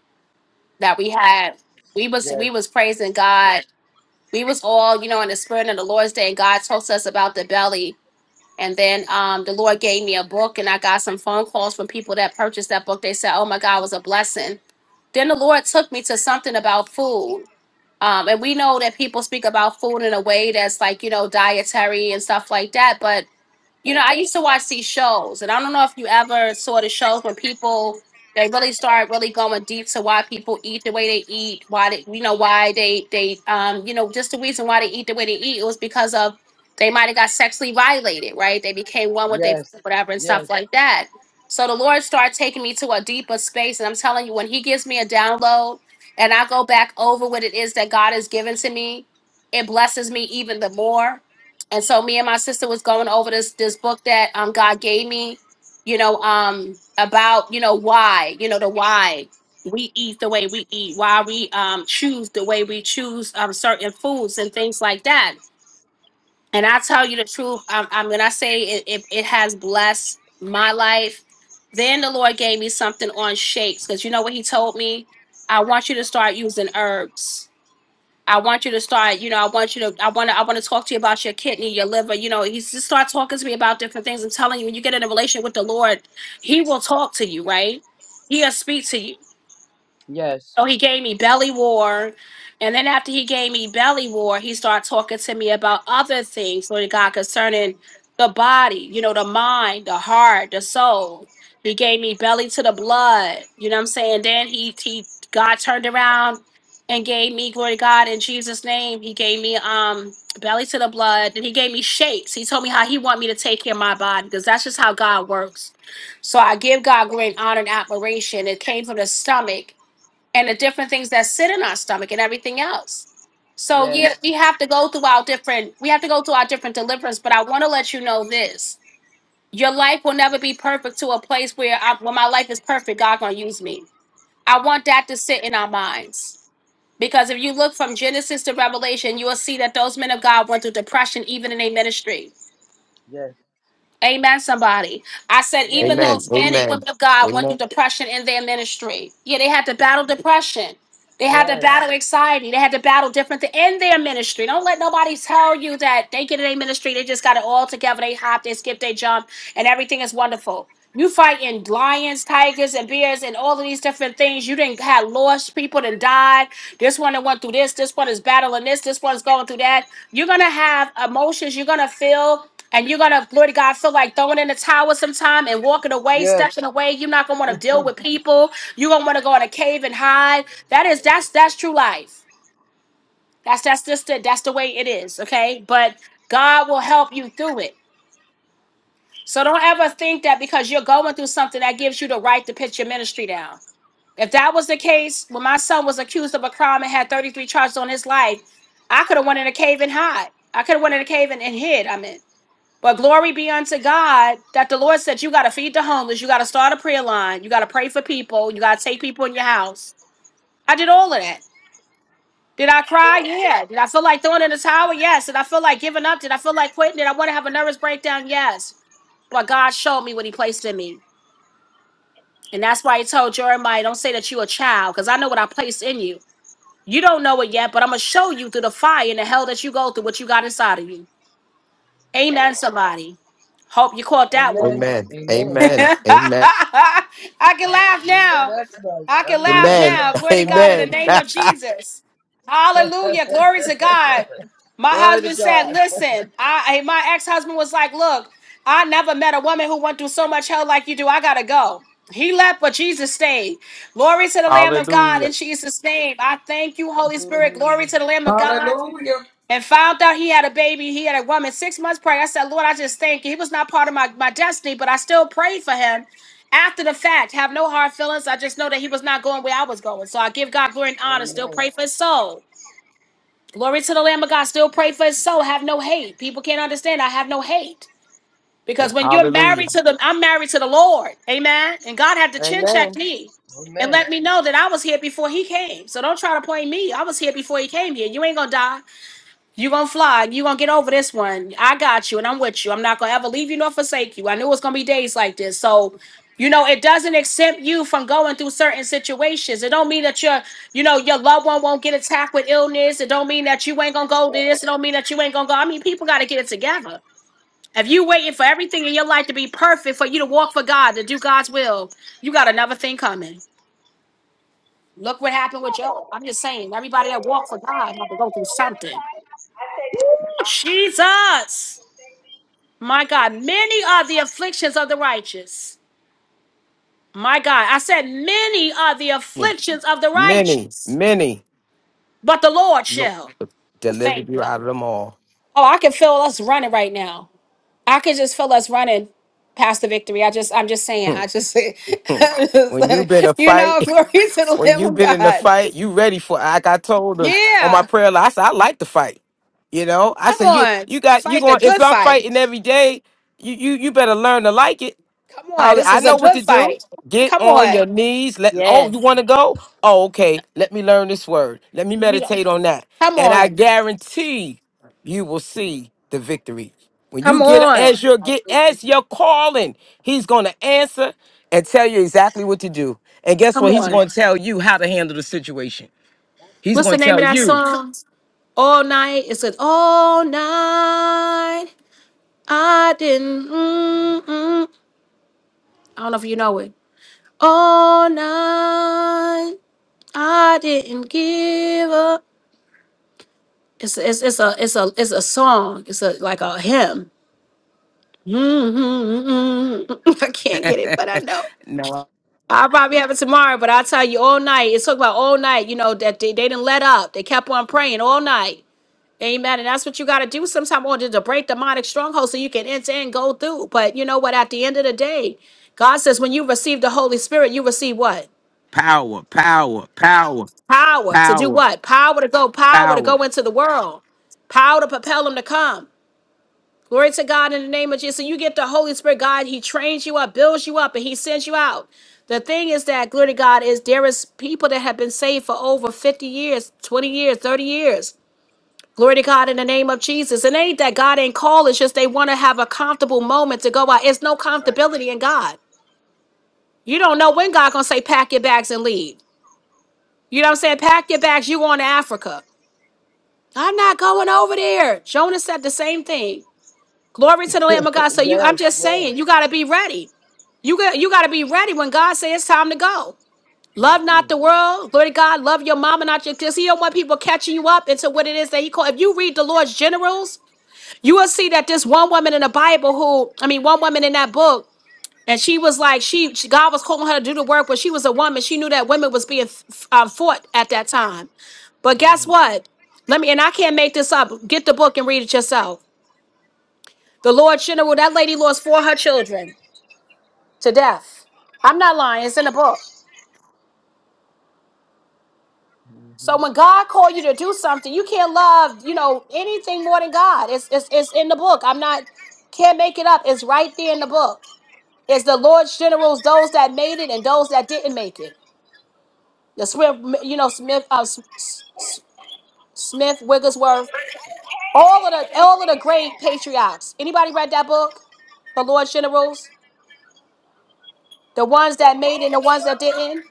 Speaker 1: That we had, we was we
Speaker 4: Yes.
Speaker 1: was praising God. We was all, you know, in the spirit of the Lord's day, and God told us about the belly. And then um, the Lord gave me a book, and I got some phone calls from people that purchased that book. They said, "Oh my God, it was a blessing." Then the Lord took me to something about food, um, and we know that people speak about food in a way that's like you know dietary and stuff like that, but you know, I used to watch these shows, and I don't know if you ever saw the shows where people they really start really going deep to why people eat the way they eat, why they, you know, why they they um, you know, just the reason why they eat the way they eat. It was because of they might have got sexually violated, right? They became one with their
Speaker 4: Yes.
Speaker 1: whatever and stuff
Speaker 4: Yes.
Speaker 1: like that. So the Lord started taking me to a deeper space, and I'm telling you, when He gives me a download and I go back over what it is that God has given to me, it blesses me even the more and so me and my sister was going over this this book that um God gave me, you know, um about you know why you know the why we eat the way we eat, why we um choose the way we choose um certain foods and things like that. And I tell you the truth, I'm, I'm gonna say it, it it has blessed my life. Then the Lord gave me something on shakes because you know what He told me, I want you to start using herbs I want you to start, you know, I want you to, I want to, I want to talk to you about your kidney, your liver, you know, he's just start talking to me about different things. I'm telling you, when you get in a relationship with the Lord, he will talk to you, right? He'll speak to you.
Speaker 4: Yes.
Speaker 1: So he gave me belly war. And then after he gave me belly war, he started talking to me about other things, Lord God, concerning the body, you know, the mind, the heart, the soul. He gave me belly to the blood. You know what I'm saying? Then he he God turned around and gave me, glory to God, in Jesus' name, he gave me um belly to the blood. And he gave me shakes. He told me how he want me to take care of my body, because that's just how God works. So I give God great honor and admiration. It came from the stomach and the different things that sit in our stomach and everything else. So
Speaker 4: Yes.
Speaker 1: yeah, we have to go through our different we have to go through our different deliverance. But I want to let you know this: your life will never be perfect to a place where I, when my life is perfect, God gonna use me. I want that to sit in our minds because if you look from Genesis to Revelation, you will see that those men of God went through depression even in their ministry.
Speaker 4: Yes.
Speaker 1: Amen, somebody. I said, even
Speaker 4: Yes.
Speaker 2: Amen.
Speaker 1: those men and
Speaker 2: Amen.
Speaker 1: women of God went
Speaker 4: Amen.
Speaker 2: Amen.
Speaker 1: through depression in their ministry. Yeah, they had to battle depression. They had to
Speaker 4: Yes.
Speaker 1: battle anxiety. They had to battle different things in their ministry. Don't let nobody tell you that they get in a ministry, they just got it all together. They hop, they skip, they jump, and everything is wonderful. You fighting lions, tigers, and bears, and all of these different things. You didn't had lost people that died. This one that went through this. This one is battling this. This one's going through that. You're gonna have emotions. You're gonna feel and you're gonna glory to God feel like throwing in the towel sometime and walking away,
Speaker 4: Yes.
Speaker 1: stepping away. You're not gonna want to deal
Speaker 4: Amen.
Speaker 1: with people. You're gonna want to go in a cave and hide. That is that's that's true life. That's that's just it. That's the way it is. Okay, but God will help you through it. So don't ever think that because you're going through something that gives you the right to pitch your ministry down. If that was the case, when my son was accused of a crime and had 33 charges on his life, I could have went in a cave and hide. I could have went in a cave and, and hid. I mean. But glory be unto God that the Lord said, You got to feed the homeless. You got to start a prayer line. You got to pray for people. You got to take people in your house. I did all of that. Did I cry? Yeah. Did I feel like throwing in the towel? Yes. Did I feel like giving up? Did I feel like quitting? Did I want to have a nervous breakdown? Yes. But God showed me what He placed in me. And that's why He told Jeremiah, Don't say that you a child, because I know what I placed in you. You don't know it yet, but I'm going to show you through the fire and the hell that you go through what you got inside of you. Amen, somebody. Hope you caught that one.
Speaker 4: Amen.
Speaker 2: Amen.
Speaker 4: You
Speaker 2: Amen. Amen.
Speaker 1: I can laugh
Speaker 4: know
Speaker 1: now.
Speaker 4: that's right.
Speaker 1: I
Speaker 4: I
Speaker 1: can
Speaker 4: know
Speaker 1: laugh
Speaker 4: that's
Speaker 2: Amen.
Speaker 1: now.
Speaker 4: right.
Speaker 1: Glory to God in the
Speaker 2: Amen.
Speaker 1: name
Speaker 4: Hallelujah.
Speaker 1: of Jesus. Hallelujah. Glory to God. My
Speaker 4: Glory to
Speaker 1: husband said,
Speaker 4: God.
Speaker 1: listen, I my ex-husband was like, look, I never met a woman who went through so much hell like you do. I gotta go. He left, but Jesus stayed. Glory to the Lamb of God in
Speaker 2: Hallelujah.
Speaker 1: Jesus' name. I thank you, Holy Spirit. Glory
Speaker 4: Hallelujah.
Speaker 1: to the Lamb of God
Speaker 5: Hallelujah.
Speaker 1: and found out he had a baby. He had a woman six months pregnant. I said, Lord, I just thank you. He was not part of my, my destiny, but I still prayed for him after the fact. Have no hard feelings. I just know that he was not going where I was going. So I give God glory and honor. Still
Speaker 4: Amen.
Speaker 1: pray for his soul. Glory to the Lamb of God. Still pray for his soul. Have no hate. People can't understand. I have no hate. Because when you're
Speaker 2: Hallelujah.
Speaker 1: married to the, I'm married to the Lord. Amen. And God had to chin check
Speaker 4: Amen.
Speaker 1: me and
Speaker 4: Amen.
Speaker 1: let me know that I was here before he came. So don't try to point me. I was here before he came here. You ain't going to die. You gonna fly. You gonna get over this one. I got you, and I'm with you. I'm not gonna ever leave you nor forsake you. I knew it was gonna be days like this. So, you know, it doesn't exempt you from going through certain situations. It don't mean that your, you know, your loved one won't get attacked with illness. It don't mean that you ain't gonna go to this. It don't mean that you ain't gonna go. I mean, people gotta get it together. If you waiting for everything in your life to be perfect for you to walk for God to do God's will, you got another thing coming. Look what happened with Job. I'm just saying, everybody that walked for God had to go through something. Woo, Jesus. My God, many are the afflictions of the righteous. My God, I said, many are the
Speaker 2: Many,
Speaker 1: afflictions of the
Speaker 2: many,
Speaker 1: righteous,
Speaker 2: many.
Speaker 1: but the Lord
Speaker 2: Look,
Speaker 1: shall.
Speaker 2: delivered
Speaker 1: Thank
Speaker 2: you
Speaker 1: you.
Speaker 2: out of them all.
Speaker 1: Oh, I can feel us running right now. I can just feel us running past the victory. I just, I'm just saying,
Speaker 2: Hmm,
Speaker 1: I just,
Speaker 2: hmm. when you've been a
Speaker 1: you
Speaker 2: fight,
Speaker 1: know, glory to the
Speaker 2: When you
Speaker 1: living
Speaker 2: been in the
Speaker 1: God.
Speaker 2: fight, you ready for it. like I told him on my
Speaker 1: Yeah,
Speaker 2: prayer line. I said, I like to fight. You know? I
Speaker 1: come
Speaker 2: said, you
Speaker 1: on,
Speaker 2: you got you
Speaker 1: fight the
Speaker 2: going if
Speaker 1: good
Speaker 2: I'm
Speaker 1: fight.
Speaker 2: fighting every day, you you you better learn to like it.
Speaker 1: Come on,
Speaker 2: Holly,
Speaker 1: this
Speaker 2: I
Speaker 1: is a
Speaker 2: know what
Speaker 1: good
Speaker 2: to do.
Speaker 1: fight.
Speaker 2: Get
Speaker 1: Come
Speaker 2: on
Speaker 1: on,
Speaker 2: your knees. Let oh, you
Speaker 6: Yes.
Speaker 2: want to go? Oh, okay. Let me learn this word. Let me
Speaker 1: We-
Speaker 2: meditate on that.
Speaker 1: come
Speaker 2: And I
Speaker 1: on,
Speaker 2: guarantee you will see the victory. When you
Speaker 1: come
Speaker 2: get
Speaker 1: on,
Speaker 2: as your get as you're calling, he's gonna answer and tell you exactly what to do. And guess
Speaker 1: come
Speaker 2: what? He's
Speaker 1: on.
Speaker 2: gonna tell you how to handle the situation. He's
Speaker 1: What's the
Speaker 2: gonna
Speaker 1: name of
Speaker 2: tell
Speaker 1: that
Speaker 2: you.
Speaker 1: song? all night. It says all night. I didn't. Mm, mm. I don't know if you know it. All night. I didn't give up. It's it's it's a it's a it's a song. It's a like a hymn. Mm, mm, mm, mm. I can't get it, but I know.
Speaker 2: no
Speaker 1: I'll probably have it tomorrow, but I'll tell you all night. It's talking about all night, you know, that they, they didn't let up. They kept on praying all night. Amen. And that's what you got to do sometime in order to break demonic strongholds so you can enter and go through. But you know what? At the end of the day, God says when you receive the Holy Spirit, you receive what?
Speaker 2: power, power, power,
Speaker 1: Power to do
Speaker 2: power,
Speaker 1: what? Power to go, power to
Speaker 2: power.
Speaker 1: go into the world, power to propel them to come. Glory to God in the name of Jesus. So you get the Holy Spirit, God. He trains you up, builds you up, and He sends you out. The thing is that, glory to God, is there is people that have been saved for over 50 years, 20 years, 30 years. Glory to God in the name of Jesus. It ain't that God ain't called. It's just they want to have a comfortable moment to go out. It's no
Speaker 4: Right.
Speaker 1: comfortability in God. You don't know when God gonna say pack your bags and leave. You know what I'm saying? Pack your bags. You going to Africa? I'm not going over there. Jonah said the same thing. Glory to the Lamb of
Speaker 4: yes.
Speaker 1: God. So you, I'm just
Speaker 4: Yes.
Speaker 1: saying, you gotta be ready. You got you gotta be ready when God says it's time to go.
Speaker 4: Mm,
Speaker 1: Love not
Speaker 4: mm,
Speaker 1: the world. Glory to God. Love your mama, not your because he don't want people catching you up into what it is that he called. If you read the Lord's generals, you will see that this one woman in the Bible who, I mean, one woman in that book, and she was like, she, she- God was calling her to do the work, but she was a woman. She knew that women was being f- uh, fought at that time. But guess
Speaker 4: mm-hmm,
Speaker 1: what? Let me, and I can't make this up. Get the book and read it yourself. The Lord General, that lady lost four of her children to death. I'm not lying. It's in the book. So when God called you to do something, you can't love, you know, anything more than God. It's it's, it's in the book. I'm not can't make it up. It's right there in the book. It's the Lord's generals, those that made it and those that didn't make it. The Smith, you know, Smith, uh, S- S- Smith, Wigglesworth, all of the, all of the great patriots. Anybody read that book, The Lord's Generals? The ones that made it and the
Speaker 4: mm-hmm.
Speaker 1: ones that didn't.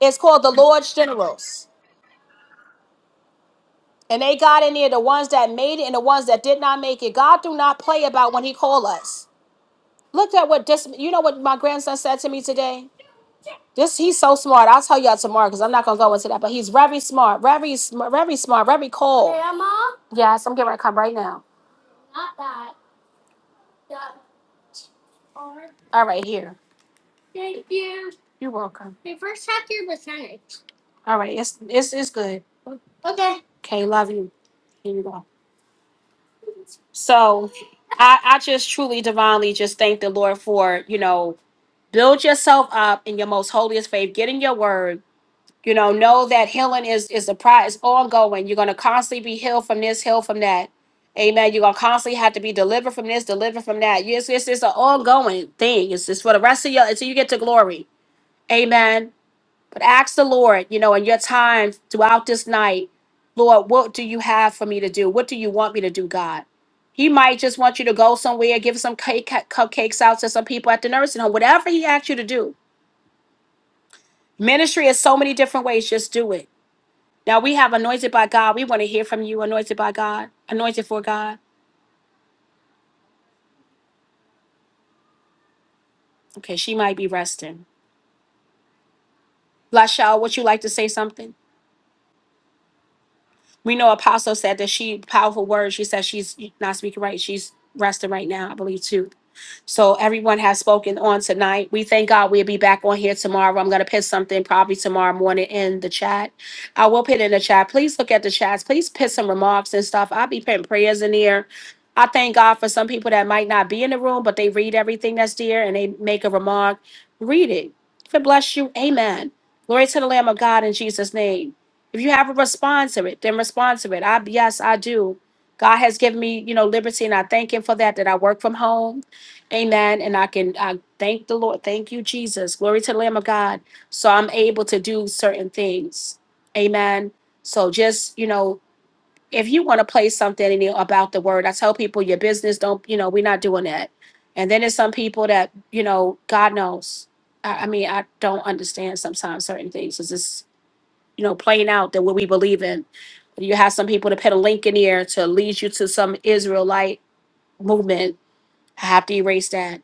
Speaker 1: It's called The Lord's Generals, and they got in there the ones that made it and the ones that did not make it. God do not play about when He call us. Look at what dis- you know what my grandson said to me today. This he's so smart. I'll tell y'all tomorrow because I'm not gonna go into that. But he's very smart, very smart, very smart, very cool. Grandma. Yes, I'm getting ready to come right now. Not that. The arm. All right. Thank you. Okay. Hey, first check your percentage. All right. Good. Okay. Okay. Here you go. So I build is faith. Get her. You know that healing is is the prize. Oh, and you. healed from this, healed from that. Amen. You're gonna constantly have to be delivered from this, delivered from that. Yes, it's, it's an ongoing thing. It's just for the rest of your until you get to glory. Amen. But ask the Lord, you know, in your time throughout this night, Lord, what do you have for me to do? What do you want me to do, God? He might just want you to go somewhere, give some cake, cu- cupcakes out to some people at the nursing home, whatever he asks you to do. Ministry is so many different ways. Just do it. Now we have anointed by God. We want to hear from you, anointed by God, anointed for God. Okay, she might be resting. Lashelle, would you like to say something? We know Apostle said that she powerful words. She said she's not speaking right. She's resting right now, I believe too. So everyone has spoken on tonight. We thank God we'll be back on here tomorrow. I'm gonna put something probably tomorrow morning in the chat. I will put it in the chat. Please look at the chats. Please put some remarks and stuff. I'll be putting prayers in here I thank God for some people that might not be in the room, but they read everything that's there and they make a remark. Read it. If it bless you, amen. Glory to the Lamb of God in Jesus' name. If you have a response to it, then respond to it. I yes, I do. God has given me, you know, liberty, and I thank Him for that. That I work from home, Amen. And I can, I thank the Lord. Thank you, Jesus. Glory to the Lamb of God. So I'm able to do certain things, Amen. So just, you know, if you want to play something in it about the word, I tell people your business don't, you know, we're not doing that. And then there's some people that, you know, God knows. I, I mean, I don't understand sometimes certain things. It's just, you know, playing out that what we believe in. You have some people to put a link in here to lead you to some Israelite movement. I have to erase that.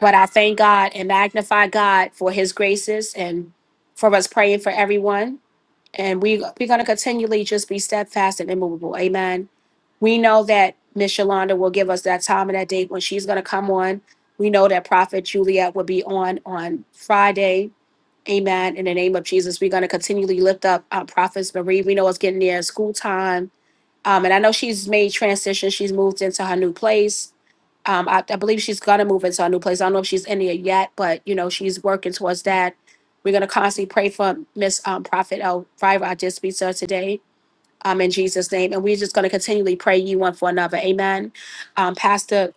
Speaker 1: But I thank God and magnify God for his graces and for us praying for everyone. And we we're gonna continually just be steadfast and immovable. Amen we know that Miss Yolanda will give us that time and that date when she's going to come on. We know that Prophet Juliet will be on on Friday. Amen. In the name of Jesus, we're going to continually lift up um, Prophets Marie. We know it's getting near school time. Um, and I know she's made transition. She's moved into her new place. Um, I, I believe she's going to move into her new place. I don't know if she's in there yet, but, you know, she's working towards that. We're going to constantly pray for Miss um, Prophet El Five. I just speak her today um, in Jesus' name. And we're just going to continually pray you one for another. Amen. Um, Pastor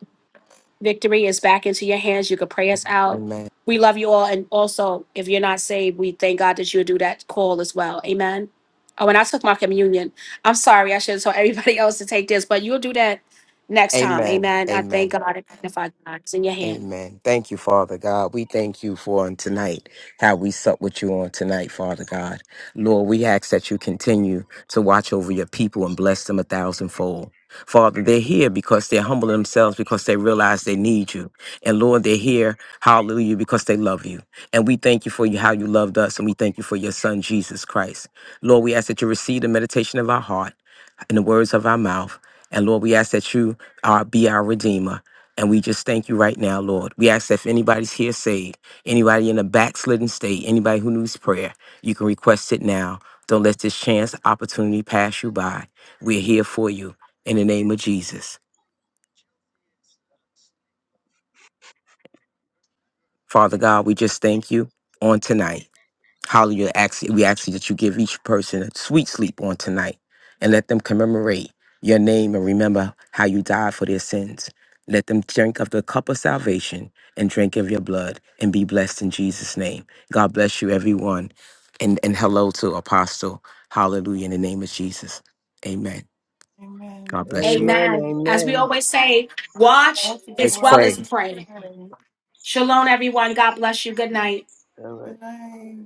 Speaker 1: Victory is back into your hands. You can pray us out.
Speaker 2: Amen.
Speaker 1: We love you all. And also, if you're not saved, we thank God that you'll do that call as well. Amen. Oh, and I took my communion. I'm sorry, I should have told everybody else to take this, but you'll do that next time.
Speaker 2: Amen.
Speaker 1: Amen. I thank
Speaker 2: Amen.
Speaker 1: God and magnify God. It's in your hand.
Speaker 2: Amen. Thank you, Father God. We thank you for on tonight, how we sup with you on tonight, Father God. Lord, we ask that you continue to watch over your people and bless them a thousandfold. Father, they're here because they're humble themselves, because they realize they need you. And Lord, they're here, hallelujah, because they love you. And we thank you for you, how you loved us, and we thank you for your son, Jesus Christ. Lord, we ask that you receive the meditation of our heart in the words of our mouth. And Lord, we ask that you are be our redeemer. And we just thank you right now, Lord. We ask that if anybody's here saved, anybody in a backslidden state, anybody who needs prayer, you can request it now. Don't let this chance opportunity pass you by. We're here for you in the name of Jesus. Father God, we just thank you on tonight. Hallelujah. Ask, we ask you that you give each person a sweet sleep on tonight and let them commemorate your name and remember how you died for their sins. Let them drink of the cup of salvation and drink of your blood and be blessed in Jesus' name. God bless you, everyone. And, and hello to Apostle. Hallelujah. In the name of Jesus. Amen.
Speaker 10: Amen.
Speaker 2: God bless you all.
Speaker 4: Amen. Amen.
Speaker 10: Love is a
Speaker 2: Let's
Speaker 10: world
Speaker 2: pray.
Speaker 4: All right.
Speaker 10: Good night.